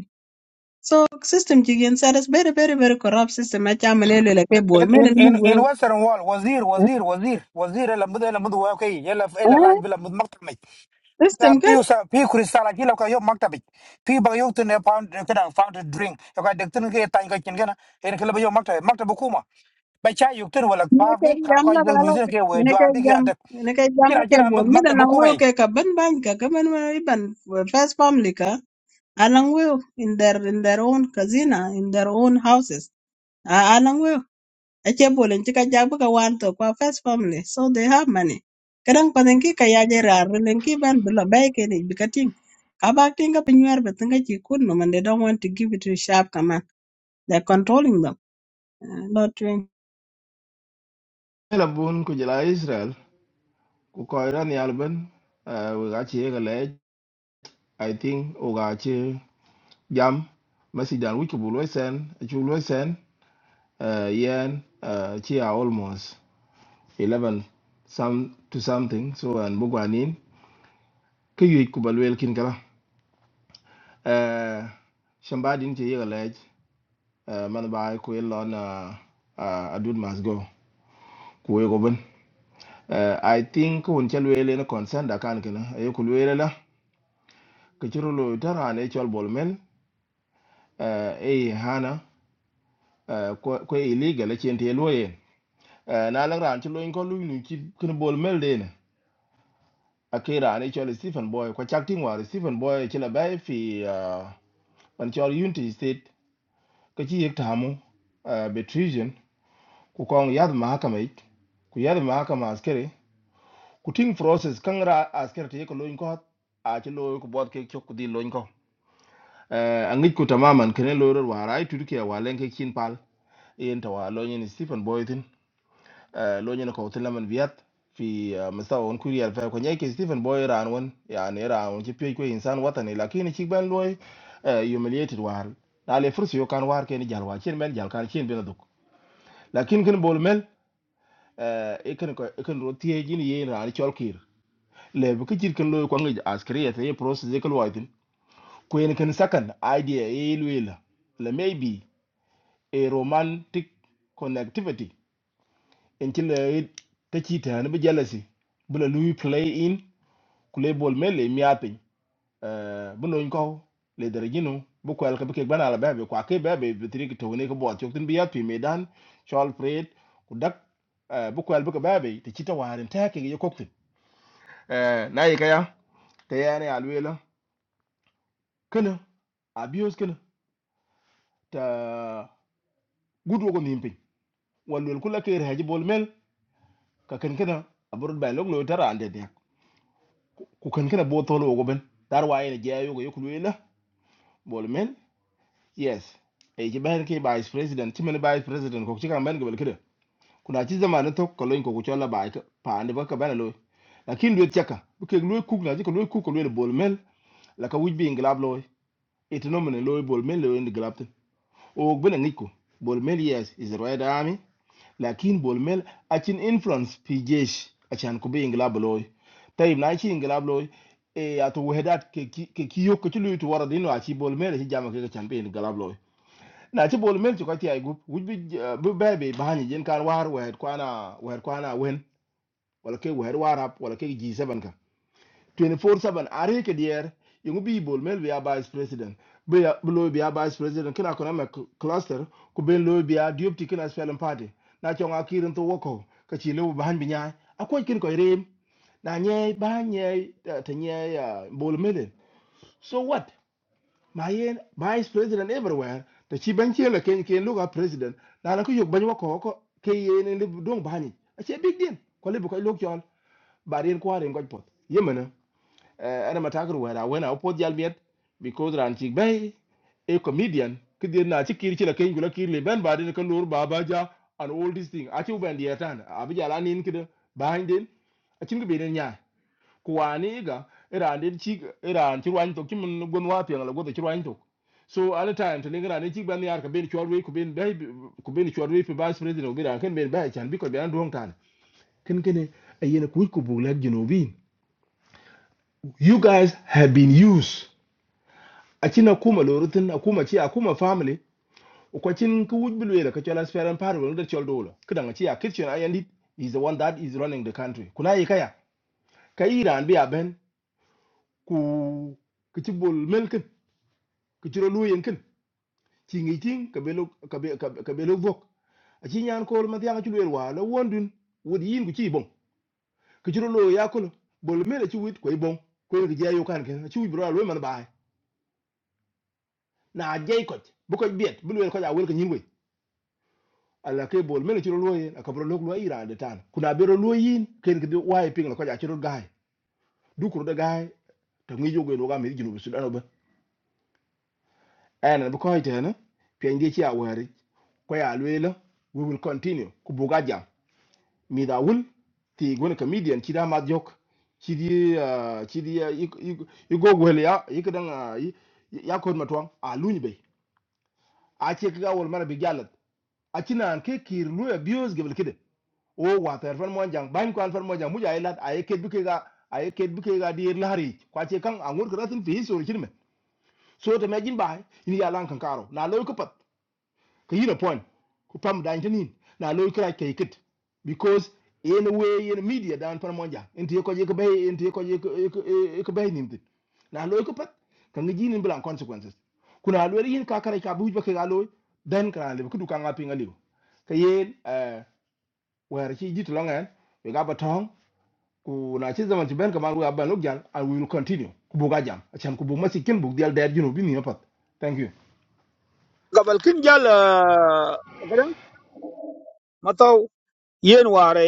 Speaker 13: so system ci gen sa das very very very corrupt system a ca mene le le ke bol
Speaker 3: in
Speaker 13: mene
Speaker 3: in
Speaker 13: mu
Speaker 3: in
Speaker 13: go
Speaker 3: in western wall wazir wazir wazir wazir la mud la mud wa kay yalla illa lanj bila mud maktab
Speaker 13: system
Speaker 3: ta
Speaker 13: kan
Speaker 3: piu sa piu kristal ki lo ka yo maktabi piu ba yo tin pound kada found a drink yo ka dek tin ke tan ka kin gana en ke lo yo maktabi maktabi kuma ba cha yo tin wala
Speaker 13: mene
Speaker 3: pa
Speaker 13: ke
Speaker 3: bi ka
Speaker 13: jam
Speaker 3: ko
Speaker 13: la
Speaker 3: yo
Speaker 13: gala
Speaker 3: ke we
Speaker 13: mene ke
Speaker 3: jwar bi ke
Speaker 13: jam
Speaker 3: adak
Speaker 13: mene ke jam la
Speaker 3: kira
Speaker 13: ke
Speaker 3: kira
Speaker 13: bol mene na
Speaker 3: maktabi kuma
Speaker 13: wo
Speaker 3: yi
Speaker 13: ke ka ban bany ka ka man man ban first family ka alang will in their in their own casino in their own houses alang we Achebolin ci ka jak bi ka wan kwa first family so they have money kadang panen ki ka yaje rar len ban bi lo bay ke ni bi ka ting ka bak pinywer bi tinga no man they don't want to give it to sharp command they're controlling them Uh, not doing
Speaker 5: Là bun ku jela Israel ku ko Iran yal ben eh, we ga che ga le o ga che jam masidan wi ku bu lo sen chu lo sen eh, yen eh, chi a almost Eleven, some to something so an bu gwanin ke yu ku balwel kin kala eh shamba din che ga le eh, man ba ku lo na ah, adud mas go ku we go ben Eh, i think kun chalwele na concern da kan kana ayo ku lwele la ke chiro lo tarane chol bol men uh, e hana uh, ko ko illegal chen te loye uh, na lang ran chi loin ko lu ni chi kun bol mel de ne akira ne chol Stephen Boy ko chak ting war Stephen Boy chi la bai fi uh, pan chol Unity State ko chi yek tamu uh, betrision ku kong yad mahakama ik ku yad mahakama askere ku ting process kang ra askere te ko loin ko a chi loy ku bot ke chok ku di loin ko uh, angik ku tamaman kene loyor warai tudu ke walenke chin pal yen tawa lo nyen Stephen Boy tin Eh, lo ñene ko tin lamen viat fi masa on kuri al fa ko nyai ke stephen boy ran won yani ran won ci pey ko insan watani lakini ci ban loy eh, humiliated war na le fursi yo kan war ke ni jalwa cin men jal kan cin bena duk lakin kin bol mel e kan ko e kan ro tie jin ye ran chol kir le bu kicir kan loy ko ngi askriya te process de kal waitin ko en kan sakan idea e luela le maybe a romantic connectivity en ci le te ci te ne be jealousy bu le lui play in ku le bol me le mi apin eh bu no ko le dere gino bu ko alka be ke bana la be be kwa ke be be be tri ki to ne ko bo chok tin bi ya pi me dan chol pret ku dak eh bu ko alka be be te ci ta waren ta ke ye koktin eh na yi kaya te ya ne alwela kana abuse kana ta gudu ko nimpi walwel kula ke haji bol mel ka ken kana aburut bay lok lo tara ande de ku kan kana bo tolo go ben dar wa ene je ayo go yokul wela bol men yes e je ben ke vice president ti men vice president ko ci kan ben go kede kuna ci zamana to ko loñ ko ko chola ba ka pa ande ba ka ben lo lakin do tiaka bu ke lo ku na ji ko lo ku ko lo bol men la ka wujbi inglab lo it no men lo bol men lo en glab tin o ben ngi ko bol men yes is the right army lakin bol mel akin influence pi jesh achan ko be ingla bloy tayib na chi ingla bloy e ato wehedat ke ki- ke kiyo ko chulu to wara dino achi bol mel hi jama ke chambe ingla bloy na chi bol mel chukati ay gup wuj bi bu bebe bahani jen kan war wehet kwana wehet kwana wen wala ke wehet warap wala ke g7 24/7 are ke dier yungu bi bol mel bi a vice president bi a- bi lo bi a vice president kina kona me cl- cluster ku ben lo bi a deputy kina spelling party na chonga kirin to woko ka chi lo ban bi nyai akwai kin ko rem na nye ba nye eh, ta nye ah, bol mel so what ma yen vice president everywhere ta chi ban che la ken ken lo ga president na na ku yug ban woko ko ke yen ni dong bani a che big deal ko le bu ko lo kyol ba ren ko ren ko pot yemena Eh, ana matakar wera wena opo jal miet because ran chik bay a comedian kidir na chikir chila ken gula kirle ben ba den kan lor baba ja and all this thing achi uben dia tan abi jala nin kid behind den achin gi benen nya kuani ga ran den chik ran chi wan to kimun gon wa pe ngala go to chi wan to so at the time to lingra ne chik ban yar ka ben chorwe ku ben bay ku ben chorwe pe vice president obi ran ken ben bay chan bi ko ben don tan ken ken ayena ku ku bulak junubin you guys have been used acin akuma lorutin akuma chi, akuma family ukwacin ku wuj bilwela ka chola sferan paru wal chol dolo kidan ci a kitchen ayandit is the one that is running the country kuna yi kaya ka iran bi aben ku kici bol melkin kici ro luyen kin ci ngi tin ka belo ka be ka belo vok acin yan ko ma tianga ci lwel wa la wondun wod yin ku ci bon kici lo ya bol mele chi wit koy bon ko ngi jayu kan ken ci wuj bro lo man baay na jey ko bu ko biet bu lwel ko ja wel ko nyin ala ke bol mele chiro loye a kabro lok lo ira de tan kuna bero loyin ken ke waye ping la ko ja chiro gai du kuro de gai to ngi jogo no ga mi jinu bi sudan ba ana bi ko ite na pen de chi a wari ko ya lwela we will continue ku buga jam mi da wul ti gona comedian chi da ma jok chi di ah, chi di ah, i i- i go gwele ya i kedan ya ko ma twang a lunyi be a che ka wol mara bi galat acinan ke kir nu abuse gebel kide o water fan mo jang ban kwan fan mo jang muja ilat ay ket buke ga ay ket buke ga dir lari kwa che kan angur kratin fi so chirme so to me jin bai ni ya lan kan karo na lo ko pat ka yina pon ku pam dan tanin na lo kra ke kit because in a way in media dan pan monja inte ko je ko bay inte ko je ko bay nim dit na lo ko pat ka ngi ni blan consequences kuna lo yin ka kare ka buj ba ka lo dan kra le ku du ka ngapi ngali ka yen eh wer chi jit lo ngan we ga batong ku na chi zaman ti ben ka man we ban lo jan i will continue ku bu ga jam achan ku bu masikin bu dial dad junu bi ni pat thank you
Speaker 9: gabal kin jal gadan mataw yen ware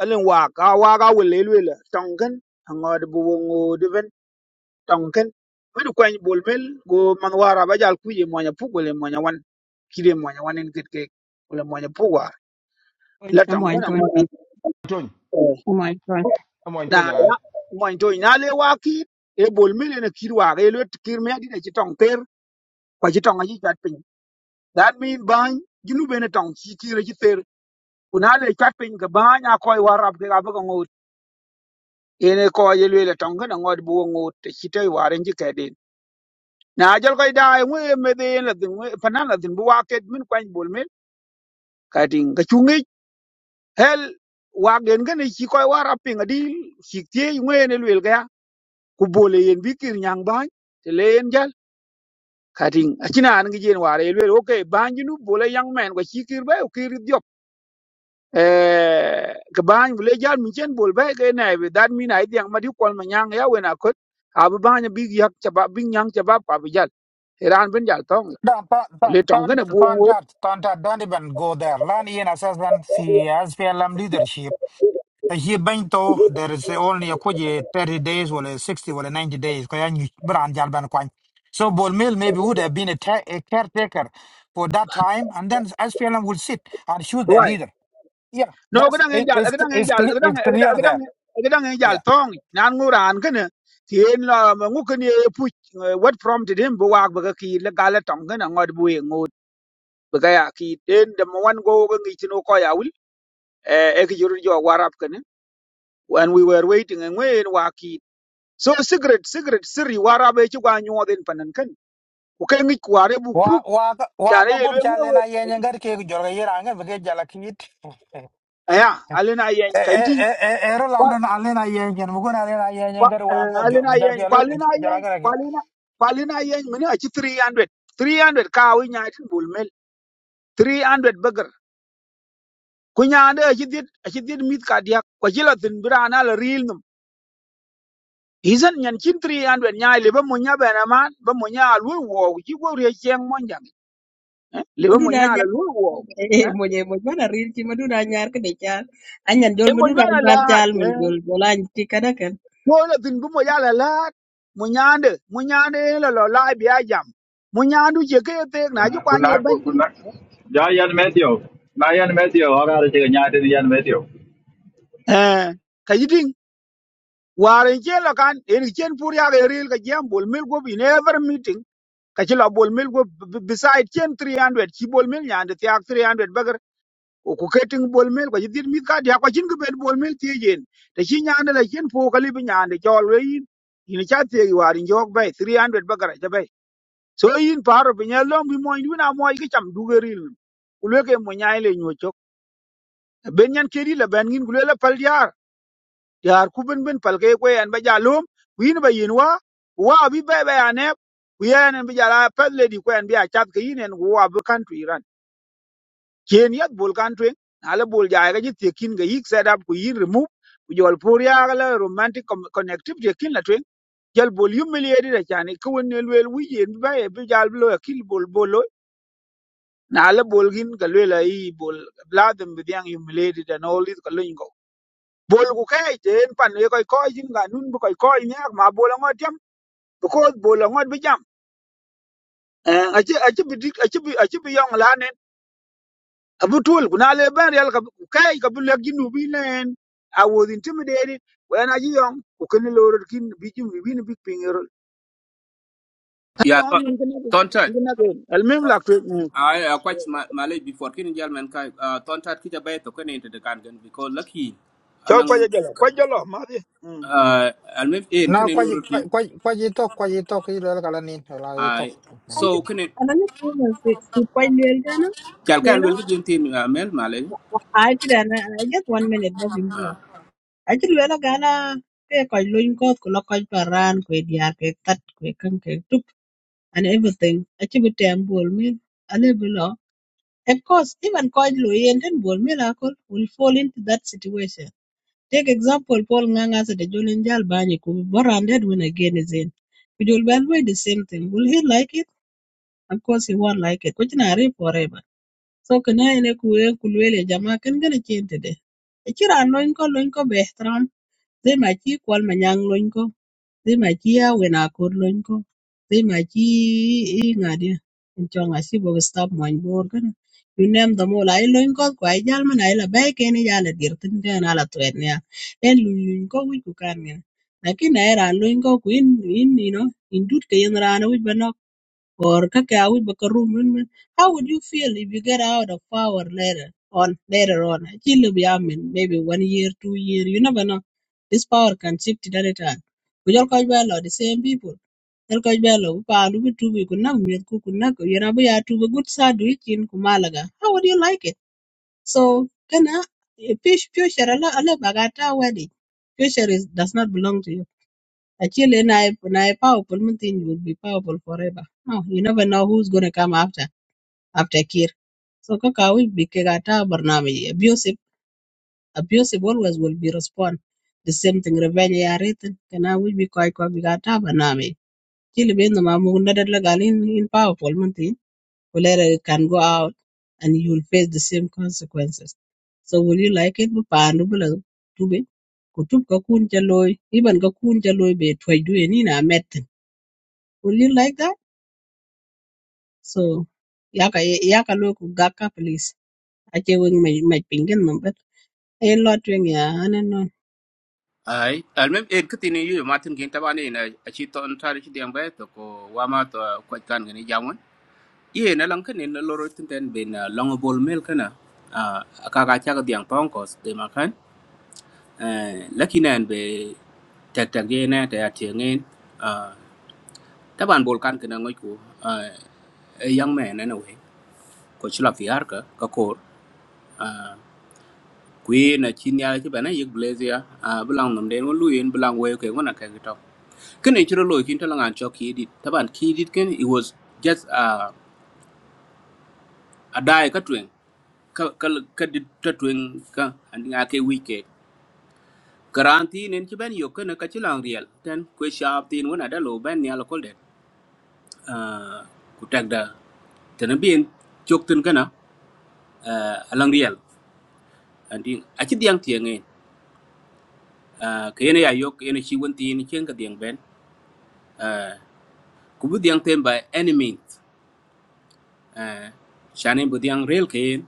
Speaker 9: alin waka waga wele lwela tonken ngod buwongo diven tonken wadu kwany bolmel go man wara bajal kuje mwanya pu gole mwanya wan kide mwanya wan en ket kek wala mwanya pu war la
Speaker 13: amoy
Speaker 9: tonken
Speaker 13: to en pen
Speaker 9: ngod
Speaker 5: tony
Speaker 13: amoy to
Speaker 5: amon
Speaker 9: na
Speaker 5: tonya
Speaker 9: na mwany to ina le waki e bolmel ene kir waga e lwet kir me adina ci tong ter kwa ci tong aji chat pin that mean bany jinu bene tong ci kire ci ter kuna le chat pin ga banya koy warab ga ba ngo ene ko ye lwele tonga na ngod bu ngot te chite waren ji kedin na jal koy da ngwe me de la ding panan la ding bu waket min kwany bol min ka ding ga chungi hel wagen gane chi koy wara pinga di chi tie ngwe ne lwel ga ku bole yen bi kir nyang ban te le yen jal ka ding achina an gi jen ware lwel okay ban ji nu bole yang men ga chi kir ba o kir eh ka ban bule jal mi chen bol ba ke na be dan mi na idiang ma di kwal ma nyang ya we na kot a bu ban bi yak cha ba bi nyang cha ba pa bi jal iran bin jal tong
Speaker 3: dan pa pa
Speaker 9: le tong
Speaker 3: pa
Speaker 9: ne bu wo
Speaker 3: ta ta ta don't even go there lan yen assessment fi as P L M leadership He bento there is only a kuji thirty days or sixty or ninety days. Kaya ni brand jalban kwan. So Bolmil maybe would have been a, ta- a caretaker for that time, and then SPLM would sit and choose their
Speaker 9: right
Speaker 3: leader. Yeah,
Speaker 9: no ga
Speaker 3: that's
Speaker 9: dang en
Speaker 3: it,
Speaker 9: jal
Speaker 3: it's
Speaker 9: ga dang en
Speaker 3: it's
Speaker 9: jal
Speaker 3: clear,
Speaker 9: ga dang
Speaker 3: it's
Speaker 9: ga
Speaker 3: clear
Speaker 9: dang
Speaker 3: there.
Speaker 9: ga dang en jal
Speaker 3: Yeah.
Speaker 9: tong nan ngu ran ke ne tien la ma ngu ke ne pu what prompted him bu wak ba ka ki le ga le tong ne ngod bu ye ngut ba ga ya ki den de mo wan go ga ngi chino ko ya wul eh e ki jor jo warap ke ne when we were waiting and when waki so secret secret sirri wara be ci gwa nyoden panan kan ku kai mi kware bu
Speaker 3: Wa
Speaker 9: proof
Speaker 3: wa wa
Speaker 9: jare
Speaker 3: ga gob
Speaker 9: yelwe
Speaker 3: chale
Speaker 9: ngowe
Speaker 3: na yen ngar ke jorga yiranga bege jala kit.
Speaker 9: aya alena yen
Speaker 3: E
Speaker 9: kaiti
Speaker 3: e e ero
Speaker 9: kwa
Speaker 3: lalon alena yen yen mugun alena yen
Speaker 9: kwa
Speaker 3: ngar wa ga
Speaker 9: eh, alena yen kwa
Speaker 3: jorga
Speaker 9: alena yen kwa
Speaker 3: jala
Speaker 9: alena kwa alena yen mene a ci 300 300 ka wi nya tin bulmel 300 bagar kunya ande a ci dit a ci dit mit ka dia kwa jila tin birana la ril num izan nyan cin 300 nya le ba mo nya bana man ba mo nya lu wo ji wo re cheng mon jang eh? le ba
Speaker 13: madu
Speaker 9: mo
Speaker 13: da
Speaker 9: nya la
Speaker 13: nyar
Speaker 9: lu wo
Speaker 13: e
Speaker 9: Eh?
Speaker 13: mo je mo bana rir ci madu nyar ke de chal anyan jol
Speaker 9: e mo
Speaker 13: madu da
Speaker 9: jwana
Speaker 13: nyar
Speaker 9: lahat
Speaker 13: chal mil
Speaker 9: eh
Speaker 13: jol jol an kada ken
Speaker 9: mo la tin bu mo yala lahat mo nyande mo nyande lo lo la bi ajam mo nyandu je ke te na ji kwanye ban
Speaker 14: Yeah, yeah, Matthew. My yeah, Matthew. How are you? Yeah, I not yeah,
Speaker 9: eh ka yitin warin ke lo kan en ken pur ya ga ril ka jam bol mil go bi never meeting ka ci lo bol mil go beside ken 300 ci bol mil nyande ti ak 300 bagar o ku ketin bol mil ko yitin mi ka dia ko cin ko bet bol mil ti jen te ci nyande la ken pu ka li bi nyande jol we yin ina cha te warin jog bay 300 bagar ja so yin paro bi nya long bi moy wina moy ki cham dugeril kulwe ke mo nyaay le nyo chok ben nyan kedi la ben ngin kulwe la pal yar yar ku ben ben pal ke ko yan ba ja lom win ba yin wa wa bi ba ba ya ne ku yan en bi ja la pal le di ko yan bi a chat ke yin en wa bu kan tu iran ken yat bol kan tu ala bol ja ga ji te kin ga yik set up ku yin remove ku jol pur ya ga la romantic com- connectivity kin la tu jal bol yum le yedi da chani ko won ne lwel wi yen bi ba ye bi jal lo ya kil bol bol na le bol gin ka lwe la i bol bladem bi yang humiliated and all this ka lwe ko bol ku kai ten pan ye koy koy jin ga nun bu koy koy ne ma bol ngot jam because bol ngot bi jam Eh, achi achi bi dik- achi bi achi bi yong la abu tul ku na le ben real ka bu- kai ka bu le gin u bi nen i was intimidated when i young ku ken lo ro kin bi jum bi ni bi pin ro ta
Speaker 17: Yeah,
Speaker 9: don
Speaker 17: ton
Speaker 9: in
Speaker 17: ton
Speaker 9: ken na ken al mem la ku
Speaker 17: I I quite ma- malay before kin jal men kai uh, ton tat ki jabe to kan into the kan because lucky
Speaker 9: chol ko
Speaker 17: alang
Speaker 9: jalo ko jalo ma di mm.
Speaker 17: uh, almem en
Speaker 3: No,
Speaker 17: kene
Speaker 3: kwaji
Speaker 17: loro ti
Speaker 3: kwaji kwaji talk kwaji talk ile kala nini la you talk.
Speaker 17: ay
Speaker 13: an ti
Speaker 17: so kene
Speaker 13: ana ni si si kwai lel
Speaker 17: kal kan
Speaker 13: kana
Speaker 17: lol gidin tin uh, mel male
Speaker 13: Ai ti I just one minute na simbulo.
Speaker 17: uh,
Speaker 13: Ai ti luela gana pe koj luny koth kulo koj paran kwe diar kwe tat kwe kan kwe tup and everything. Ai ti bi tem bol mil ale bi Of course even koj lo yen ten bol mil akol will fall into that situation. Take example Paul Ngang as the Jolin Jal Banyi ku boranded when again is in. We will be the same thing. Will he like it? Of course he won't like it. Which na forever. So kine ene ku wee ku luel ya jama kin gene cin tede. Icira lony ko lony ko be ihtiram zai ma ci kwal ma nyaŋ lony ko zai ma ci ya wen akor lony ko zai ma ci i ŋadi in chong a sibu ki stop mwany bor kine. You name them all. Ai lony ko kwa ai jal man ai la bai kene ya la dir tin den ala tuet niya. En luny luny ko wich ku kan ngene. Lakin ai ran lony ko ku in in you know in dut ke yen rana wich ba or kaka awic ba room? min min how would you feel if you get out of power later on later on Actually, will be amen maybe one year two year you never know this power can shift at any time we all call well the same people el ko belo bu paalu bu tubi ku nak miet ku ku nak yena bu ya tubi gut sa du ikin ku malaga how would you like it so can I? fish future ala ala bagata wedding future is, does not belong to you Actually, nai nai powerful mean thing will be powerful forever. No, you never know who's gonna come after after Kir. So kaka will be kegata barnami abusive abusive always will be respond. The same thing revenge ya written. Kana we be koi koi bigata barnami. Chili be no mamu nadad lagal in in powerful mean thing. Whenever it can go out and you will face the same consequences. So will you like it? Pandu bula tube. Kutub kakun chaloy. Iban kakun chaloy be twajdue ni na met Will you like that? So yaka yaka lo ku gaka please. Ache wing my my pingin number. A lot wing ya and no.
Speaker 17: ay almem en kitin yu matin gin tabane na a chi ton tari chi dem bay to ko wama to ko kan gani jamon ye na lan kene na loro tin ten ben uh, long ball mel kana uh, akaka chaga diang pankos de makan uh, lakinan be tek tek ye na ta tiengen uh, taban bol kan kana ngoy ko uh, young man anyway ko chila fiar ka ka ko à quý na chin ya chi bana yig blaze ya à belang nom den lu yin belang we ke ngona ka to ken ni chiro lo kin to langan chok ki dit taban ki dit ken it was just a a dai ka twen ka ka ka dit ta twen ka and nga ke wi ke garanti nen chi ben yo ken ka chi lang riel ten kwe sharp tin wona da lo ben ya lo kol det à ku tag da tena bien chok tin kana a lang riel and in a chi diang tieng nge ka yene ya yo ka yene chi won tin chen ka diang ben ku bu diyaŋ tem by any means eh shane bu diyaŋ real ken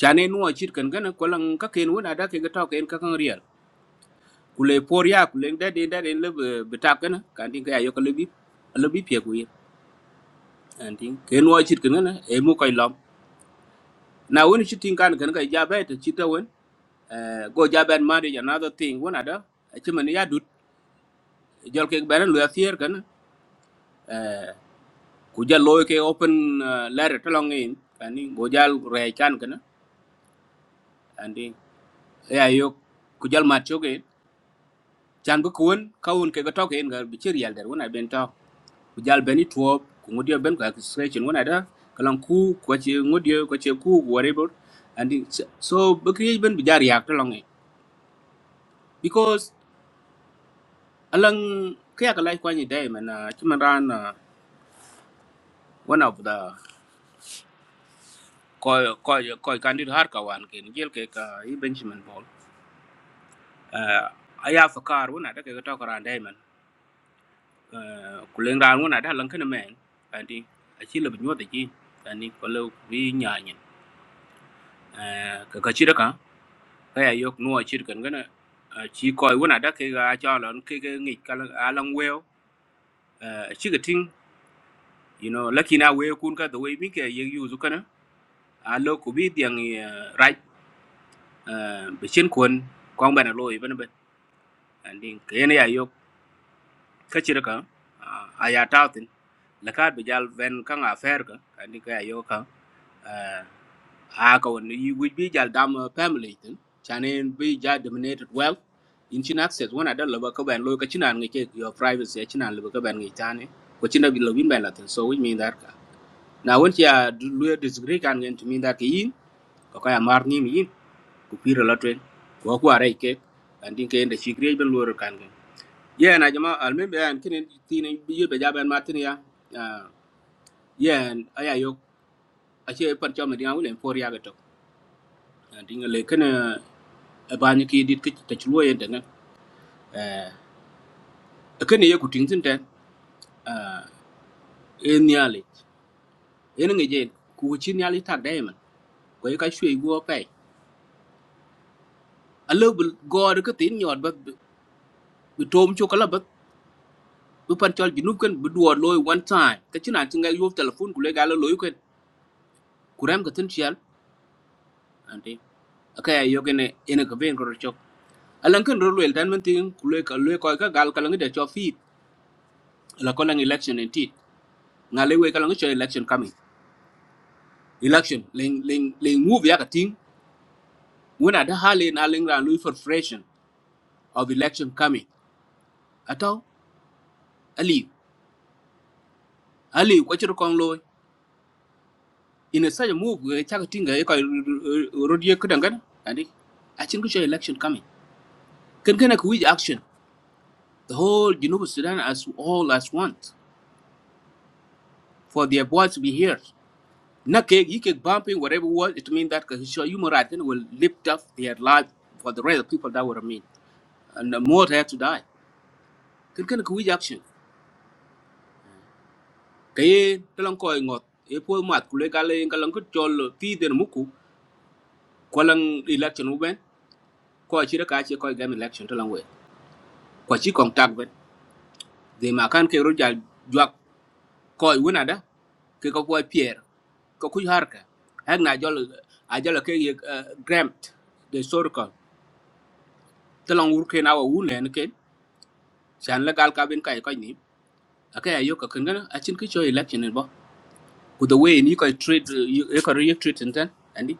Speaker 17: shane nuwa chit kan gana kwalan ka ken wona da ke ga taw ken ka kan real ku le por ya le da de da de le bu ta kana kan tin ka ya yo ka le bi le bi pye ku ye an tin ke nuwa chit kan gana e mu kai lam na woni chit tin kan kan ka ja ba ta chit ta won eh go ja ban ma de another thing wona da a chi man ya dut jol ke ban lu ya fier kana ku ja loy ke open eh, letter to long in kan ni go ja re chan kana an tin ya yo ku jal mat choge chan bu kun ka un ke ga to ken ga bi chir yal der wona ben to ku jal ben ni tuo ku ngodio ben ka stretching wona da kalan ku ko che ngodio ko che ku whatever and it's- so so, bu kri ben bi jar yak to long because alang kya ka lai kwani dai man chuman ran ah, one of the ko ko ko candid har ka wan ken jel ke ka i benjamin Paul, ball aya fakar wona da ke ga to ka ran dai man Ờ, của lên ra ku leng ran lần cái lan kana men andi a chi le binyo de chi anh đi ko le bi nya nyin ka ka chi da ka ka ya yok nuo chi kan chỉ coi ko wona da cái ga cho là cái cái ngi cái là lan weo chỉ ga ting you know lucky na we kun ka the way mi ke ye cái zu kana a lo ku bi right be chiến quân, quang ba na lo i ba na ba cái ke ne ya yok ka chi da ka a ya ta tin la ka bây giờ ven căng nga cả, anh đi cái ya yok ka Ah, kawan, you would be jal dam uh, family tin. Chanin be jal dominated wealth, In chin access one ada leba ka ban lo ka chinan ngi ke your privacy chinan leba ka ban ngi tane. Ko china bi lobin ban latin. So which mean that ka. Na won ya lu disagree kan ngi to mean that ki yin ko ka ya mar ni mi yin ku pira la twen. Ko ku are ke and din ke enda chigre ben lo kan ngi. Yeah, na jama almen be an kinen tinen bi ye be ja ban martin ya. Ah, yeah, aya yo. Ache pan chama dinga wulen for ya ga to. Dinga le kana ban ki dit ki ta chulo yen den eh ka ne ku ting tin ten eh en yali en nge je ku chi yali tak dai man ko ka shwe go pe a lo bu go de ka tin nyot ba bu tom chu kala ba bu pan chol gi nup ken bu duo loy one time ka chi na chi ga yo telephone ku le ga loy ken ku ram ka tin chial ante ka ya yo gene en ka ben ro chok alan ken ro wel tan man tin ku le ka le ko ka gal ka lang de cho fit la ko lang election en ti ngale we ka lang cho election coming election leng leng leng move ya ka ting when at hali na lingra Louis for freshen of election coming ato ali ali what you call loy in a such a move we chaka tinga e kai rodie kudangana andi i think kucho election coming can can we action the whole Genova Sudan as all as one for their voice to be heard na ke you keep bumping whatever was it means that cause sure human rights then will lift up their life for the rest of people that would remain and the more they have to die can can we action cái talan koy ngot cái phôi mát, kule gale kalan cứ chol ti den muku kwalan election uben ko chi cái chi koy game election talan we ko chi kong tag ben de ma cái ke roja jwak koy wona da ke ko koy pier ko kuy harka hak na jol a jol ke ye gramt de sorka talan wur ke na wa wun len ke chan la gal ka ben kay koy ni aka ya yo ka kan gana a chin cái choy election ni bo ku the way ni koy trade cái ko ye trade ten andi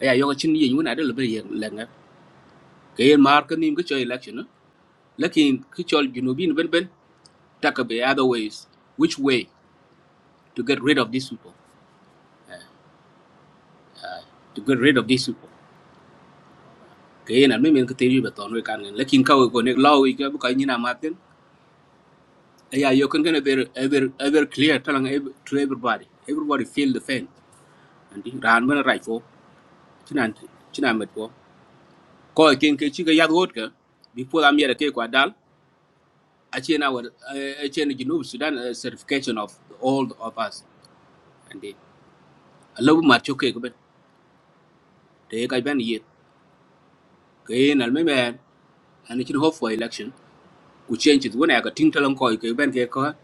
Speaker 17: ya yo ka chin ye wona da le be ye ke yen mar ka nim ka cho election no lakin ka cho junubin ben ben taka be other ways which way to get rid of these people to get rid of these people ke yen al memen ka teri be ton we kan ngen. lakin ka we go ne law we ka bu ka nyina maten ya yo kan gonna be ever ever clear talang ev- to everybody everybody feel the pain and the ran men right for chinan chinan met ko ko e ken ke chi ga yad wot ka bi po am yere ke kwa dal a chen our eh, a chen junub sudan eh, certification of all of us and the lâu mà cho kê ben te ka ben yet ke na me ben and it hope for election ku change it when i got think talon ko cái bên kia ko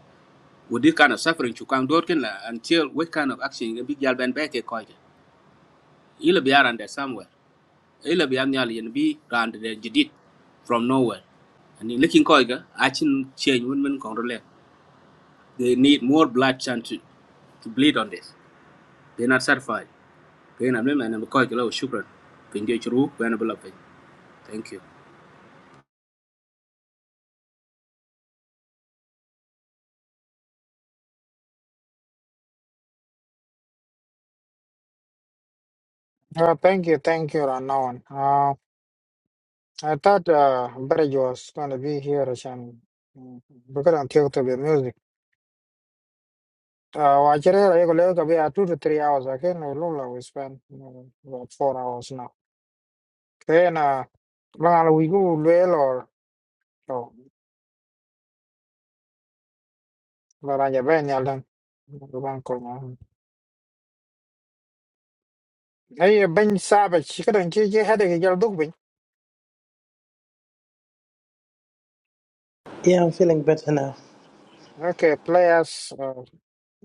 Speaker 17: with this kind of suffering chu kang dot ken la until what kind of action ke big yal ben be ke ko ke ila bi around there somewhere ila bi am yal yen bi round there jidit from nowhere and in looking ko ke action change when men kong role they need more blood chance to, to bleed on this they're not satisfied Cái ke na me man ko ke la shukran pinje chru ben bla thank you
Speaker 3: Uh, thank you, thank you, Ranawan. Uh, I thought uh, Barry was going to be here, Shan, because I'm tired of the music. Uh, actually, I go like about two to three hours. I can Lula we spend you know, about four hours now. Then uh, bang we go well or so. But I just bang yalan. Bang ko na. Hey, Ben Savage, kada nje je hada ke jal duk bin.
Speaker 2: Yeah, I'm feeling better now.
Speaker 3: Okay, players.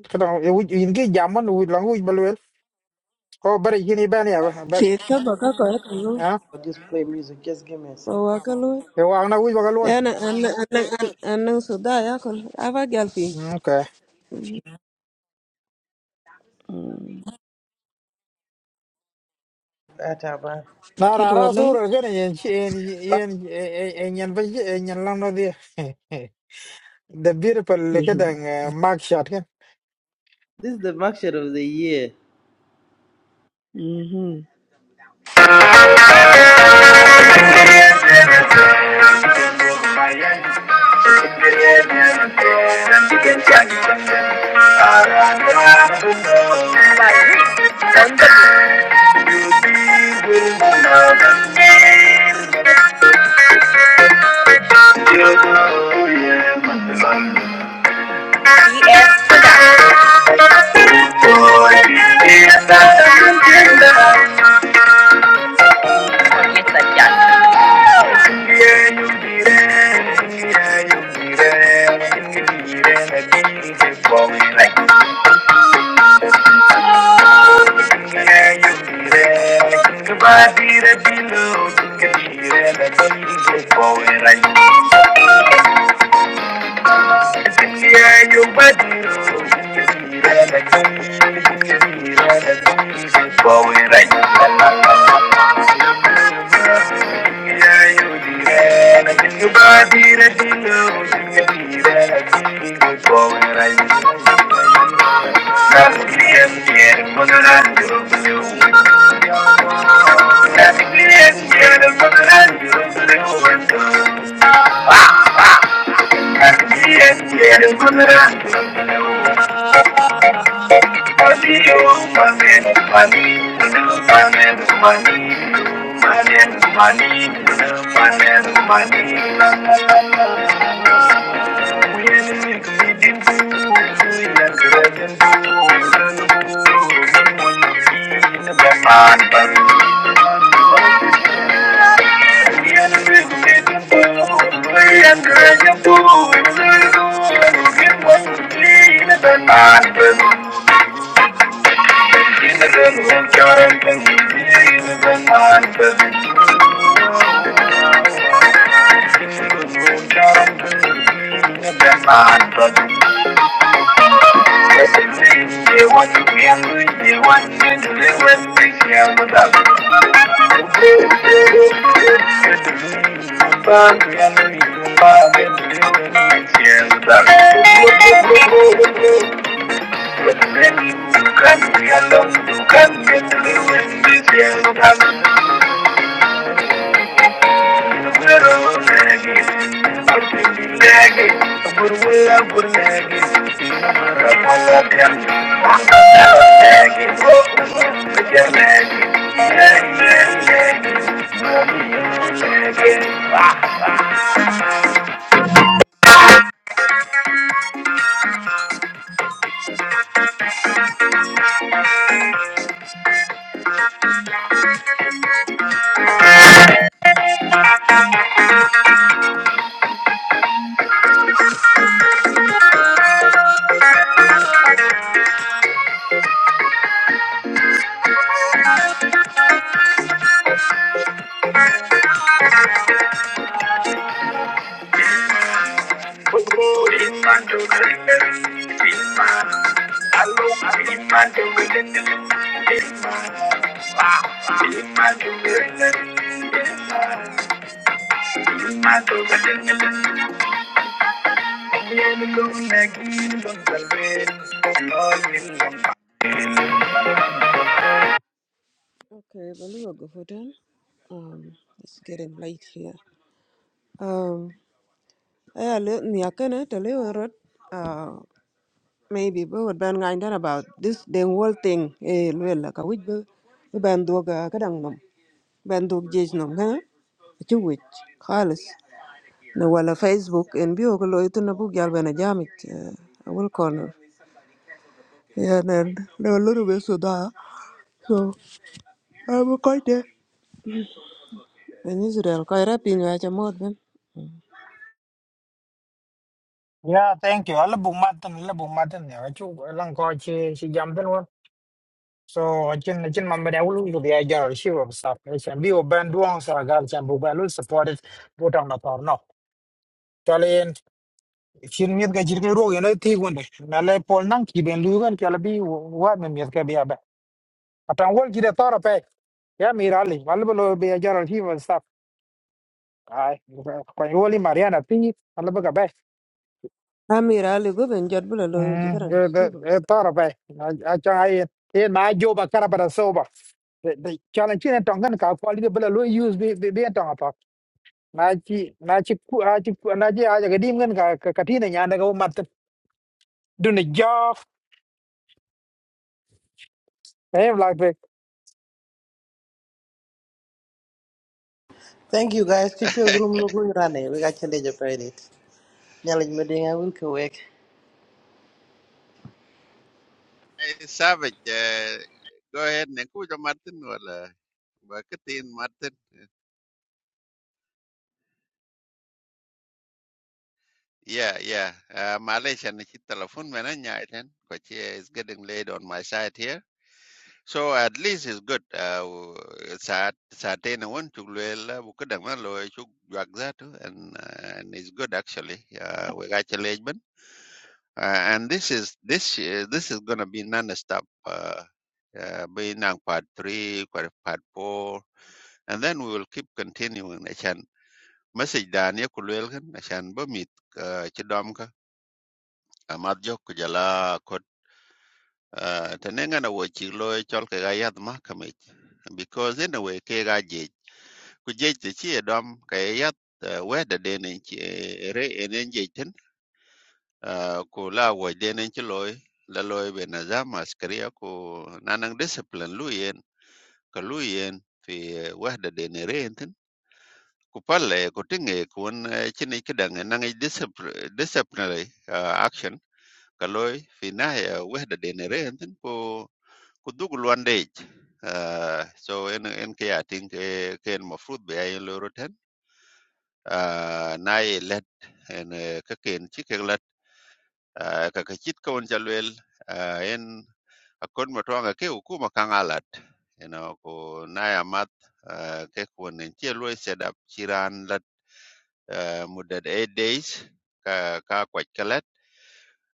Speaker 3: kada ingi jaman wi lang wi balwel ko bari gini bani aba bari ha
Speaker 2: I'll just play music. Just give me a
Speaker 3: e wa na wi baga loy okay
Speaker 2: sec.
Speaker 3: na ra ra sura gana yen yen yen yen yen ba yen lang no dia the beautiful kada mark shot kan
Speaker 2: This is the market of the year.
Speaker 18: you. Yes, Forget that guy. Right. Thank you. I'm They want to be angry, they want to be angry, they want to be Wow. Nagilong, nagilong, galwin. Nagilong,
Speaker 3: yeah thank you ala bu matan ala bu matan ya chu lang ko chi chi jam den won so chin chin man ba dawlu lu dia jar shi wa stuff ne chan bi o ban duang sa gar chan bu ba lu support it bu tang na tor no chin miet ga jirgin ro yana ti wonde na le pol nan ki ben lu gan kala bi wa me miet ga bi aba atan wol ki de tora pe ya mi rali wal bolo be jar al hiwa sap ai ko woli mariana ti al ba ga be mm e de- e tora pe a cha ai e ma jo ba kara bara so ba de challenge ne tongan ka ko ali bela lo use be be be tonga pa na chi na chi ku a chi ku na chi a ga dim gan ka ka ti ne nyanda ga mat dun ne jo
Speaker 2: Thank you guys. Keep your room no going running. We got challenge of it. Nyalaj meding I will kawek.
Speaker 6: Eh, savage eh, go ahead ne ku jo martin wala ba kitin martin yeah yeah uh, malaysia ni chi telephone mena nyai ten ko chi is getting late on my side here So at least it's good. Uh, w- saat saatain won chukluela bukadang na lo chuk juak zatu and uh, and it's good actually. Uh, we got your leg man. Uh, and this is this uh, this is gonna be non-stop. Uh, uh, being on part three, part part four, and then we will keep continuing. Achan message daniya dania kulwelgan achan bo mit chidom ka amat jok kujala ko Uh, tenenga na wo chi lo chol ke ga yat ma kamit because in a way ke ga je ku je te chi dom ke yat uh, we da de ne chi re enen je ten uh, ku la wo de ne chi loy la loy be na za maskria ku nanang discipline lu yen ka lu yen fi eh, we da de ne re ten ku palle ku tinge ku won eh, chi ne ki dang nang discipline disciplinary uh, action ka loy fi na eh, we da de ne re ten ku kuduk luandej uh, so en en ke ating ke ken mo fruit be ay lo roten uh, na ye let en eh, ke ken chi ke let uh, ka ka chit ko on jalwel uh, en akon mo twanga ke ukuma kangalat you know ko na ya mat uh, ke ko nen che lo set up chiran let uh, mudad 8 days ka ka kwat kalat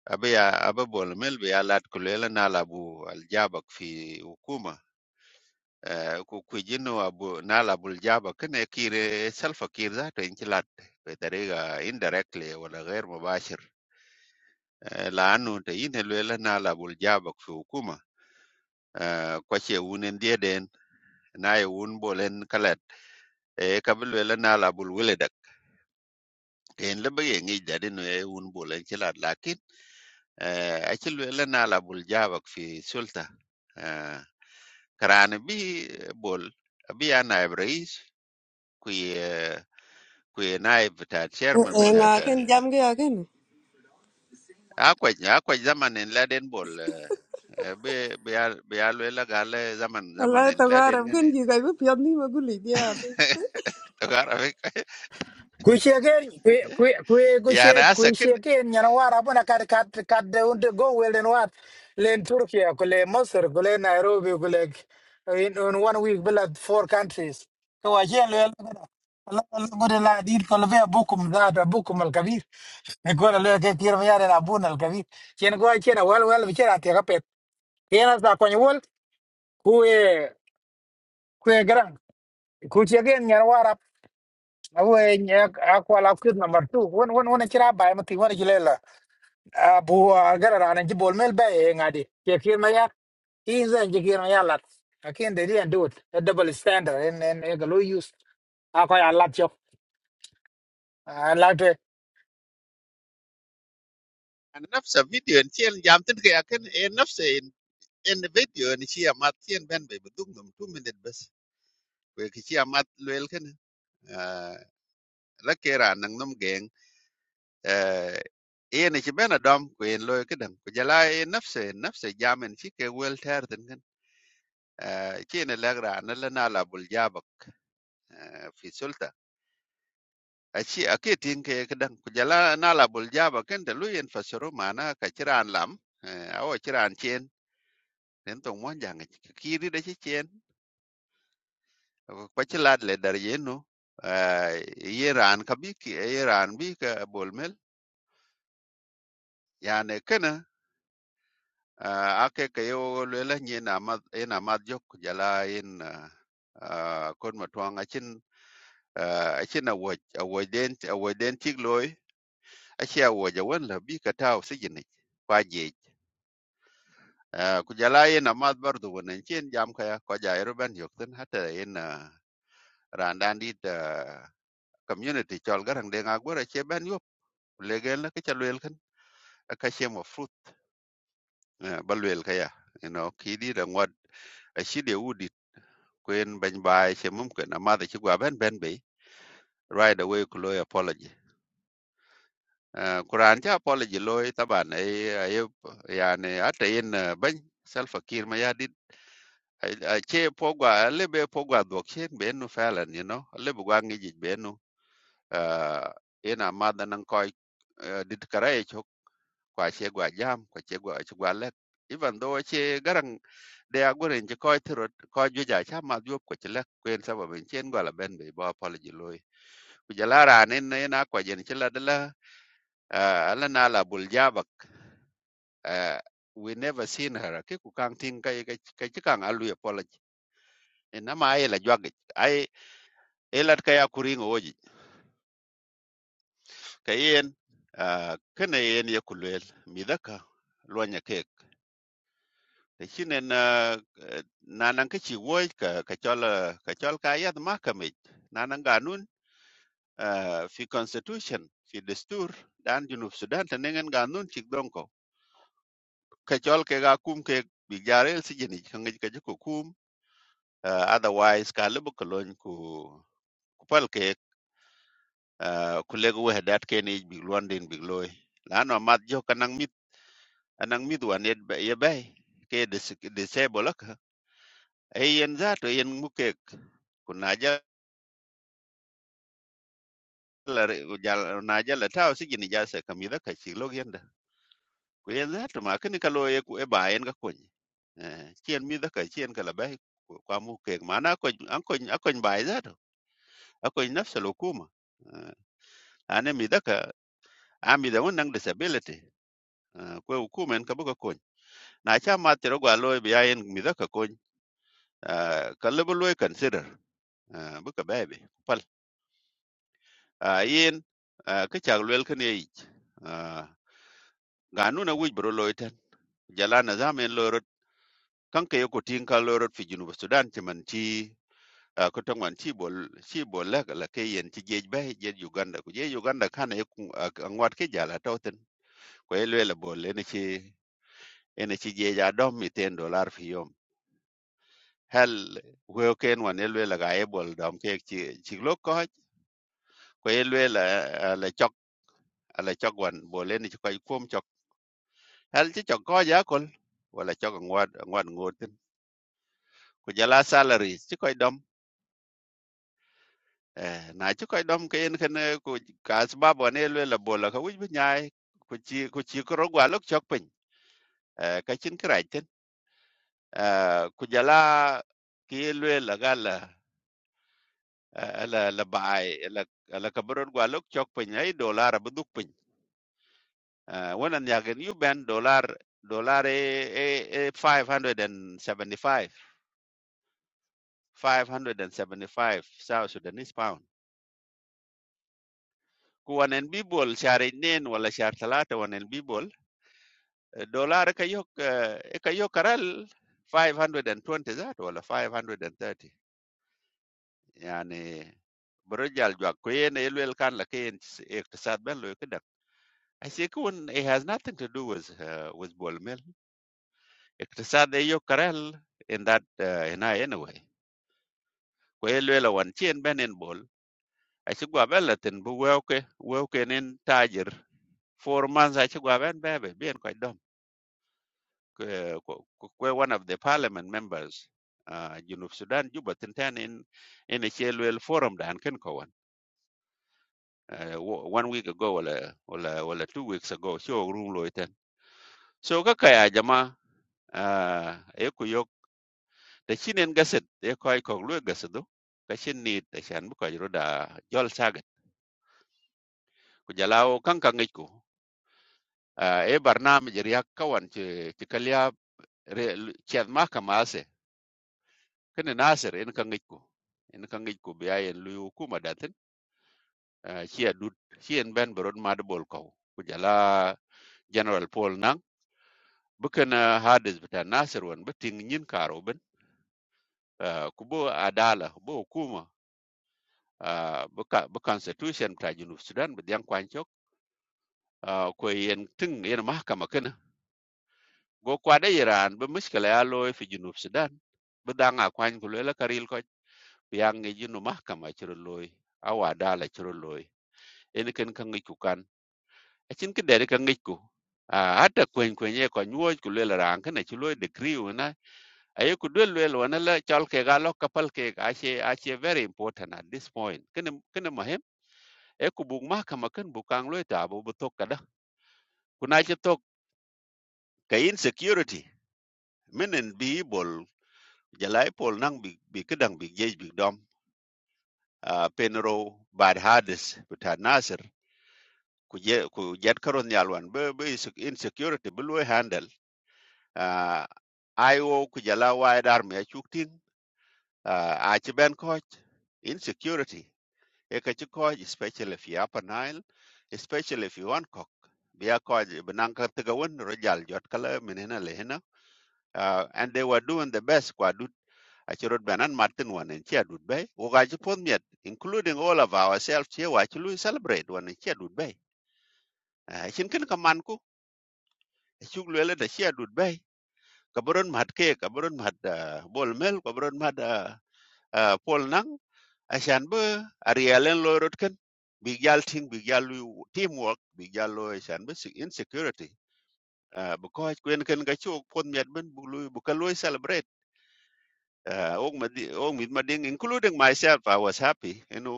Speaker 6: abiya ababol mel be alat kulela na labu aljabak fi hukuma Eh, ku kujino abu nala buljaba kene kire salfa kir zato inchilat betarega indirectly wala ghair mubashir Eh, laanu te yine lwela nala buljaba fi hukuma Eh, kwache wunen dieden naye wun bolen kalat e kabil lwela nala bul wiledak ken lebe yengi jadinu ye ngi dadi no e wun bolen chilat lakin eh, achi lwela nala buljaba fi sulta Eh, karani bi bol bi ya naib rais kwe naib ta chairman bata da akwai akwai zamanin laden bol eh, eh, be be al- be alwe la gale zaman zamanin laden gane daga rafi
Speaker 3: Kuisheken kwe kwe kwe
Speaker 6: ya
Speaker 3: kuishe
Speaker 6: na sakin
Speaker 3: kuisheken yana wara bona kad kad kad unde go welen wat len Turkey kule Misr kule Nairobi kule in, in one week bila four countries ko wajen le gude la dir ko be bukum da bukum al kabir ne ko le ke tir mi yare la bun al kabir chen go chen wal wal bi chera te kapet yana za ko nyol ku e ku gran kuisheken awe nyak akwa la kut number 2 won won won chira bay mati won jilela abu agara rana ji bol mel bay ngadi ke kir ma yak izen ji kir ma yalat akin de dia do it a double standard en en e galo use akwa ya lat chok lat eh,
Speaker 6: an nafsa video in tiyan jamtin kai akan e nafsa in in the video ni shi amma tiyan ben bai budum dum 2 minute bas kwe ki shi amma lwel kan la kera nan num geng eh, iya ni ci ben adom ku en loy kedam ku jala e nafse nafse jamen ci ke wel ter chỉ nên là người anh nên là nala buljavaok, ví dụ ta, chỉ ở cái điểm cái cái đường cu-jala nala buljavaok, cái này lối in pha-sơ-rô-ma nó chỉ ra làm, à, ông chỉ ra chuyện, đến thùng ngoan giang ấy, cái gì đấy chứ chuyện, quay trở lại đời yến nu, à, Iran, cái bi, cái Iran bi cái bulmel, như anh ấy nói nè, à, ở cái cái yêu gọi là như namat, như namat jok cu-jala in, à, con mồm thằng anh ấy, anh ấy nói là avoid, avoid điếc lối ashiya waja wala bi ka taw sijini kwa jej Ah, ku jala yen amad bardu wonen chen jam kaya ko ja eruban yokten hata yen ah, randan dit ah, community chol garang de nga gora che ban yop legel na ka chalwel kan ka che mo fruit ah, balwel kaya you know ki di da ngod ashide udit kwen ban bai che mum ken amad che gwa ben ben be right away ku loy apology Ah, Quran cha apology loy taban ay ay yani hata yen ban self akir ma ya di ache pogwa alebe pogwa dhok chen benu falan you know alebe gwa ngi benu uh ina madha nan koy ah, dit karaye chok kwa che gwa jam kwa che gwa che gwa lek even though che garang de agore nje koy tro koy juja cha ma diop ko che lek kwen sababu chen gwa la ben be bo apology loy kujala rane ne na kwa jen che la dala ah, ala na la bul jabak ah, we never seen her ke ku kang ting kai kai kai chi kang alu apology ina ma ai la jwagich elat ka ya kuringo oji ka yen uh, kana yen ya midaka luanya kek shine na eh, nanan ka chi woi ka ka chol eh, ka nanan ganun uh, fi constitution fi destur dan junub sudan tenengan ganun cik dongko. ka chol ke ga ke bigarel si jeni ka ngi ka kum uh, otherwise ka lebu ko lon ku ku ke uh, ku legu wehdat ke ni big london big loy lano mat jo kanang mi anang mid wan yet ba ye bay ke dis disable ak e yen za to yen muke ku naja la re- ku jal naja la taw si gini ja se kamida ka chi log yenda ku yen za to ma kini kalo ye ku e ba yen ga kun chien mi da ka chien kala bay kwa muke mana ko an ko an ko ba za to ako nafsa lo kuma ane mi da ka a mi da wannan disability ko hukuma en ka buga kun na cha ma tiro gwa lo bi yen mi da ka kun ka lebo lo e consider Ah, bu ka bebe pal Ah, yin ah, ka chak lwel kan ye ich Ah, ga nu na wij bro loy tan jala na zamen lorot kan ke ko tin kan lorot fi junu sudan ti man ti ah, ko tong man ti bol ti bol la la ke yen ti jej be je uganda ku je uganda kan e ku ngwat ke jala to ten ko e lwel bol le ne ti ene ti je ja dom mi ten dollar fi yom hel we ken wan e lwel ga e bol dom ke ti ti lo ko ko e lwel ala chok wan bolen ci koy kom chok hal ci chok ko ja kol wala chok ngwad ngwad ngotin ku jala salary ci koy dom eh na ci koy dom ke en ken ku ka sabab wan el la bola ka wuj bi nyaay ku ci ku ci ko rogwa lok chok pin eh ka cin kraj tin eh ku jala ki lwe la gala ala la baay ala ala ka borod gwa lok chok pin ay dollar bu duk pin eh wonan yagen yu ben dollar dollar e e e 575 575 South Sudanese pound. Ku wanen bibol syar inen wala syar talata wanen bibol eh, dollar kayo eh, eh, kayo karal 520 zat wala 530 yani برجع جوا كوين kan la لكين اقتصاد ben lo كده I think when it has nothing to do with uh, with ball mill اقتصاد ايو كرال in that uh, in I anyway كوين لويل وان تشين بين aci gua bɛ latin bi wɛɛke wɛɛke nin taajir four months aci gua bɛn bɛɛbɛ bien kɔc dɔm kue one of the parliament members uh, junub sudan juba tintɛn in in a luel forum dan ken kɔwan uh, one week ago wala wala wala two weeks ago show ok rum loi tɛn so ka kaya jama uh, e ku yok da chin en gaset e kɔc kɔk lue gasedu ka chin nit acan bi kɔc ro da jɔl saget ku jalaw kankaŋic ku Ah, e barnaamij riyak kawan ci ci kalya ciad ma kama kene nasir en ka ngej ko en ka ngej ko biya en luyu kuma datin ci adut ci en ben borod ma de bol ko ku jala general paul nang bukan hades bita nasir won beting nyin karo ben Ah, ku bo adala bo kuma bu constitution ta junub sudan bi yang kwancok ko yen ting yen mahkama ken go kwade iran be muskele a loy fi junub sudan be danga kwany ku lela karil ko yang ngi jinu mahkama chiro loy awa dala chiro loy en ken kan ngi ku kan a chin ke dere kan ngi ku a hata kwen kwen ye ko nyuoj ku lela ran kana chi loy degree una aye ku del wel wana la chal ke ga lo kapal ke a che a che very important at this point ken ken mahem e ku bug mahkama ken bu kang loy ta bu bu tok kada kuna che tok ka insecurity menen bi bol jalai pol nang bi bi kedang bi jej bi dom a penro bad hades buta nasir ku je ku jet karon yalwan be be insecurity bu lo handle a io ku jala wai dar me chuktin uh, a che ben ko insecurity e ka che ko especially if you upper nile especially if you want cock biya ko benang ka tegawon rojal jot kala menena lehena uh, and they were doing the best kwa du achirot banan martin One en chia dut bay wo ga ji pon including all of ourselves chia wa chi lui celebrate One en chia dut bay Ah, chin kin ka man ku chuk le le chia dut bay ka boron mat ke ka boron mat ah, bol mel ka boron ah, ah, pol nang ashan be arialen lo rot ken big yal ting big yal teamwork big yal lo ashan be se- insecurity Ah, because kwen ken ga chuk pon miet ben bu lui bu ka lui celebrate uh, including myself i was happy you know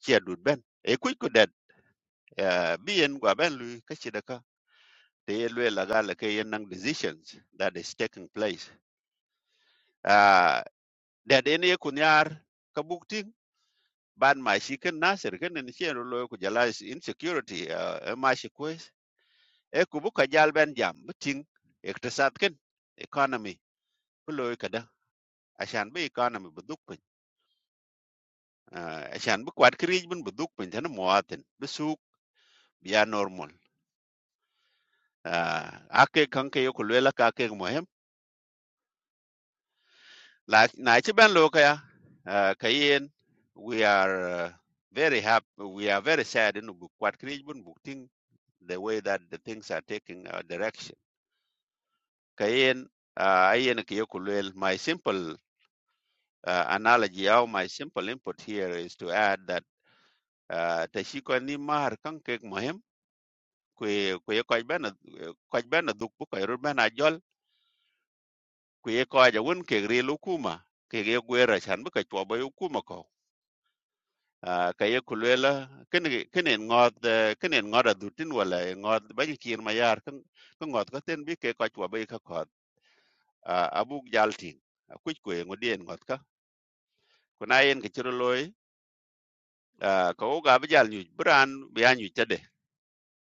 Speaker 6: chia đùn ben e kuy ku det uh, bien gwa ben lui ka chi da ka te ye lue la ga la ke yen nang decisions that is taking place uh, det en ye kun yar ka buk ting ban ma shi ken nasir ken en chen ro lo ku jala is insecurity uh, ma shi kwes e ku bu ka jal ben jam bu ting iktisad ken economy bu lo ka da ashan bu economy bu duk pin uh, ashan bu kwat krij bun bu duk pin tan muatin bu suk biya normal uh, ake kanke yo ku lue la ka ke mo hem La na ci ben lo kaya uh, kayen we are uh, very happy we are very sad in bu kwat krij bun bu the way that the things are taking a direction kayen uh, ayen ke yokulel my simple uh, analogy or my simple input here is to add that uh, ta shi ko ni mar kan ke mohem kwe kwe ko ben ko ben duk bu ko ru ben ajol kwe ko ja won ke ri lu kuma ke ge gwera chan bu ka chwa ba yu kuma ko à cái yêu khuê là cái này cái này ye kulwela ken ken ngot ken ngot adutin wala ngot ba ki kir mayar ken ken ngot ka biết cái ke ka bây ba ka à abu jaltin ku ku ngodien ngot ka kuna yen ke chiro loy ka o ga ba jal nyu bran ba nyu tade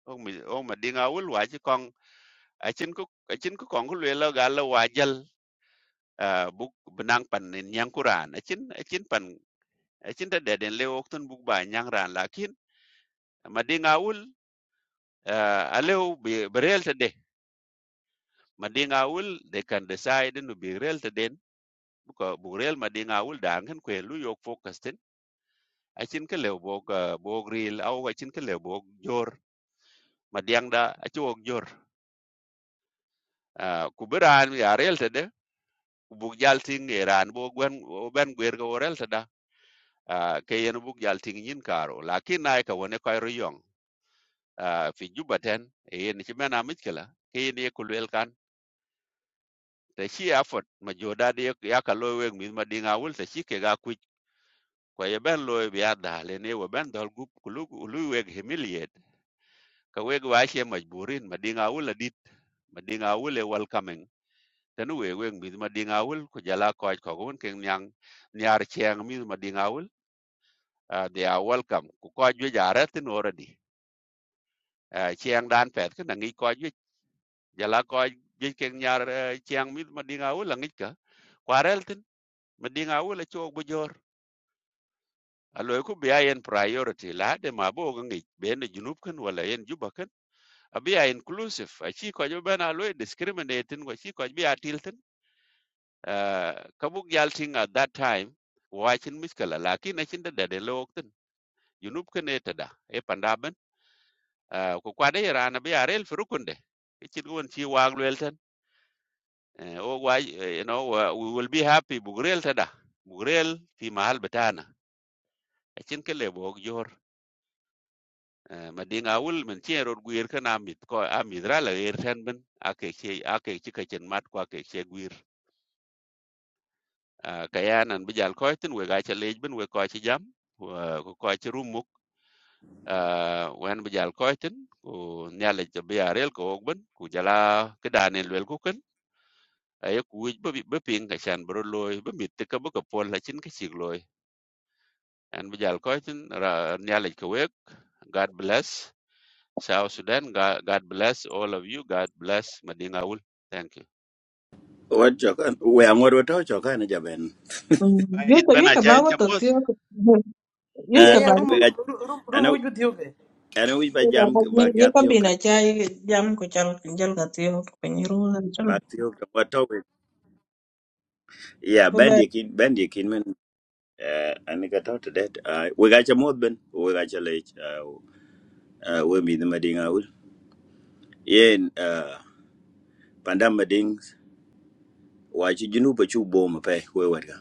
Speaker 6: o mi o ma dinga wul wa ji kong a chin ku có chin ku kong kulwela ga la wa jal buk benang pan nin yang kuran a chin a chin pan a chin ta de den le ok tun bu ba nyang ran lakin ma dinga wul aleu berel tade madinga will they can decide no be real to den buka real madinga will da ngen kwe lu yok focus tin achin ke le bog uh, bog real au achin ke le bog jor madiang da achi wog jor Ah, ku beran ya real to de ku bug jal ting eran bo gwen o ben gwer go real to da Ah, ke yen bug jal ting yin karo lakin nai ka wone koy riyong Ah, fi jubaten yen chi mena mitkela ke yen ye kulwel kan ta chi effort ma joda de ya ka lo weg mi madinga will ta chi ke ga ku kwaya ben loy bi adda lene wa ben dol gup kulu kulu weg humiliate ka weg wa she majburin madinga wul adit madinga wul e welcoming tanu we weg mi madinga wul ku jala ko ko gon ken nyang nyar cheng mi madinga wul ah, they are welcome ku ko ju jare tin already Ah, cheng dan pet ken ngi ko ju jala ko ju ken nyar eh, cheng mi madinga wul ngi ka kwarel tin madinga wul e cho bujor aloy ku bi ayen priority la de mabo ngi ben junub ken wala yen juba ken abi a inclusive achi ko jo bana lo discriminating ko chi ko bi atilten uh, kabuk yalting at that time wachin miskala lakin achin da de lokten junub kene tada e pandaben uh, ko kwade rana bi arel furukunde chi gon chi waglwelten uh, o wai eh, you know uh, we will be happy bugrel tada bugrel fi mahal betana achin kele bog jor Eh, ma dinga wul min cin rot gwir ko amidra ra la er ten ben ake che ake chi mat ko ake che gwir uh, kayanan bijal koitin we gacha lej bin we koichi jam ko koichi rumuk uh, wen bijal koitin ku nyalej to biya rel ko ogben ku jala kedane lwel ku ken ay ku wij be be ping ka chan bro loy be mit te ka bu ka pol la chin ka chig loy an bijal koitin ra nyalej ko wek god bless South Sudan, God, God bless all of you. God bless Madingaul. Thank you.
Speaker 10: What chokan? We ang wadu tau chokan aja ben.
Speaker 6: I did
Speaker 13: Yeka
Speaker 6: Ben
Speaker 13: yeka ba
Speaker 6: Achai in
Speaker 13: wato
Speaker 6: Chamot.
Speaker 13: tiyo
Speaker 2: Yeah,
Speaker 10: Eh,
Speaker 13: yeka
Speaker 2: yeah,
Speaker 13: ba
Speaker 2: room,
Speaker 10: we ga
Speaker 2: room, room, room,
Speaker 10: ano
Speaker 2: which with you?
Speaker 10: ano wi ba jam ba
Speaker 13: yeka
Speaker 10: gatio ka
Speaker 13: bina chai jam ko chal jal ka tiyo ko nyiru
Speaker 10: Ya ben dikin ben dikin eh an ka to to det uh, we ga cha mod ben we ga cha lech uh, uh, we mi de mading aul yen uh, pandam mading wa chi junu pa chu bo ma pe we wa ga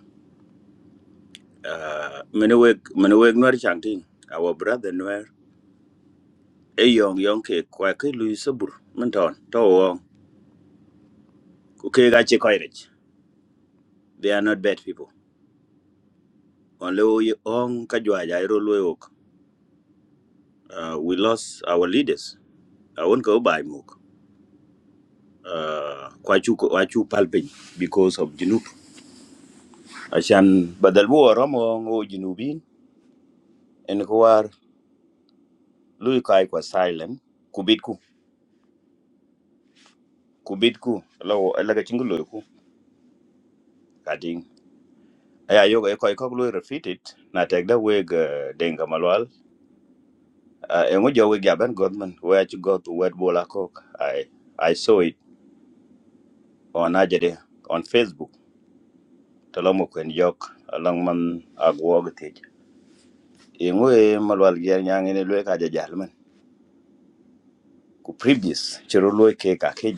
Speaker 10: uh, mene we mene we nor chang ting our brother nor e Young, yong ke kwa ke lu sabur man ton to wo ku ke ga chi ko rech they are not bad people only we on ka jwa ja ro lo ok uh, we lost our leaders i won't go by muk uh, kwa chu kwa chu palpin because of junu Ashan badal bu Oromo ngo junubin en ko war luy kai kwa silent kubit ku kubit ku law laga chingulo ku kading aya yoga e koy kok luy refitit na tek da weg eh, denga malwal Eh, en ngo jowe gaban godman we ach got wed bola kok i i saw it on ajede on facebook talomo kwen jok along man agwog tej en ngo e ngoe malwal gyer nyangene luy ka jajalman ku previous chero luy ke ka ke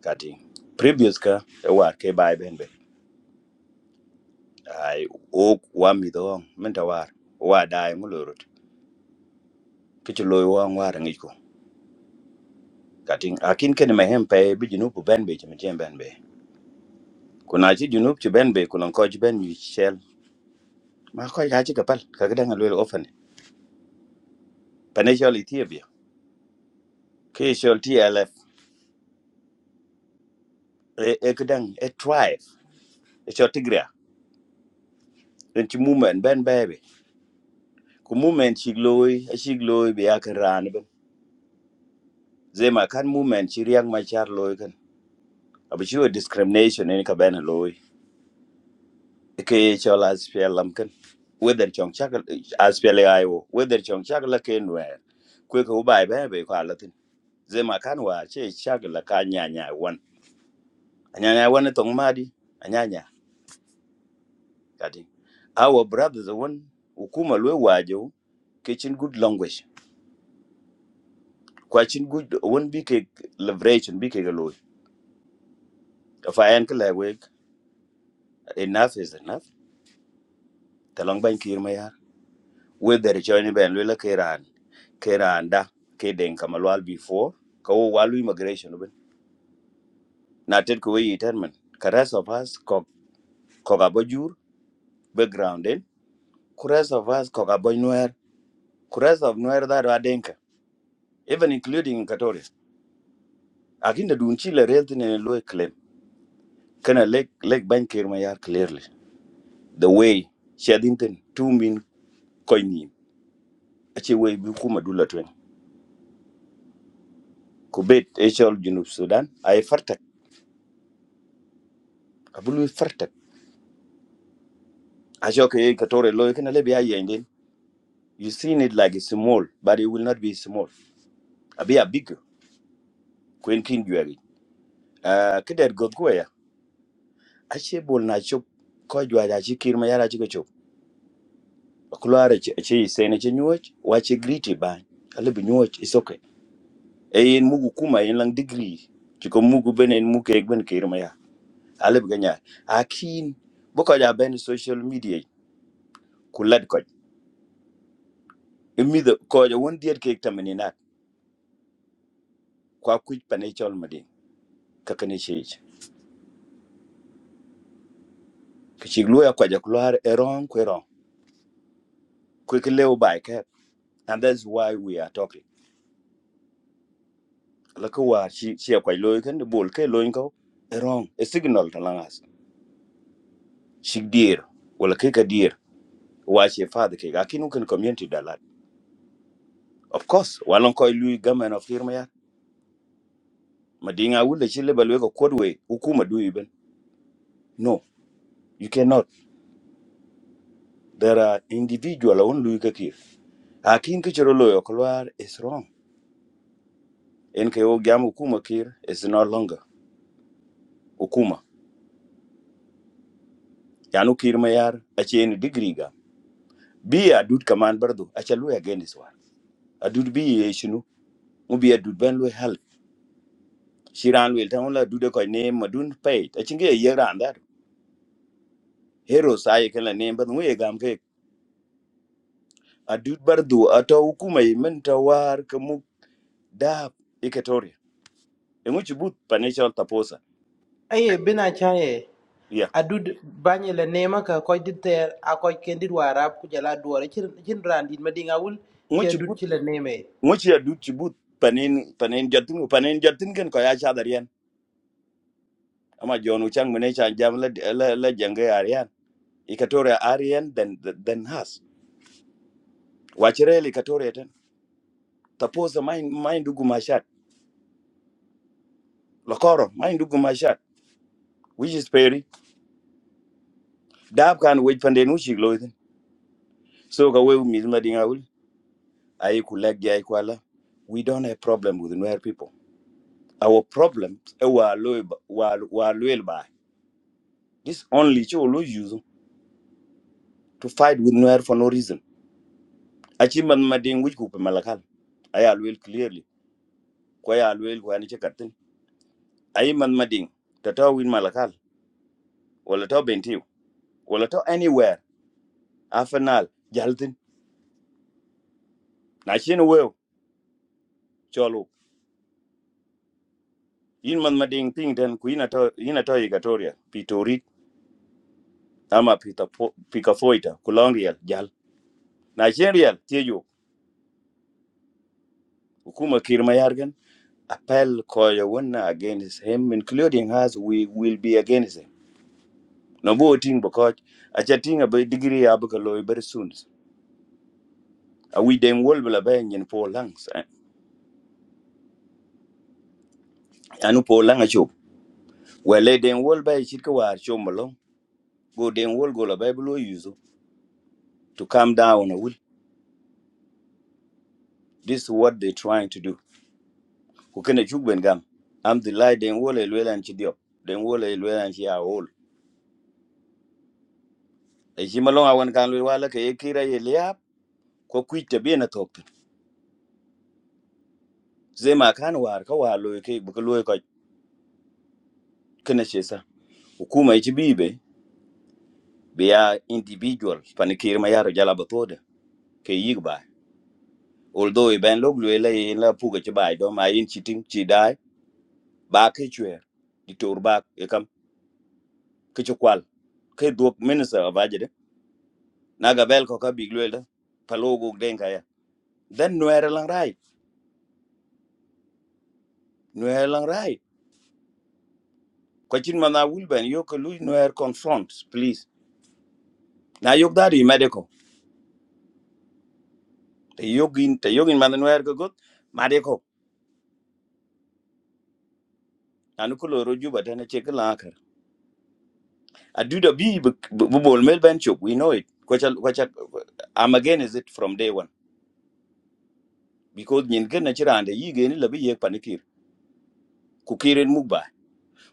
Speaker 10: kati previous ka e war ke bai ben be ai o wa mi do men ta war wa dai mu lo rot ke ti lo wa war ngi ko kati akin ken me hem pe bi junu bu ben be ti me jem ben be kuna ji junu ti ben be kuna ko ji ben mi shel ma ko ya ji ka pal ka ga dan lo ofan pane shol ethiopia ke shol tlf e e ga dan e tribe e shol tigria en ti movement ben be be ku movement shi loy a shi loy be ya kan ran ben zema kan movement shi riang ma char loy abichiwo discrimination en kabene loy ke chol aspiel lamken whether chong chak aspiel ayo whether chong chak la ken wer kwe ko bai be be kwa latin zema kan wa che chak la ka nya nya wan nya nya wan tong madi nya nya kati our brothers won ukuma lwe wajo ke chin good language kwa chin good won bi ke leverage bi ke loy fa en kle we enough is enough talong ban kirma whether join ben lula keran keran da ke den kamalwal before ka wo walu immigration ben na ted ko we determine ka rest of us ko ko ga bajur background den ku rest of us ko ga bajnuer ku rest of nuer da da denka even including in katore akinda dun chile rent ne lo claim kana lek lek ban ker ma yar clearly the way shadinten tumin koyni ace way bi kuma dula twen ku bet echol junub sudan ay fartak abulu fartak Acho ke katore loy kana le biya yende. You seen it like it's small, but it will not be small. A be a big queen king juari. Ah, kider god goya. Ache bol na chop ko juari achi kirma yara chi chop. Kulare chi chi sene chi nyuoch, wache griti ba. Ale bi nyuoch is okay. E en mugu kuma en lang degree. Chiko mugu ben en muke ek ben kirma ya. Ale bi ganya. Akin boko ja ben social media kulad ko. Imi the ko ja won diet ke tamani na kwa kuj panechol madin kakane shi kichik luya kwa jakular erong kwerong quick leo by cap and that's why we are talking laka war shi shi kwa loy kan de bol ke loy ko erong a signal to langas shik dear wala ke ka dear wa she father ke ga kan community dalat of course walon koy lui gamen of firma ya madinga wulle shi lebal we ko kodwe hukuma du no you cannot there are individual on lui ka akin ke chiro loyo kolwar is wrong en o gam hukuma kir is no longer ukuma yanu kirma yar a ce ni ga bi a dud kaman bardo a ce lo ya gani swa a dud bi ye shinu mu bi dud ban lo hal shiran wel tan la dude ko ne madun pay a cinge ye ran da hero sai kan la ne ban mu ye gam ke a dud bardo a ta hukuma yi min ta war ka mu da ikatoria e mu ci but taposa
Speaker 2: Aye, been a chaye.
Speaker 10: ya
Speaker 2: I do bany la nema ka koy dit ter a koy kendit warab ku jala duore chin chin randit madinga wul
Speaker 10: mu
Speaker 2: che
Speaker 10: ci
Speaker 2: dut
Speaker 10: but
Speaker 2: chila neme
Speaker 10: mu ci a dud panen panen jatin panen jatin kan ko ya cha ama jonu chang mene cha jam la la la jenge Ikatoria Aryan then then has Wachirel Ikatoria ten Taposa mine mine dugu mashat Lakoro mine dugu mashat which is Perry Dab can wait pandenushi gloitin so ka we mizma dingaul ayi kulagi ayi kwala we don't have problem with Nuer people our problem eh, wa loy wa wa loyal by this only chu lo use to fight with Nuer for no reason achi man mading which kupe malakal aya loyal clearly kwa ya loyal kwa ni chekatin ayi man mading tataw win malakal wala taw wala to anywhere afanal jaltin na shin weo cholo yin man mading ting ten ku ina to ina to igatoria pitori ama pita pika foita kulongriel jal na shin riel tieyo hukuma kirma yargan appel ko ya against him including us we will be against him no bo ting bako a chatting about degree abuka loy very soon a we dem wol bla ben yin po langs anu po langa chu wele dem wol ba chit ko war chu malo go dem wol go la ba to calm down a will. This is what they're trying to do. Kukene chukben gam. I'm the lie den wole lwela nchi diop. Den wole lwela nchi ya wol. E shima longa wan kan lwela la ke yekira ye liap. Kwa kuita bie na tokten. Zema kan war ka war loe ke buka loe kwa kene shesa. Ukuma ichi bibe. Bia individual. Panikiri mayaro jala batode. Ke yigba. Although iben log lwela ye la puga chibai. Doma yin chiting chidai. Ba ke chwer. Ditor ba ekam. Kichukwal. Ke duok minister of na gabel ko ka big luel da palo go den ka ya then nuer lang rai nuer lang rai ko chin mana wul ben yo ko lu nuer confront please na yok da ri medeko te yogin te yogin mana nuer go got madeko anu ko loro juba da na che kala kar adu da bi bu bol mel ben chop we know it ko chal ko chal I'm again is it from day one because nyin ken na chirande yi geni labi yek panikir ku kiren mugba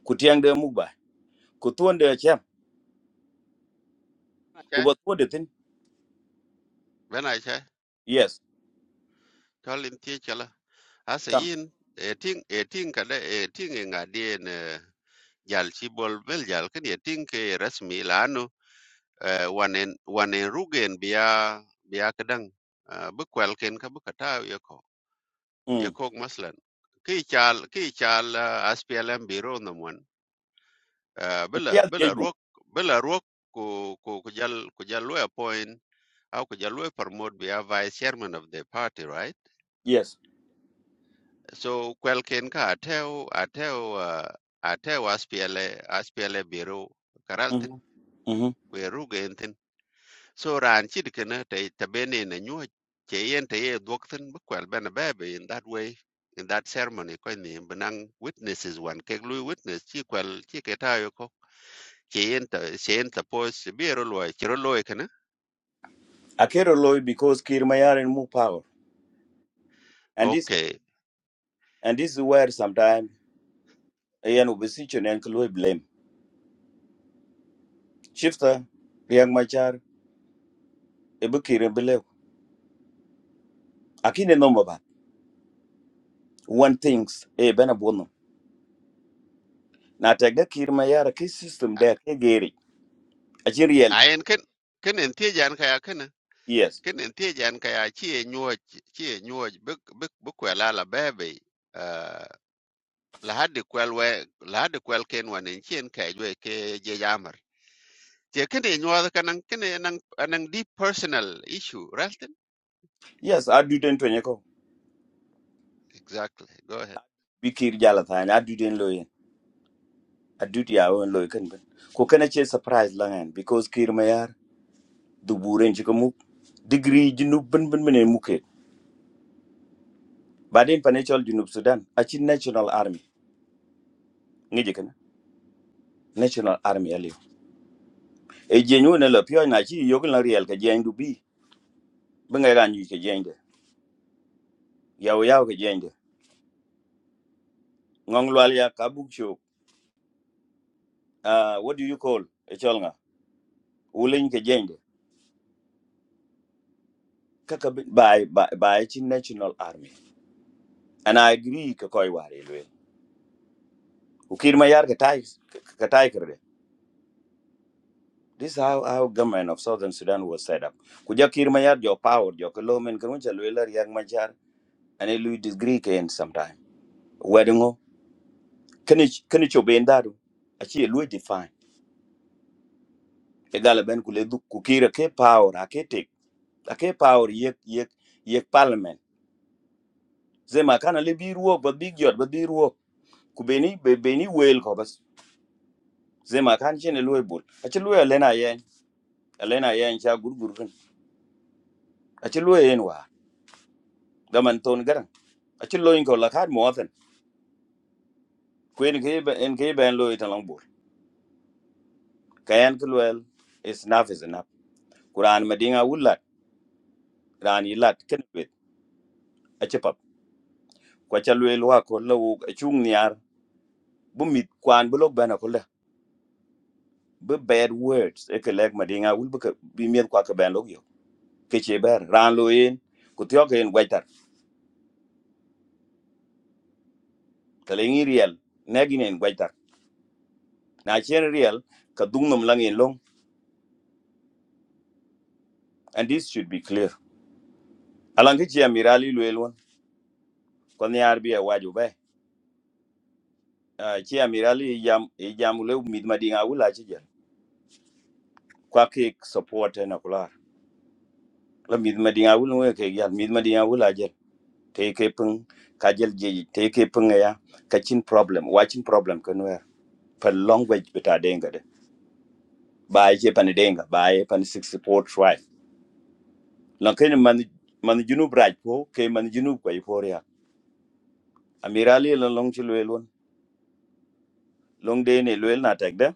Speaker 10: ku tiang de mugba ku tuonde cham ku
Speaker 6: Okay.
Speaker 10: bo tuonde tin
Speaker 6: Ben Achai.
Speaker 10: yes
Speaker 6: cho lên tia Tolin Tiechala. Asa
Speaker 10: come
Speaker 6: yin eting eting kada eting e ngadi ne jal chi bol bel jal kan eting ke rasmi lanu wanen wanen rugen biya biya kadang bu kwel ken ka bu kata yako yako maslan ki chal ki chal aspialam biro namwan bela bela
Speaker 10: mm
Speaker 6: ruok bela ruok ku ku ku jal ku jal lawyer appoint au ku jal lawyer promote bia vice chairman of the party right
Speaker 10: Yes.
Speaker 6: So kwel ken ka atew atew uh, atew SPLA SPLA biro
Speaker 10: Mm-hmm.
Speaker 6: karaltin
Speaker 10: Mm-hmm.
Speaker 6: kwe ruge entin. So ran chid kena te tabene na nyuwa che yen te ye dwoktin bu kwel bena bebe in that way in that ceremony ko ni benang witnesses wan ke lui witness chi kwel chi ke tayo ko che yen ta che yen ta pos biro loy chiro loy kena.
Speaker 10: Akero loy because Kirmayar and more power. And this
Speaker 6: Okay.
Speaker 10: and this is where sometimes ayan ubisichon and loy blame. Shifter, Riang Machar, Ebukir Belew. Akine no maba. One things a benabono. Na tagda Kirmayar ki system
Speaker 6: A-
Speaker 10: there kegeri. Achiriel.
Speaker 6: Ayen ken ken entie jan kaya kena
Speaker 10: Yes.
Speaker 6: kenen tiejan ka ya chi e nyuoj chi e nyuoj bi bi bi kwela la bebe là la được kwel we la hadi kwel ken wanen chien ka jwe ke je cái je kene cái này nhua cái năng cái kene nan nan deep personal issue Ralston
Speaker 10: Yes, I do den tonyako.
Speaker 6: exactly go ahead
Speaker 10: Bikir Jalathan, I do den loy. I do the own loy can ben. Kokana surprise langan because Kirmayar, the Buren Chikamuk, degree Jinu Ben Ben Ben Muke. baden panachol junub sudan achi national army ngeje kana national army aliyo e jenyu ne lo pyo na chi yogun la riel ka jendu bi benga ga nyu ke jende yaw yaw ke jende ngong lwal ya kabuk cho uh, what do you call e chol nga ulin ke jende kaka bi- by by by chi national army and i agree ka koy ware lwe ukir ma yar ka tai ka tai kerde this is how how government of southern sudan was set up kuja kir ma yar jo power jo ko lo men kan cha lwe la riak ma jar ane lui disagree ken sometime wedding o kene kene cho ben daru a chi lu define e gala ben ku le du ku kira ke power a ke tek a ke power ye ye ye parliament zema kana le bi ruo ba big yot ba bi ruo ku beni be beni wel ko bas zema kan chene lu bul a chi lu elena ye elena ye cha gurgur kan a chi lu en wa da man ton garan a chi lu en ko la kad mo afen ku en ke ben en ke ben lu ita lang bul kayan ku lu is enough is enough quran madinga wulat ran yilat ken bet kwa ca lueel wa ko la wuk acung niar bi mit kwaan bi lok bɛn akole bi bad words e ke lɛk madiŋa wul bi ke- bi miet kwa ke bɛn lok yo ke ce bɛr raan lo yen ku thiɔk yen guɛctar ke leŋ i riɛl nɛk yin en guɛctar na cien riɛl ka dhuŋ nom lang yen loŋ and this should be clear alaŋ ke ci amiral i lueel wen kɔ niar bi ɛwaaj obɛ ci amiral i jam i jam le mit madiŋa wul aci jɛl kwa kek support en akular la mit madiŋa wul ŋo e kek yal mit madiŋa wul ajɛl teke pung kajel ji teke pung ya kachin problem watching problem kunwer per language beta denga de ba je pan denga ba ye pan 64 try lan ken man man junu braj ko ke man junu ko iforia amirali lan long chi lwelon long de ne lwel na tek de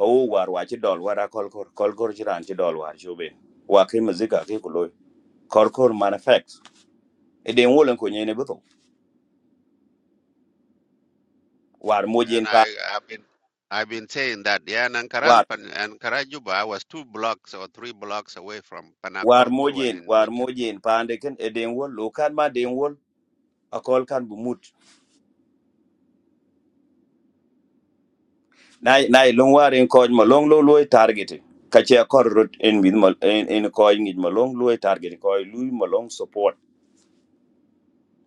Speaker 10: ka wo war wa chi dol wara kol kor kol kor chi ran chi dol war shobe wa ke mazika ke kuloy kor kor man effects e de wolen ko nyene buto war mojen
Speaker 6: and i
Speaker 10: pa
Speaker 6: have been I've been saying that yeah, and
Speaker 10: war
Speaker 6: Karal Pan and Karajuba was two blocks or three blocks away from
Speaker 10: war
Speaker 6: Panakol Korwan
Speaker 10: mojen
Speaker 6: in
Speaker 10: war
Speaker 6: Mochin.
Speaker 10: mojen pande ken e den wol lo kan ma den wol akol kan bu mut nay nay long waren koj ma long lo loy target ka che kor rot en min mal en en koj ngi ma long loy target koj lui ma long support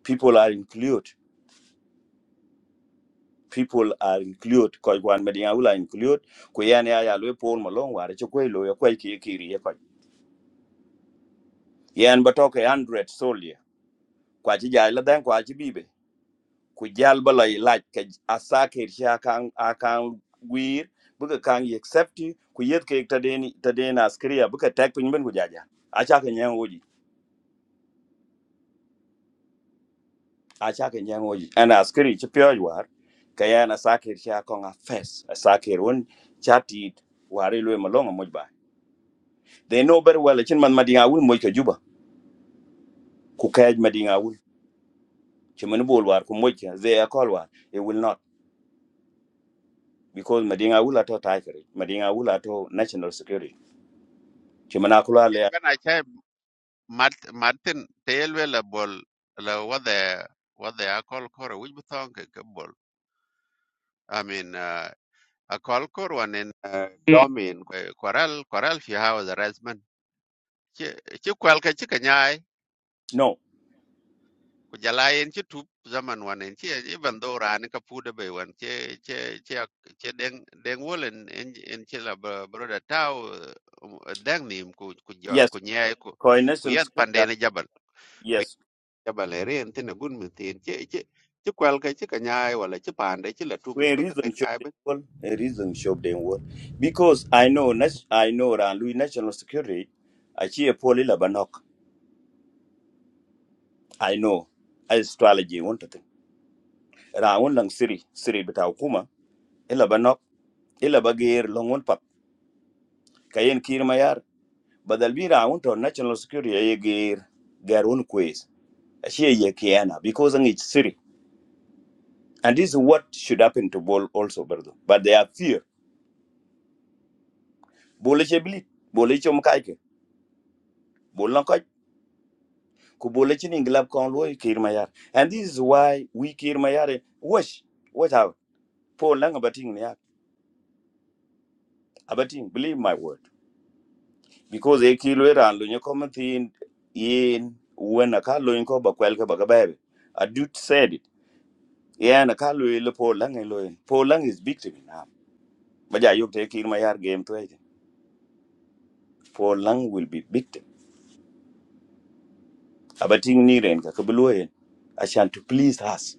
Speaker 10: people are included people are included koj wan me dia ula included ku yan ya ya loy pol ma long war che koy lo ya koy ki ki ri ya koj yan ba to ke 100 soldier kwa chi ja la den kwa chi bibe ku jal ba la ilac ka asakir shi akan akan wir buka kan yi accept ku yet ke ta deni ta deni askriya buka tak pin ben ku jaja a cha ka nyan woji a cha ka nyan woji ana askri chi pyo war ka ya na sakir shi akan a fes asakir won chati ware lo ma longa mojba they know very well chin man madinga wul moj ka juba ku kaj madinga wul chi man bol war ku moj ka ze akol war it will not because madinga wul ato tiger madinga wul ato national security chi man akula
Speaker 6: Mart- Martin Taylor la bol la wade wade akol kor which button ke ke bol I mean uh, akol kor one in uh, domin koral koral fi hawa the resman ci ci kwal ka ci kanyai
Speaker 10: No.
Speaker 6: ku jala en ci tup zaman one in ci even though ran ka pude be wan ci ci ci ci den den wolen en en ci la bro- broda taw uh, dang nim ku ku jo-
Speaker 10: Yes.
Speaker 6: ku nyai ku ku
Speaker 10: Coordination
Speaker 6: yat
Speaker 10: scripture.
Speaker 6: pande ne
Speaker 10: Yes.
Speaker 6: jabalere en tene gun mi tin che che che kwel ke che kanyai wala che pande che la tubi
Speaker 10: When
Speaker 6: ba ka
Speaker 10: reason show
Speaker 6: kanyai
Speaker 10: the
Speaker 6: be
Speaker 10: world, a reason show the world. Because I know nas- I know that Louis national security I see a achieve poly banok, I know astrology one to thing. Rawon lang siri siri bita hukuma ila banok ila bagir longon pap kayen kir mayar badal bi rawon to national security ye gir garun quiz achieve ye kiana because ang it's siri and this is what should happen to ball also brother but they are fear bole che bilit bole chom kaike bol na kaj ku bole chin inglab kon lo kir mayar and this is why we kir mayar wash what out po lang abating ya abating believe my word because e kilo ran lo nyoko thin in when a kalo ko ba kwel ka ba gabe a dude said it yeah na kalo le po lang e lo po lang is victim now ba ja yok te kir mayar game to ite po lang will be victim abating ni ren ka ka bluoyen ashan to please us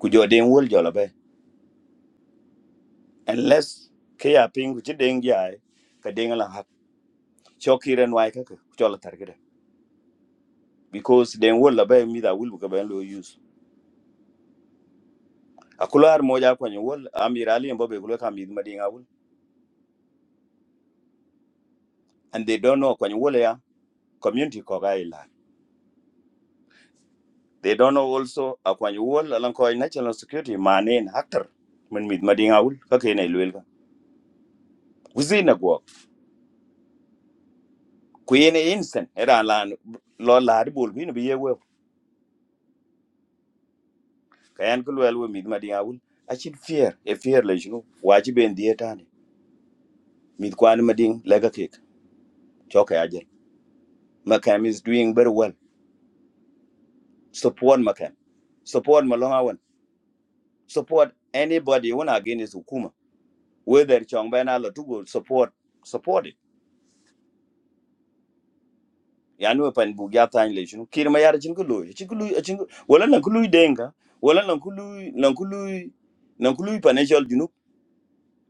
Speaker 10: ku jo den wol jo la unless ke ya ping ci deng jai ka deng la hak choki ren wai ka cho la tar gida because den wol la ba mi da wul ka ba lo use akular mo ja kwani wol amirali mbo be kulo kam mi ma dinga wul and they don't know kwani wol ya community ko ga ila they don't know also akwani wol lan ko national security manen haktar min mi ma dinga wul ka ke ne lwel ka uzina go ku yene instant era lan lo la bol bi ne bi ye kayan kulu we mid madin awul achin fear e fear le jinu wajibe ndiye tani mid kwan madin lega kek choka ajel makam is doing very well support makam support malonga wan support anybody when against hukuma whether chong bana la tugo support support it yanu pan bugyata tan le jinu kirma yar jin kulu achin kulu achin wala nan denga wala nan kulu nan kulu nan kulu financial jinu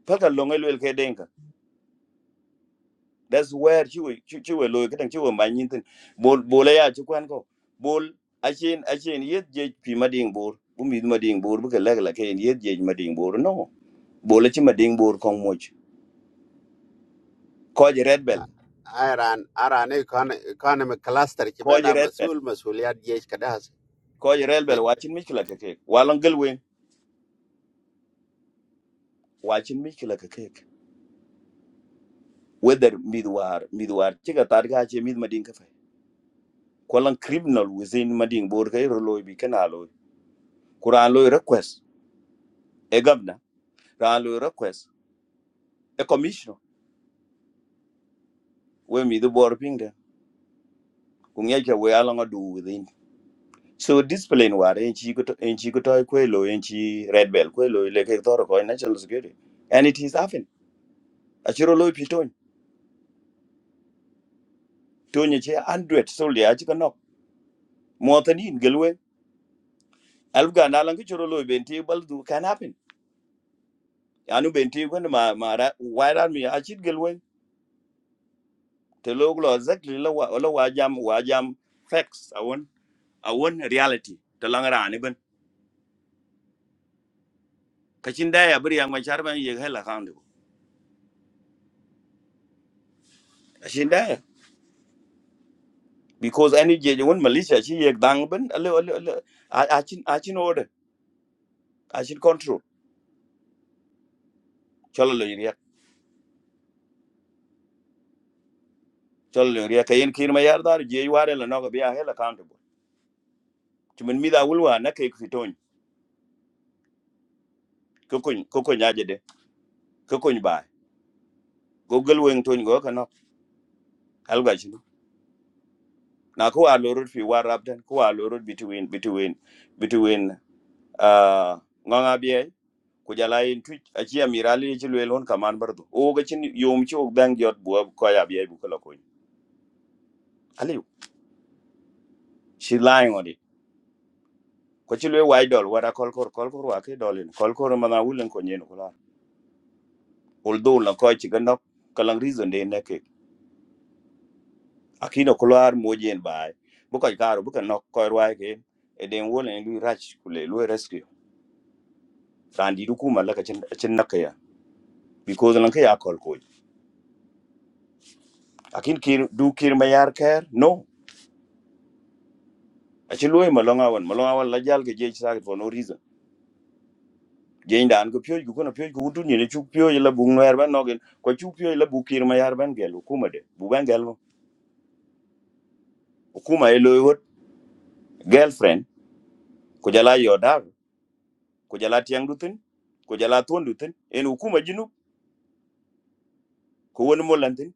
Speaker 10: paka longa lwel denga that's where chui chui chui loy kadang chui ma nyin tin bol bol ya chu kwan ko bol achen achen yet je pi ma ding bor bu mi ma ding bor bu ka lag la ken yet je ma ding bor no bol chi ma ding bor kong moch ko je red bell
Speaker 6: Iran Iran econ- economic cluster ci
Speaker 10: ko
Speaker 6: ben
Speaker 10: je
Speaker 6: a
Speaker 10: red bell
Speaker 6: masul masuliyat jesh kada has
Speaker 10: ko je red bell
Speaker 6: ben
Speaker 10: wa chin mi kla ka ke wa lang gal wen wa chin mi kla ka ke whether mid war mid war chi ka che mid ma ka fa ko criminal within ma ding bor ka ro loy bi kana loy kuran loy request e gabna ran loy request a commissioner we mi the bor ping de ku nge ke we ala ngo do within so discipline war en chi ko to- en chi ko toy ko lo en chi red bell ko lo le ke tor ko national security and it is happen a chiro lo piton to ni che 100 so le a chi ko no mo tan in gelwe alf ga na lan ke chiro lo ben ti bal du can happen anu ben ti ko ma ma ra why ran mi a chi gelwe te lo lo exactly lo wa lo wa jam wa jam facts i want i want reality te lang ra ni ben kachin da ya bri yang ma char ban ye hela kan because any je won malaysia chi yek dang ben ale ale ale achin achin order achin control cholo lo yek cholo lo yek kayen kin ma yar dar je ware la no be a hela accountable timin mi da wulwa na kay ku ton ko kun ko kun yaje de ko kun ba go gel wen ton go kana alga shi na ko a lorot fi warab den ko a lorot between between between uh nganga biye ku jala yin twitch a chi amirali chi lwelon kaman bardo o ga chin yom chi og dang jot buab ko ya biye bu kala ko She lying on it. Ko ci lwe wai dol wada kolkor kolkor wa ke dolin. Kolkor mana wulen ko nyen kular. Although la ko ci ganok kalang reason de neke. Akino kular mojen bai. Bu ko karo bu ka nok ko wa ke. E den wolen lui rach kule lui rescue. Randi du kuma la ka cin cin nakaya. Because lan ka ya kolkoj. Akin kir du kir mayar care, no. Aci lwe malonga wan malonga wan la jal for no reason jeng dan ko pyoj ko na pyoj ko utun ni chuk pyoj la bung ner ban nogen ko chuk pyoj la bukir ma yar ban gelu kuma de bu ban gelu kuma e loy hot girlfriend ko jala yo dar ko jala tiang dutin ko jala ton dutin en kuma jinu ko won mo lantin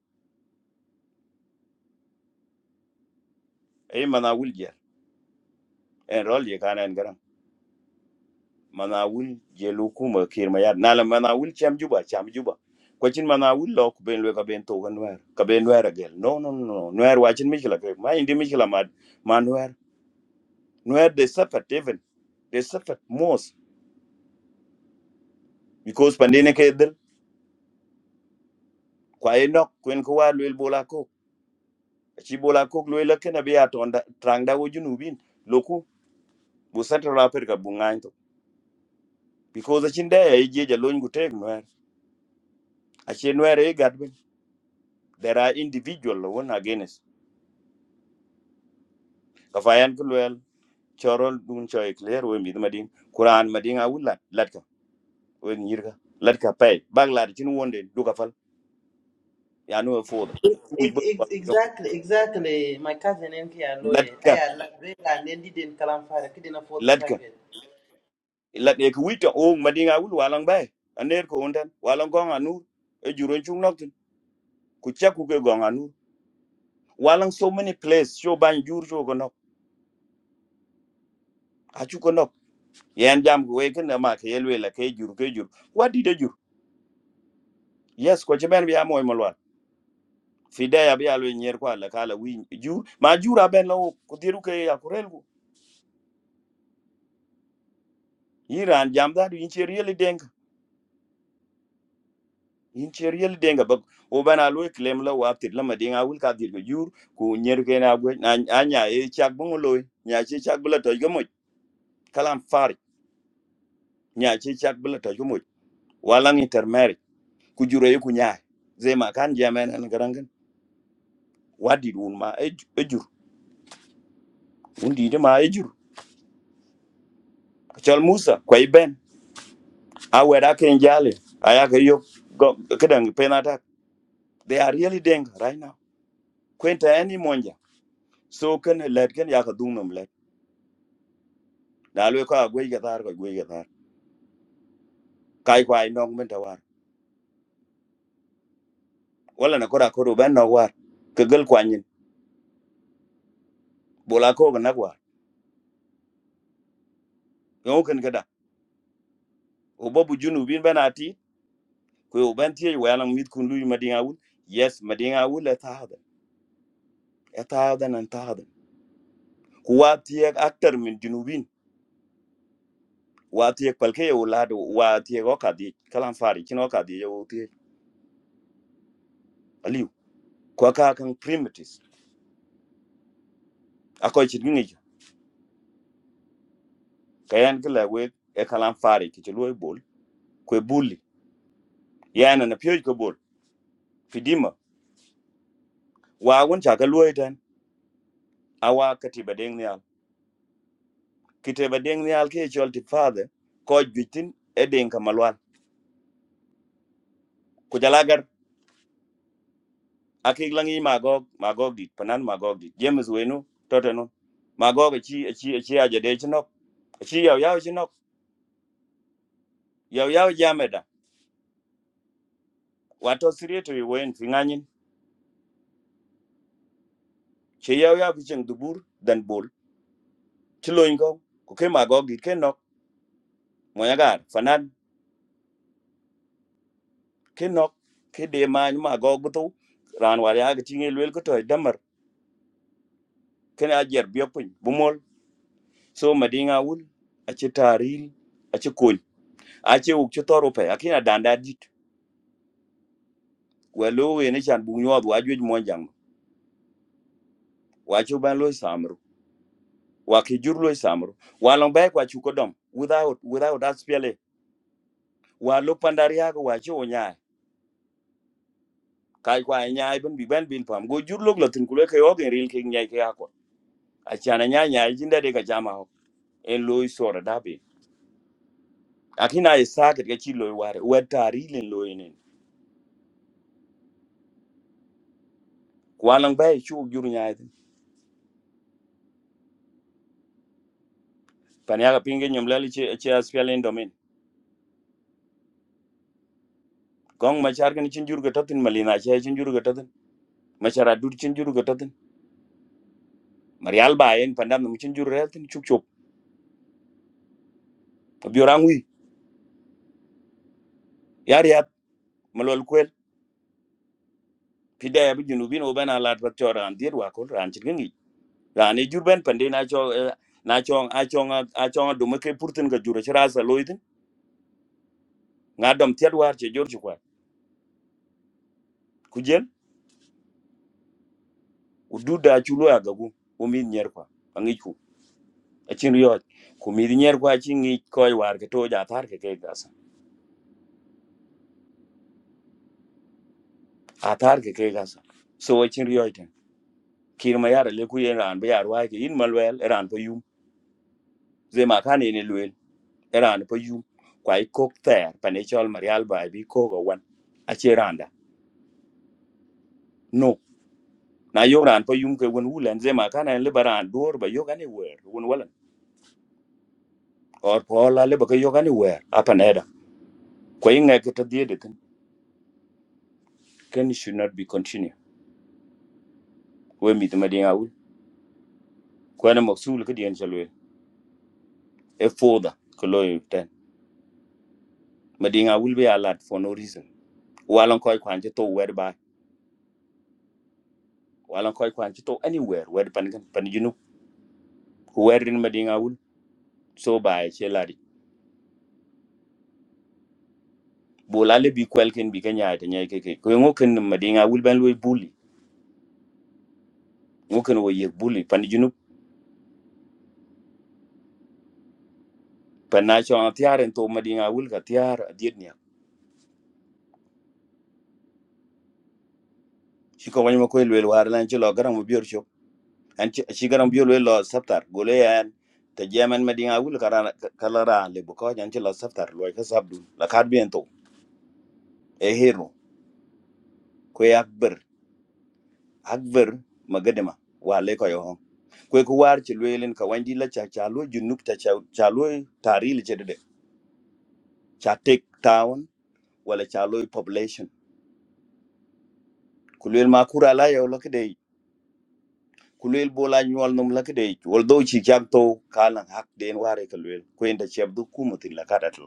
Speaker 10: e mana wul jer en rol ye kana en garam mana wul je lu kuma kir ma yar nala mana wul cham juba cham juba ko chin mana wul lo ko ben lo ka ben to gan wer ka ben wer gel no no no no wer wa chin mikla ke ma indi mikla ma man wer where they suffered even they suffered most because pandine ke dil kwa eno kwen ko wa lwel bola ko chi bola ko lwel ke na biya to nda trangda wo junubin loku bu central africa bu ngan to because a chin day e je jalony ku tek nwer a chin nwer e gatbin there are individual lo won against ka fayan ko lwel chorol dun choy clear we mi madin quran madin a wulat latka we nyirga latka pay bag lad chin wonde duka fal ya no foda wi
Speaker 2: Ex-
Speaker 10: ba
Speaker 2: ex- Exactly, exactly. Cousin MK and Loye. I didn't kalam fire.
Speaker 10: latka la ne ku wita o ma dinga wul walang bay aner ko undan walang gong anu e juro chung nok tin ku cha ku ke gong anu walang so many place show ban jur jo ko nok a chu ko nok yan jam ku we ken ma ke yelwe la ke jur ke jur what did jur yes ko cheben bi amoy malwan fide ya bi alwe nyer kwa la kala wi jur ma jura ben lo ku diru ke ya kurel ku iran jam da du in cheri in cher yel denga ba o bana lo claim la wa tir la madinga wil ka dir yur ku nyer ke na gwe na anya e chak bon lo nya chi chak bla to gomo kalam far nya chi chak bla to gomo wala ngi ter mer ku juro e ku nya e. ze ma kan jamen an garangan wadi dun ma e ju- e jur un de ma e jur chal musa kwai ben a wera ken jale aya ke yo go kedang penata they are really denga right now kwenta any monja so kan let kan ya ka na lwe ko agwe ga tar ko gwe ga tar kai kwai nong men ta war wala na kora koro ben no war ke gel kwanyin bola ko ga nagwa yo ken kada o babu junu bin ben ati ko o ben tie wala mit kun lu madinga wul yes madinga wul la tahada ya tahada nan tahada ku wa tie aktar min junubin wa tie palke yo lado wa tie go kadi kalan fari kino kadi yo tie aliu ko ka kan primitives akoy chit ngi kayan kala we e kalan fari ki ti loy bol ko bulli yana na piyo ko bol fidima wa gun cha ka luoi awa katiba deng nial kitiba deng nial ke chol ti fade ko jutin e deng ka malwal ku jalagar akik magog magog dit panan magog dit james wenu toteno magog e chi e chi e chi aja de chinok E chi yaw yaw chinok yaw yaw jameda wato sirieto yi wen finganyin chi yaw yaw kicheng dubur dan bol chiloin ko ku ke magog dit ke nok moyagar fanan ke nok ke de ma magog butu ran war ya ga tinge lwel ko to kene a jer biop piny bumol so madinga wul ache taril ache kony ache uk che toro pe akina danda dit welo we ne chan bu nyod wa juj mon jang wa chu ban lo samru wa ki jur lo samru wa long bae kwa chu kodom without without that spele wa lo pandari ha wa chu onya kai kwa nya ben bi ben bin pam go jur lo glotin kule ke ogen ril ke nya ke akon achana nya nya jinda de ka jama ho en lo sora dabe akina isaket ke chi lo ware wetari len lo walang bay chu jur nyaay tin pan yaga pinge nyom lali che che aspial in domain gong machar gani chin jur gatatin malina che chin jur gatatin machara dur chin jur gatatin marial ba en pandam num chin jur retin chuk chuk biorang wi yar yat malol kwel pide ya bi junubin oban alat pat chora an dir wa kon ran chin ngi ran e jur ben pande na cho eh, na chong a chong a chong do make purtin ga jur chira sa loitin ngadom tiat war che jor chukwa kujen ududa chulo agagu umin nyer kwa angi achin riyo kumid nyer kwa chi ngi koy war ke to ja thar ke ke gasa a thar ke ke gasa so achin riyo ten kir ma yar le ku yen ran be yar wa ke in malwel ran po yum ze ma kan ne lwel e ran po yum kwa i kok ter pa ne chol marial ba bi ko go wan a che randa no na yo ran po yum ke won wulen ze ma kan le baran dor ba yo gane wer won wala or po la le ba ke yo gane wer apa ne da ko yin ngai ke to die de ten can should not be continue we mi de ma dia ul ko na maksul ke dien chalwe e foda ko lo yu ten madinga will be a lot for no reason walan koy kwan to wer ba walan koy kwan to anywhere wer pan gan pan you ko wer madinga will so ba che ladi bola le bi kwel ken bi kanya ta nyai ke ke ko ngo madinga will ban lo bully ngo ken wo ye bully pan you know pan na cho tiaren to madinga will ka tiar adiet nya shi ko wanyo ko lo war lan che lo garan mo bior an cigaran biol we lo sabtar gole yan te jemen medin a wul kara kala ra le bu ko nyan ci lo sabtar lo ka sabdu la kad bien to e hero ko yak ber ak ber magadema wa le ko yo hon. ko ko war ci lelen ka wandi la cha cha lo junuk ta cha cha lo tari le de cha take town wala cha lo population ku lel ma kura la yo lo kede ku lel bola nyol num la kede wol do ci jak to kala hak den ware ka lel ko en da chebdu kumatin la kadat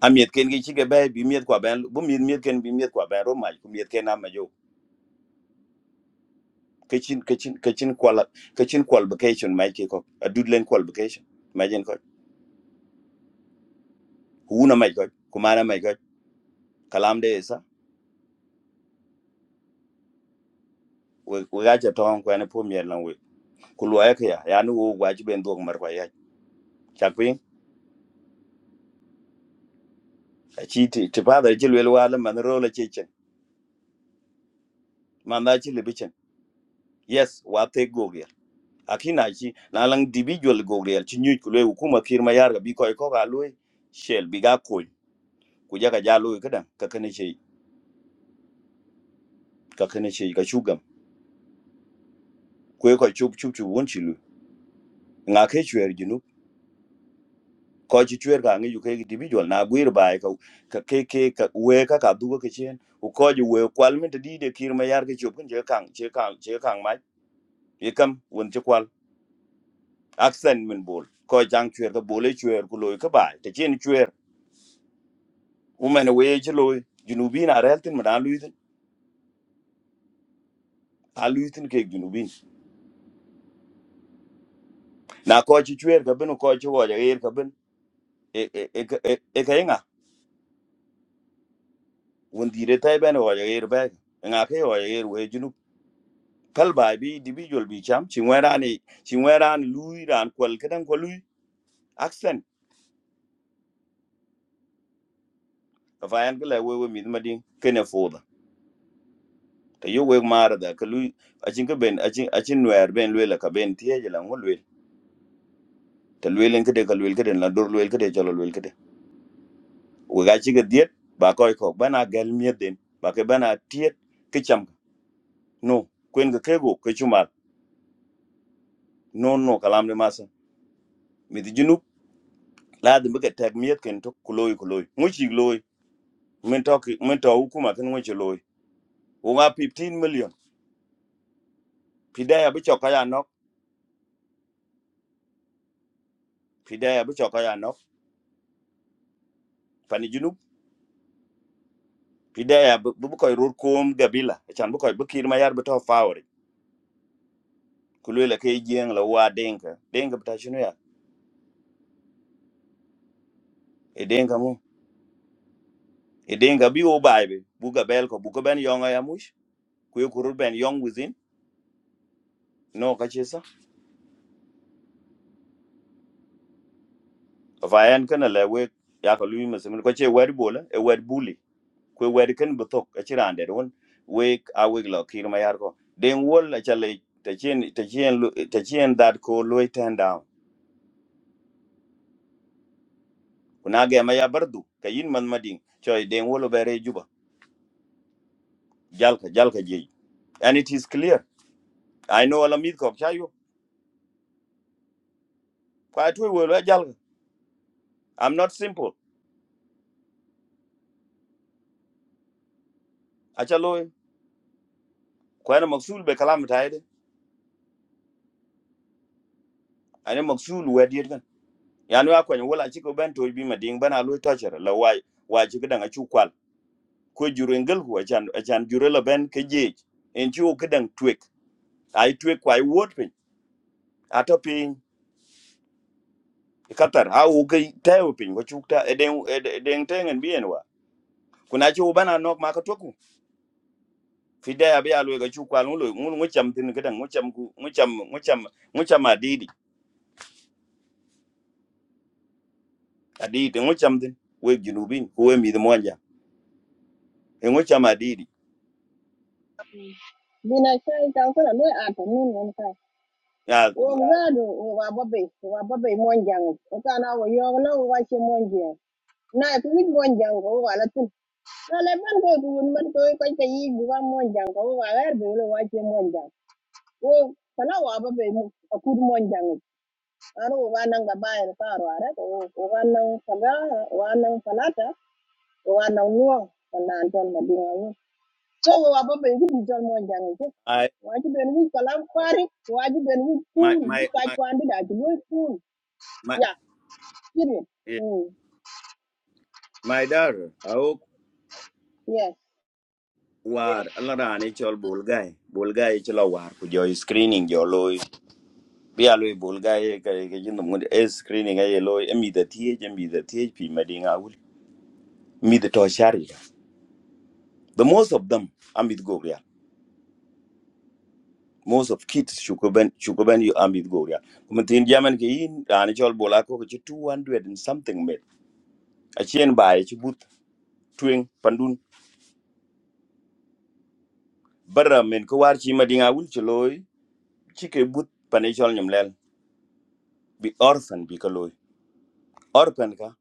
Speaker 10: a miet ken gi chike bai bi miet kwa ben bu miet miet ken bi miet kwa ben ro ma ku miet ken ama jo kachin kachin kachin kwal kachin qualification mai ke ko a dudlen qualification imagine ko una mai ko kuma na mai ko kalam de sa we we ga ja ton ko ne po miet lan we ku lo ya ka ya ya nu wo gwa ji ben dog mar kwa ya chakwe a chi ti ti pa da ji lwel wa la man ro la che chen man da chi le bi chen yes wa te go ge akina chi na lang individual go ge chi nyu ku le hukuma kirma yar ga bi ko ko ga lo shel bi ga ku jaga ja lu kadan ka kane ce ka kane ce ka shugam ku ko chup chup chu won chilu nga ke chuer ginu ko ji chuer ka ngi ju ke individual na guir bai ka ka ke ke ka we ka ka du ka chen u ko ji we kwal min di de kir ma yar ke chup kun je kan je kan je kan mai ye kam won je kwal accent min bol ko jang chuer ka bole chuer ku loy ka bai te chen chuer u men we ji loy junubin a reltin ma na lu yin a lu yin ke junubin na ko ji chuer ka bin ko ji wo ja yer ka bin e e e e e ka yenga wondire tai bene hoja yer bag nga ke hoja yer we junu pal bai bi individual bi cham chi werani chi werani lui ran kwal kedan ko lui accent ka fayan gele we we mi madin kene foda ta yo we mara da ka lui a chin ka ben a chin a chin wer ben lui la ka ben tie je la ngol we ta lui len kede ka lui kede la dor lui kede jalo lui kede we ga chi ga diet ba koy ko bana gal miet den ba ke bana tiet ke cham no kwen ga kego ke chumal no no kalam de masa mi di junu laadi bi ka tɛk miɛth ken tök ku looi ku chi ŋo cik looi min tɔ ki- min tɔ hukuma kin chi ci looi wuŋa 15 million pidɛɛya bi cɔka ya nɔk pidɛɛya bi cɔka ya nɔk pani junub pidɛɛya bi bi kɔc rot koom gabila acan bi kɔc bi kiir ma yat bi tɔ faawori ku luei la ke jieŋ la waa deŋka deŋka bi ta cini ya e deŋka mu e deŋka bi wo baai bi bu gabɛɛl kɔ bu ka bɛn yɔŋa ya muc ku ye ku rot bɛn yɔŋ within no ka ci sa fa ɛn kena lɛ wek ya ka lui mesimin kɔci e wɛt bol e wɛt buli kwe wed ken bi thok aci raan det wun wek a wek lo kir ma yar ko den wol acale tacien dhat ko luoi ten down kuna ge ma ya bar du ka yin man mading coy den wol obere juba jalka jalka jej and it is clear i know ala mith kok chayo kwa tuwe welo jalka i'm not simple achalo kwana maksul be kalam taide ane maksul wed yet kan yanu akwanyo wol aci ko ben toy bi mading bana luoi tochere la wai wai ci kedang acu kwal ko jurengel ku achan achan jure la ben ke jej en chi o kedang twek ai twek kwai wot pin ato pin katar ha o ke tayo pin ko chukta eden eden tengen bien wa kuna chi o bana nok ma ka toku fide ya be alwe ga chu kwa lu ngun ngu cham tin kedang ngu cham ku ngu cham ngu cham ngu cham adidi adidi ngu cham tin we junubin ko we mi de monja e ngu cham adidi
Speaker 16: bina kai ta ko na noi ata nun won kai
Speaker 10: ya
Speaker 16: wo ngado wo wa babe wo wa babe mon jang o ka na wo yo na wo wa che mon jang na ku wit mon jang ko wa la tin na le ban ko ku won man ko ko ka yi bu wa mon jang ko wa la be wo wa che mon jang. wo kana wa ba be mu akur mon jangi aro wa nan ga ba er ka ro are ko wa nan kaga wa nan falata wa nan nuwa nan ton ma dinga wo so wa ba be gidi ton mon jangi ko
Speaker 10: ai
Speaker 16: waji ben wi kalam fari waji ben wi
Speaker 10: my
Speaker 16: pool bu
Speaker 10: my
Speaker 16: ka
Speaker 10: my
Speaker 16: kwandi da ji loy pool
Speaker 10: my
Speaker 16: ya period
Speaker 10: eh,
Speaker 16: mm
Speaker 10: my daughter
Speaker 16: yes yes
Speaker 10: war alarani chol bulgai bulgai chila war ku jo screening jo loy bia loy bulgai ka ke jin mud e screening ay loy emi the th emi the th pi madinga ul mi the to shari the most of them amit gobria most of kids shukuben shukuben you amit gobria kuma tin jaman ke yin rani chol bola ko ke 200 and something met a chien bai chi but twing pandun bara men ko war chi madinga ul chi loy chi ke but panechol nyamlel bi orphan bi ka loy orphan ka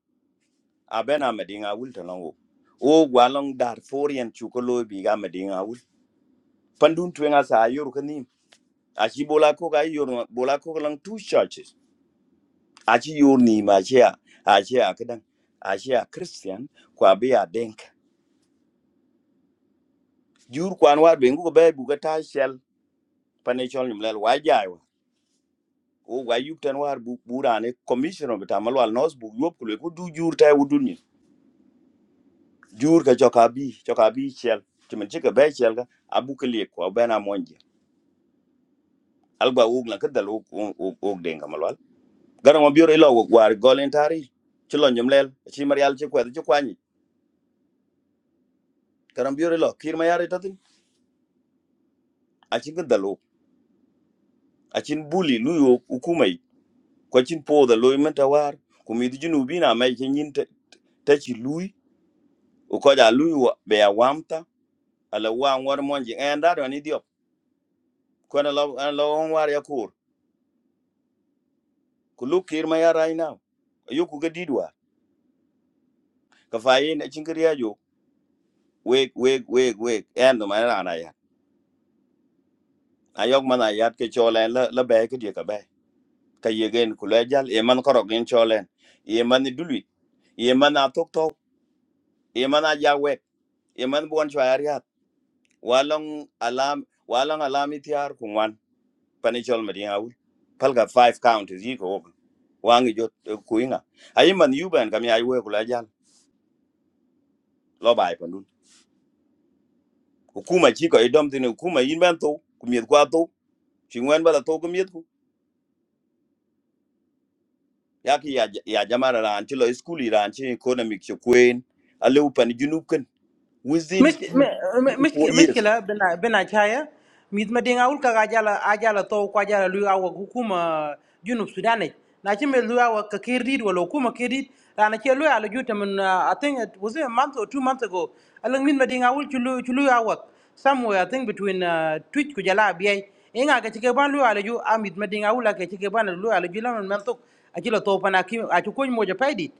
Speaker 10: abena medinga wul to lango o gwalong dar forian chukolo biga medinga wul pandun twenga sa yor kanim achi bola ko ga yor bola ko lang two churches achi yor ni ma chia achi a kedan achi a christian kwa be a denk jur kwan war be ngu be bu ga ta shel panechol nim lel wa jai wa o wa yup tan war bu burane commissioner betamalwal nos bu yop kulo ko du jur tay wudun ni jur ka joka bi joka bi shel timen chika be shel ga abu kele ko bena monje alba wug la kedal wug wug wug denga malwal garan wa biore lo wug war golen tari ci lo nyum lel ci marial ci kwed ci kwani garan biore lo kir ma yare tatin a ci kedal wug a cin buli lu yo hukumai ko cin po da lo menta war ku mi di junubi na mai cin yin ta ci lui u ko da lui wa- be ya wamta ala wa an war monji en da do ni diop ko na lo an lo on war ya kur ku lu kir ma yare ina yo ku ga didwa ka fayin a cin kriya jo weg weg weg weg en do ma rana ayok man ayat ke cholen la la be ke die ka be ka yegen ku le jal e man korok gen cholen e man dulwi e man atok tok e man aja we e man bon chwa yat walong alam walong alam itiar ku wan pani chol medin awul pal ga five count is yiko ok wangi jot eh, ku inga ayi man yuben kam ya we ku le jal lo bai pandun ku kuma chi ko idom tinu kuma yin ban to ku miet kwa to chingwen bala to ku miet yaki ya ya jamana ranti lo school ranti economic cho queen ale upan junub kan within
Speaker 2: Miss, me, me,
Speaker 10: 4
Speaker 2: miss, miss,
Speaker 10: years
Speaker 2: sheila, ben, benachaya, mid-morning, I will go. I will, I will talk with you about the government. You know Sudanese. Now, if we talk about the Kurds or the government, Kurds, and if we talk about the government, I think it was a month or two months ago. I think mid-morning, I will go somewhere. I think between uh, Twitch, I will buy. And I get the government. I will get the government. I will get them to talk. I will talk with them. I will talk with them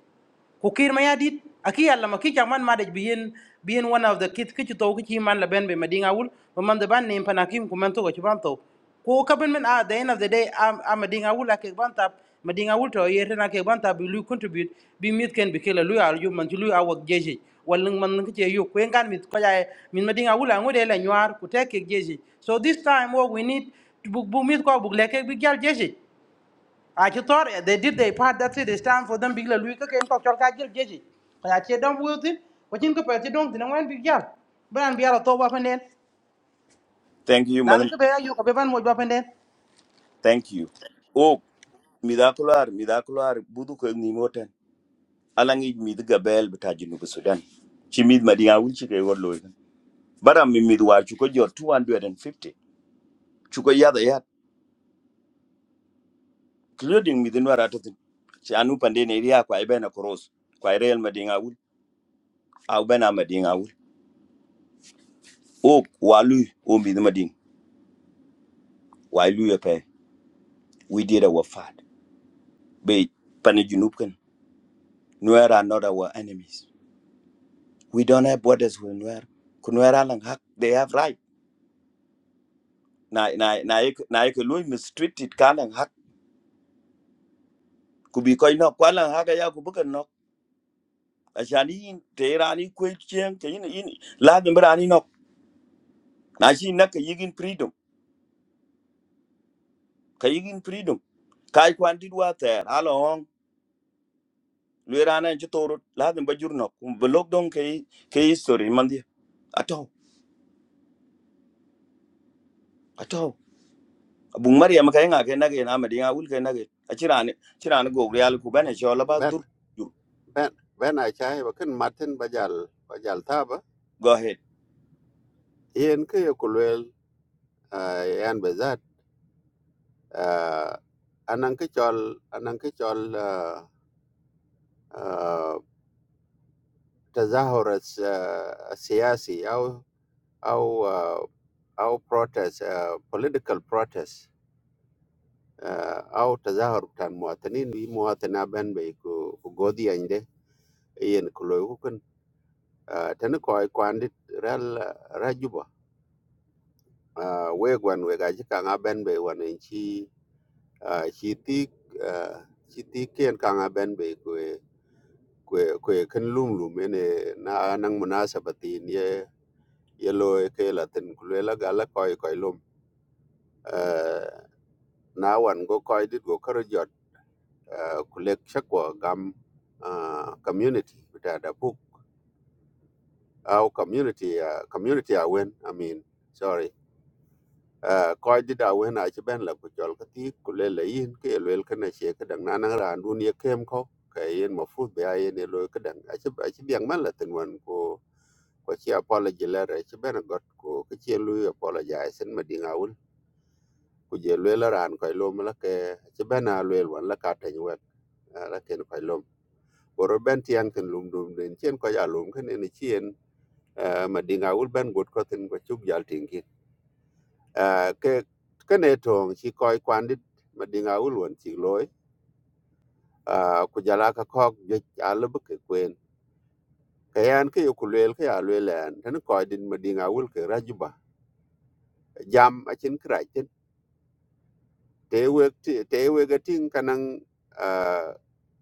Speaker 2: kukir ma ya dit aki yalla ma ki chak man madaj bi yen bi one of the kid ki to ki chi man la ben be madinga wul ma man de ban ne panakim ku man to ko chi ban to ko ka ben men at the end of the day am am madinga wul ak ban tap madinga wul to yer na ke ban tap bi lu contribute bi mit ken bi kela lu al yu man ci lu awak jeje wal nung man ngi ci yu ko ngan mit ko jaay min madinga wul ngode la nyuar ku tek ke jeje so this time what we need to bu bu mit ko bu leke bi gal jeje I thought they did their part. That's it. It's time for them. Big Louis Kaka and Cock Chalkajil Jeji. I said, don't will it. What in compared to don't know when big yell. But I'm Biala Toba and then.
Speaker 10: thank you
Speaker 2: Now
Speaker 10: madan
Speaker 2: look at you, Kapavan would up and then.
Speaker 10: thank you o midakular midakular budu ko ni moten alangi mid gabel beta junub sudan chi mid madinga wulchi ke gor loy bara mi mid war chu ko jor 250 chu ko yada yat including mid no ratatin chi anu pande ne ria kwa ibena cross kwa real madinga wul au bena madinga wul o walu o mid mading walu ya We did our part. But Panajunupkan, Nuer are not our enemies. We don't have borders with Nuer. Kunuera lang hak, they have right. Na na na ik na ik lui mistreated ka lang hak. Kubi koi no kwa lang hak ya kubukan no. Ashani in teirani kwe chiang ke in in la no. Na shi na ka yigin freedom. Ka yigin freedom. Kai kwan dit wa ter. Halo hong. Luerana jitoro la Bajur no. Belok dong ke ke history mandi. Ato. Ato. bung maria ma kay nga ke nage na medi nga wul ke nage achirani chirani go real ku bene chola ba dur dur.
Speaker 6: ben ben a chai ba kin matin bajal bajal taba
Speaker 10: go ahead
Speaker 6: yen ke ye kulwel ah, yan bezat anan ke chol anan ke chol ah, ah, تظاهر الس- السياسي أو au uh, au protest uh, political protest uh, au tazahar tan muwatanin wi muwatana ben be ko ko godi ande yen ko loy ko kan uh, tan ko ay kwandi ral rajuba uh, we gwan we gaji kan ben be wanen chi uh, chi ti uh, chi ti ken kan ben be ko ko ko kan lum lum ene na nang munasabatin ye ye loy ke latin ko la gala koy koy lum Uh, na wan go koy dit go karo jot ah, ku lek shakwa gam ah, community bita da puk au community ah, community awen i mean sorry ah, koy dit awen a chi ben la ku jol ka ti ku le le yin ke lel ka na che ka dang na na ran dun ye kem ko ka yin ma fu be a yin lo ka dang a chi a chi biang man la tin wan ko ko chi apology le re chi ben got ko ka chi lu apologize en ma dinga wul ku je lel ran koy lo ma la ke chi ben a lel wan la ka tan wen goro ben tiang ten lum dum den chen ko ya lum ken ne chien eh, ma dinga ul ben gut ko ten ko chuk jal ting kin Eh, ke ke ne tong chi koi kwan dit ma dinga ul won chi loy ah, ku jala ka kok je al bu ke kwen ka yan ke yo ku lel ke ya lel an ten ko din ma dinga ul ke rajuba jam a chen kra chen te we te we ga ting kanang ah,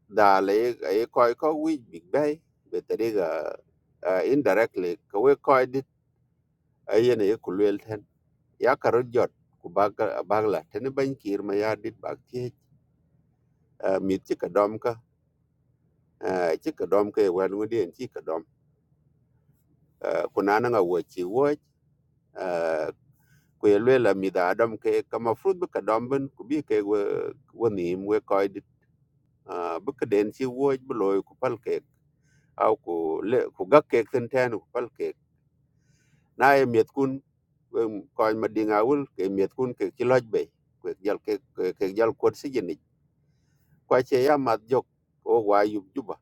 Speaker 6: da le e koi ko wi big bay be tari ga uh, indirectly ka we koi ayen ye ku luel ten ya ka rot jot ku bag bag la ten ban kir ma ya dit bag ti mit ti ka dom ka ti ka dom ka wan ngudi en ti ka dom Eh, ku na nga wo chi wo ku ye luel mi da dom ke ka ma fruit bu ka dom ben ku bi ke wo wo ni we ko dit Ah, bu ka den chi wo bu loy ku pal ke au ku le ku gak ke ten ten ku pal ke na ye mit kun ko ma dinga wul ke mit kun ke ti loj be ke jal ke ke jal ko si jeni kwa che ya mat jok o wa yub juba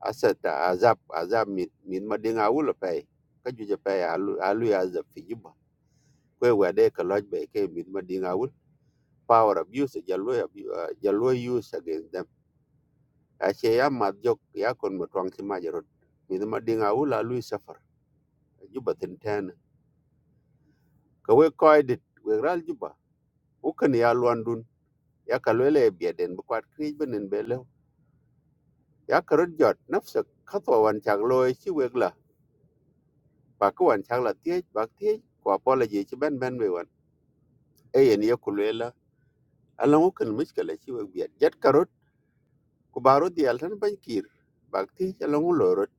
Speaker 6: asata azab azab min min madinga wulo pe ka juje pe alu alu ya azab fi juba kwe wa de ka loj be ke min madinga wul power abuse jalo ya jalo use against them a che ya mat jok ya kon mo twang ki majarot min madinga wul alu safar juba tin ten ka we koy dit we ral juba u kan ya lwan dun ya ka lele bieden bu kwat kri benen bele ya karot jot nafsa khatwa wan chak loy chi wegla ba ko wan chak la tie ba tie ko po la ji chi ben ben me wan e yen ye ku le la ala ngu kan mis ka la chi wa biat jet karot ku baro di al tan ban kir ba tie ala ngu lo rot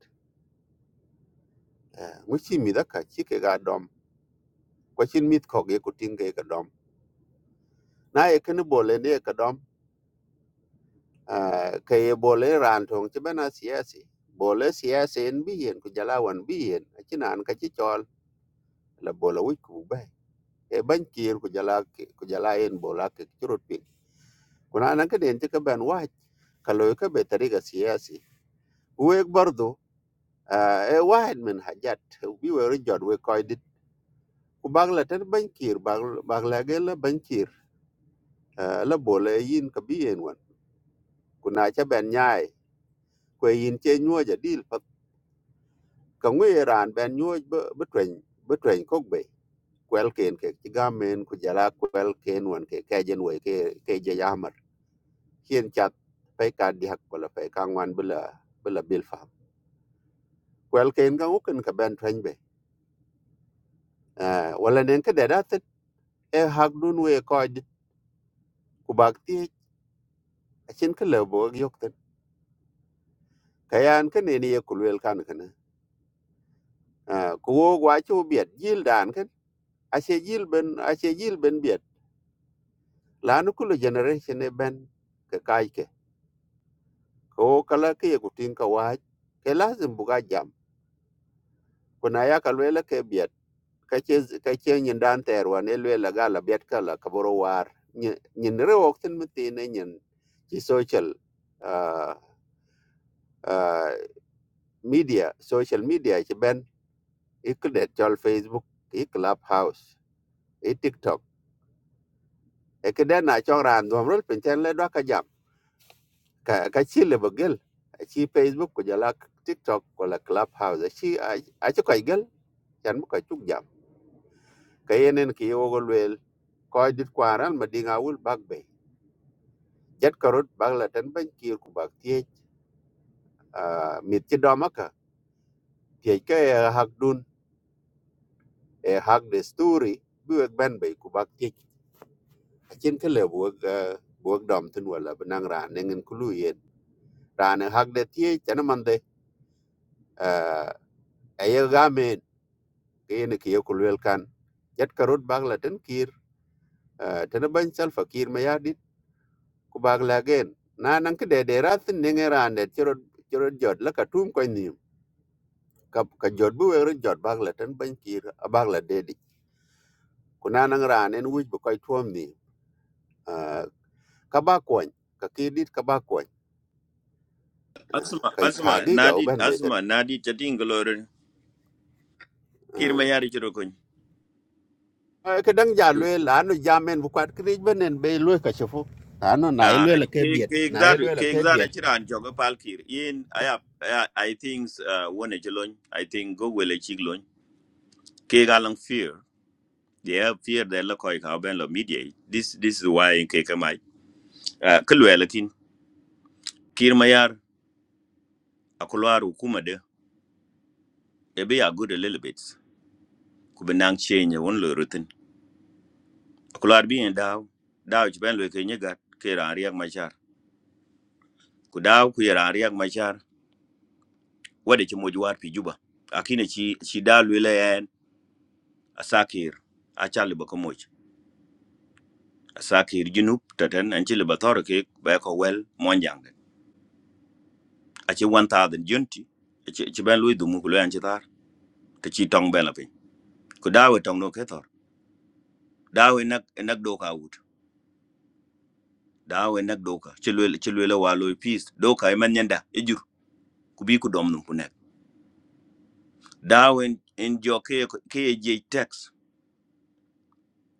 Speaker 6: ngu chi mi da ka chi ke ga dom ko chin mit ko ge ku tin ge ka dom na e kan bo le ne ka dom ke ye bo le ran tong chi ben a siasi bo le siasi en bi yen ku jala wan bi yen a chi nan ka chi chol la bo la wi ku ba e ban kir ku jala ku jala en bo la ke churut kuna nan ka den ka ban wahid ka loy ka be tariga siyasi wek bardo e wahid min hajat bi wero jod we koydit ku bagla tan bankir bagla ge la bankir la bole yin ka bi en wan kuna cha ben nyaai ko yin che nyuo ja dil pat ka ngwe ran ben nyuo be twen be twen kok be kwel ken ke ti gamen ku jala kwel ken wan ke ke jen we ke ke je yamar hien chat pe ka di hak wala pe ka ngwan bula bula bil kwel ken ga uken ka ben twen be Ah, wala nen ka deda tet e hak dun we ko dit ku bak ti achin ka lebo yok tet kayan ka ne ni ye kulwel kan kana Ah, ku wo gwa chu biet jil dan kan ache jil ben ache jil ben biet lanu kulu generation e ben ka kai ke ko kala ke ye ku tin ka wa ke lazim buga jam kuna ya kalwela ke biet kache kache nyin dan ter wan elwe la gala bet kala kaboro war nyi- nyin re okten mti ne nyin ci social uh, uh, media social media ci ben ikde chol facebook i clubhouse i tiktok e kede na chong ran dom rol pinten le doka jam ka ka ci le bagel ci facebook ko jala tiktok ko la clubhouse ci a ci koy gel yan bu koy tuk jam ka yenen ki yogol wel koy dit kwaral ma dinga wul bag bay jet karot bak la tan ban kir ku bak tie mit ti domaka tie ke hak dun e hak de story bi wek ban bay ku bak tie achen ke le bu bu dom tin wala benang ran nengen kulu yen ran hak de tie tan man de e ye gamen ke ne ke ku wel kan jet karot bak la tan kir tan ban sal fakir ma ya dit ku bak la gen na nan ke de de rat nengen ran de chero chero jot la ka tum ko ni ka ka jot bu wéru jot bak la tan ban kir abak la dedi ku na nang ran en wuj bu koy tuom ni ah, ka ba koñ ka ki dit ka ba koñ ah,
Speaker 10: asma
Speaker 6: kay ka
Speaker 10: asma
Speaker 6: gi ga
Speaker 10: nadi
Speaker 6: uban be tan
Speaker 10: asma nadi chatin glorin kirma
Speaker 6: ah.
Speaker 10: yari chiro kun
Speaker 6: Ah, ka dang ja lwe la no jamen bu kwat krij benen be lwe ka chefu ano na e
Speaker 10: Ah,
Speaker 6: lwe la ke
Speaker 10: ke
Speaker 6: biet
Speaker 10: ke
Speaker 6: na e
Speaker 10: exadu
Speaker 6: lwe la
Speaker 10: ke
Speaker 6: ke
Speaker 10: exadu
Speaker 6: biet
Speaker 10: chiran jogo palkir in i have- i I think uh one jelon i think go wele chiglon ke galang fear they have fear they look like how ben lo media this this is why in ke kamai uh kulwela kin kirmayar akulwar hukuma de e be a good a little bit ku bi nang change won lo rutin ku lar bi en daw daw ci ben lo ke nyagat ke ran riak machar ku daw ku ran riak machar wade ci moju war pi juba akine ci ci daw lu le en asakir a chal ba ko moj asakir junub taten an ci le ba tor ke ba ko wel mon jang a ci wan ta den junti ci ci ben lo du mu ku lo an ci tar te ci tong ben la pin ku daw e tong no ke tor daw e nak e nak do ka wut daw e nak do ka ci lo ci lo wa lo peace do ka e man nyanda e jur ku bi ku dom num ku ne dawin in jo ke ke je tax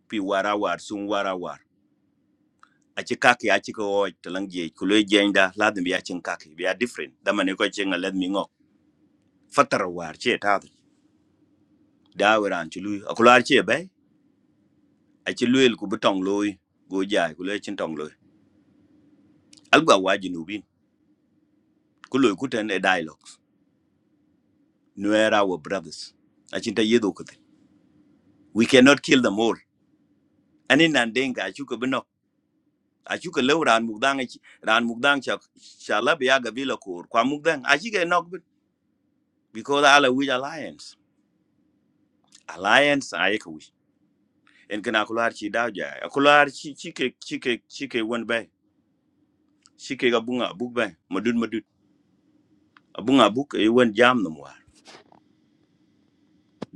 Speaker 10: pi wara war sun wara war a ci kake a ci ko talang je kulo je inda ladin biya cin kake biya different da mane ko cin let mi ngok fatar war ce ta dawiran ci lui a kular ce bai a ci lui ku butong loy go jai kulo cin tong loy alba wajinu bin kulo ku tan e dialogues nuera our brothers a cin ta yedo ku we cannot kill them all anin nan denga a ci ko acu ke lew raan mukdang raan mukdang cha cha la biya gabila kor kwa mukdang acu ke nok bit because ala wij alliance alliance aye ke wij en kana kular chi daw ja kular chi chi ke chi ke chi ke won bay chi ke gabunga buk bay madud madud abunga buk e won jam num war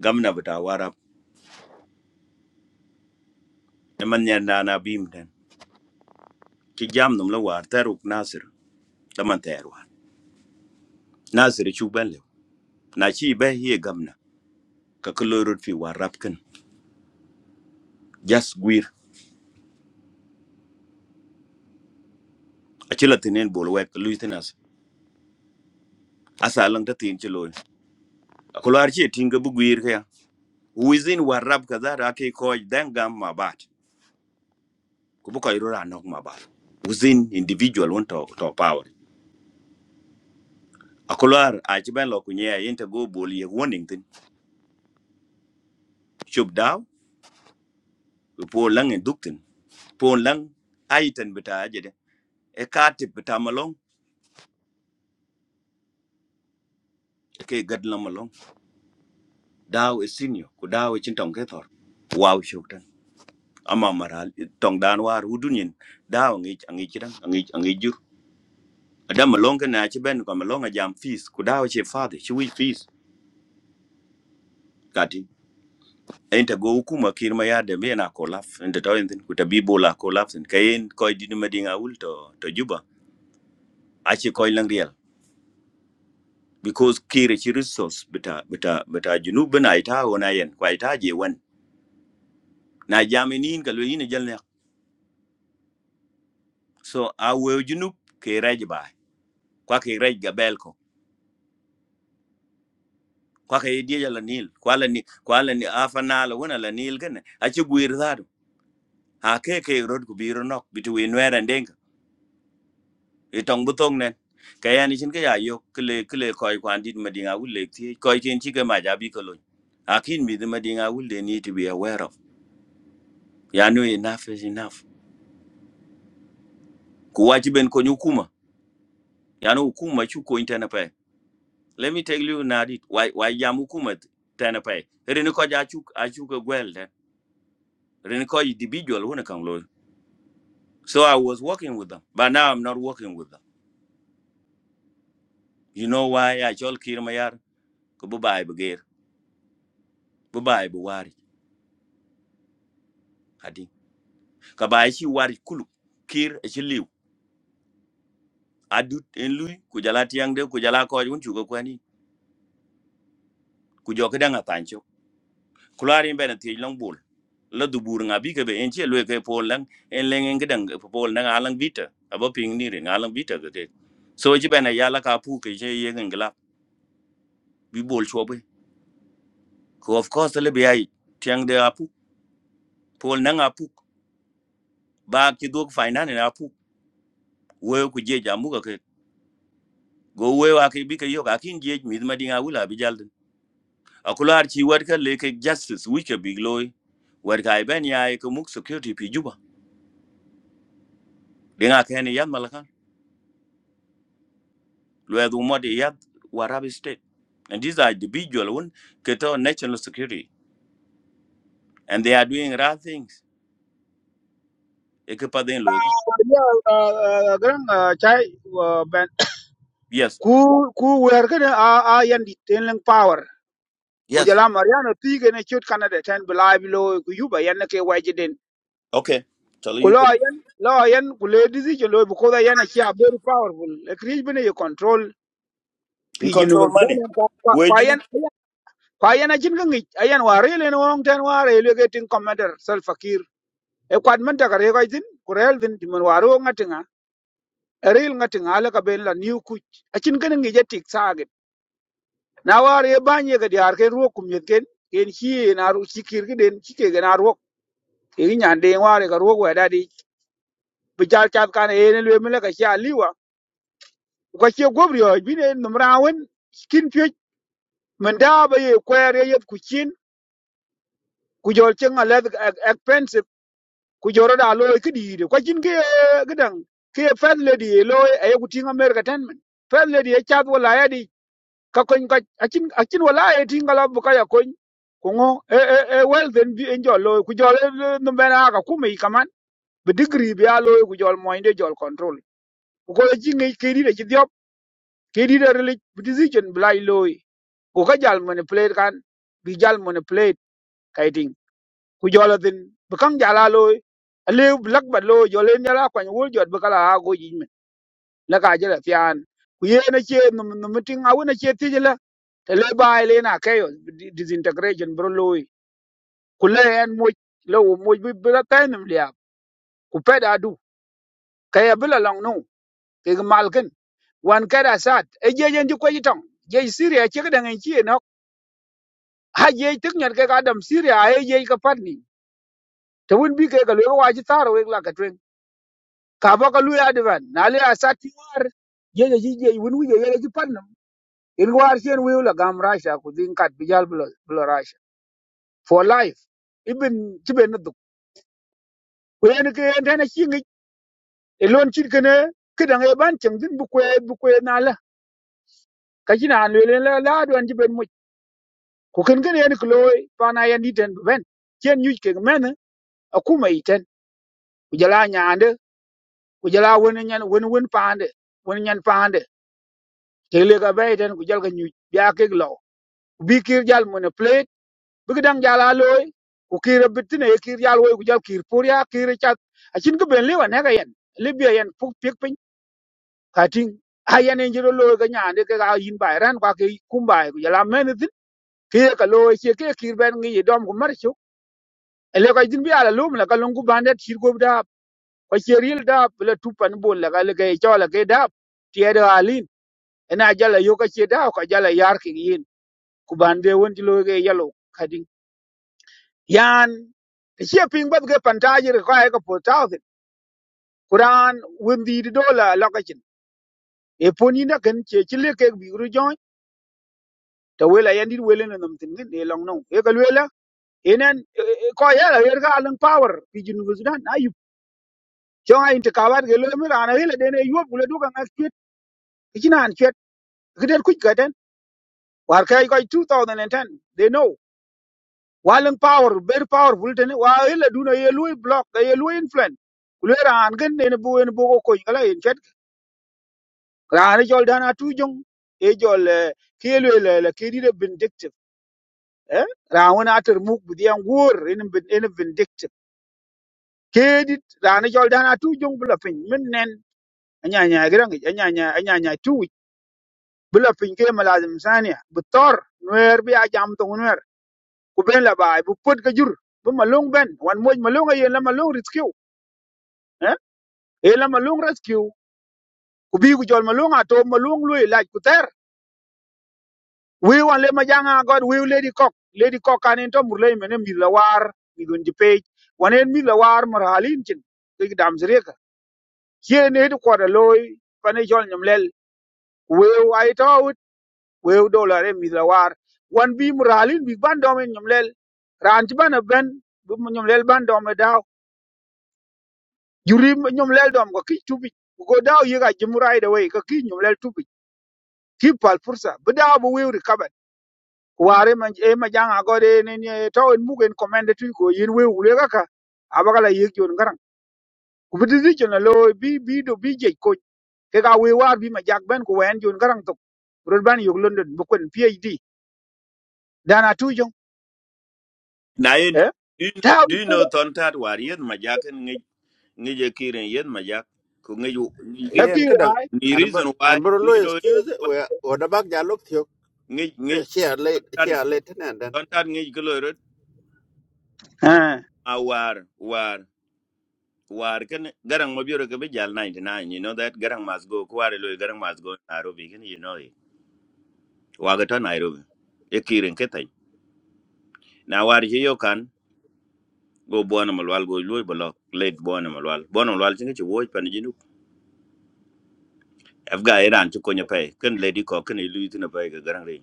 Speaker 10: gamna bata warab e man nyan na na bim den ki jam num la war taruk nasir taman ter war nasir e chu ban le na chi bay ye gamna ka kulurut fi warab kan jas gwir acila tenen bol wek luitin asa lang ta tin ci loy akular ci tin ga buguir ka within warab ka za da kai ko dan gam ma bat ku bu kai rura nok ma bat within individual want to to power akular a ci ban lo ku nya yin ta go bol ye warning tin shub daw ku po lang en duktin po lang aitan bita aje de e ka ti bita malong e kai gad la malong daw e senior ku daw e cin tong ke thor wow shub tan amma maral tong dan war hudun yin daw ngi ngi ci dan ngi ngi jur Adam malonga na ci ben ko malonga jam fees ku dawo ce father ci wi fees kati enta go hukuma kirma ya da mena ko laf enta to entin ku ta bibo la ko laf sen kayen ko di ma dinga wul to to juba a ci ko lang real because kire ci resource bita bita bita junub na ita wona yen ko ita je wan na jaminin ka lo yin jalne so a we junub ke rej ba kwa ke rej gabel ko kwa ke die la nil kwa la ni kwa la ni afana la wona la nil gane a ci guir zaadu a ke ke road ku biro nok bitu in wer and denk e tong butong nen ka ya ni chin ka ya yo kle kle koy kwan dit madinga wul lek ti koy chen chi ka ma ja bi ko lo akin mi de madinga wul they need to be aware of ya no enough is enough ku wa chi ben ko nyukuma ya no hukuma chu ko intana pa let me tell you na dit why why ya hukuma tana pa rin ko ja chu a chu ko gwel den rin ko individual wona kan lo so i was working with them but now i'm not working with them you know why i chol kirmayar ko bu bai bu bay bu wari adi ka bay chi wari kulu kir e chi liu adut en lui ku jala tiang de ku jala ko jun chu ko kwani ku jo ka danga tancho kulari ben ti long bul la du bur nga bi ke be en che lue ke pol lang en leng en gedang pol na alang vita abo ping ni re alang vita ke ke so e chi ben ya la ka pu ke che ye ngen gla bi bol cho be ko of course le be ai tiang de apu pol na apu ba ki duk fainan na apu we ku je jamu ka ke go we wa ke bi ke yo ka kin je mi ma dinga wula bi jal akular chi war ka le ke justice wi ke big loy war ka ben ya ke muk security pi juba dinga ke ni yad malakan lo ya du mod yad warabi state and these are individual one ke to national security and they are doing right things e ke pa den lo
Speaker 9: gran chai uh, ben
Speaker 10: yes
Speaker 9: ku ku wer ke a a yan di tenleng power ku
Speaker 10: yes
Speaker 9: jala mariano ti ke ne chut canada ten bilai bilo ku yuba yan ne ke waje den
Speaker 10: okay tell
Speaker 9: ku
Speaker 10: you
Speaker 9: lo
Speaker 10: put it
Speaker 9: yan lo yan ku le dizi ke lo bu ko da yan ki a very powerful e krij bene ye control
Speaker 10: you
Speaker 9: pi jinu ba
Speaker 10: control money
Speaker 9: dan
Speaker 10: we
Speaker 9: kwa
Speaker 10: you know
Speaker 9: yan kwa yan a jin ga ngi ayan wa re le no on ten wa re le ke tin commander sal fakir e kwad man ta ka re ko jin ku rel din tin man wa ro ngatin eril ngatin ala ka ben la new kuch akin ganin ngi jetik saagit na war ye banye ga diar ken ruok kum yet ken ken hiye na ru chikir gi den chike ga na ruok e gi nyan de war ga ruok wa dadi bijal chat kan e ne le mele ka sha liwa ko che gobri o bi ne numra wen kin pye men da ba ye kwer ye yet ku chin ku jol chen ala expensive ku joro da lo ki di de ko chin ge gidan ke fat lady lo e ku tinga mer ka ten men fat lady e chat wala ya di ka kony ka achin achin wala e tin kala bu kaya kony ko ngo e e e well then bi en jol lo ku jol e, no bena ka kuma i kaman be degree bi alo ku jol mo inde jol control ko le jingi kiri de jidiop kiri de relig bu decision blai lo ko ka jal manipulate kan bi jal manipulate kaiting ku jol den be kan jala lo ale blak ba lo jol en jala kwan wol jot be kala ha go ji la ka jela fian ku ye na che no mitin a wona che ti jela te le bai le na ke disintegration bro loy ku le en mo lo mo bi bi la tan nim lia ku pe da du ka ya bi la long no ke ga mal ken wan ka da sat e je je ji ko yi tong je siria che ga da ngi chi no ha je tik nyar ke ga dam siria e je ka pat ni te won bi ke ga lo wa ji taro we la ka twen ka ba ka lu ya divan na le a sat ti war je je ji je won wi je ji pat in war chen wiu la gam rasha ku din kat bijal blo blo rasha for life ibin tibe na duk kwen ke en tane chingi e lon chin kene kidang e ban chem din bu kwe bu kwe na la ka chin an le la la don jiben mu ku ken ken en klo pa na yan diten bu ben chen yuj ke men a kuma iten ku jala nyande ku jala won nyan won won pande won nyan pande te le ga be ten ku jal ga nyuj ya ke lo bi kir jal mo bi dang jala loy ku kir bitine kir yal woy ku jal kir pur ya kir chat a chin ko ben liwa ne ga yen libya yen puk pik pin ka ting a yen en jiro loy ga nyaande ke ga yin bay ran ka ke kumbai, bay ku jala men tin ke ka loy che ke kir ben ngi dom ku mar chu ele ka jin bi ala lum la ka lungu bandet chir go da ko cheril da la tupan bol la ga le ga chola ke da tiede alin ena jala yo ka che da ka jala yar ki yin ku bande won ti loy ga yalo yan ti che ping ba ke panta ji ko ai ko po ta ti kuran win di do la la ka chin e po na kan che chi ke bi ru jo ta we la yan di we le na nam tin ne long no e ka le la enen ko ya la yer ga lang power pi jin bu sudan na yu jo ai ti ka ba ke le mi ra na le de ne yu bu le du ka ngas chwet ki chin an chwet ki den ku ka den war 2010 they know walang power very powerful tene wa ile duna ye lui block ye lui influence kulera an gen ne bu en bu ko ko ngala raan jol dana tu jong e jol kelwe le le kedi de vindictive eh raan wona ater muk bu dian wor en en vindictive kedi raan jol dana tu jong bula pin min nen anya anya grang anya anya anya anya tu bula pin ke malazim sania bu tor nuer bi ajam to nuer ku ben la bay bu pot ka jur bu malung ben wan moj malung yen la malung rescue eh e la malung rescue ku bi ku jol malung ato malung lui laj ku ter wiu an le majanga god wiu lady cock lady cock kan en to murle mene mi la war mi gun ji pej wan en mi la war mar halin cin ke dam zreka ye ne de ko da loy pane jol nyam lel wiu ai to ut wiu dollar en mi la war wan bi mar halin bi ban dom en nyam lel ran ti ban ben bu mo nyam lel ban dom e daw juri nyam lel dom ko ki tubi ko daw yi ga jimurai da wai ka ki nyam lel tubi ki pal fursa bu daw bu wiu ware man e ma janga gode ne ne to en mugen commande tu ko yin we wule kaka abagala yek jon garang ku bi decision na lo bi bi do bi je ko ke ga we war bi ma jak ben ku wen jon garang to rod ban yok london bu kon phd dana tu jong
Speaker 10: Now, you,
Speaker 9: eh
Speaker 10: do you know,
Speaker 9: ta bi
Speaker 10: do you
Speaker 9: ko
Speaker 10: know Tontat War? Yes, my jack and Nijay Kirin, yes, my jack.
Speaker 6: yen ka
Speaker 9: hakira
Speaker 6: dang
Speaker 9: ai
Speaker 10: The
Speaker 6: an bar
Speaker 10: reason
Speaker 6: an
Speaker 10: why,
Speaker 6: bar lo
Speaker 10: you know,
Speaker 6: excuse
Speaker 10: why
Speaker 6: we o da bak ja lok thio
Speaker 10: ngay ngay
Speaker 6: share late
Speaker 10: tontad
Speaker 6: share late nan
Speaker 10: tontad ngay kalorot
Speaker 9: eh
Speaker 10: a war war war kan garang mabiro jal bejal 99 you know that garang must go kware lo garang must go Nairobi kan you know it waga to Nairobi e kiren ketai na war je yo kan go bona malwal go lo bolo late bona malwal bona malwal tinga ci woj pan jinu afga iran ci konya pay kan lady ko kan ilu tina pay ga garang re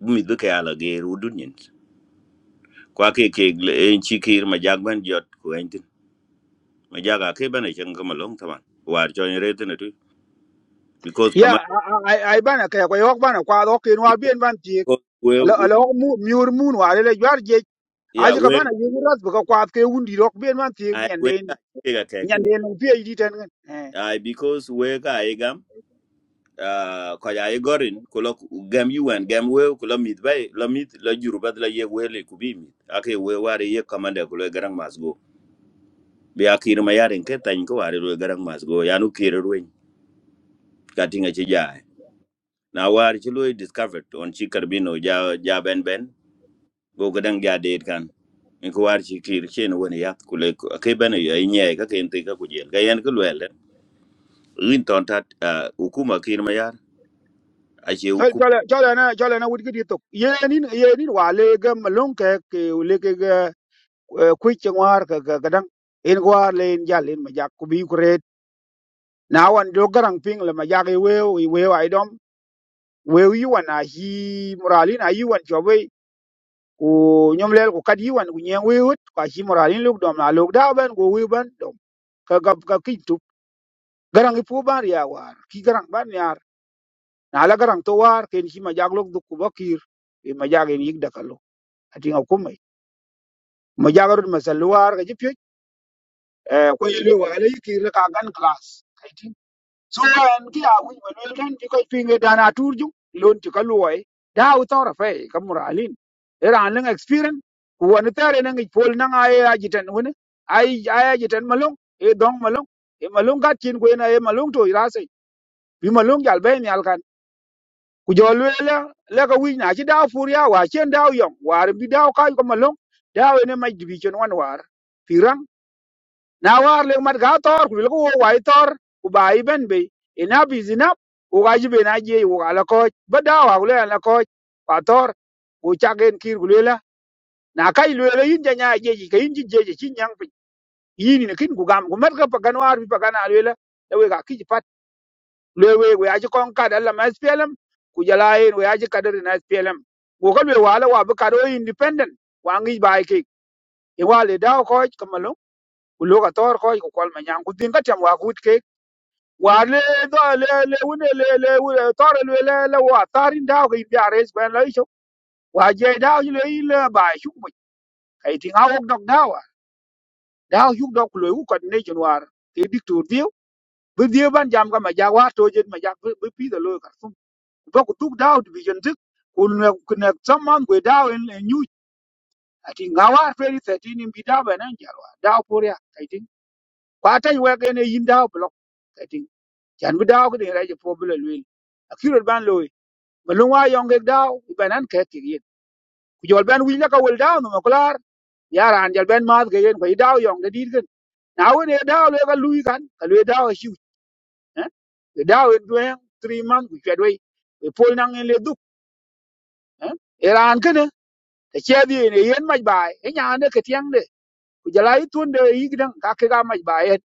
Speaker 10: mi duka ala ge rudun yin kwa ke ke en ci kir majagban jot ko en ma jaga ke bana chen kama long taman war cho ni rete ne tu because
Speaker 9: ya
Speaker 10: kama
Speaker 9: ai ai bana ka ko yok bana kwa do ken wa bien
Speaker 10: because
Speaker 9: ban ti
Speaker 10: we
Speaker 9: lo
Speaker 10: we
Speaker 9: lo mu miur mun ware le jar je
Speaker 10: yeah
Speaker 9: aji ka
Speaker 10: we
Speaker 9: bana yuras bu ka kwa ke wundi rok bien man ti
Speaker 10: i we ka
Speaker 9: nyanden
Speaker 10: ke ga ke tin
Speaker 9: nyanden phd tan eh
Speaker 10: i because we ka i gam uh ko ya i gorin ko lo gam you and gam we ko lo mit bay lo mit lo juru bad la ye we le ku bi mit ake we war ye kama de ko lo garang mas go bi akir ma yaren ke tan ko war lo garang mas go ya nu kire ruin ka tinga che ja na war chi lo discovered on chi karbino ja ja ben ben go ga dang ja det kan in ko war chi kir chen won ya ku le ko ke bana ya nye ka ken te ka ku jel ga yan ku le rin ton tat ah, hukuma kir ma yar a che
Speaker 9: Chol-
Speaker 10: hukum
Speaker 9: chole chole na chole na wudgi ditok yenin yenin wa legam longke ke leke ga kuich ngwar ka ga gadang in gwar len jal in majak ku bi kuret na wan do garang ping le majak i weo i weo ai dom weo yi wan a hi moralin a yi wan chobe ku nyomlel ku kad yi wan ku nyeng wewut ka hi moralin luk dom na luk da ban ku wi ban dom ka ga ka kintup garang i pu ban ya war ki garang ban yar na la garang to war ken hi majak luk du ku bakir i majak in yik dakalo ating akumai ma jagarut ma salwar ga jipyo ko yelo wa ala yiki la ka gan class kaiti so an ki a wi ma lo tan ki ko pinge dana turju lon ti kalwoi da u tora fe kamura alin era an lang experience ku wani tare nan ki pol nan ay ajitan wani ay ay ajitan malung e dong malung e malung ka tin ko ina e malung to irase bi malung jal be ni alkan ku jo lwela leka wic na ci dau pur ya wa cien dau yong war bi dau kaj ko malong dau ene mac dibi cen wan war pi rang na war lek mat ga tor ku leko wo wai tor ku ba i ben be ina bi zinap ku ga jibe na je ku ala koj ba dau ha lwela la koj pa tor ku chagen kir ku lwela na kai lwela yin ja nya je ji ka yin ji je ji cin yang pi yin ni kin ku gam ku mat ka pa gan war bi pa gan a lwela la we ga ki lwe we we aji kon kad alla ma SPLM ku jala yin we aji kadar na SPLM go kal we wala wa bu kado independent wa ngi bai ke e wale da ko kamalo ku lo ka tor ko ku kol ma nyang ku tin ka tam wa kut ke wa le do le le wune le le wune tor le le le wa tarin da ko bi ares ben la icho wa je da ju le le ba shu mu kai tin ha ok dok da wa da hu dok ku lo ku ko ne jun war ke dik tur dio bu dio ban jam ka ma ja wa to jet ma ja bu pi da lo ka Vokuduk daw division six kuna kuna someone go daw in a new ati ngawa feri thirteen in bidaw ba nan jarwa daw poria kaiting kwata iwe gene yin daw block kaiting chan bi daw kede raje po bula lwel akiro ban loy malungwa yonge daw ibanan ke kirien kujol ban willa ka wel daw no maklar yara an jal ben math ke yen ko idaw yonge dirgen now when you down we got Louis can, can we down shoot, eh? We down it doing three months, we get away. We pull down in the duke, eh? Iran can, ta che di ne yen maj bai e nya ne ke tiang de ku jala i tun de i gidan ka ke ga maj bai et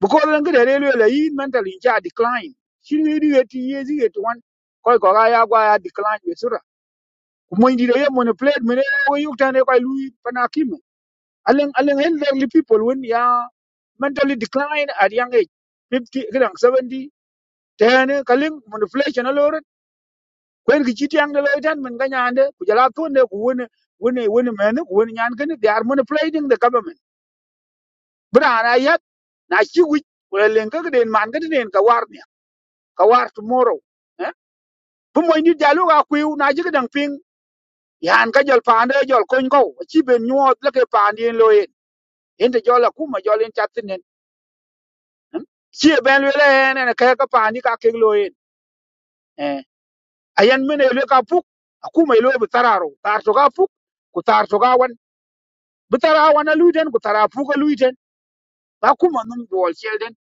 Speaker 9: bu ko len gede le le i mental in cha decline shi ni di ti ye ji et wan ko ko ga ya gwa ya decline be sura ku mo ndi de ye mo ne plate me ne ko yu ta ne ko lu pana kim alen alen elderly people when ya mentally decline at young age 50 gidan 70 tene kalin manipulation alor kwen ki chi tiang de le tan men ga nyande ku jala tun de ku woni woni woni men ku woni nyan ken they are manipulating the government bra na yat na chi wi ku len ka den man ga den ka war ne ka war tomorrow eh bu moy ni jalu ga ku na ji dang ping yan ka jol pande jol kon ko chi ben nyot le ke pan lo yen en de jol ku ma jol en chatinen chi e ben le le ne ka ka pande ka ke lo yen eh ayan men le ka puk aku mai lo bi tararo tar to ga puk ku tar to ga wan bitara wana luiten ku tara puga luiten ba kuma num duol shelden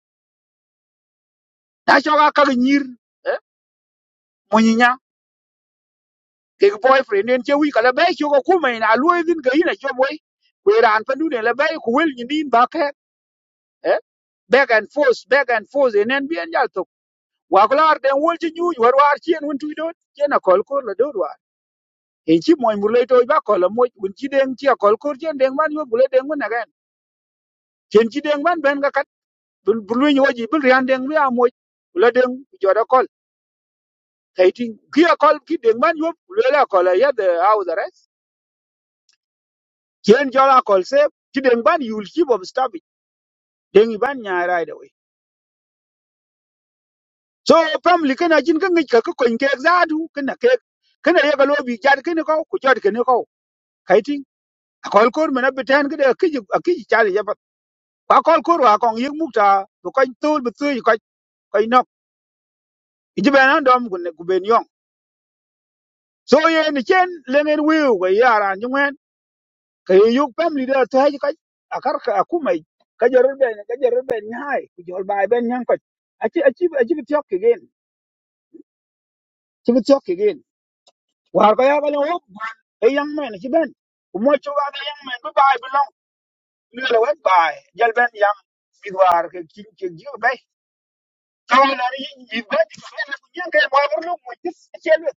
Speaker 9: na shoga ka nyir eh munyinya ke boyfriend en che wi kala bay shoga kuma ina luidin ga ina shobwe we ran pa dune la bay ku wel nyindin ba ke eh back and forth back and forth en en bien yal to wa klar den wol chi nyu war war chien won tuidon chena kol kor la dor war en chi moy murle to ba kol mo un chi den chi kol kor chen den man yo bule den wona gen chen chi den man ben ga kat bul bul wi nyoji bul rian den wi amoy la den joda kol kaiting kia call ki deng ban yop lela call ya the house arrest kien jola call se ki deng ban you will keep on stabbing deng ban nya right away so family kana jin kan ka ka ko inke exadu kana ke kana ya galo bi jar kana ko ku jar kana ko kaiting a call kor mena beten kada ki ki chali ya pat ka call kor wa kong yek mukta ko kan tul bu tu ko ko nok ijibe nan dom gun ku ben yong so ye ni chen lengen wiu ko yara nywen kayo yuk family da ta haji kai akar ka akumai ka jarar ben ka jarar ben ni hai ku jol bai ben nyan kai aci aci aci bi tiok again ci bi tiok again war ka ya ba lo ban e yang men ci ben ku mo ci wa ga yang men bu bai bu long ni la wet bai jal ben yang bi war ke kin ke ji bai ka na ni bi ba ti ka na ku nyan kai mo bur lu mo ci ci lu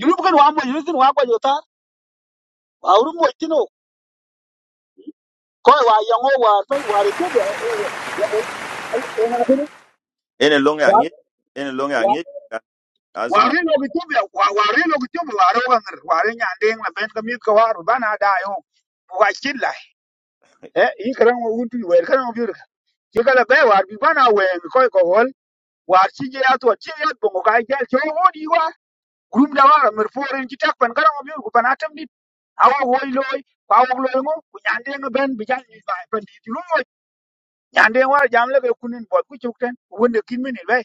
Speaker 9: yulu ba jota wa ru mo ci no ko wa yang o war pai war
Speaker 10: en e long ya ngi en e long ya
Speaker 9: ko
Speaker 10: ngi asma
Speaker 9: Wari lo ki tubi, wari lo ki tubi, wari lo ngir, wari nyandeng la ben kamit ka waru, bana da yo, wa chit lai. Eh, yi karang wa untu, wer karang wa biur ka. Ki kala be war bi bana wen koi ko hol, war chi je ato, chi je ato bongo kai jel, chi wo di wa. Grum da wara, mir foren chi tak pan karang wa biur ku pan atam dit. Awa woi loi, kwa wog loi ngo, ku nyandeng la ben bijal nyi bai pan dit. Lu mo, nyandeng war jam la ke kunin bot ku chuk ten, wende kin minin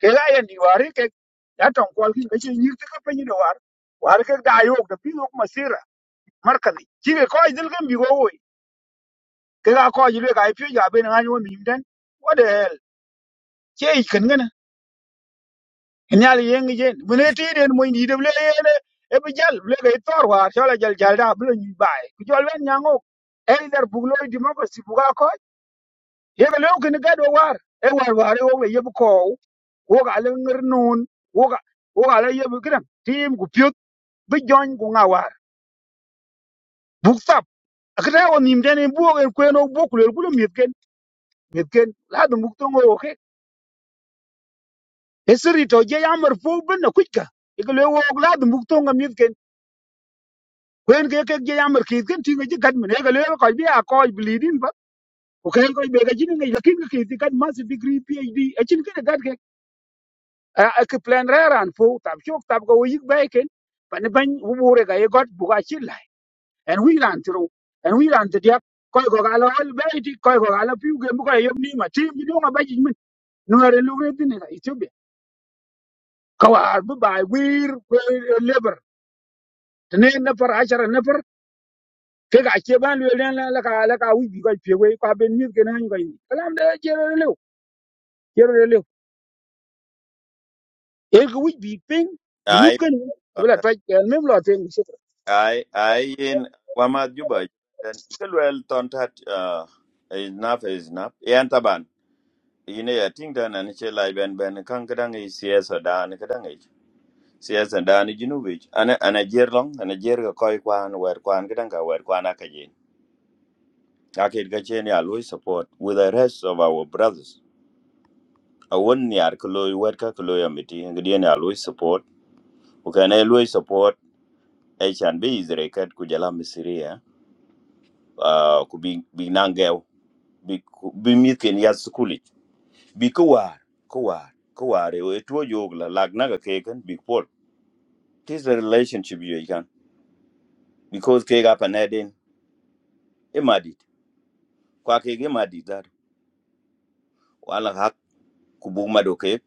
Speaker 9: ke ga yan diwari ke ya ton kwal kin kace yi ta kafa yi da war war ke da yo da fi ko masira markazi ki ke ko idil gan bi go woi ke ga ko ji le ga fi ja be nan yo mi dan what the hell ke yi kan gana ina le yen ge mun ne ti den mo ni de le ne e bi jal le ga tor war so la jal jal da bu ni bai ku jol ben nyango e der bu lo di mo ko si bu ga ko ye ga le ko ni ga do war e war war e wo le ye bu ko wo ga le ngir nun wo ga wo ga le ye bu gran tim ku bi jony ku ŋa war buk thap akita ko nim tene buok en kwen ok buok kulel kulo miet ken miet ken la dum buk tongo oke esiri to je yamar fo ben na kuika ikale wok la dum buk tongo miet ken kwen ke ke je yamar kit ken tinga je kat men ikale ko bi a ko blidin ba ko ken ko be ga jini ngai lakin ke kit kat mas degree phd achin ke gat ke a ke plan raran fo tab chok tab go yik ba ken pan ban wure ga ye got buga chilla en wi ran tru en wi ran tdiak koy ko galo al bayti koy ko galo piu ge bu koy yom ni ma tim bi do ma baji min no re lu ge tin na ethiopia ka war bu bay wir leber tene na par ashara na par ke ga ke ban le ran la ka la ka wi bi koy pe we ka ben ni ge na ni koy ni kalam de je re le je re le e ge wi bi ping junub
Speaker 10: ai
Speaker 9: kan
Speaker 10: ton
Speaker 9: abla
Speaker 10: tat
Speaker 9: twa el mem lo ten shukr
Speaker 10: ai ai en wa ma juba den ka le ton tat ah, is nap is nap yan taban yine ya ting dan an che lai ben ben kan ka dang i cs da an ka dang siyasa dani junube ana ana jer long ana jer ga koy kwan wer kwan gidan ka wer kwan aka je ake ga chen ya loy support with the rest of our brothers a won ni ar ko loy wer ka ko loy amiti ngidi ya loy support ko kana loy support e chan be izre kat ku jala misiria uh, ku bi bi nangew bi ku- bi mitken ya skuli bi ko war ko war ko war e to jogla lag naga keken bi pol this is a relationship you can because ke ga panedin kwake ge madi dar wala hak ku buk mado ke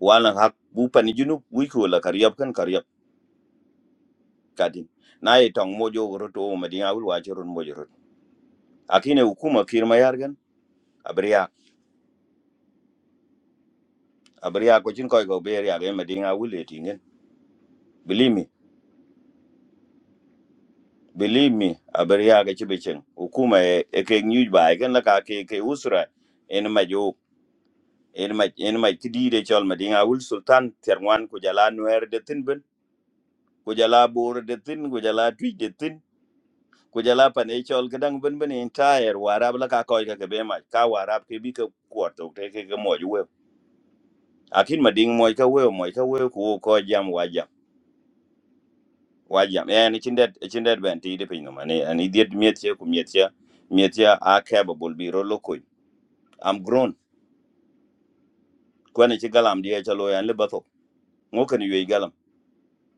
Speaker 10: wala hak bu pani junub wi ko la karyab kan karyab kadin na ye tong mojo woro to wo madi ngawul wa jorun mojo rot akine hukuma kir ma yargan abriya abriya ko cin koy go be ya ge madi ngawul le tingen believe me believe me abriya ga ci becen hukuma e e ke nyuj ba gan la ka ke ke usra en majo en ma en ma tidire chol madi ngawul sultan terwan ko jala nuer de tinben ko jala bor de tin ko jala twi de tin ku jala pa ne chol ka dang bin bin entire warab la ka koy ka ke be ma ka warab ke bi ka kuot to te ke ke mo we akin ma ding mo ka we mo ka we ku ko jam wa jam wa jam e ni chindet chindet ben ti de pinyo mane ani diet miet che ku miet che miet che a ke ba bul bi ro lo ko am grown ko ne chi galam die cha lo yan le ba to ngo kan yu galam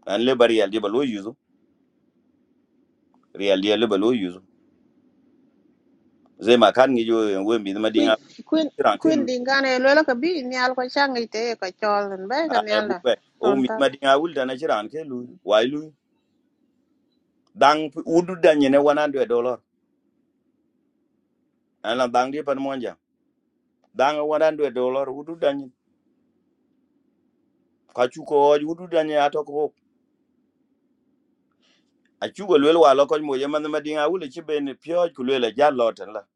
Speaker 10: an le bari al di ba lo yuzu real di le ba lo yuzu ze ma kan ngi yo we mi ma dinga
Speaker 16: Queen
Speaker 10: ran ke
Speaker 16: Queen
Speaker 10: lu
Speaker 16: Dinga ni alko changi te
Speaker 10: a e bu pe o mi ma dinga wul da na chi ran ke lu wai lu dang udu danye ne 100 dollar ana dang di pan monja dang 100 dollar udu danye ka chu ko udu danye ato ko a chu go lwel walo ko mo yema ma dinga wule chi ben pyo ku lwel ja loten la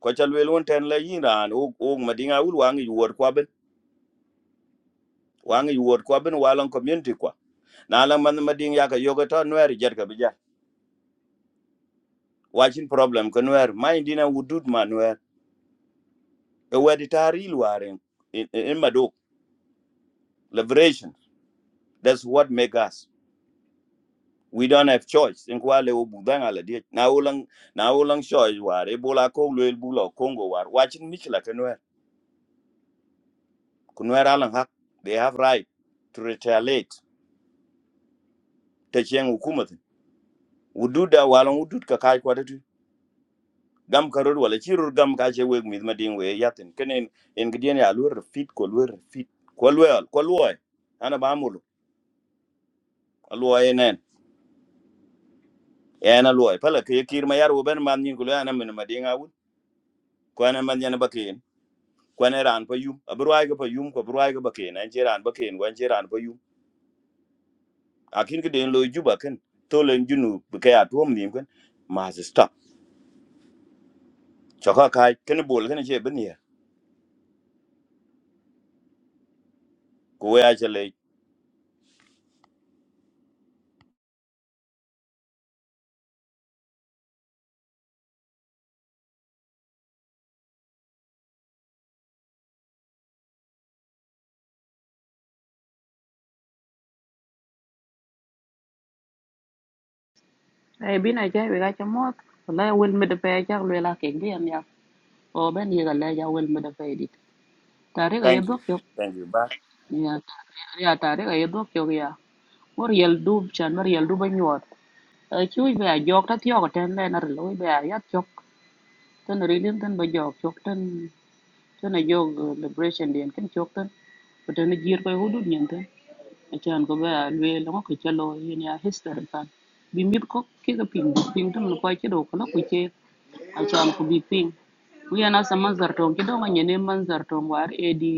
Speaker 10: ko cha lwel won ten la yiran o o ma dinga wul wangi yuor kwa ben wangi yuor kwa ben walon community kwa na la man ma dinga ka yoga to nwer jer ka bija wachin problem ko nwer ma dina udud ma nwer e wedi taril waren in, in, in madok liberation that's what make us we don't have choice in kwale wo budang ala die na ulang na ulang choice war e bola ko lel bulo congo war watching Michela kenwer kunwer alan hak they have right to retaliate ta chen hukumat wududa walan kakai ka kai kwadatu gam karor wala chirur gam ka che weg mit madin yatin kenen en gidien ya lur fit ko lur fit ko lwel ko lwoy ana ba mulu lwoy enen ena lwoy pala ke kir ma yar wo ben man nyin kulo ana min madin awul ko ana man yana bakin kwen ran pa yum abruai ga pa yum ko bruai ga baken an cheran baken wan cheran pa yum akin ke den lo juba ken to len junu ke ya tuom nim ken ma se stop chaka kai ken bol ken che ben ye ko ya chale
Speaker 20: ai bi na jai ga cha mot la wel me de pe cha le la ke ngi am ya o ben ye ga la ya wel me de pe dit tare ga ye
Speaker 10: thank you
Speaker 20: dok yo
Speaker 10: thank you ba
Speaker 20: ya ya tare ga ye dok yo ya mor yel du chan mor yel du ba nyot e chu be a jok ta thyo ga ten le na lo be rất ya chok ten ri lim ten ba jok chok ten ten a jog liberation den ken chok ten giật ten jir ko hudu nyen acan ko bera lwe lo ko chalo yin ya history kan bi mit ko ke ga ping ping dum lo kwa kido ko lo ku ke acan ko bi ping ku yana sa manzar to ki do ngane ne manzar to war e di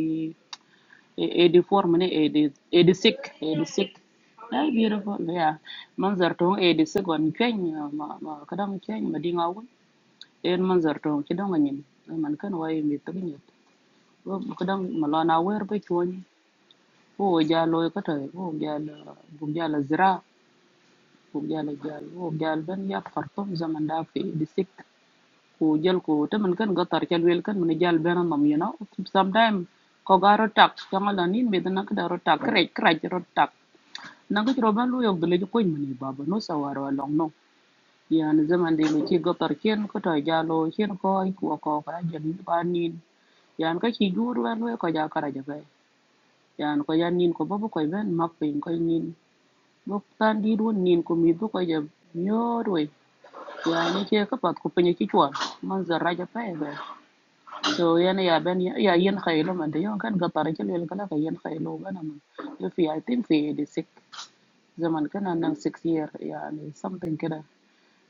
Speaker 20: e di form ne e di e di sik e di sik na beautiful ya manzar to e di sik on kwen ma ma kadam kwen ma di ngawu en manzar to ki do ngane man kan wai mi to ni ko kadam malona wer be chwon woh jalur itu teh, woh jalur, bu jalur zebra, bu jalur jalur, woh jalur banyak kartu zaman dafir, disik, ko jalur itu, teman kan gak terkendali kan, mana jalur beranam ya na, sometimes kagak rotak, jangan nih, beda nangkut rotak, kreat kreat jorotak, nangkut coba lu yang beli tuh koin mana iba, baru sewa waralongo, ya zaman dulu coba terkian, itu teh jalur, kian kau iku aku aku aja nih panin, ya nih kau cijur warlu ya kau jarak aja, ya nih kau jani, kau bawa koin mana, mak koin koin nih. Bốc tan di ɗun nin ko mi duka ja nyoot wey. Yani ke ka pat ku pinyi ki chwat. Man zarra ja pa ebe. So yani ya ben ya yen khaylo man. Yon kan ga cái ke lel kala ka yen khaylo gana man. Yo fi I think fi the six. Zaman kana nang six year yani something cái đó,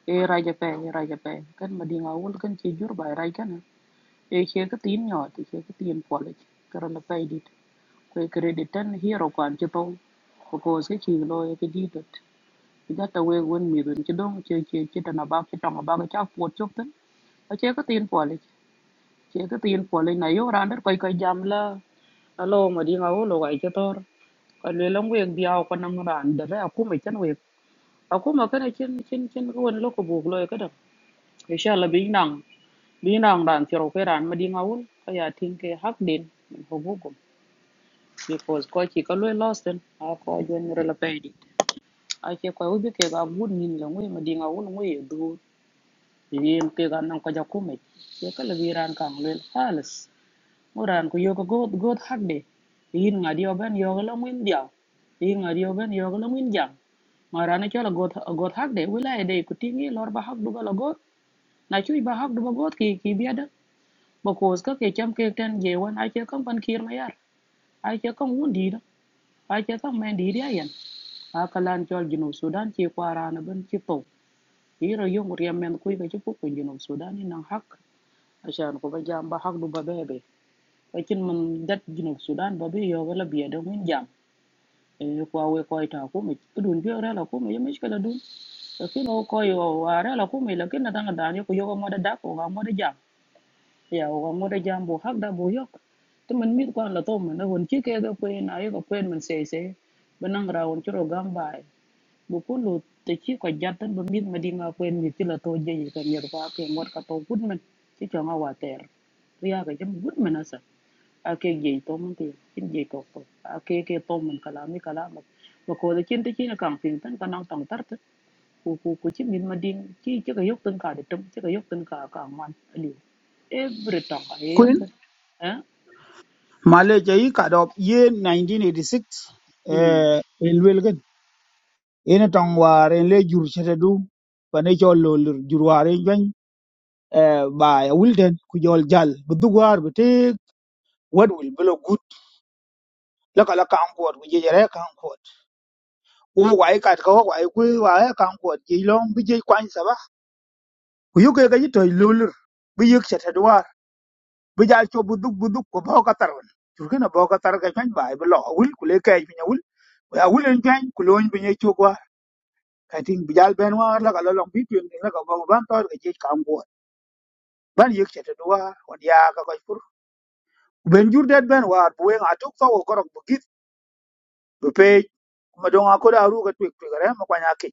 Speaker 20: E raja pa e raja pa. Kan madinga wul kan ke jur ba raja kana. E ke ka tin nyoot. E ke ka tin college, Kara là pa edit. cái credit tan hero kwan chito. Because ke chilo cái gì đó jata we wen mi dun ci dong ci ci chơi tan ba ci tong ba ca po chok tan a che ka tin po le che ka tiền po le na yo ran der koy koy jam la alo ma di nga wo lo ga ci tor ko le long we còn aw ko nam ran der a ku me chan học a ku ma ka na chin chin chin ko wen lo ko cái lo ka da insha allah bi nang bi nang ran ci ro ke ran ma di nga wo ka ya tin ke hak din ko bu ko because ko ci ka lo lost den a ko jon re la pe di a che ko wo bi ke ga bu ni la ngwe ma di nga wo ngwe việc kia các anh cũng kêu mình, các anh làm việc ăn cám liền, hả ư? Mới ăn kêu có god god hack đi, đi ngay đi ở bên yoga làm mình đi à? Đi ngay đi ở bên yoga làm mình đi à? Mà rán cái đó god god hack đi, vừa là để cái cuộc tìm gì, lỡ bắt hack được cái đó, na chửi bắt hack được cái đó thì thì bây giờ, bóc hoa sốt cái cái cam cái chanh cái quan, ai chơi không phân kiệt này à? Ai chơi không ổn đi đâu? Ai chơi không mình đi ra vậy? À, các lan chơi gi nu Sudan chỉ qua rán bên chỉ tông, đi rồi dùng người mình quay về chứ không có những người Sudan những ngang hack ài cho anh cô bây giờ em bảo học được bài bé, vậy thì mình đặt nghiên cứu đàn bài bé yoga là biế động viên giang, cô huawei cô đào cô mới, tôi đun biế ra là cô mới giờ mới cái đó đun, cái nó coi vào ra là cô mới là cái nó đang ở đây, cô yoga mới đã đọc, yoga mới đã giang, yoga mới đã giang bảo học đã bồi học, tôi mình biết quan là tôi mình là huấn chiết kêu tôi quên, ai có quên mình sẽ sẽ mình nâng ra một chương trình bài bukulu te chi ko jatan ba mit ma dinga kwen mi tila to je ka nyer ko cái ngot ka to gud mình chỉ cho nga water riya mình jam gud men asa ake je to men te chin je to cái cái ke mình cả kala mi cả ma ma ko cô chin te tới na kang ping tan ka nang tang tar te ku ku ku chi min ma ding chi chỉ cái yok tan ka để trông, chỉ cái yok tan ka ka man ali every tang ka ye yok
Speaker 9: kun
Speaker 20: tan
Speaker 9: male je yi ka do ye 1986
Speaker 20: ha
Speaker 9: eh el ina tong waren le jur chete du pane chol lo lur jur waren jwen ba ya wulden ku jol jal bu dugwar bu te wad wul belo gut la kala kan ko ku je jere kan ko u wai kat ko wai ku wai kan ko ji long bi je kwan sa ba ku yu ke ga ji toy lo lur bu yek chete duwar bu jal cho bu dug bu dug ko bo ka tarwan jur kana bo ka tar ka jwen ba bu lo wul ku le kai bi nyawul ya wulen jwen ku lo bi nye chokwa kating bi jal ben war la kala long bi tuen la ka bo ban tor ka je kan ko ban yek cete duwa wan ya ka koy pur ben jur det ben war bu wen atuk fa wo korok bu git bu pe ma donga ko da ru ka twek twek re ma kwanya ke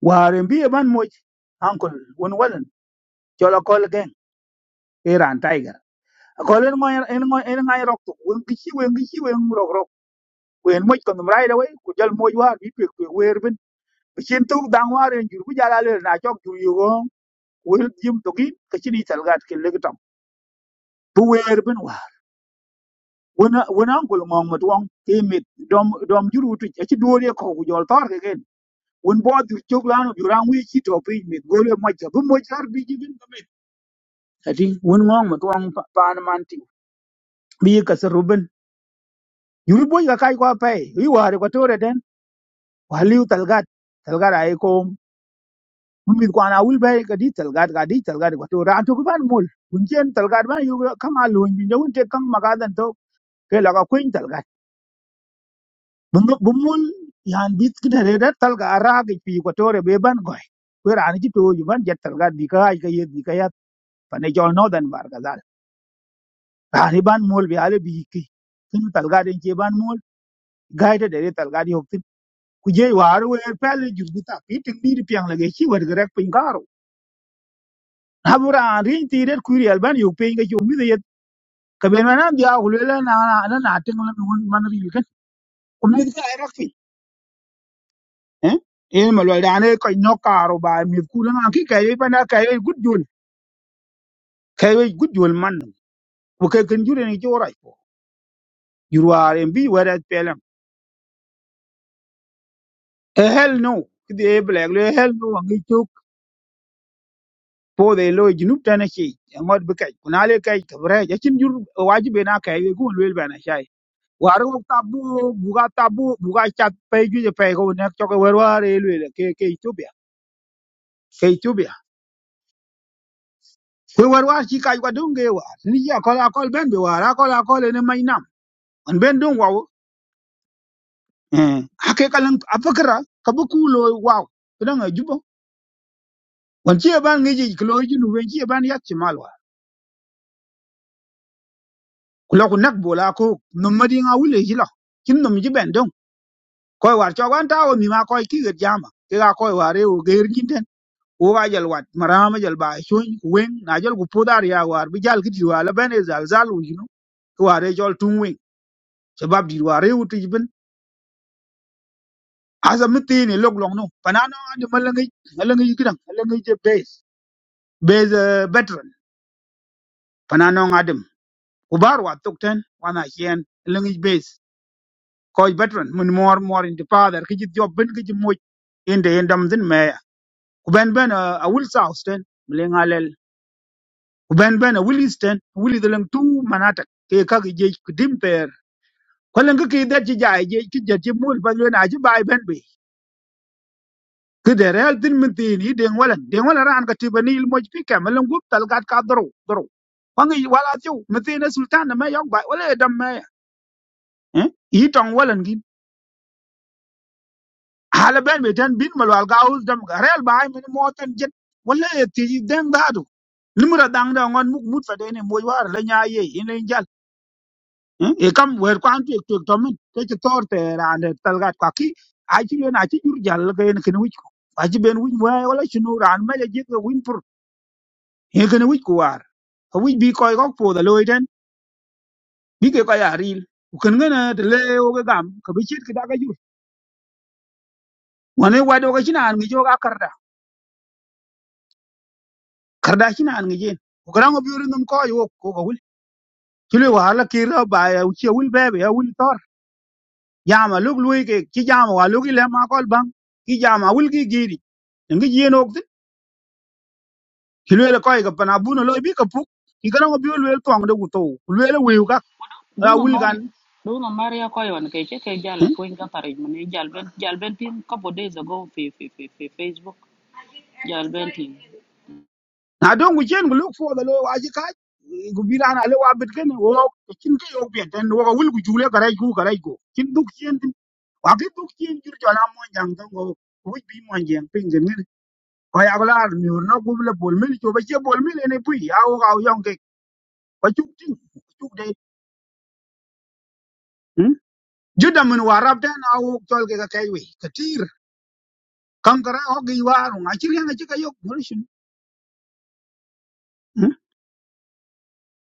Speaker 9: war en biye ban moj ankol won walan jola kol gen iran tiger kol en ngoy en ngoy en ngay rok tu wen gichi wen gichi wen rok rok wen moj ko dum raida we ku jal moj war bi twek twek wer ben be chen tu dang war en jur bu jala le na chok jur yo wen jim to gi ka chini talgat ke le bu wer ben wona wona ngol mong mo tuong ti mit dom dom juru tu e ci duore ko ku jol tor ke gen won bo dur chok lanu jurang wi ci to pe mit gole mo ja bu mo jar bi ji bin mit ati won ngong mo tuong pan man ti bi ka se ruben juru bo ga kai ko pe wi ware ko tore den wa liu talgat talgat ai ko mumit ko ana wul bay ka di talgat ga di talgat ko to ran to ban mul kun chen talgat ban yu kang a luin bi jawun te kang magadan to ke la ka kuin talgat Bumruk bumul yan bit kida re dat talga aragi pi ko tore be ban goy ko rani ji to ju ban jet talga bi ka ay ka ye bi ka ya pane jol no dan bar ga dal rani ban mol bi ale bi ki kin talga den je ban mol gaita de re talga di hokti ku je war we pele ju bi ta pi tin di piang lage chi wad grek pin karo na bu ran ri ti re ku ri alban yu pe ga ju mi de ka ben na dia ku le na na na ting la mun man ri ka ku mi ka ay eh in ma loy dane ko no karo ba mi ku na ki kay ba na kay gud jul kay gud jul man ko kay ken jure ni jora ko jurwar en bi wara pelam a hell no ki de black le hell no ngi chuk po de loy junub tan ci ngot bi kay kuna le kay kabre ya cin jur wajibe na kay ko wel ba na shay waru tabu buga tabu buga chat pay ju pay ko nek to ko warware le ke ke tubia ke tubia ko warwar ci kay ko dunge war ni ya ko la ko ben bi war ko la ko le ne may an ben don waw eh hake kalan afakara kabukulo waw kidan ajuba wan ci ban ngeji kilo jinu wen ci ban yak ci malwa kula ku nak bola ko nomadi nga wule jila kin nom ji ben don koy war cho wan tawo mi ma koy ki gir jama ki ga koy ware o geir jinten o ga jal wat marama jal ba shoy wen na jal ku podar ya war bi jal kiti wala ben e zal zal wu jinu ki ware jol tun wen shabab di ware wutu jibin asa mitini lok long no panano ande malangi malangi kidan malangi je base base uh, veteran pana nong adam kubar wa tukten wana hien lingi base koy veteran mun mor mor in the father kiji job ben kiji moy in the endam din me kuben ben uh, a will south ten mlinga lel kuben ben a will east ten will the lang two manata ke ka ge kudim per kwalen ke ke da ji jay je ki je ji mul ba le na ji bay ben be ke de real din min tin i den wala den wala ran ka tibani il moj pi kam lang gup tal gat ka dro dro wangi wala tiu min tin e sultan na me yok bay wala dam me eh, yi tong walan gin hala ben be tan bin malwal gaus dam ga rel bay men motan jet wala e ti den dadu limra dang da ngon muk mut fade ne moy war la nya ye in len jal Hmm? eh, e kam wer kwan tu tu to min te ti tor te ran de tal gat ka ki a ti yo na ti jur jal ga en ken wich ko a ji ben wich wa wala chinu ran me le jit ga win pur e ken wich ko war ka wich bi koy gok po da loiden bi ke ko ya ril ken ngana de le o ga gam ka bi chit ki da ga jur wane wa do ga chinan mi jo ga kardashina an ngejen ko karango biuri num ko yo ko ko wul kilo wa hala kira ba ya uchi wul bebe ya wul tor jama lug lui ke ki jama wa lugi le ma kol bang ki jama wul gi giri ngi jien ok kilo le koy ga pana buno lo bi ka puk ki karango biuri le to ngde guto le le wi ka a
Speaker 20: Duna
Speaker 9: wul kan
Speaker 20: mari Duna Maria Koyon ke che ke jala
Speaker 9: hmm?
Speaker 20: kuin ga parej mane jal ben jal ben tin couple days ago fi fi fi fi Facebook jal ben tin.
Speaker 9: na don gu jen gu lug fo da lo wa ji ka gu bi na le wa bit ken wo ko kin ke yo bi den wo ko wul gu jule garai gu garai go kin duk jen din wa ke duk jen jur jala mo jang don go wuj bi mo jang pingen ko ya la nyur no gub la bol mil to ba che bol mil ne pui ya o ga yong ke ko chuk tin chuk de juda min warab den a o tol ke ka kai we ka tir kan kara o gi waru a chiri nga chika yok ngol shin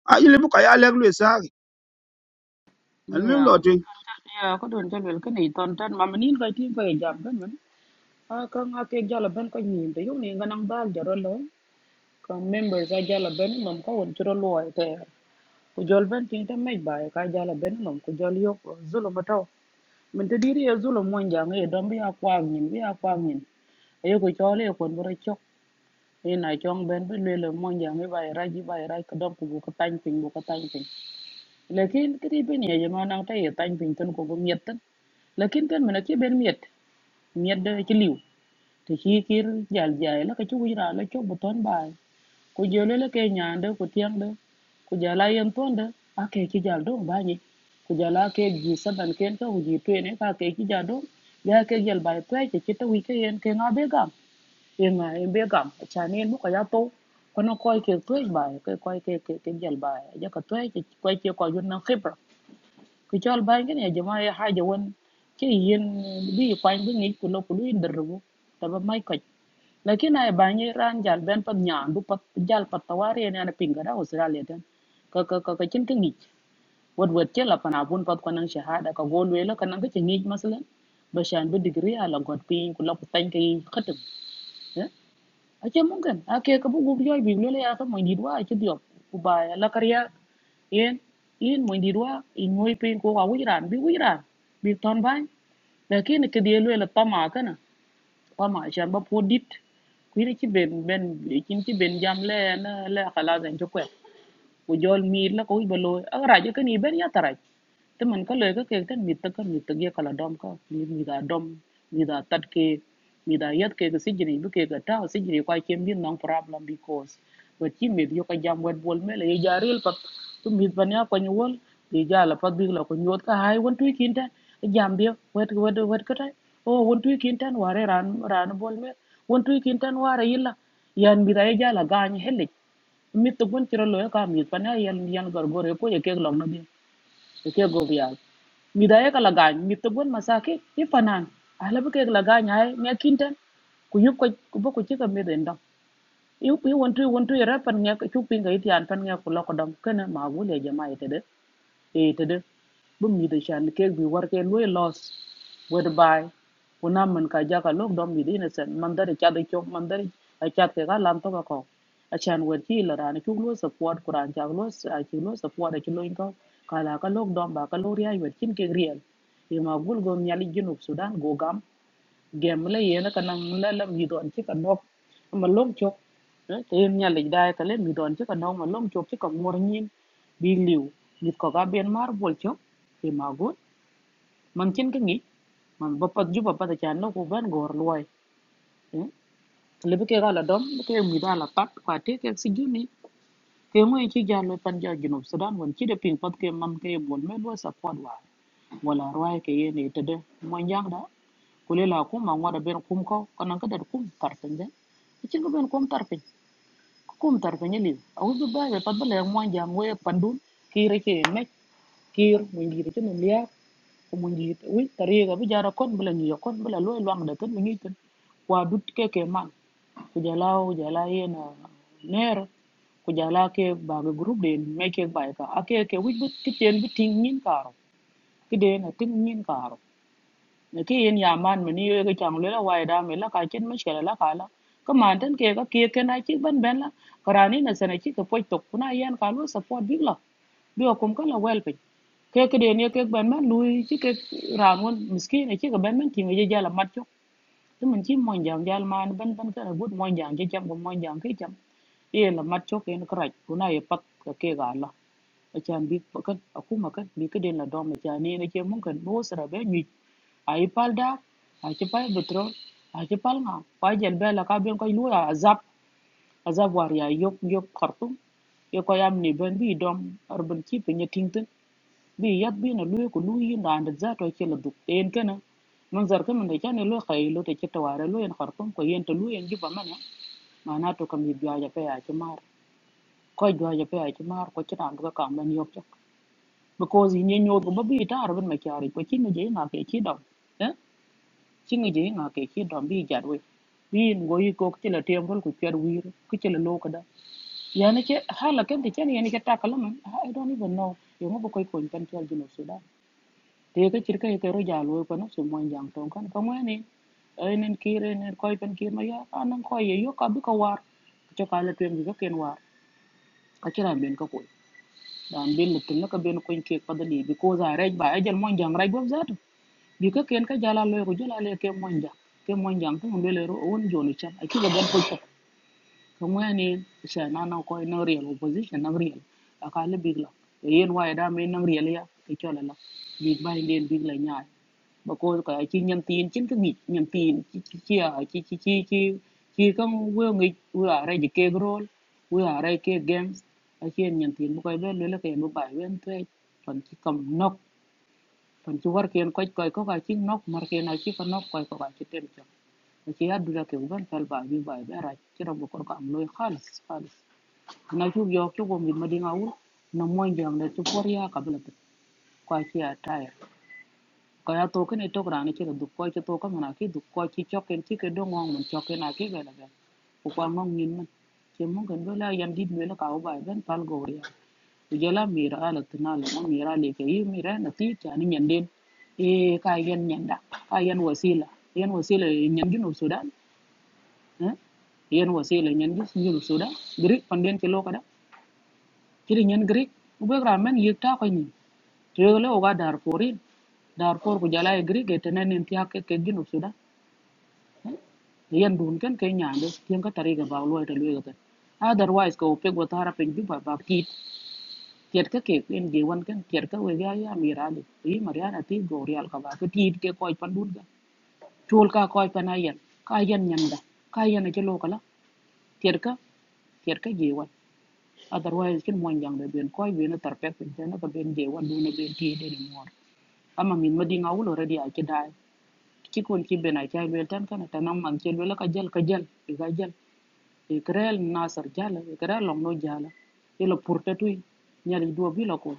Speaker 9: a ile bu ka ya lek le lu sa gi al mi lo
Speaker 20: Yeah.
Speaker 9: tin
Speaker 20: Yeah, ko don jal wel kani ton tan ma manin ga tin ko jam ben man. A ka nga ke jala ben ko nyin te yuni ga nang dal jaro lo. Ka member ga jala ben mam ko won chiro lo ai te. Ku jol ben tin te mej ba ka jala ben mam ku jol yo zulum to. Min te diri e zulum mon jang e don bi akwa nyin bi akwa nyin. Ayo ko chole ko bro Nên này trong bên bên ina chong ben ben le le mon jang mi bai rai ji bai rai ko dom ko bu ko tan pin bu ko tan pin lekin kri ben ye jama nang ta ye tan pin ton ko bu miet tan khi kan mena ki ben miet miet de ci liw te ci kir jal jaay la ka ci wira la ci bu ton bai ko jele le ke nyaande ko tiang ku jala yen tonde a ke ki jal dong bañi gì, jala ke ji saban ken ka uji tuene ka ke ki jal dong ya ke jal bai tuai ke kita wi ke yen ke ngabe gam Yên à, em biết gặm, chả nên bút cả giá tố. Có nó coi kìa t u y t bài, cái o i kìa kìa kìa dạy bài, giá c tuyết, c o i kìa coi dân năng khếp rồi. Cứ c h bài cái này, dùm ai hai giờ n Chứ yên, đi quanh v i nghĩ của nó của l u n đờ rồi. t ạ bà mai kịch. Là cái này bà nhớ ran dạy bên phần nhà, đu bật dạy bật tàu á riêng, n h pin cả đó, Australia tên. Cơ cơ cơ cơ chân cái nghĩ. Vật vật c h là p h n n à u n bật con n n g shahada, có vô lưới là con năng cái chân nghĩ mà sẵn. Bà s a n với degree à là gọt pin, của l ọ tanh c khất đ ư ace mungkin ake ka bu guk joy bi lele ya ka moy didwa ace diop ku ba la karya yen yin moy didwa in moy pin ko wa wiran bi wiran bi ton ban lakin ke die lele pama kana pama chan ba podit ku ni ci ben ben kin ci ben jam le na le khala zan ci kwe Ujol mir lah kauih baloi, agar rajuk kan iben ya terai. Tte mankal leh kauik tera mir terka mir tergiya kaladom kau, mir mira dom, mira terkai, mira yat kauik segini bukai kauik tau segini kauai kembir nang problem because, buat kim bebi kau jam wed bolme leh jari leh pat, tuh mir banyak panjul, di jala pat bingklo kau nyod kau high one two kintan, a jam bih wed wed wed kau terai, oh one two kintan wara run run bolme, one two kintan wara illa, yan mira ya jala gany helik. mi to gun chiro lo ka mi pa na yan yan gor gore ko ye ke log na bi ye ke go bial mi da ye ka laga mi to gun masake e panan ala bu ke laga nya ye me kinten ku yup ko ku bo ko ci ka mi den dam yu pi won tu won tu ye ra pan nya ku pin ga itian pan nya ku lo ko dam kana ma gu le jama ite e tede bum mi de chan ke bi war ke loy loss whereby, bay kuna man ka ja ka lok dom mi de innocent man da cha de chok man da a cha ke ga lam to ka ko a chan wed ki la ran chu lo support kuran cha lo a chu lo support a chu lo ko ka la ka lok dom ba ka lo ri ay wed kin ke riel e ma gul gom nyali junub sudan go gam game lấy la nó kanang la làm mi don chứ kan nok mà lom chok tem nhà lịch đại ka lên mi don chứ kan nok mà lom chok chứ còn mor nyin bị liu nit ko cả ben mar bol chok te ma go man chen ka ngi man ba bắp ju bắp pat cha no ko ban gor loài le be ke ga la dom ke mi da la pat kwa te ke si ju ni ke mo chi ja lo pan ja junub sudan won chi de ping pat ke man ke bol me lo support wa loài cái này yene đây de giang đó kulela kum ma ŋwada ben kum ko kanan ka dad kum tartin de icin ka ben kum tarpin kum tarpin ye liu a wibi babe pat bala yang jang we pandun kire ke mek kir mun jiri ci min liya ko mun jiri wi tariga bi jara kon bala ngiyo kon bala loy luang da ton ngi ton wa dut ke ke man ku jala jala yena nero ku jala ke baga group den me ke bai ka ake ke wi bi ti ten bi ting nyin karo ki den ting nyin karo ki yin ya man mi ni yoy chang le la wai da mi la ka cái là shela la ka la ko kia cái ke ka ke ke na chi ban ben la karani na sana chi ka poi tok kuna yan ka lu support big la bi o kum ka la wel pe cái ke cái ni ke ban man lu chi ke ran won miskin này chứ cái ka ban man ti ngi ja mất mat thế mình chỉ chi mon jang ja man ban ban ka gut mon jang chi cham ko mon jang ke cham ye la mat chok en krach kuna ye pat ka ke ga là acan bik pakat akuma kat bi kedin la dom acan ni na ce mungkin bo sara be nyuc a yi pal dak a ci pal betro a ci pal nga kwa jel be la ka ben koy lu ya azab azab war ya yok yok khartum ye ko yam ni ben bi dom urban keeping ya tingten bi yat bi na lu ko lu yi na and za to ce la duk en kana man zar kan da kan lo khay lo te ta ware lo en khartum ko yen to lu en ji ba mana mana to kam yi biya ya pe ya ci mar ko jwa ya pe ya ci mar ko ci tan ga kam ben yok cha because in nyo go ba bi tar ban ma kyari ko chi ngi na ke chi dom eh chi ngi na ke chi dom bi jar we bi ngo yi ko ti la tem rol ku kyar wir ku ti la lo kada ya ne ke hala ken ti chen ya ne ke ta kala man i don't even know yo ngo ko ko kan kyar jino sudan te ke chir ke ke ro ja lo ko no su mon jang ton kan ka mo ne ai nen kire nen ko pen kir ma ya anan ko ye yo ka bi ka war cho ka la tem bi ka ken war ka ci ran ben ka koy dan ben mutum naka ben koy ke kadali bi ko za rej ba ajal mon jang rej bob bi ka ken ka jala loy ko jala le ke monja ke monja ko on le ro on joni cha aki ga gan ko cha ko ngani sa na na ko na real opposition na real aka le big la yen wa e da me na real ya ke chola la big bay den big la nyaa ba ko ka chi nyam tin chin ka ngi nyam tin chi chi chi à, chi chi chi chi chi ka we ngi we are ji ke grol we are ke games a chi nyam tin bu ko be le le ke bu bay wen tre kon chi kam nok pan ci war ken koy koy ko ka ci nok mar ken a ci ko nok koy ko ka ci tel ci a ci yaddu la ke uban fel ba bi bay be ra ci rabu ko ko am loy khalis khalis na ci yo ci ko mi madina wu na moy jang da ci for ya ka bla ko ci a tayar ko ya to ken to gra ni ci du ko ci to ko mana ki du ko ci choken ci ke do ngong mun choken a ki be la be ko ko ngong nin man ci mo ngen do la yan dit me la ka u bay ben pal go ya kujela mira ala tinala na mira le ke yi mira na ti tani nyanden e ka yen nyanda ka yen wasila yen wasila nyen ginu sudan eh yen wasila nyen ginu sudan gri panden ke lokada kiri nyen gri ube ramen yikta ko ni tele o ga dar forin dar for kujala e gri ke tenen en tiya ke ke ginu sudan yen dun ken ke nyande tien ka tari ga ba lo ete lo ga otherwise ko pe go tara pe ju ba ba Tiedkä ke en je wan kan tiedkä we ga ya mirali yi mariana ti gorial ka ba ko tiid ke koy pandun ga chul ka koy panayen ka yen nyanda ka yen ke lokala tiedkä tiedkä je wan otherwise kin mon jang de ben koy ben tar pek ben na ka ben je wan dun ben tiid ni mor ama min madi ngawul already a ke dai ki kon ki ben a ke wel tan kana tanam man ke wel ka jal ka jal ga jal e krel nasar jala e krel long no jala e lo purta tu nyali duobi lo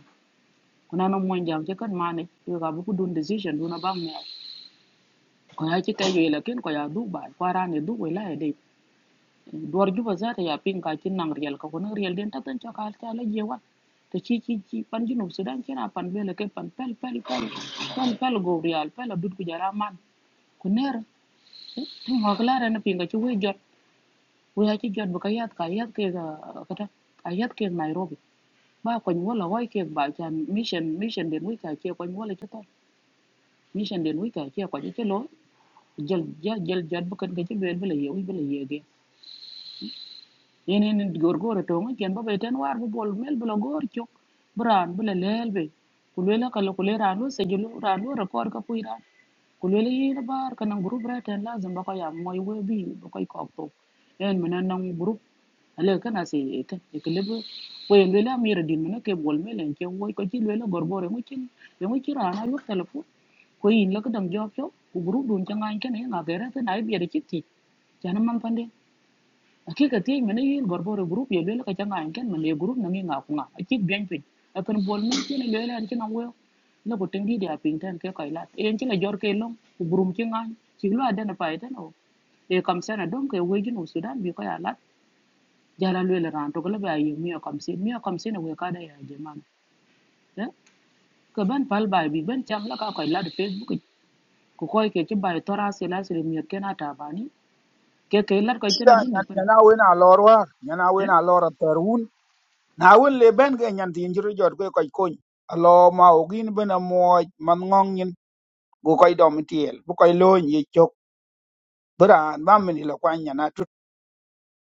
Speaker 20: kuna no monjam che kan mane yo ga bu dun decision duna bang ne ko ya che kayo la ken ko ya du ba kwa ran ne du wala e de dor ju ba za ta ya pin ka kin nang riel, ka kuna real den ta tan cha ka ta la je wa ta chi chi chi pan ju no sudan ken a pan bele ke pan pel pel pel pel pel go real pel dut ku jara man ku ner tin wa kala ran pin ka chu we jot we ya chi jot bu ka yat ka yat ke ga ka ta ka yat ke nairobi ba ko ni wala wai ke ba chan mission mission den we ka che ko ni wala che to mission den wi ka ci ko ci lo jël ja jël jat bu kan ga ci bel bela yewi bela yege yenen gor gor to ngi ken ba bay ten war bu bol mel bela gor ci bran bela lel be ku le la kala ku le ranu se julu ranu record ka kulele yina bar kanang group raten lazim bako ya moy webi bako ko to en mena nang group ale kana se ete ekelebe we lela mira din mena ke bol melen ke woy ko ci lela gorbore mu cin be mu ci rana yo telefon ko yin la ko dang jof yo ku group dun akik atieny mene yin gorboro group ye lwel ka changany ken mene group na ngi ngaku nga kunga akik bian pin akan bol mun ken lwel an chen angwe la ko tengi dia pin ten ke kai lat en chen jor ke long ku burum chen ngan chi lo aden pa eten o e kam sen adom ke we jinu sudan bi ko ya lat jara lwel ran to gele ba yi mi o kam sen mi o kam sen we ka da ya je man eh ke ban pal bai bi ban cham la ka kai lat facebook i. ku koy ke ci bai tora se la se mi ken ata bani ke ke lat ko ten
Speaker 9: ida
Speaker 20: din ne per
Speaker 9: nyan na we na lor war nyan na we
Speaker 20: eh
Speaker 9: na lor tarun na we le ben ge nyan tin jiru jot ko ko ko alo ma o gin bena mo man ngong yin go ko dom tiel bu ko lo ni chok bran ba min lo kwa nyan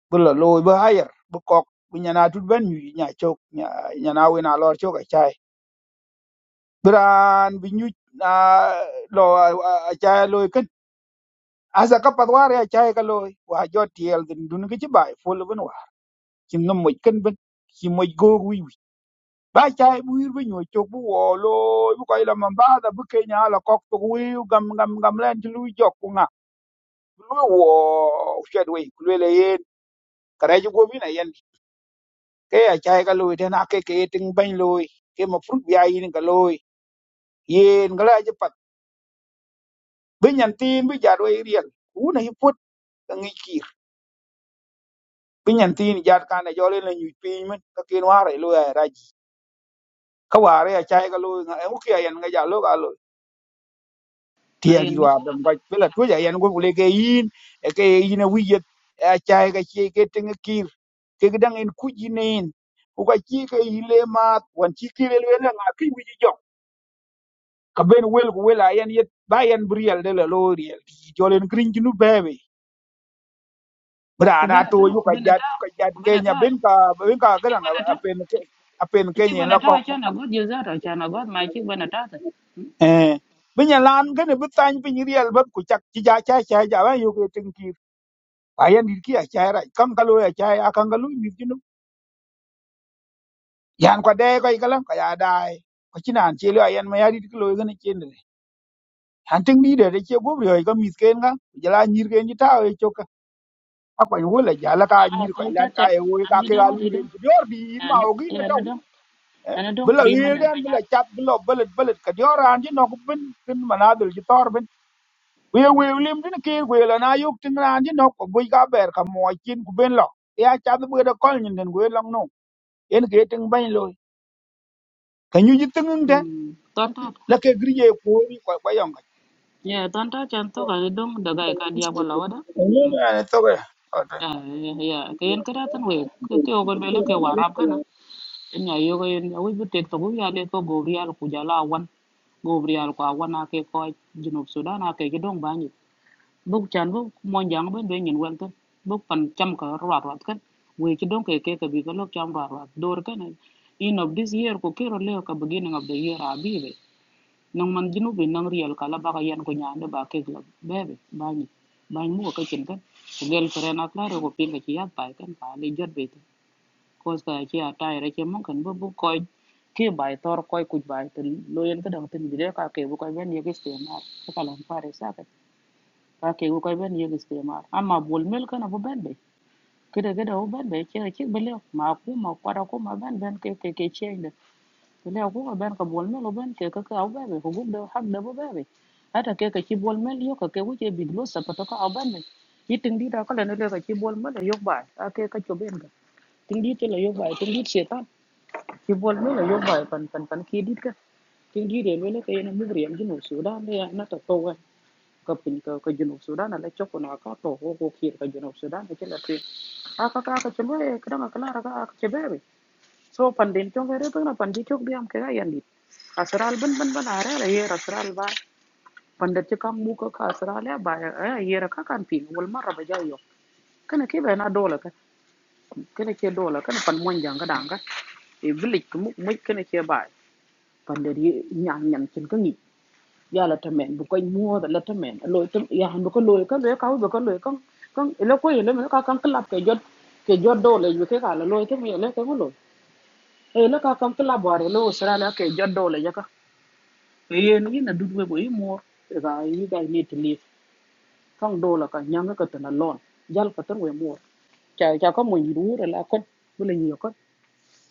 Speaker 9: bi lo looi bi hayar bi kok bi nyana tut ben nyu nya chok nya- nyana wen a lor chok achai bi raan bi nyu na lo achai looi kin asa ka pat war ya achai ka looi wa jo tiel din dun ki ci bai fol bin wa ki no mo kin bin ki mo go wi wi ba chai bu wir bi nyu chok bu wo looi bu ko ila man ba da bu ke nya la kok bu wi gam gam gam len ti lu jok ku nga lu wo shed we ku le yen kare ji go bi na ke a chai ka lui then a ke ke ting ban lui ke ma fruit bia yin ka lui yen ga la je pat bin yan tin bi ja do riel u na hi put ka ngi kir bin yan tin ja ka na jo le na nyu pin men ka ken ware lui a ra ji ka ware a chai ka lui nga u ke yan ga ja lo ga lo
Speaker 20: na
Speaker 9: ti a
Speaker 20: yen
Speaker 9: ri
Speaker 20: me
Speaker 9: wa
Speaker 20: chala
Speaker 9: dam
Speaker 20: ka
Speaker 9: ga pe la
Speaker 20: na
Speaker 9: tu
Speaker 20: me
Speaker 9: ja
Speaker 20: sala
Speaker 9: yan go le ke yin e ke yin a wi ye a chai ka chi ke ting kir ke ga dang en ku ji nen ku ka chi ke ile ma wan chi ki le le na ki wi ji jo ka ben wel ku wel ayen yet ba yen briel riel de la lo riel ti jolen green junu bebe bra na
Speaker 20: kubena
Speaker 9: to
Speaker 20: ta
Speaker 9: yu ka
Speaker 20: kubena
Speaker 9: jat
Speaker 20: ta
Speaker 9: ka jat
Speaker 20: kubena
Speaker 9: kenya
Speaker 20: ta
Speaker 9: ben ka ben ka
Speaker 20: achi
Speaker 9: ga na
Speaker 20: kubena ta
Speaker 9: apen ke apen
Speaker 20: achi
Speaker 9: kenya
Speaker 20: kubena
Speaker 9: la
Speaker 20: ta
Speaker 9: ko
Speaker 20: acha na god yuza ta acha na god ma achi kubena ta ana
Speaker 9: eh bin ya lan ga ne bi tan bi riel ba ku chak ti ja cha cha ja ba yu ke tin ki ayen dir ki a cha ra kam ka lo ya cha a kan ga lu mi junu yan kwa de ko ka lan ka ya dai ko chinan che lo ayen ma ya dir ki lo ga ne chen de han tin ni de de che go ri ga mi ken ga ja la nyir ken ji ta e akwai wala jala ka nyir ko
Speaker 20: kon
Speaker 9: ilat ka e wo
Speaker 20: am
Speaker 9: ka
Speaker 20: yi
Speaker 9: ke ga
Speaker 20: dong
Speaker 9: lu
Speaker 20: ri
Speaker 9: wen
Speaker 20: dong
Speaker 9: ku dior bi ir ma
Speaker 20: ana
Speaker 9: o gi na
Speaker 20: ana
Speaker 9: taw
Speaker 20: dong
Speaker 9: eh
Speaker 20: ana dong
Speaker 9: bula
Speaker 20: tri man
Speaker 9: wir
Speaker 20: da
Speaker 9: den bula chap bula balet balet ka dior an ji no ku bin kin manadul ji tor bin we we lim din ke we la na yuk tin ran ji no ko bu ga ber ka mo kin ku ben lo ya cha bu da kol nyin den we long no en ke tin ban lo ka nyu ji tin den
Speaker 20: mm
Speaker 9: la ke gri ye ko ri ko ko yong ga
Speaker 20: ya ton Contoh chan to ga dong da ga dia bola wada
Speaker 9: ne
Speaker 20: mm
Speaker 9: na to ga
Speaker 20: ya ya, ya, ke en kra tan we ke ke ogon bele ke warab kana nya yo ga en ya, wi bu tek to ya le ko go ri al ku awan, wan go ri al ku awan ake ko junub sudan ake ke dong bốc chan bốc mon jang bên bên nhìn wel kan bốc phần trăm cả ruat ruat cái we ci don ke ke ka bi ka trong cham ruat đôi cái này in of this year ko rồi leo cái beginning of the year abibe nang man jinu bi nang riel kala baka yan ko nyande ba cái ke la bebe bani bani mu ka chen kan ko gel feren akla ro ko pinga ci yat pai kan pa le jot be ko ka ci atai re ci mon kan bu bu koy ke bai tor koy kuj bai ten lo yen ka dang ten bi cái ka ke bu koy ben ye ke ste ma ka lan sao cái Ake ku koy ben yegi istimar. Amma bol mel kana bu ben be. Kida kida u ben be kira kik bele ma ku ma kwara ku ma ben ben ke ke ke change. Bele ku ma ben ka bol mel u ben ke ka ka u ben be ku gub de hak de bu ben be. Ata ke ka ki bol mel yo ka ke ku ke big lo sa pato ka u ben be. Yi ting di da ka le ne le ka ki bol mel yo ba. Ake ka cho ben ga. Ting di te le yo ba ting di chetan. Ki bol mel yo ba pan pan pan ki di ka. Ting di de le le ka ye na mugri am jinu sudan le ya na ta to kapin ka ka junub sudan ala choko na ka to ho ko kir ka junub sudan ke la tri aka ka ka chelo ka na kala ka ka chebe so pandin to gere to na pandi chok bi am ke ga yandi असराल बन बन बन आ रहा है ये असराल बा पंडित जी का मुंह का का असराल है बा ए, ये रखा कान पी बोल मार रहा बजाओ यो कने के बहना डोल का कने के डोल कने पन मोन जांग डांग ये विलिक मुक मुक कने के बा पंडित ये न्यान न्यान चिन कंगी ya la tamen bu ko mo da la tamen lo tam ya han bu ko lo ka le ka bu ko lo kan kan ele ko ele me ka kan klap ke jot ke jot do le yu ke ka la lo tam ele ke lo ele ka kan klap bare lo sra la ke jot do le ya ka e yen yin na dut we bo yi mo ga yi ga ni to live kan do la ka nyang ka tan lon jal ka tan we mo cha cha ko mo yi ru la ko bu le ni ko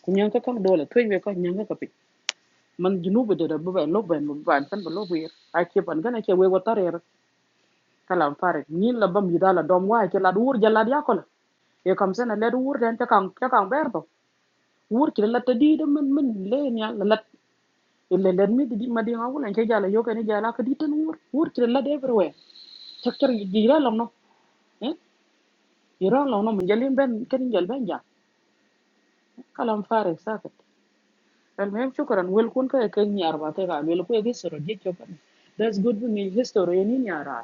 Speaker 20: ku nyang ka kan do la twe we ko nyang ka pi man jinu bu de da bu ba lo ba ban tan bu lo bu ai ke ban ga na ke we wa ta re kalam farik nyin la bam yidala dom wa ke la dur jalla ya kola e kam sene le dur den te kan te kan berto wur ki la te di de men men le nya la le le mi di ma di ngawul en ke jala yo ke ni jala ka di tan wur wur ki la de everywhere chak di ra lom no eh di ra lom no mun jalim ben ken jal ben ja kalam farik sakat al mem shukran wel kun ka ke nyar ba te ga wel ku e that's good for me history ni nyara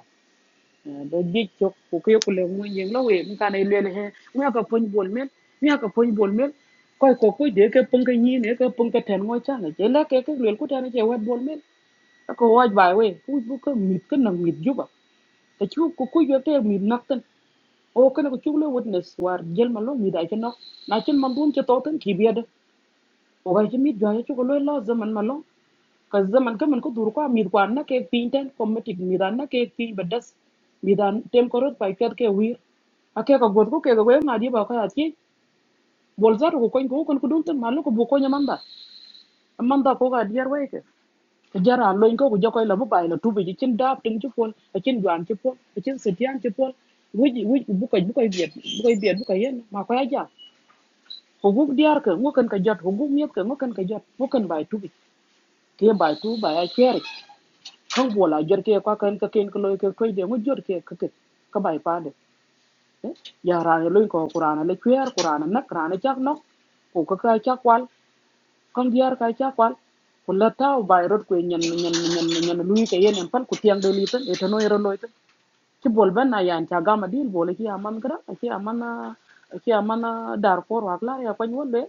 Speaker 20: อ่าเด็กจบผู้กิจกุลเลี้ยมึงเงินเราเองในการในเรียนเลยฮะเมื่อกระเพิ่นบัวเม็ดเมื่อกระเพิ่นบัวเม็ดก็ไอ้กุ้ยคุ้อยเดี๋ยวแก็ปุ่งกระยีนเดี๋ยวก็ปุ่งกระแทนงอช่างเลยเจอแล้วแกก็เรียนกู้แทนในเจ้าเว็บบัวเม็ดแล้วก็ว่าสบายเว้ยคือมีก็หนังมีจุบอ่ะแต่ชวกู้กุ้ยคุ้ยเยอะที่มีนักเติ้งโอ้ก็ในกชู้เลยวอดเนื้อสวรรค์เดลมาลองมีได้จริงเช่นาะนั่นฉันมั่นบุญจะโตอบทั้งคีย์เบียดโอ้ก็มีเดียช่วยช่วยก็เลยละจำมันมาลอง ka zaman ka man ko dur kwa mit kwa na ke pin ten kometik mit an na ke pin bedes mit an tem korot pa iket ke wir ake ka god ko ke ga we ngadi ba ka ati bol zar ko kon ko kon ku dun ten malu ko bu ko nyamanda amanda ko ga diar we ke Ka jara lo ko ku jokoy la bu bay la tubi ji cin dab tin ci fon cin juan ci fon cin setian ci fon wuji wuji bu ko bu ko biet bu ko biet bu ko yen ma ko ya ja ko guk diar ke ngo kan ka jot ko guk miet ke ngo kan ka jot ngo kan bay tubi ke bay tu bay a ker không bùa là giật kia qua kênh cái kênh cái lôi cái quay để ngồi giật kia cái cái cái bài pa đấy ya ra ne loin ko qur'ana le kwer qur'ana nak qur'ana chak nok ko ka ka chak wal kan diar ka chak wal ko la taw bay rot ko nyen nyen nyen nyen lui ke yen en pal ku tiang de liten e to no yero loit ci bol ben na yan cha gama dil bol ki aman gra ki aman ki aman dar por wa klar ya pan wolle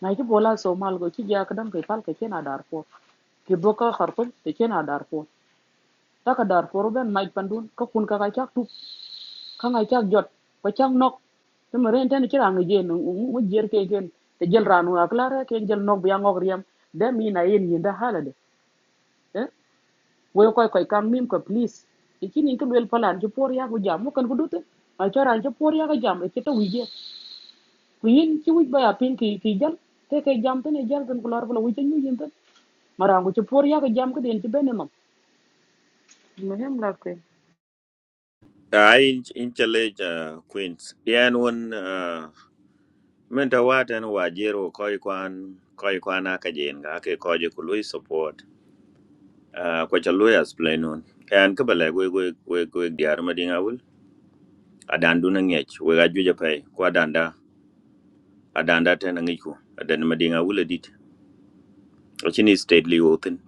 Speaker 20: na ci bola so mal go ci ja kadam ke pal ke na dar por ki boka khartum ke na dar ta ka dar for ben mai pandun ka kun ka ka chak tu ka ngai chak jot ka chak nok te mere ente ni chira ngi jen mu jer ke ken te jel ranu aklara ke jel nok biang ngok riam de mi na yen yinda halade eh wo koy koy kam mim ko please ikini ko wel palan ju por ya ko jam mo kan ko dute ma chora ju por ya ko jam e to wije ku yin ci wuj ba ya pin ki ki jal te ke jam te ne jal kan ko lor ko wije nyu yin te marangu ju por ya ko jam ko den ci benem mo hem la ko
Speaker 10: ai in chale ja queens yan won ah, men ta watan wajero koi kwan koi kwan aka jen ga ke koje ku lui support Ah, ko cha lui explain on yan ka bala gwe gwe gwe gwe diar madinga adandu na ngech we ga juja pay ko adanda adanda ta na ngi ko adan madinga wula dit chini stately open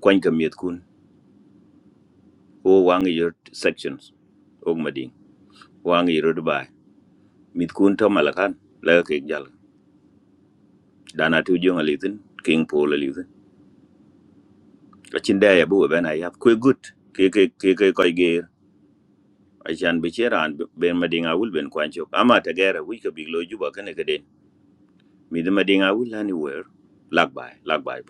Speaker 10: kwan ka miet kun o wang your sections og mading wang your dubai mit kun to malakan la ke jal dana tu jonga litin king pole litin achin da ya bu ben ayap ko good ke ke ke ke ko ge achan be cheran ben madinga wul ben kwan chok ama ta gera wi ka biglo juba kane kaden mit madinga wul anywhere lag bai lag bai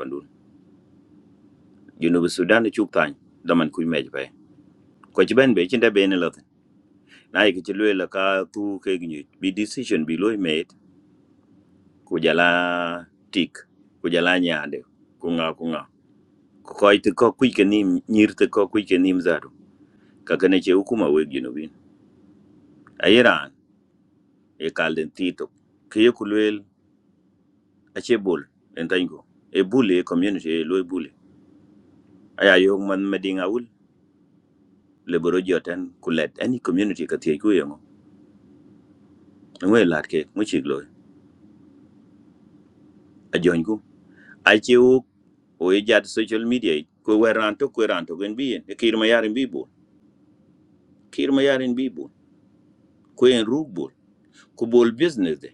Speaker 10: Junub Sudan chuk tany daman kuj mej pe. Ko ci ben be ci nda ben la. Na yi ci lwe la ka tu ke gnyu bi decision bi loy made ku jala tik ku jala nyaande ku nga ku nga. Ko koy te ko kuj ke nim nyir te ko kuj ke nim zaru. Ka kene ce hukuma we junubin. Ayiran e kalden tito. Ke ye ku lwe a ce bol en tango. E bule community e loy bule. Aya yo man medinga wul le boro joten ku let any community ka tie ku yengo. Ngwe lat ke mu chik loy a jony ku. achi wuk o ye social media yi, ko weran to ko ran to gen bi en kir ma yarin bi bol kir ma yarin bi bol ko en ruk bol ko bol business de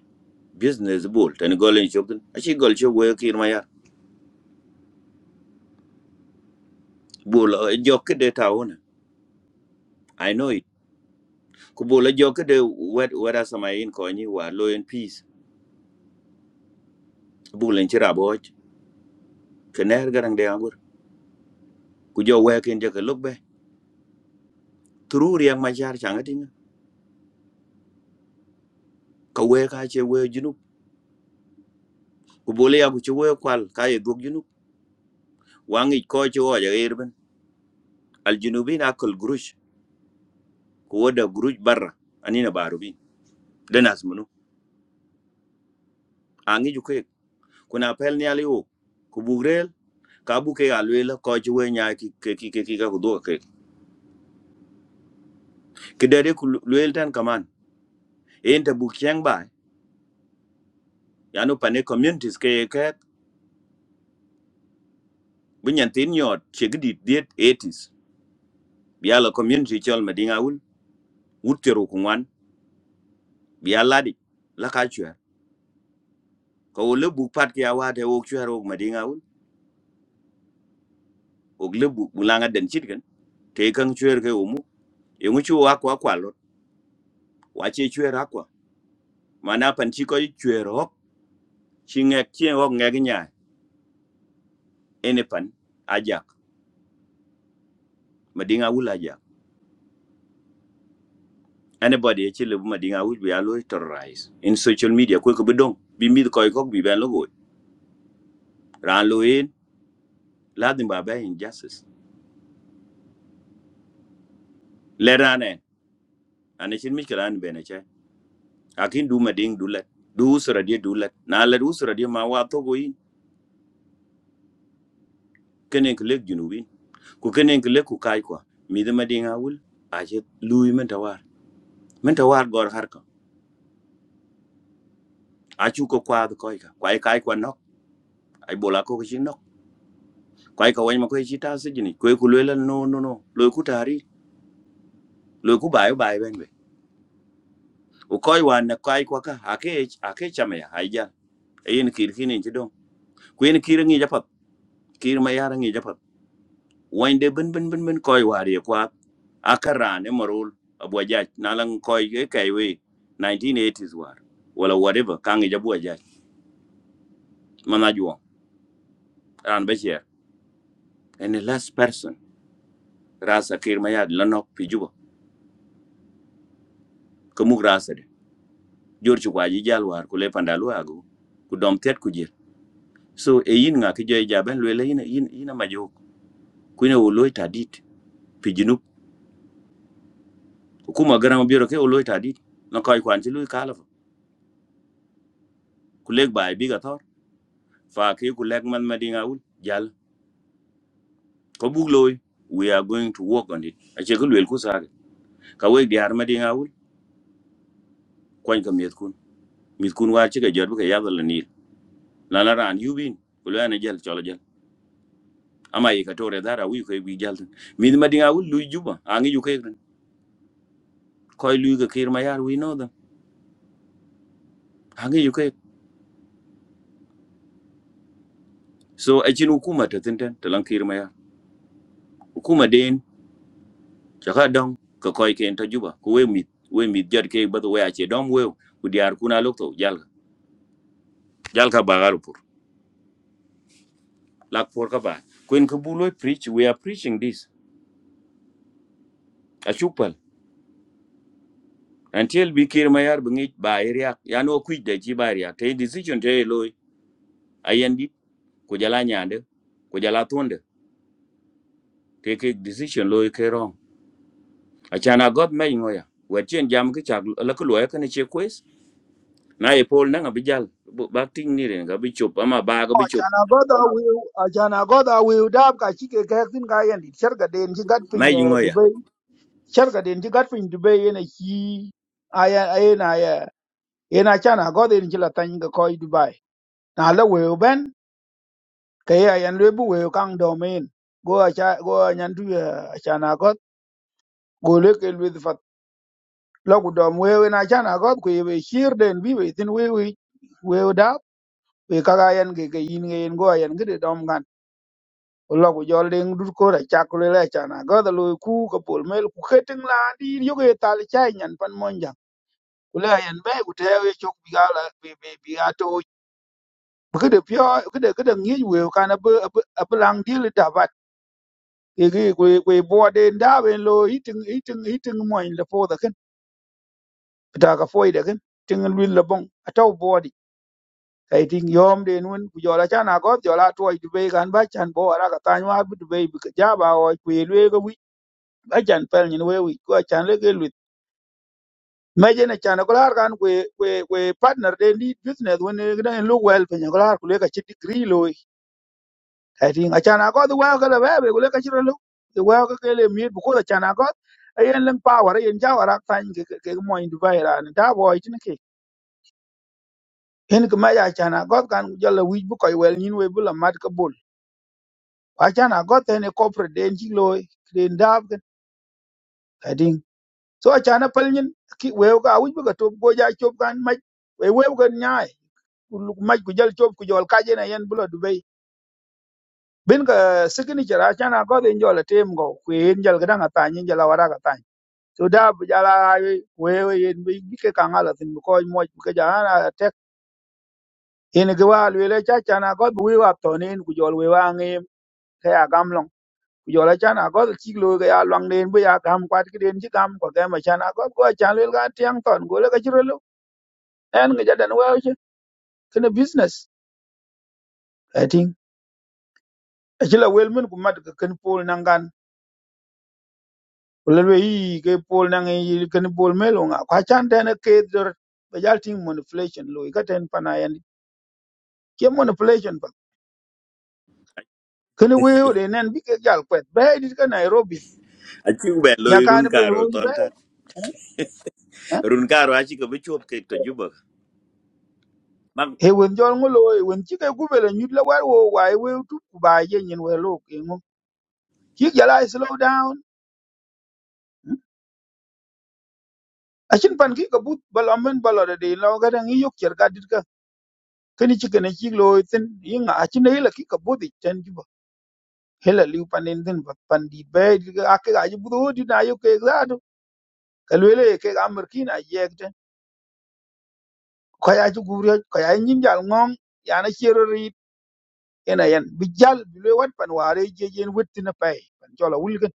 Speaker 10: business bol tan golen chok den achi gol chok we kir ma yar bol eh, jok ke de ta i know it ko bol eh, jok ke de wet wera sama in ko ni wa lo en peace bol en chira boj kener garang de angur ku jo we ken je ke lok be tru riang ma jar changatin ka we ka che we junu ko bol ya ku che we kwal ka ye dog junu wangi ko che o ya er aljinubi na kul gurush ko wada gurush barra anina barubi da nas munu angi ju ke kuna pel ni aliwo ku bugrel ka bu ke alwela ko ji we nya ki ke ki ke ki ka ku do ke ki dere ku lwel tan kaman en ta bu kyang ba ya no pane communities ke ke bunyan tin yot chegdi diet 80s biya la community chol madinga wul wutero ku ngwan biya ladi la ka chwer ko le bu pat ke awa te wok chwer ok madinga wul ok le bu bulanga den chit kan te kang chwer ke omu yungu chu wa kwa kwa lot wa che chwe ra kwa mana pan chi ko chwe ro chi ngek chi ho ngek nya ene pan ajak madinga wul ajak anybody che le madinga wul bi alo terrorize in social media ko ko bidong bi mid ko ko bi ben logo ran lo in la din ba ba injustice le rane ane chin mi kran be ne che akin du mading du let du usra die du let na le usra die ma wa to go yin kenen klek junubin ku kenen klek ku kai kwa mid madinga wul aje lui men tawar menta war gor harka a chu ko kwa ko ka kwa ka kwa nok ai bola ko chi nok kwa ka wai ma ko chi ta se jini ko ku le no no no lo ku tari lo ku bai bai ben be o ko wa na kwa kwa ka a ke a ke cha me ai ja ai ni kir kini chi dong ku ni kir ngi ja pap kir ma yar ngi ja pap wan de ben ben ben ben ko wa ri kwa a ka ra ne marul abu ja na lang ko ye kai we 1980s war wala whatever ka ngi ja bu ja mana juo ran be che and the last person rasa kir ma yad lanok pi juba ko muk rasa de jor chu kwaji jal war ku le pandalu agu ku dom tet ku jir so e yin nga ki joy jaben lwe le yin yin yin ma jo ku ne wo loy tadit pi junub ku ma garam biro ke wo loy tadit no koy kwan ti loy kala ku leg bay bi ga tor fa ki ku leg man madinga ul jal ko buk loy we are going to work on it a che ku le ku sa ka we di har madinga ul kwan ka miet kun mit kun war che ga jor bu ka yadal ni la la ran yubin ku le ne jal chola jal ama yi ka tore dara wi ko bi jalten mi ma dinga wul lu juba angi yu kay koy lu ga kir ma yar wi no da angi yu kay so a chin hukuma ta tenten ta lan kir ma yar hukuma den ta ka dong ka koy ken ta juba ko we mi we mi jar ke ba to we a che dom we ku diar kuna lok to jal jal ka ba garu pur lak por ka ba kwen ka bu lo preach we are preaching this a chupal until bi kir ma yar bi ngi ba area ya no ku de ji ba area te decision te loy ayendi ko jala nyande ko jala tonde keke decision lo ke wrong achana god me ngoya wetien jam ki chak la ku lo ka ne che kwes na e pol na ngabi jal bu- ba ting ni ren ga bi chop ama ba ga bi chop
Speaker 9: na goda wiu ajana goda wiu dab ka chike ka tin ka yan di sharga den ji gat pin
Speaker 10: mai yi
Speaker 9: eh,
Speaker 10: ngoya
Speaker 9: dubai sharga den ji gat pin dubai yana ki aya aya na ya yana chana goda in ji la tan ga koi dubai na la wiu ben ka ya yan le bu wiu kang domain go acha go a nyan du ya chana god go le ke lu fat la gu dom wiu na chana god ku ye shir den bi be tin wiu wiu dab we ka ga yan ge ge yin ge yin go yan ge de dom gan lo ku jol ding dur ko ra chak le le chana ga da lo ku ka pol mel ku kheting la di yo ge tal chai nyan pan monja ku le yan be ku te ye chok bi ga la bi bi bi ga to bu de pyo ku de ku de ngi we ka na bu bu lang di le da bat ke ge ku ku e bo de nda ben lo iting iting iting mo in le po da ken ta ka foi da ken ting lu le bong a to bo di kai ting yom de nun ku jol chana go jol a to di be gan ba chan bo ara ka tan wa bu de be bi ka ja ba o ku le ga ajan pel nyin we wi ko chan le ke lut me je ne chan ko lar kan kwe kwe kwe partner de ni business when ne ne lu wel pe nyin ko lar ku le ka chi degree lo i think achan ko the well ka le be ku le ka chi ro lu the well ka ke le mi bu ko chan ko ayen leng power ayen jawara tan ke ke ke mo in dubai ran da boy tin ke en ko ma ya chan ko kan jalla wi bu ko wel nyin we bu la mat ka bul achan ko te ne corporate de nyi lo den dab so acana pal nyin ki wew ka awuj bika top goja chop kan maj we wew kan nyaai Kul- maj ku jal chop ku jol kaje na yen bulo dubai bin ka sikini chara acana ko den jol tem go kwen jal gadan atany jal awara ka tany so da bu jala wewe yen bi bike kan ala tin ko moj ka jana tek in gi wal wele cha chana ko bu wi wap to nen ku jol we wa ngem ka ya gamlong ku jol acana ko ti lo ga ya lwang den bu ya gam kwat ki den ji gam ko ga ma chana ko ko acana le ga tiang ton go le ka jiro en ngi jadan wew ci kene business ati ci la wel men ku mat ka ken pol nangan wala we yi ke pol nang yi ken pol melo nga kwa chan den ke dor be jal ting manipulation lo ka ten pana yan ke manipulation ba kene we yo de nen bi ke jal kwet be dit ka nairobi
Speaker 10: achi be lo irun
Speaker 9: nyakan be
Speaker 10: karo
Speaker 9: ro ji
Speaker 10: ton
Speaker 9: be
Speaker 10: tat
Speaker 9: eh
Speaker 10: run karo achi ko bichop ke to juba mag
Speaker 9: he wen jol ngo lo eh, wen ci ke gubele nyut la war wo wa e we tu ku ba ye nyin we lo ke ngo ki jala e slow down Acin pan ki kabut bal amen bal ba lo dede lo gada ngi yok cer gadit ka keni ci kene ci lo tin yinga acin ne la ki kabut i ten ki ba hela liu panin din ba pan di be di ga ak ga ji buro di na yo ke zaadu ka le le ke ga mer ki na yek ten ko ya ji guri ko ya nyin jal ngom ya na cero ri ena yen bi jal bi le wat pan ware je jen wetti na pay pan jola wul gan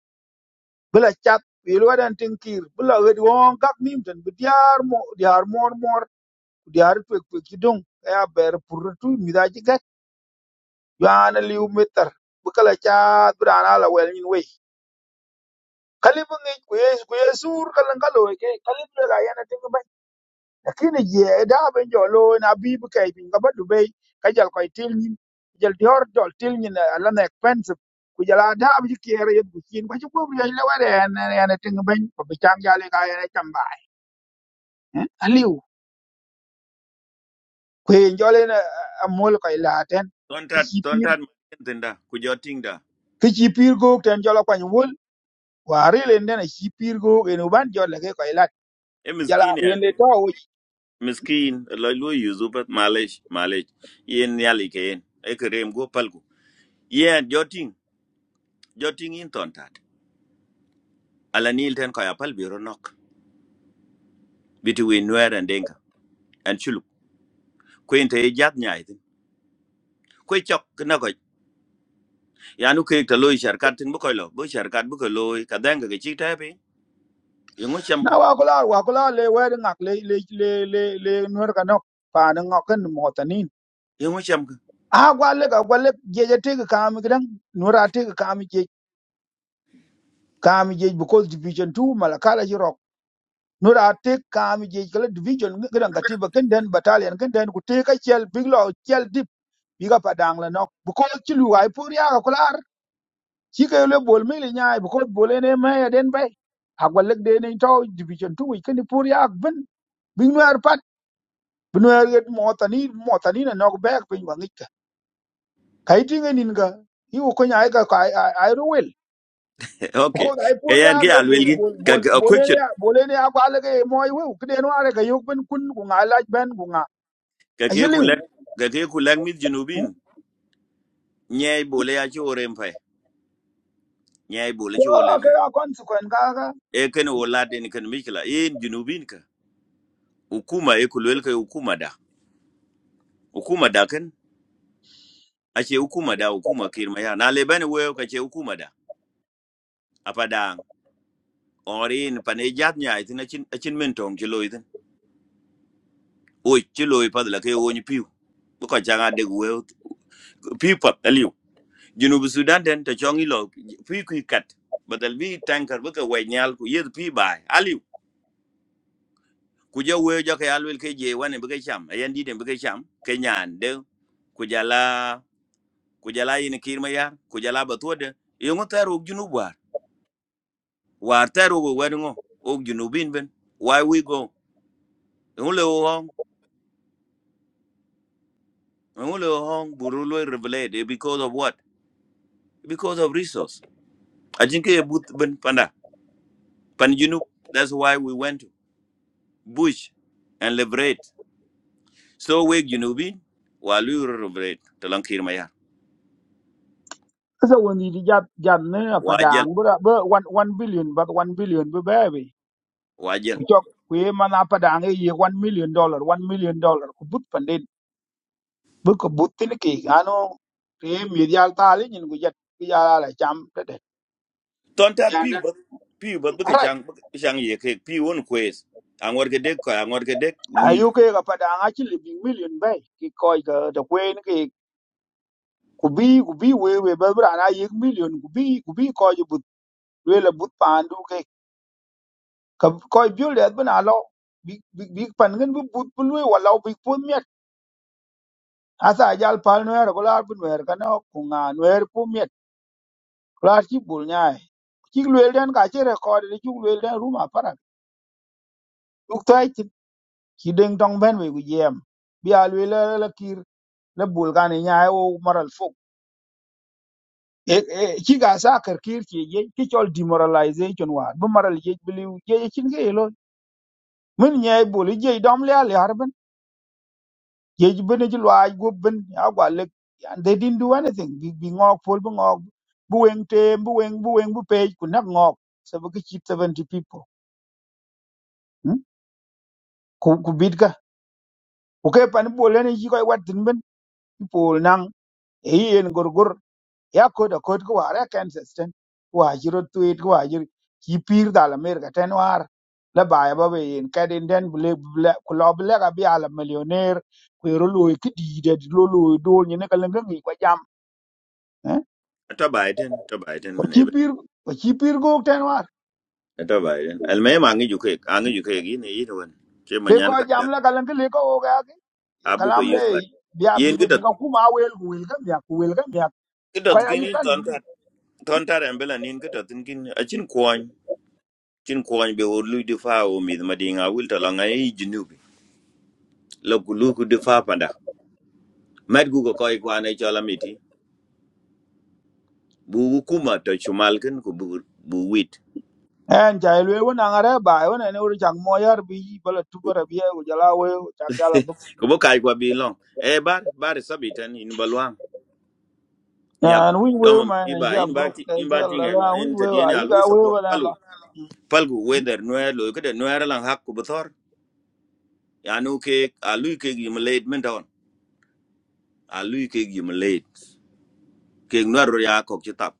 Speaker 9: bela chat bi le wadan tin kir bela wed won gak nim ten bi diar mo diar mor mor Kudi har kwek kidong ka ya ber pur tu mi da ji gat yana liu metar bu kala cha bu da na la wel nyin we kali bu ngi ku yes ku yesur kala ngalo ke kali bu ga yana tin ba lakini je da ben jo lo na bi bu kai bin ga ba du be ka jal ko til nyin jal di hor dol til nyin ala na expensive ku jala da bu ji kere yet bu kin ba ji ko bu ya la ware yana yana tin ba ko bi cham jale ga yana cham ba aliu ku en jole na amol ko ilaten
Speaker 10: ton tat ton tat tenda ku joting da
Speaker 9: ki ci piir gook ten jol akuany wol wa rilin den aci piir gook en uban jol leke kɔc lat
Speaker 10: e
Speaker 9: jal
Speaker 10: miskin
Speaker 9: ak
Speaker 10: ya
Speaker 9: en le
Speaker 10: ke
Speaker 9: tɔ wic
Speaker 10: miskin lo lo yuzu pat malej malej yen yali ke yen e ke rem go palgu yen joting joting in ton tat ala nil ten ko ya pal biro between Nuer and Denka and Chuluk. Queen to a Jat Nyai. Quay chọc cái nó gọi yanu kê tờ lôi sản cát tin bốc coi lo bốc sản cát bốc coi lôi cả đang cái chi thế bị yung ngó chăm
Speaker 9: na wa ku lɔɔr wa ku lɔɔr le wɛɛt ŋak le le le le le nuor kanɔk paani ŋɔkin mɔɔtinin
Speaker 10: yung ngó chăm
Speaker 9: a gwalek a gwalek jiɛc ateki kaami kidaŋ nuor a teki je, jiɛc kaami jiɛc because division two malakal aci rɔk nuor a tek kaami jiɛc kala division kidaŋ katiba kinden battalion kinden ku teek aciɛl big lɔ ciɛl dip biga padang daaŋ la nɔk because ci lu wai puur yaaka ci ke le bol mi li nyaay bu ko bol ene ma ya den bay ak wal de ne to division 2 wi ken pur ya ak ben bi no ar pat bi no ar get mo tani mo tani na nok back bi wa ngika kay ti ngi nin ga i ko nyaay ka ka ay ro wel
Speaker 10: ok
Speaker 9: ko ay pur
Speaker 10: cái
Speaker 9: ya
Speaker 10: anh
Speaker 9: ak
Speaker 10: cái alwil
Speaker 9: bol
Speaker 10: gin
Speaker 9: bol
Speaker 10: cái
Speaker 9: bol
Speaker 10: cái
Speaker 9: bol
Speaker 10: quick
Speaker 9: ene
Speaker 10: shot
Speaker 9: ya bol ene ya ba le ge mo ay wu ke no ar ga yok ben kun ku nga laaj ben ku nga
Speaker 10: cái
Speaker 9: a
Speaker 10: cái khu
Speaker 9: yeliw
Speaker 10: lăng cái cái khu lăng mít junubin nhai bồ lê achu orem phải nhai bồ lê
Speaker 9: ko
Speaker 10: chu orem
Speaker 9: ke a consequence ga ga
Speaker 10: e kan wala den kan mikla in junubin ka hukuma e kulwel ka hukuma da hukuma da kan ace hukuma da hukuma kirma ya na le bane wayo ka ce hukuma da apada ở đây, orin pane jat nyai tin chín, achin men tong chi loy tin oi chi phải là cái ke woni piu bu ko changa de we piu pat aliu jinu bu sudan den to chongi lo piu quy cắt, bắt đầu bi tanker bu cái we nyal ku yed piu bai aliu ku ja we ja ke alwel ke je wane bu ke cham ayan di den bu ke cham ke nyan de ku jala ku jala yin kir ma yar ku jala ba to de yongo taro jinu war war taro go wedngo og jinu bin why we go ngulo Ngolo hong burulo revelate because of what? Because of resource. Ajinke but ben panda pan junub. That's why we went to bush and liberate. So we junubin walu revelate talang kirmaya.
Speaker 9: sa woni di jab jab ne pa
Speaker 10: Wajel
Speaker 9: dang bu da- bu 1 1 billion ba 1 billion bu baby ku
Speaker 10: wajel.
Speaker 9: cok ku ye man apadang ye one million dollar one million dollar ku but pandin bu ko but tin ki ano te mi yal tali nyin ku jet ku yala la cham te de
Speaker 10: Tonta piu
Speaker 9: yana
Speaker 10: but piu but buke
Speaker 9: right
Speaker 10: chang chang ye ke piu on quest. Angor ke dek ko angor ke dek wir.
Speaker 9: ayu ke ga padang a chi bi million bay ki koy ga de kwen ki ku bi ku bi we we ba bra na ye million ku bi ku bi koy but we la but pandu ke ka koy bi le bna lo big bi bi pan ngen bu but bu we wala bi pu mi asa jal pal no er ko la bu no er kana ku nga no er kular ci bul nyai ci luel den ka ci record de ci luel den ruma para duk tay ci ci ding dong ben we gem bi al we la la kir la bul kan nyai o moral fuk e e ci ga sa kar kir ci ye ci chol demoralization wa bu moral ye bi liu ye ci nge lo min nyai bul ye dom le al harben ye ji ben ci lwa go ben agwa le they didn't do anything bi bi ngok pol bu ngok bu weng tem bu weng bu weng bu page ku nak ngok sabu ki ci 70 people hmm? ku ku bit ku kai pani bolen yi koi wat tin bin i pol nang e yen gorgor ya ko da ko ko ara kansas ten ko ajiro tuit ko ajiro ki pir dal america ten war la baya ba be yen kadin den bule bule ku lo bule ga bi ala millionaire ku ro lo ki di de lo lo do ni ne kalen ngi ko jam eh
Speaker 10: Ata Biden ata Biden
Speaker 9: ko
Speaker 10: man
Speaker 9: ki
Speaker 10: ebe.
Speaker 9: pir ko ki pir go ten war
Speaker 10: Ata Biden. Alme mangi juke angi juke gini yini wan. Che
Speaker 9: ke ko
Speaker 10: manyan
Speaker 9: jam
Speaker 10: kada
Speaker 9: la kalen le ko o ga ki Ye
Speaker 10: abu ke
Speaker 9: kalam de biya bi go bi
Speaker 10: yobat.
Speaker 9: ko kuma wel ku wel ga ya ku wel ga ya ko
Speaker 10: Kitot
Speaker 9: ya
Speaker 10: kin
Speaker 9: ji
Speaker 10: in
Speaker 9: kan ku bi
Speaker 10: tontar tontar embela nin kitot kin kin achin kwany chin kwany be o lui difa o mid madinga wil to langa e jinubi lo kulu ku difa panda med gu ko koy kwane chola miti bu kuma to chumal kin ku bu bu wit
Speaker 9: en ja ilwe wona ngare ba wona ne wuri chak mo yar bi bala tubara bi e jala we chak yala du
Speaker 10: ko bo kai kwa bi long e bar bar sabitan in balwang ni ak
Speaker 9: an wi we
Speaker 10: domo
Speaker 9: ma
Speaker 10: mi
Speaker 9: na
Speaker 10: ba
Speaker 9: ja
Speaker 10: in ba
Speaker 9: bro
Speaker 10: ti
Speaker 9: ke
Speaker 10: in ba
Speaker 9: zel
Speaker 10: ti
Speaker 9: la
Speaker 10: ngai lo
Speaker 9: la wi
Speaker 10: en ta
Speaker 9: we wa
Speaker 10: diene a
Speaker 9: yi ga we
Speaker 10: support
Speaker 9: wala
Speaker 10: palu
Speaker 9: la Hmm.
Speaker 10: palgu weather noer lo kede noer lang hak ku bthor yanu ke a lui ke gi malade a lui kek yim late kek nuar ya kok ci tap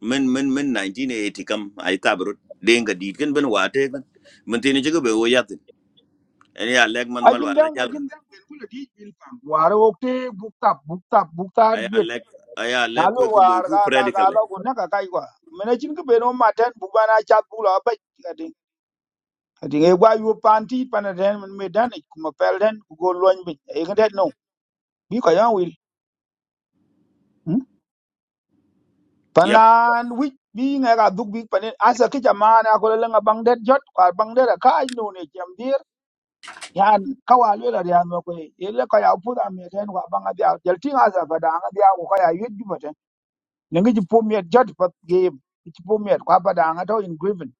Speaker 10: men men men 1980 kam ay tabru denga dit ken ben wate ken men tini ci be wo yatin en ya lek man mal
Speaker 9: ajin
Speaker 10: wala
Speaker 9: dang
Speaker 10: jal
Speaker 9: ajin dang ben kula di bil pam war o te bukta bukta bukta
Speaker 10: ay ya
Speaker 9: jwet
Speaker 10: lek ay ya lek
Speaker 9: alo
Speaker 10: ko ko loy
Speaker 9: war
Speaker 10: ku
Speaker 9: ga ga ga
Speaker 10: predical le.
Speaker 9: lo ko na ka kai kwa mena chin ke beno ma tan bu bana chat bu la ba ka ding ka ding e gwa yu panti pana den men me dan e kuma pel den ku go loñ bi e ga det no bi ka ya wil Hmm?
Speaker 10: yap
Speaker 9: Palan wik bi nga ka duk bi panin asa ki jamana ko la nga bang det jot ko bang det ka no ne jam dir yan ka wa le la yan ko e le ka ya pu da me ten ko bang dia jel ti nga sa ba da nga dia ko ka ya yit bi paten ne ngi pu me jot pat ge ti pu me ko ba da nga to in griven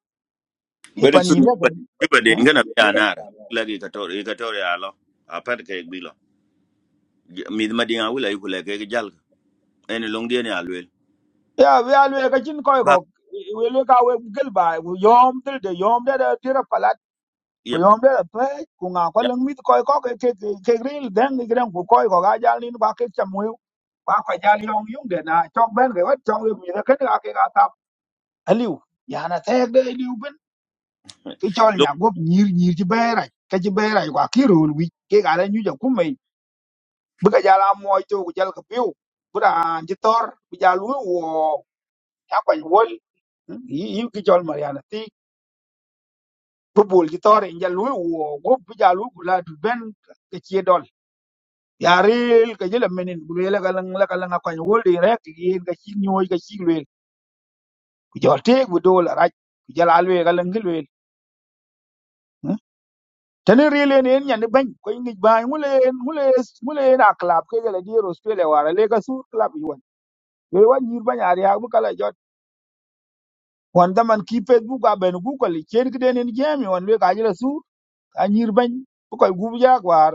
Speaker 9: he
Speaker 10: bari
Speaker 9: pan
Speaker 10: sun
Speaker 9: yin le
Speaker 10: juba
Speaker 9: ben
Speaker 10: juba de ngana bi anar lagi ka tor ka tor ya lo a pat kek bi lo mi ma dinga wula yu lek kek jal en long dia ya lwel
Speaker 9: ya we alwe ka chin ko ko
Speaker 10: ba
Speaker 9: we le ka we gel ba yom dil de yom de de tira ku
Speaker 10: yap
Speaker 9: yom de pe ku nga ko
Speaker 10: yap
Speaker 9: leng mit koy ko ke ke ke gril den ni gran ku koy ko ga jal ni ba ke chamu ba ko jal yom yung de na chok ben ke wat chok mi de ken ga ke ga tap aliu ya na te de aliu ben ki chol
Speaker 10: look
Speaker 9: nya gop nyir nyir ji be ra ke ji be ra ko ki ru wi ke ga ra nyu ja ku me bu ga jala mo to ku jal ka piu bu da ji tor bu ja lu wo ya ko wol yi ki chol mariana ti bu bul ji tor in ja lu wo gop bu ja lu ku la du ben ke chi ya rel ka jela menin ku le ka lang la ka lang ko wol de rek ti yin ka chi nyoy ka chi le ku jor te ku do la raj ku jala le ka lang le tani rel en en nyan ban ko ngi ba mule en mule mule na club ke jela di australia wara le ka sur club yon le wan nyir ban ari ha bu kala jot wan da man ki facebook a ben bu ko li chen ki den en jami wan le ka jela sur a nyir ban bu ko gu bu jak war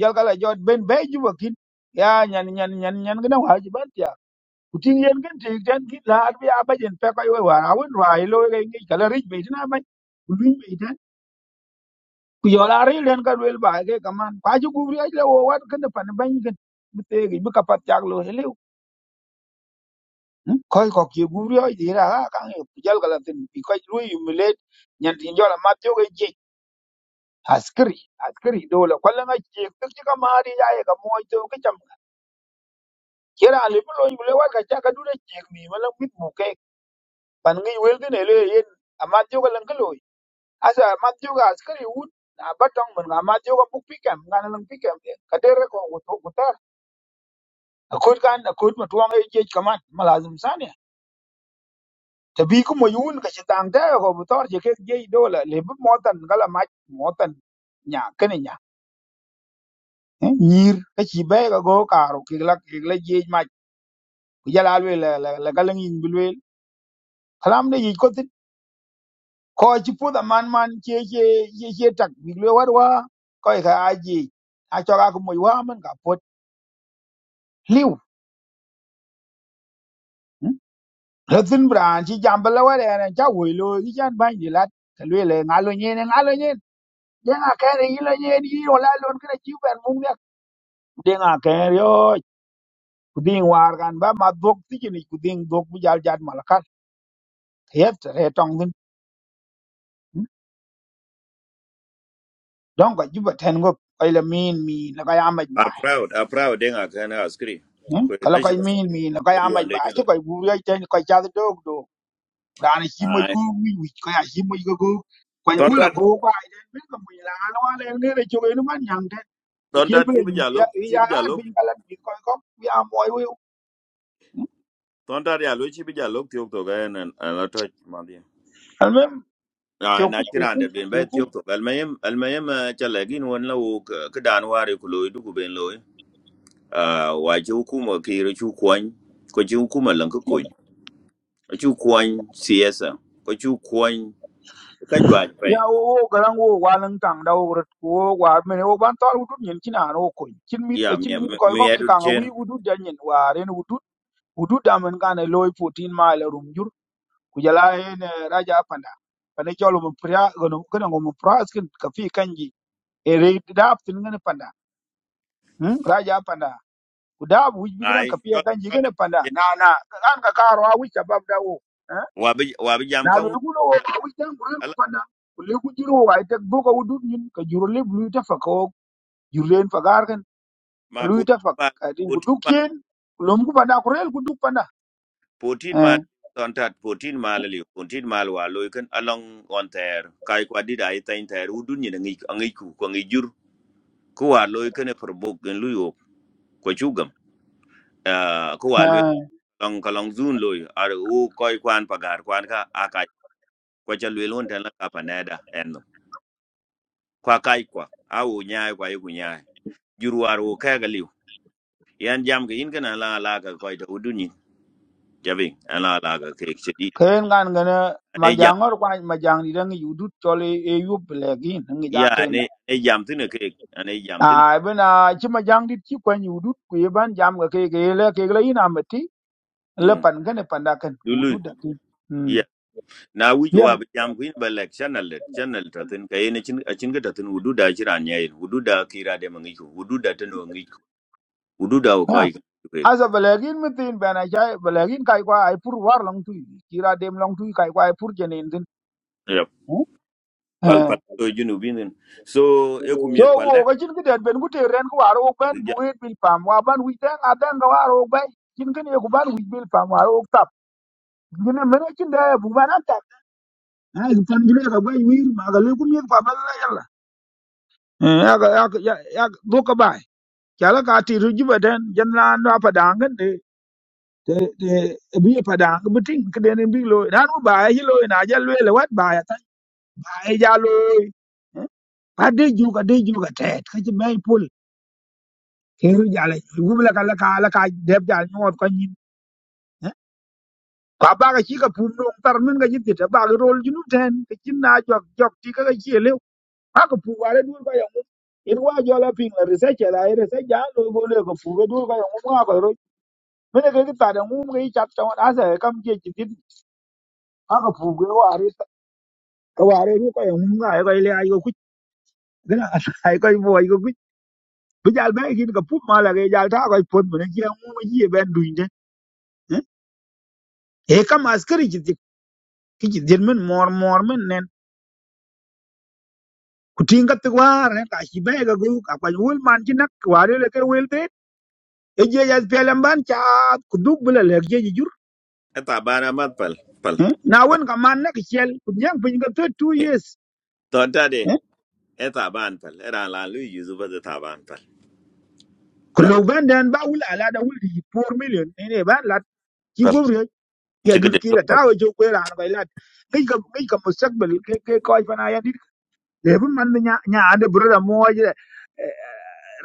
Speaker 9: jal kala jot ben be ju bakin ya nyan nyan nyan nyan ga na wa ji ban kuting yen ken te ten ki laar bi aba yen pe ko we war awun rai lo ge ngi kala rich be tin aba ku lin be tan ku yo la ri len ka wel ba ge kaman kwa ju gubri aj le wo wat ken de pan ban ken bi te gi bi ka pat jak lo hele ko ko ki gubri aj di ra ha kan e jal kala tin bi ko lu yu milet nyen tin yo la ma jo ge je askri askri do la ko la ngi je tik ti ka ma ri ya ye ka mo to ke cham kira ali bi lo yu le wat ka cha ka du de je mi ma la mit mu ke pan ngi wel tin ele yen ama jo ka lan asa matthew ga askari wut a batong mun ga matthew ga buk pikam ga nan pikam ka dere ko wuto gutar akut kan akut mu tuang e jej kaman malazim sania ta bi ku mo yun ka chitang ta ko butor je ke jej dola le bu motan gala ma motan nya kene nya Eh, nyir ka chi be ga go karo ki la ki la jej ma ku jala le la la gala ngin bilwe kalam ne yi ko tin ko chi pu da man man che che che che tak bilwe war wa ko e ka aji a cho ga ku mo wa man ka pot la tin bran chi jam bala wa ya cha wei lo chi chan ban di lat ka lue le nga lo nyen nga lo nyen de nga ka re lo nyen yi lo la lo ka chi ban mung ne de nga ka re yo ku ding war kan ba ma dok ti chi ni ku ding dok bu jal jat mal kan yet re tong din don ko juba ten go ko le min mi na ka ya ma
Speaker 10: a
Speaker 9: ba
Speaker 10: proud a proud denga kana askri ko
Speaker 9: ka la ko
Speaker 10: national
Speaker 9: min
Speaker 10: askri
Speaker 9: mi na ka
Speaker 10: ko
Speaker 9: ya ma
Speaker 10: luande
Speaker 9: ba
Speaker 10: ci
Speaker 9: chi ko bu yo ten ko cha dok do ran chi mo
Speaker 10: lo
Speaker 9: ku mi wi ka ya chi mo ko ko ko ni wo la
Speaker 10: Tontat
Speaker 9: ko ba den ben ko mi la wa le ne re chu ni man vì vậy
Speaker 10: tontat
Speaker 9: bây
Speaker 10: chibi
Speaker 9: giờ
Speaker 10: jalop
Speaker 9: bây giờ
Speaker 10: chibi jalop
Speaker 9: chúng ta phải coi coi bây giờ mọi người
Speaker 10: tontat ya lo chibi jalop tiok to ga en an la to mali.
Speaker 9: anh em
Speaker 10: Na
Speaker 9: tiêu
Speaker 10: na
Speaker 9: cực tiêu
Speaker 10: chiran de
Speaker 9: cực
Speaker 10: ben be
Speaker 9: tiêu cực
Speaker 10: tiok to al mayem al mayem chalagin won la wo ka dan ware ku loy du ku ben loy. Ah wa ji hukuma ki ru chu kwan ko ji hukuma lan ko kun. Chu kwan siesa ko chu kwan ka jwa
Speaker 9: bây giờ
Speaker 10: pe.
Speaker 9: họ họ rằng họ quan liêu thẳng đạo luật của họ mà mình họ vẫn toàn hút nhau như nào coi chỉ biết
Speaker 10: Ya
Speaker 9: chỉ
Speaker 10: mi
Speaker 9: biết coi
Speaker 10: mi
Speaker 9: coi chỉ
Speaker 10: edu
Speaker 9: khang
Speaker 10: chen
Speaker 9: nguyuuudu dân nhện và rồi uduuudamenganeloi fourteen mile rumjur cujalaen raja panda panet cho lụm phria gần gần ngụm phria skin cafe canji rate đáp thì người panda raja panda kuda wuj bigran
Speaker 10: ai
Speaker 9: kapia
Speaker 10: chol
Speaker 9: kan
Speaker 10: chol
Speaker 9: jigene
Speaker 10: en.
Speaker 9: panda na na kan ka karo a wuj kabab da wo eh?
Speaker 10: wa bi wa bi jam
Speaker 9: na
Speaker 10: kan
Speaker 9: lu ku lo wo a wuj dan buran ku
Speaker 10: ala
Speaker 9: panda ku le ku jiro wa ite bu ka wudu nyin ka juro le blu ta fa ko jurlen fa gar kan
Speaker 10: ma
Speaker 9: ka lu ta fa ka din ku duk
Speaker 10: pu
Speaker 9: yen ku lom ku panda ku rel ku duk panda
Speaker 10: 14
Speaker 9: eh
Speaker 10: mal ton tat 14 mal li 14 mal wa lo ken along on ter kai kwa di dai tan ter u dun ni ngi ngi ku ko ngi jur ko wa lo ken per bok gen lu yo ko chugam ah ko wa lo
Speaker 9: eh
Speaker 10: long ka long zun lo ar u koi kwan pagar kwan ka akai ko cha lo lon tan la ka paneda en no kwa kai kwa a u nya kwa yu nya jur war u ka ga liu yan jam ga in kana la la ka koi da u dun ni jabi ala la ga ke chedi
Speaker 9: ken ngan ngana
Speaker 10: ane
Speaker 9: ma
Speaker 10: jam
Speaker 9: jangor kwa ma jang ni dang yudut chole e yub legin ngi ja
Speaker 10: ya
Speaker 9: ken
Speaker 10: ane
Speaker 9: da
Speaker 10: ane jam tine ke ane jam
Speaker 9: a bena chi ma jang dit chi kwa yudut ku yeban jam ga ke ke le ke le ina le
Speaker 10: Mm.
Speaker 9: pan gane panda kan wudu
Speaker 10: Dulu.
Speaker 9: da ti mm
Speaker 10: Yeah. Na wich
Speaker 9: yam
Speaker 10: wa bi jam kuin ba lek channel let channel ta tin kay ne chin a chin ga ta tin wudu da jira nyay wudu da kira de mangi ko wudu da tan wangi ko wudu da ko
Speaker 9: ha
Speaker 10: yi
Speaker 9: asa balagin mitin bana jay balagin kai kwa ai pur war long tu kira dem long tu kai kwa ai pur jene din
Speaker 10: Yep. Pal
Speaker 9: eh
Speaker 10: pal to junu binin. So e ku mi
Speaker 9: so
Speaker 10: ko
Speaker 9: wo
Speaker 10: lek
Speaker 9: ga chin ki det ben ku ren ku waro ban
Speaker 10: bi
Speaker 9: bu
Speaker 10: jam.
Speaker 9: het bil pam wa ban wi ten adan ga waro ba chin kin ye ku ban wi bil pam waro ok tap gine men chin da bu ban tap ha ku pan gine ga bai wir ma ga le ku mi kwa ban la yalla eh ya ga ya ya do ka bai kala ka ti ru jibaden jan la ndo pa dangan te te bi pa dang bi ting ke den bi lo ran ba hi lo na ja lo le wat ba ya ta ba e ja lo pa de ju ka de ju ka te ka ji mai pul ke ru ja le gu la ka la ka la ka de ja no ko ni pa ba ka chi ka pu no tar min ga ji te ba ga rol ju nu ten ke chin na jok jok ti ka ga chi le ha ka pu wa le du ka ya mu in wa jo la ping la rese che la rese ja lo go le ko pu ga du ka ya mu wa ko ro mene ke ta da mu ga i chat ta wa asa kam che chi ti ha ka pu ga wa kawari ku ko yong nga ko ile ay ko kuch gana ay ko bo ay ko kuch bu jal be kin ka pup mala ge jal ta ko pon mun ji mu ma ji ben duinde e kam askari ji ki ji dir men mor mor men nen ku tinga te war ne ka shi be ga gu ka ko wol man ji nak wari le ke wel te e ji ja pelam ban cha ku duk bula le ge ji jur
Speaker 10: Eta bara mat pal pal
Speaker 9: eh? na
Speaker 10: pal.
Speaker 9: won ka man nak shel ku nyang pin ga to 2 years
Speaker 10: To ta de
Speaker 9: eh?
Speaker 10: eta ban pal era la lu yuzu ba ta ban pal
Speaker 9: ku
Speaker 10: pal
Speaker 9: lo ben den ba wul ala da wul di 4 million ne ne ba la ki
Speaker 10: pal.
Speaker 9: gobri
Speaker 10: Ci
Speaker 9: ya
Speaker 10: ga
Speaker 9: dur kira
Speaker 10: pal.
Speaker 9: ta we jo kwera an bailat ngi ka ngi ka mustakbal ke ke ko ay fana ya dit le bu man nya nya ade brother mo je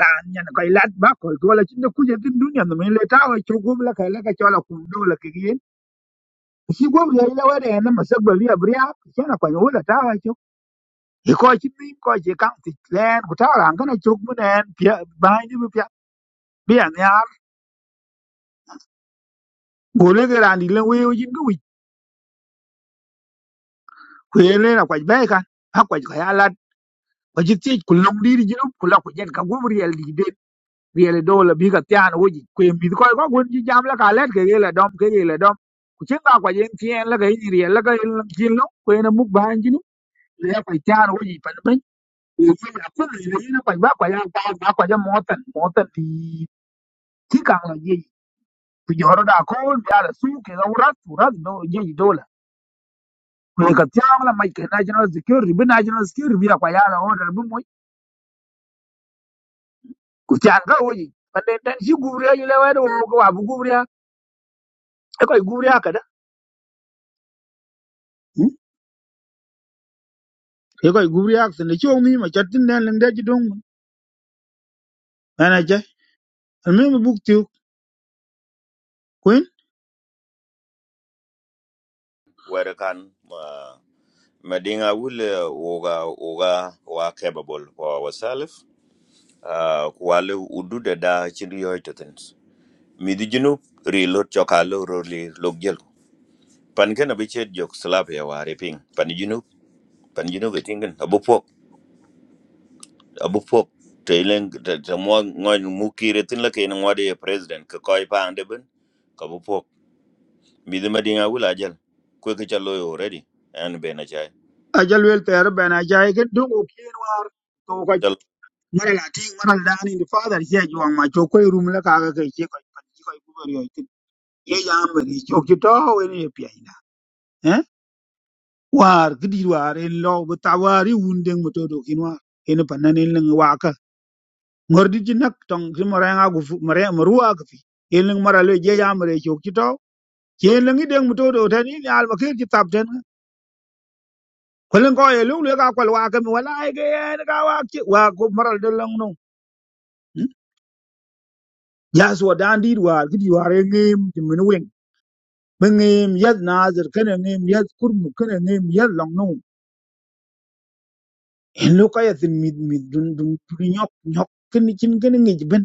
Speaker 9: ra nya ko lat ba ko ko la cinde kuje din dunya no me le ta we jo gum la ka la ka chola kum do la ke yin si gum ya la wa de na mustakbal ya briya kana ko yo la ta we jo e ko ci min ko je kan ti len ko ta ran kana jo mu nen pia ba ni bu pia bi an ya go le ga ran di le we yo jin gu ku le na ko ba ka ha ko ka ya Ojitiij ku lok diri jinup ku lok ku jen ka gum riel di de real do la bi ka tian wo ji ku e mi ko ko gun ji jam la ka let ke ge la dom ke ge la dom ku chen ka kwa jen tien la ga ni riel la ga jin lo ku e na muk ba jin le ya kwa tian wo ji pa ben ku ji na ku ni ni na kwa ba kwa ya ba ba kwa ja motan motan ti ti ka la ji ku joro da ko ya la su ke ga urat urat do ji do la ku e ka tian la mai ke national security bi national security bi la kwa ya la order bi ku chan ka woji panden tan shi gubriya yi lewa da mu ka wabu gubriya e koy gubriya kada ye koy gubri ak sen ci mi ma chatin den lim de ci dong ana ja al mi buk ti kuin
Speaker 10: Wera kan ma ma dinga wul oga, woga woga wa capable wa wasalif ah, ku wale udude da chin yoy to tin midi jinu ri lo choka lo ro li pan ken abi jok slap ya wari ping pan jinu pan jinu ge abu pok abu pok te len te mo ngoy mu kire tin la ken ngode president ko koy pa ande ka bu pok midi madinga wula jel ko ke chalo already an be na chai
Speaker 9: a jal wel ter ben a ja e ke dong o kien war to ko
Speaker 10: chalo
Speaker 9: mara la ti mara la ni di father ye ji wang ma cho koy rum la ka ga ke ci koy kan ci koy gubri yo ti ye ja am ni cho ci to we ni pi ai na eh war gidi war en lo bu tawari wun deng mo to do kin war en pa nan en wa ŋordi ji nak tong ti morenga gu fu- more- morua gu fi yelin mara le je ya mare chok ti to yelin i deng muto do tan ni al bakir ti tap ten kolin ko yelin le ka kwal wa ka mi wala ai ge en ka wa ki wa ko maral de lang no ya so dan di wa gidi wa re ngim ti min wen ben ngim yad nazir kana ngim yad kurmu kana ngim yad lang no en lo ka ya tin mid mid dun dun dun nyok nyok kin kin kin ngi ben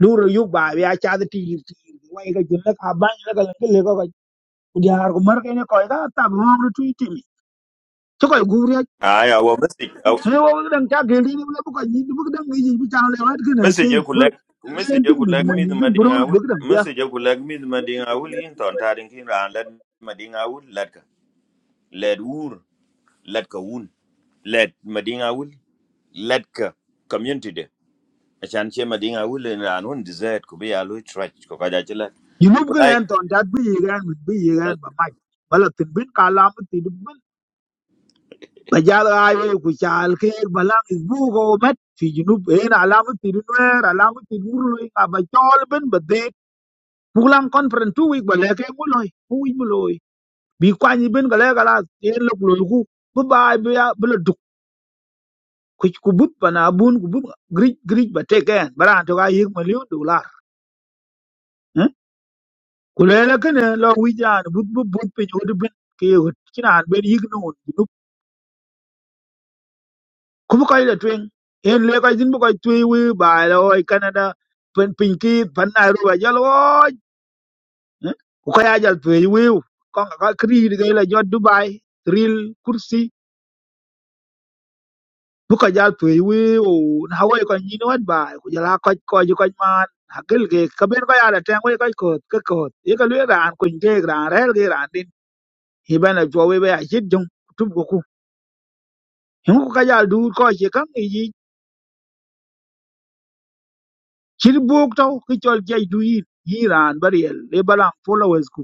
Speaker 9: lu ro yu ba ya cha ti ti wa ga jin la ka ban la ka Kujar ku mar kene koy ga tab wong ru tui timi. Ci koy guri ak
Speaker 10: aya wa message
Speaker 9: he wo ga dang ta geldi ni le bu ko ni bu dang yi bu ta le wat gena
Speaker 10: message
Speaker 9: ci
Speaker 10: ku
Speaker 9: bu
Speaker 10: lek
Speaker 9: leen
Speaker 10: message
Speaker 9: tin
Speaker 10: ku
Speaker 9: min
Speaker 10: lek
Speaker 9: mo
Speaker 10: mith
Speaker 9: ni gen bu
Speaker 10: madinga wul
Speaker 9: bu dang ya.
Speaker 10: message ku lek mith madinga wul in ton tarin kin ran lad madinga wul lad ka led wur lad ka wun led madinga wul lad ka community de achan che madinga wul in ran un desert ku be alu trach ko kaja che lad
Speaker 9: Yi nu bu gena
Speaker 10: kunai
Speaker 9: en ton dat bi yi gan mit bi gan ba mai. bala tin bin ka la mu ti dum bin. Ba jal ay we ku chal ke balang is bu ko met fi junub en alamu ti dun wer alamu ti murlo ka ba chol bin ba de. Pulang konferen tu wik ba leke nguloi. Uwi bi kwany bin ka le kala yen lok lo ku bu bay bu ya bu la duk ku ku bu pana bun ku bu grij grij ba te ken bara to ga yik million dollar eh ku le la ken lo wi jan bu bu bu pe jo de bin ke yo kina ben yik no no ku bu ka le twen yen le ka jin bu ka twi wi ba lo oi canada pen pin ki pan na ru ba jal wo ku ka ya jal twi wi ko ka kri de la jo dubai ril kursi buka jal tuwei wiu hawai ko nyin wat bai ku jala ko ko ju ko man hakil ke kaben ko yala ten wei ko ko ke ko ye ka lue ran ku nge ran rel ge ran din hi ben a jo wei ba jit jong tu bu ku hin ku ka jal du ko che kan yi yi chir buk to ki chol je du yi yi ran bariel le balang followers ku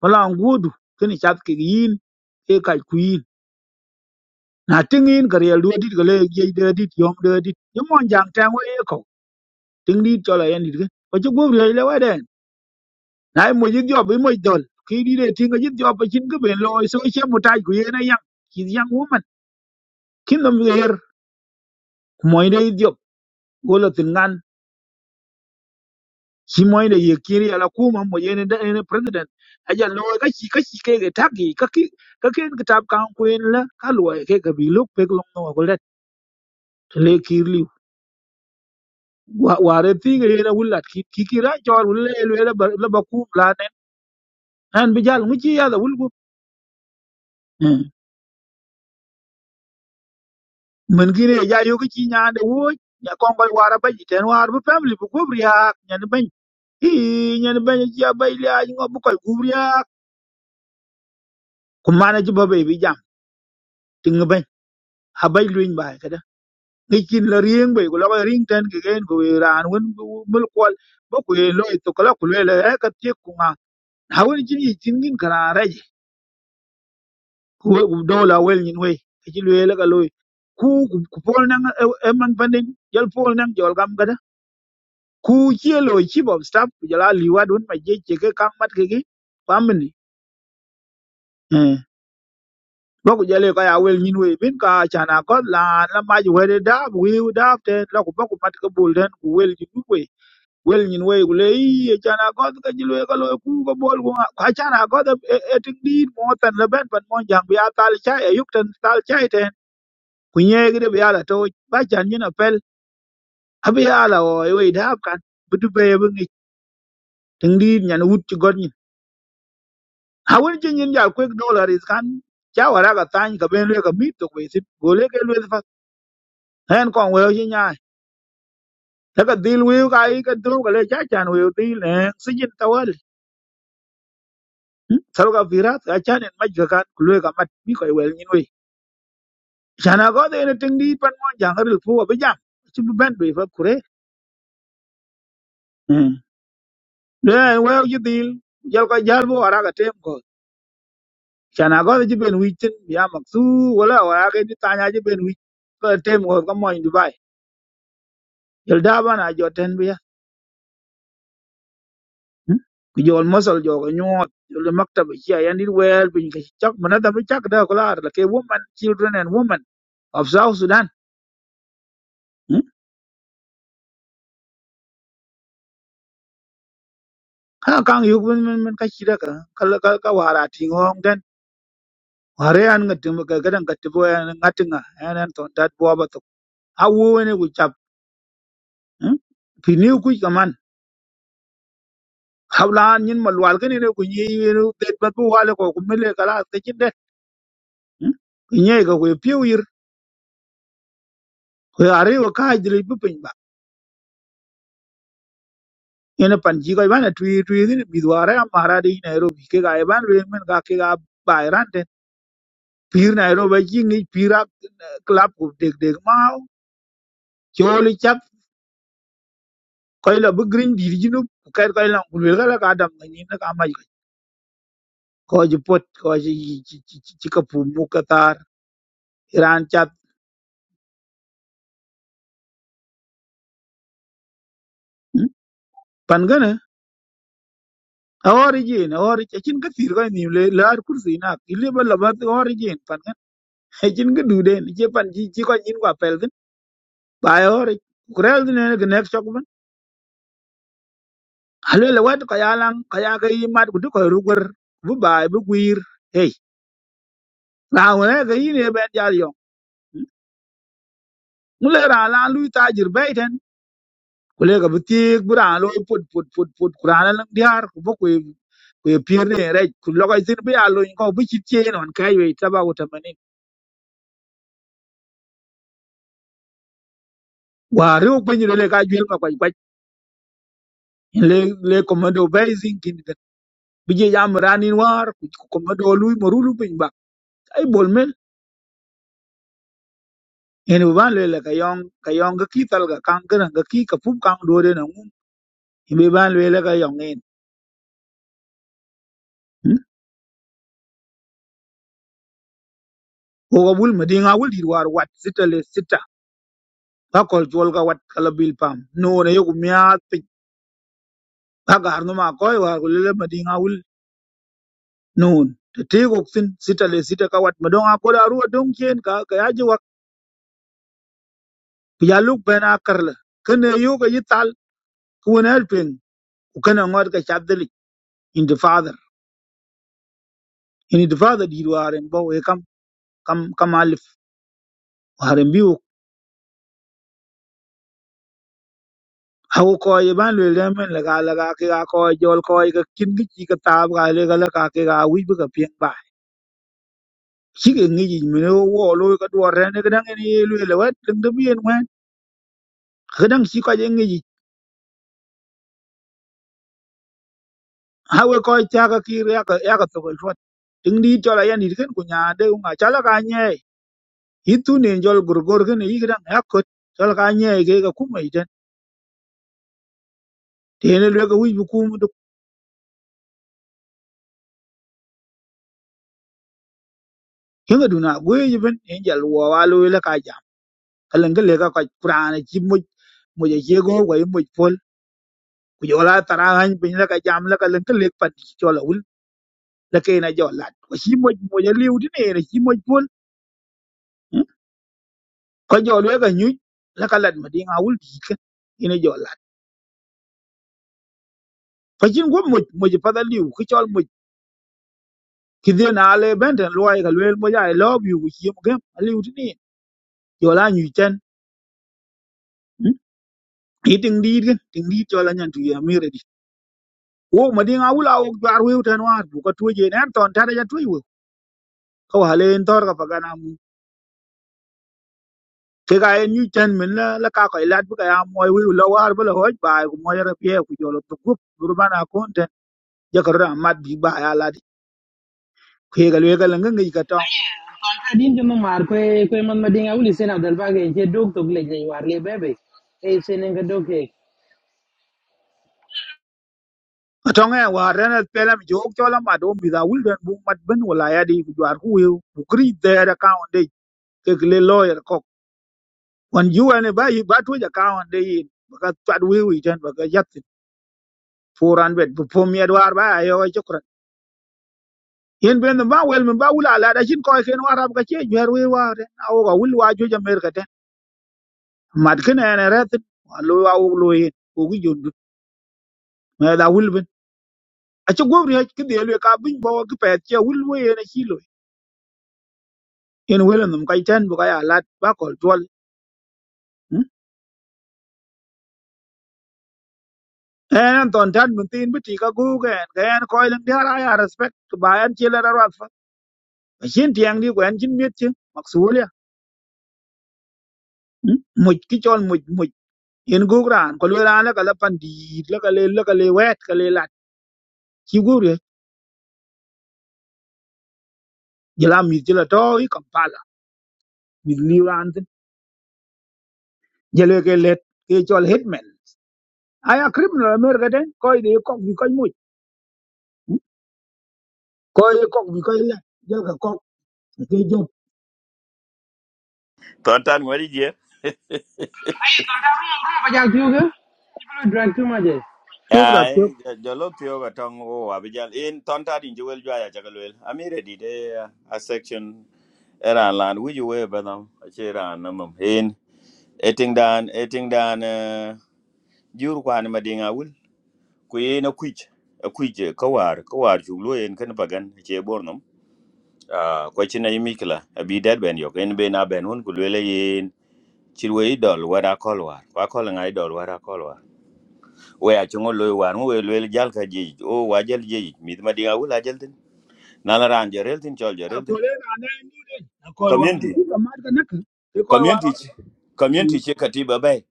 Speaker 9: balang gudu kini chat ke yin e ka ku yin na tingin ka riel du dit ga le je de dit yom de dit yom on jang ten wei ko ting dit chola yen dit ke ko ju gu le le wa den na mo yit job mo dol ki di de tinga yit job chin ke ben loy so che mo tai ku yena yang ki yang woman kin nam yer mo ide yit job golo tin ngan ki mo ide ye kiri ala kuma mo yene da ene president aja loy ka ki ka ki ke ke tagi ka ki ka ken kitab kan ku en la ka loy ke ka bi lok pe lok no ko let le kirli ware tinga yena wulat ki ki ra jor wulle le la ba ku la nen an bi jal mu ci ya da wul min ki re ja yo ki ci nyaande wo nya kon koy wara ba jiten war bu family bu gubri ha nyen ben i nyen ben ci abay li ay ngo bu koy gubri ha ku mana ci babay bi jam ti nga ben ha bay luñ bay kada ngi kin la rieng bay ko la koy ring ten ki gen ko ran won mul kwal ba ku ye loy to kala ku le le ka ti ku ma ha won ci ni tin ngin kara rej ku we ku dola wel nyin we ci le la ka loy ku ku pol nang e man pandin jal pol nang jol gam kada ku ci lo ci bob staff ku jala liwa dun ma je che ke kang mat ke gi family eh ba ku jale ka ya wel nyin we bin ka chana ko la la ma ji wede da wi da te la ku ba ku mat ke bul den ku wel ji ku we wel nyin we ku le i chana ko ka ji le ka lo ku ko bol ku ka chana ko e e tin di mo tan le ben pan mo jang bi atal cha e yuk tan tal cha e ten ku nye gi de bi ala to ba chan nyin apel abi ala o e we da kan bu du be bu ngi tin di nyan wut ci god Awin chi nyin jal quick dollar is kan cha wara ka tany ka ben lwe ka mit to kwesi gole ke lwe fa hen kon we chi nya ta ka dil we ka i ka dro ka le cha chan we dil eh si jin tawal sar ka virat ka chan en maj ka kan lwe ka mat bi ko wel nyin we chana go de ne ting di pan mo jang ril fu ba jam chi bu ben be fa kure le we ji dil jal ka jal bo wara ka tem ko chana go ji ben wi tin ya maksu wala wara ke ni tanya ji ben wi ka tem ko ka mo yin Jɔl daa ba naa jɔ tɛn bi ya. mm? Ku jɔl mɔsɔl jɔ ka nyuɔɔt, jɔl di maktab ici a yɛn it wɛɛl piny ka cak mɛ na dhambi cak daa kulaar lake women, children and women of South Sudan. mm? Ka kaŋ yuk min min min ka ci da ka ka ka ka waar a tiŋ hɔɔŋ tɛn. Waar yan ka tim ka gadan ka tibu yan ŋatiŋa yan yan tɔn tat buwa ba tok. A wo wene ku cap. mm? Pi niu kuc ka man. Hablaan nyin ma lwal kini ne ku nyi yinu det bat bu wale ko ku mele kalaas ka cin det. mm? Ku nyei ka ku piu yir. Ku ariwa kaaj diri bi ene pan ci koy bana twi twi gin bidware amara di nairobi ke ga ban len men ga ke ga bayran ten pir nairobi ci ngi pira club ko deg deg ma choli chap koy la bu green di jinu kay koy la kul ga la ga ka dam ni na ka ma ko ji pot ko ji ci ci ci ci ka pu mu ka tar iran chat hmm? pan gana awori jin awori ci cin ka tir koy ni le la kursi na ile ba la ba awori jin pan gana cin ga du den ci pan ji ci ko jin kwa pel bayori kurel ne ke nek chok ben halele wet ko yalang ko ya ke yimat ku ko rugur bu bay bu guir hey rawne ke yine ben jal yo mule ra la lu tajir bayten kule ka bu tik bu ra lo put put put put kurana lang diar ku bu ku ku pier ne re ku lo ga zin bu ya lo ko bu chit che non kai we taba ku tamani wa ru ku ni le ka jil ma kwaj kwaj le le komando bay zin kin bu je jam ranin war ku komando lu mo rulu bin ba ay bol Ini bi ban lwela ka yɔŋ ka yɔŋ ka ki thal ka kaŋ kana ka ki ka pup kaŋ duwode na ŋum in bi ban lwela ka yɔŋ in mm? ko ka bul madiŋa wul dit war wat sita le sita ka kɔl juɔl ka wat kala bil pam nuun aye ku miaath piny ka gaar nu ma kɔc war ku lele madiŋa wul nuun tetii kok thin sita le sita ka wat madɔŋ a kod aru adoŋ cien ka ka yaji wak ku ya luk bɛn a kerle kene yu ka yi thal ku wen el tweŋ ku kene ŋɔt ka cap dhilic in the father in the father dit war en bɔ we kam kam kam Hari biu hau koi ban lwe le men la ga la ga ke ga koi jol koi ka kin gi chi ka tab ga le ga la ka ke ga wi bu ka pieng ba chi ke ngi ji me wo lo ka do re ne ga dang ni lwe le wat dang de bien wen ga dang chi ka je ngi ji hau koi cha ka ki re ka ya ka to ko shot ding di cho la yan ni ken ku nya de nga cha la ga nye i tu ne jol gur gor ken i ga dang ya ko cho la ga nye ke ga ku mai den te ne lwe ga wi bu ku mu du ken ga du na gwe ji ben en jal wo wa lo le ka ja ka le ga le ka ka pra ne chi mu mu ja jego wa mu pol ku jo la tara han bin la ka jam la ka len ka lek pat jo la wul la ke na jo lat ko shi mo mo ja liu di ne shi mo pol ko jo le ka nyu la ka lat ma di nga wul di ka ina jo lat ko jin go mo mo ja pa da liu ku chol mo ki de na le ben ten lo ai ka le mo ja i love you ku shi mo gam liu di ne jo la nyu ten hmm? ki ting di gan ting di jo la nyan tu ya mi re di wo ma di nga wul a wo jar wi ten war bu ka tu je ne ton ta da ja tu wi ko ha tor ka pa ga na ke ga en yu ten min la la ka ko ilat bu ka ya moy wi lo war bu lo hoj ba ko moy ra pie ku jolo to gup gurbana kon ten je ko ra mat bi ba ya la di ke ga le ga la ngi ka tong
Speaker 2: din juma mar ko ko man mading awli sen abdal bage je dog to gle je war le bebe e sen dog ke
Speaker 9: tong e wa ren al pelam jo ok jola ma do mi da wul den bu mat ben wala ya di ku jar ku wi ku kri de ra ka on de ke le lawyer ko on ju ene ba yi ba to ja ka on de yi ba ka twad wi wi ten ba ka yat 400 bu pom ya war ba ya yo yen ben ba wel men ba wula la da shin ko ken warab ka che jwer we wa de a wo ga wul wa jo jamer ka te mat ken ene ret lo wa wo lo yen o gi jod me da wul ben a che gobri ha ki de le ka bin bo ki pet che wul we yen chi lo yen wel num kai ten bu ka ya lat ba kol tol en ton tan mun tin bi ti ka gu ge ga en ko len dia ra ya respect ba en che la ra wa fa shin tiang di ko en chin miet che maksulia muj ki chol muj muj yen gu gran ko le ra la ka la pan di la ka le la ka le wet ka le ci gure jela mi jela to i kampala mi liran jele ke let ke chol hitman aya criminal america den ko ide ko bi ko mu ko ye ko bi ko le jel ka ko ke jo
Speaker 10: ton tan ngori je
Speaker 2: ba jal tu ga people drag too much eh.
Speaker 9: tibra to
Speaker 10: ai jolo pio ga tong o abijal in ton tan in jewel jaya jagalwel amire di de a section era lan wi ju we banam che ran nam hin eting dan eting dan eh, jur kwan ma dinga wul ku ye na kuj a kuj kawar kawar juglo yen kan bagan che bornom a ko china yimikla abi dad ben yok en be na ben hun ku lele yen chirwe idol wara kolwar wa kol nga idol wara kolwar we a chungo loy war mu we lele jal ka ji o wa jal ji mit ma dinga wul a jal tin na la ran jerel tin chol jerel
Speaker 9: ko
Speaker 10: tin
Speaker 9: le na ne ni de ko wa
Speaker 10: community
Speaker 9: ki ka mar ka nak ke ko wa ra
Speaker 10: community chi-
Speaker 9: ke
Speaker 10: community che katiba bay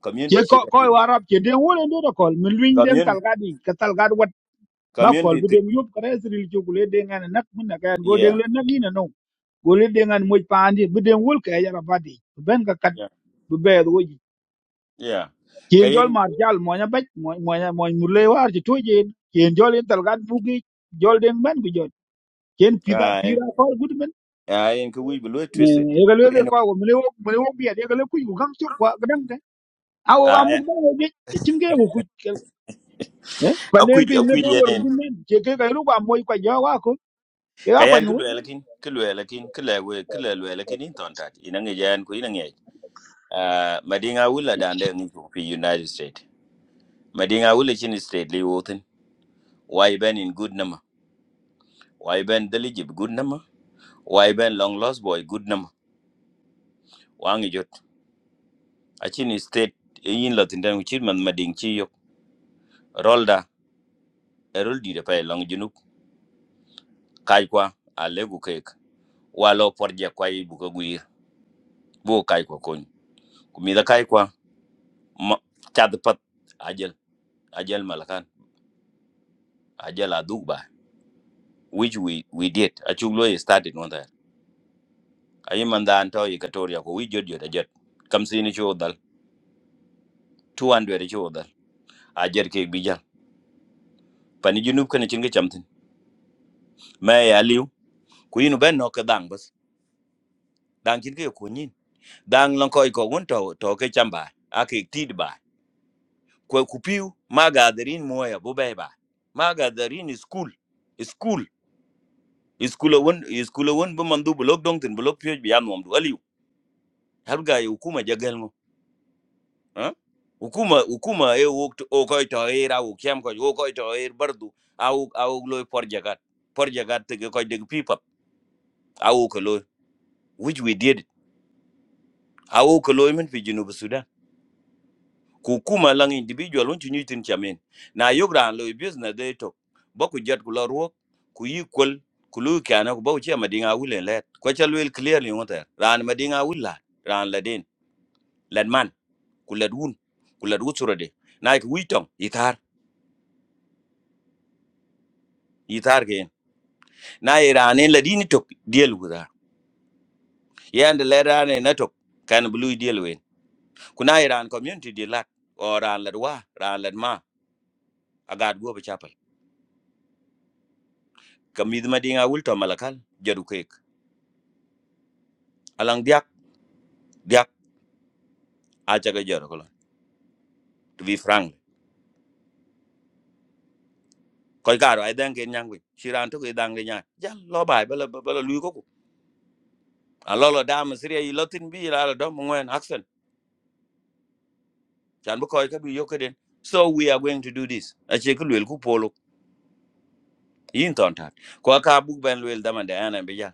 Speaker 10: community
Speaker 9: ko
Speaker 10: che
Speaker 9: ko
Speaker 10: katiba
Speaker 9: wa ra ke de wona do ko mi lwin den tal
Speaker 10: community
Speaker 9: ga di ka tal ga wat ba ko
Speaker 10: community
Speaker 9: bi de
Speaker 10: thi-
Speaker 9: yup ka resri ci gule de ngana nak mun na ka go de
Speaker 10: yeah
Speaker 9: le nak ni no gol i diŋan muc paan di bi deŋ wul kɛɛ yala ba diic bi bɛn ka kat
Speaker 10: yeah.
Speaker 9: be roji
Speaker 10: Yeah.
Speaker 9: ken jol ma
Speaker 10: Kayin
Speaker 9: jal mo nya baj mo nya mo murle war ji toje ken jol en talgan bugi jol den ban bi bɛɛr wei jic ciin jɔl maat jal mɔny abɛc mɔny mur le waar ci tuoi jeen ciin jɔl in thalkat buk yic jɔl deŋ bɛn ku jɔl ciin
Speaker 10: ay
Speaker 9: piir akɔl gut mɛn
Speaker 10: ay en kuwi bulu twisted.
Speaker 9: yeke lueke
Speaker 10: Kuyen
Speaker 9: kɔl ku mene wok mene wok biɛt yeke le kuc ku kaŋ cok kua kedaŋ tɛ a wok
Speaker 10: ay
Speaker 9: amuk bɛ wei jic ecin ke ku kuc pa nen
Speaker 10: akwi
Speaker 9: tin ne
Speaker 10: akwi
Speaker 9: ke wor
Speaker 10: yenen.
Speaker 9: tin nen ce ke kayinu kua muoc kua jɔ waa ko ke ka
Speaker 10: Kayan
Speaker 9: kuany wei
Speaker 10: kulu elakin kulu elakin kula we kula lu elakin in tontat. Ina nge jan ku ina nge. Ah madinga wula dande ngi ku fi United States. Madinga wula chin state li wotin. Why ben in good number. Why ben deligib good number. Why ben long lost boy good number. Wangi jot. Achin state yin latin den ku chin man mading chi yok. Rolda erol di da pay long junuk. Kaj kwa a legu walo porje kwa yi buka guir bu kai ko kon kumida kai kwa ma- chad pat ajel ajel malakan ajel aduk ba which we we did achu lo yi started no that ayi manda anto yi katoria ko wijod jod ajet kam sini chu dal 200 chu dal ajer ke bijal pani junub kana chinga chamtin ma ya liu ku yinu ben no ka dang bas dang chinga ko nyin dang lan ko ko won to to ke chamba ake tid kwa kupiu magadarin moya bo beba magadarin is cool is cool is cool won is cool won bo mandu blog dong tin blog pye biam mom do aliu har ga hukuma jagal ngo ha hukuma hukuma e wo o koy to e ra wo kem ko wo koy to e bardu au au loy por jagat por jagat te ko de pipa au ko loy which we did au ko loy men fi junu kukuma lang individual won chunyu tin chamin na yogra lo business de to boku jet kula ruok ku equal kulu kana ku bawche madinga wule let ko chalwel clearly wonter ran madinga wulla ran ladin ladman kuladun kuladu surade na ku witom itar itar gen na irane ladini to deal wuda yand lerane na to kan blue deal wen kuna iran community de lat or ran ladwa ran ladma agad go be chapel kamid madinga wul to malakal jadu alang diak diak acha ga jor ko to be frank ko garo ay danke nyangwe shiran to ke dangle nya jal lo bay bala bala lu ko ko a lo lo dam sire yi lotin bi la la do mo ngwen action chan bu ko ka bi yokaden so we are going to do this a che ko lwel ku polo yin ton tat ko ka bu ben lwel dama da ana be ja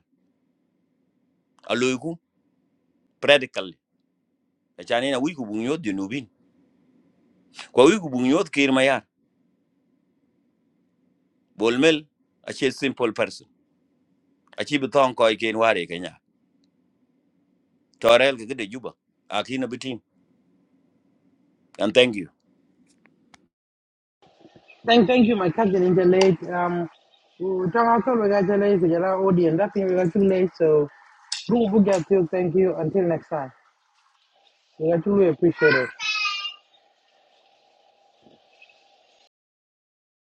Speaker 10: a lo ku practically a chan ina wi ku bu nyod dinubin ko wi ku bu nyod kir ma ya bolmel a che simple person a chi bi ton ko ke ware kenya torel ke de juba akina bitin and thank you
Speaker 2: thank thank you my cousin in the late um we ha ko ga jale ku jala audience that thing we got too late so get you. Thank you. Until next time. Yeah, I we appreciate it.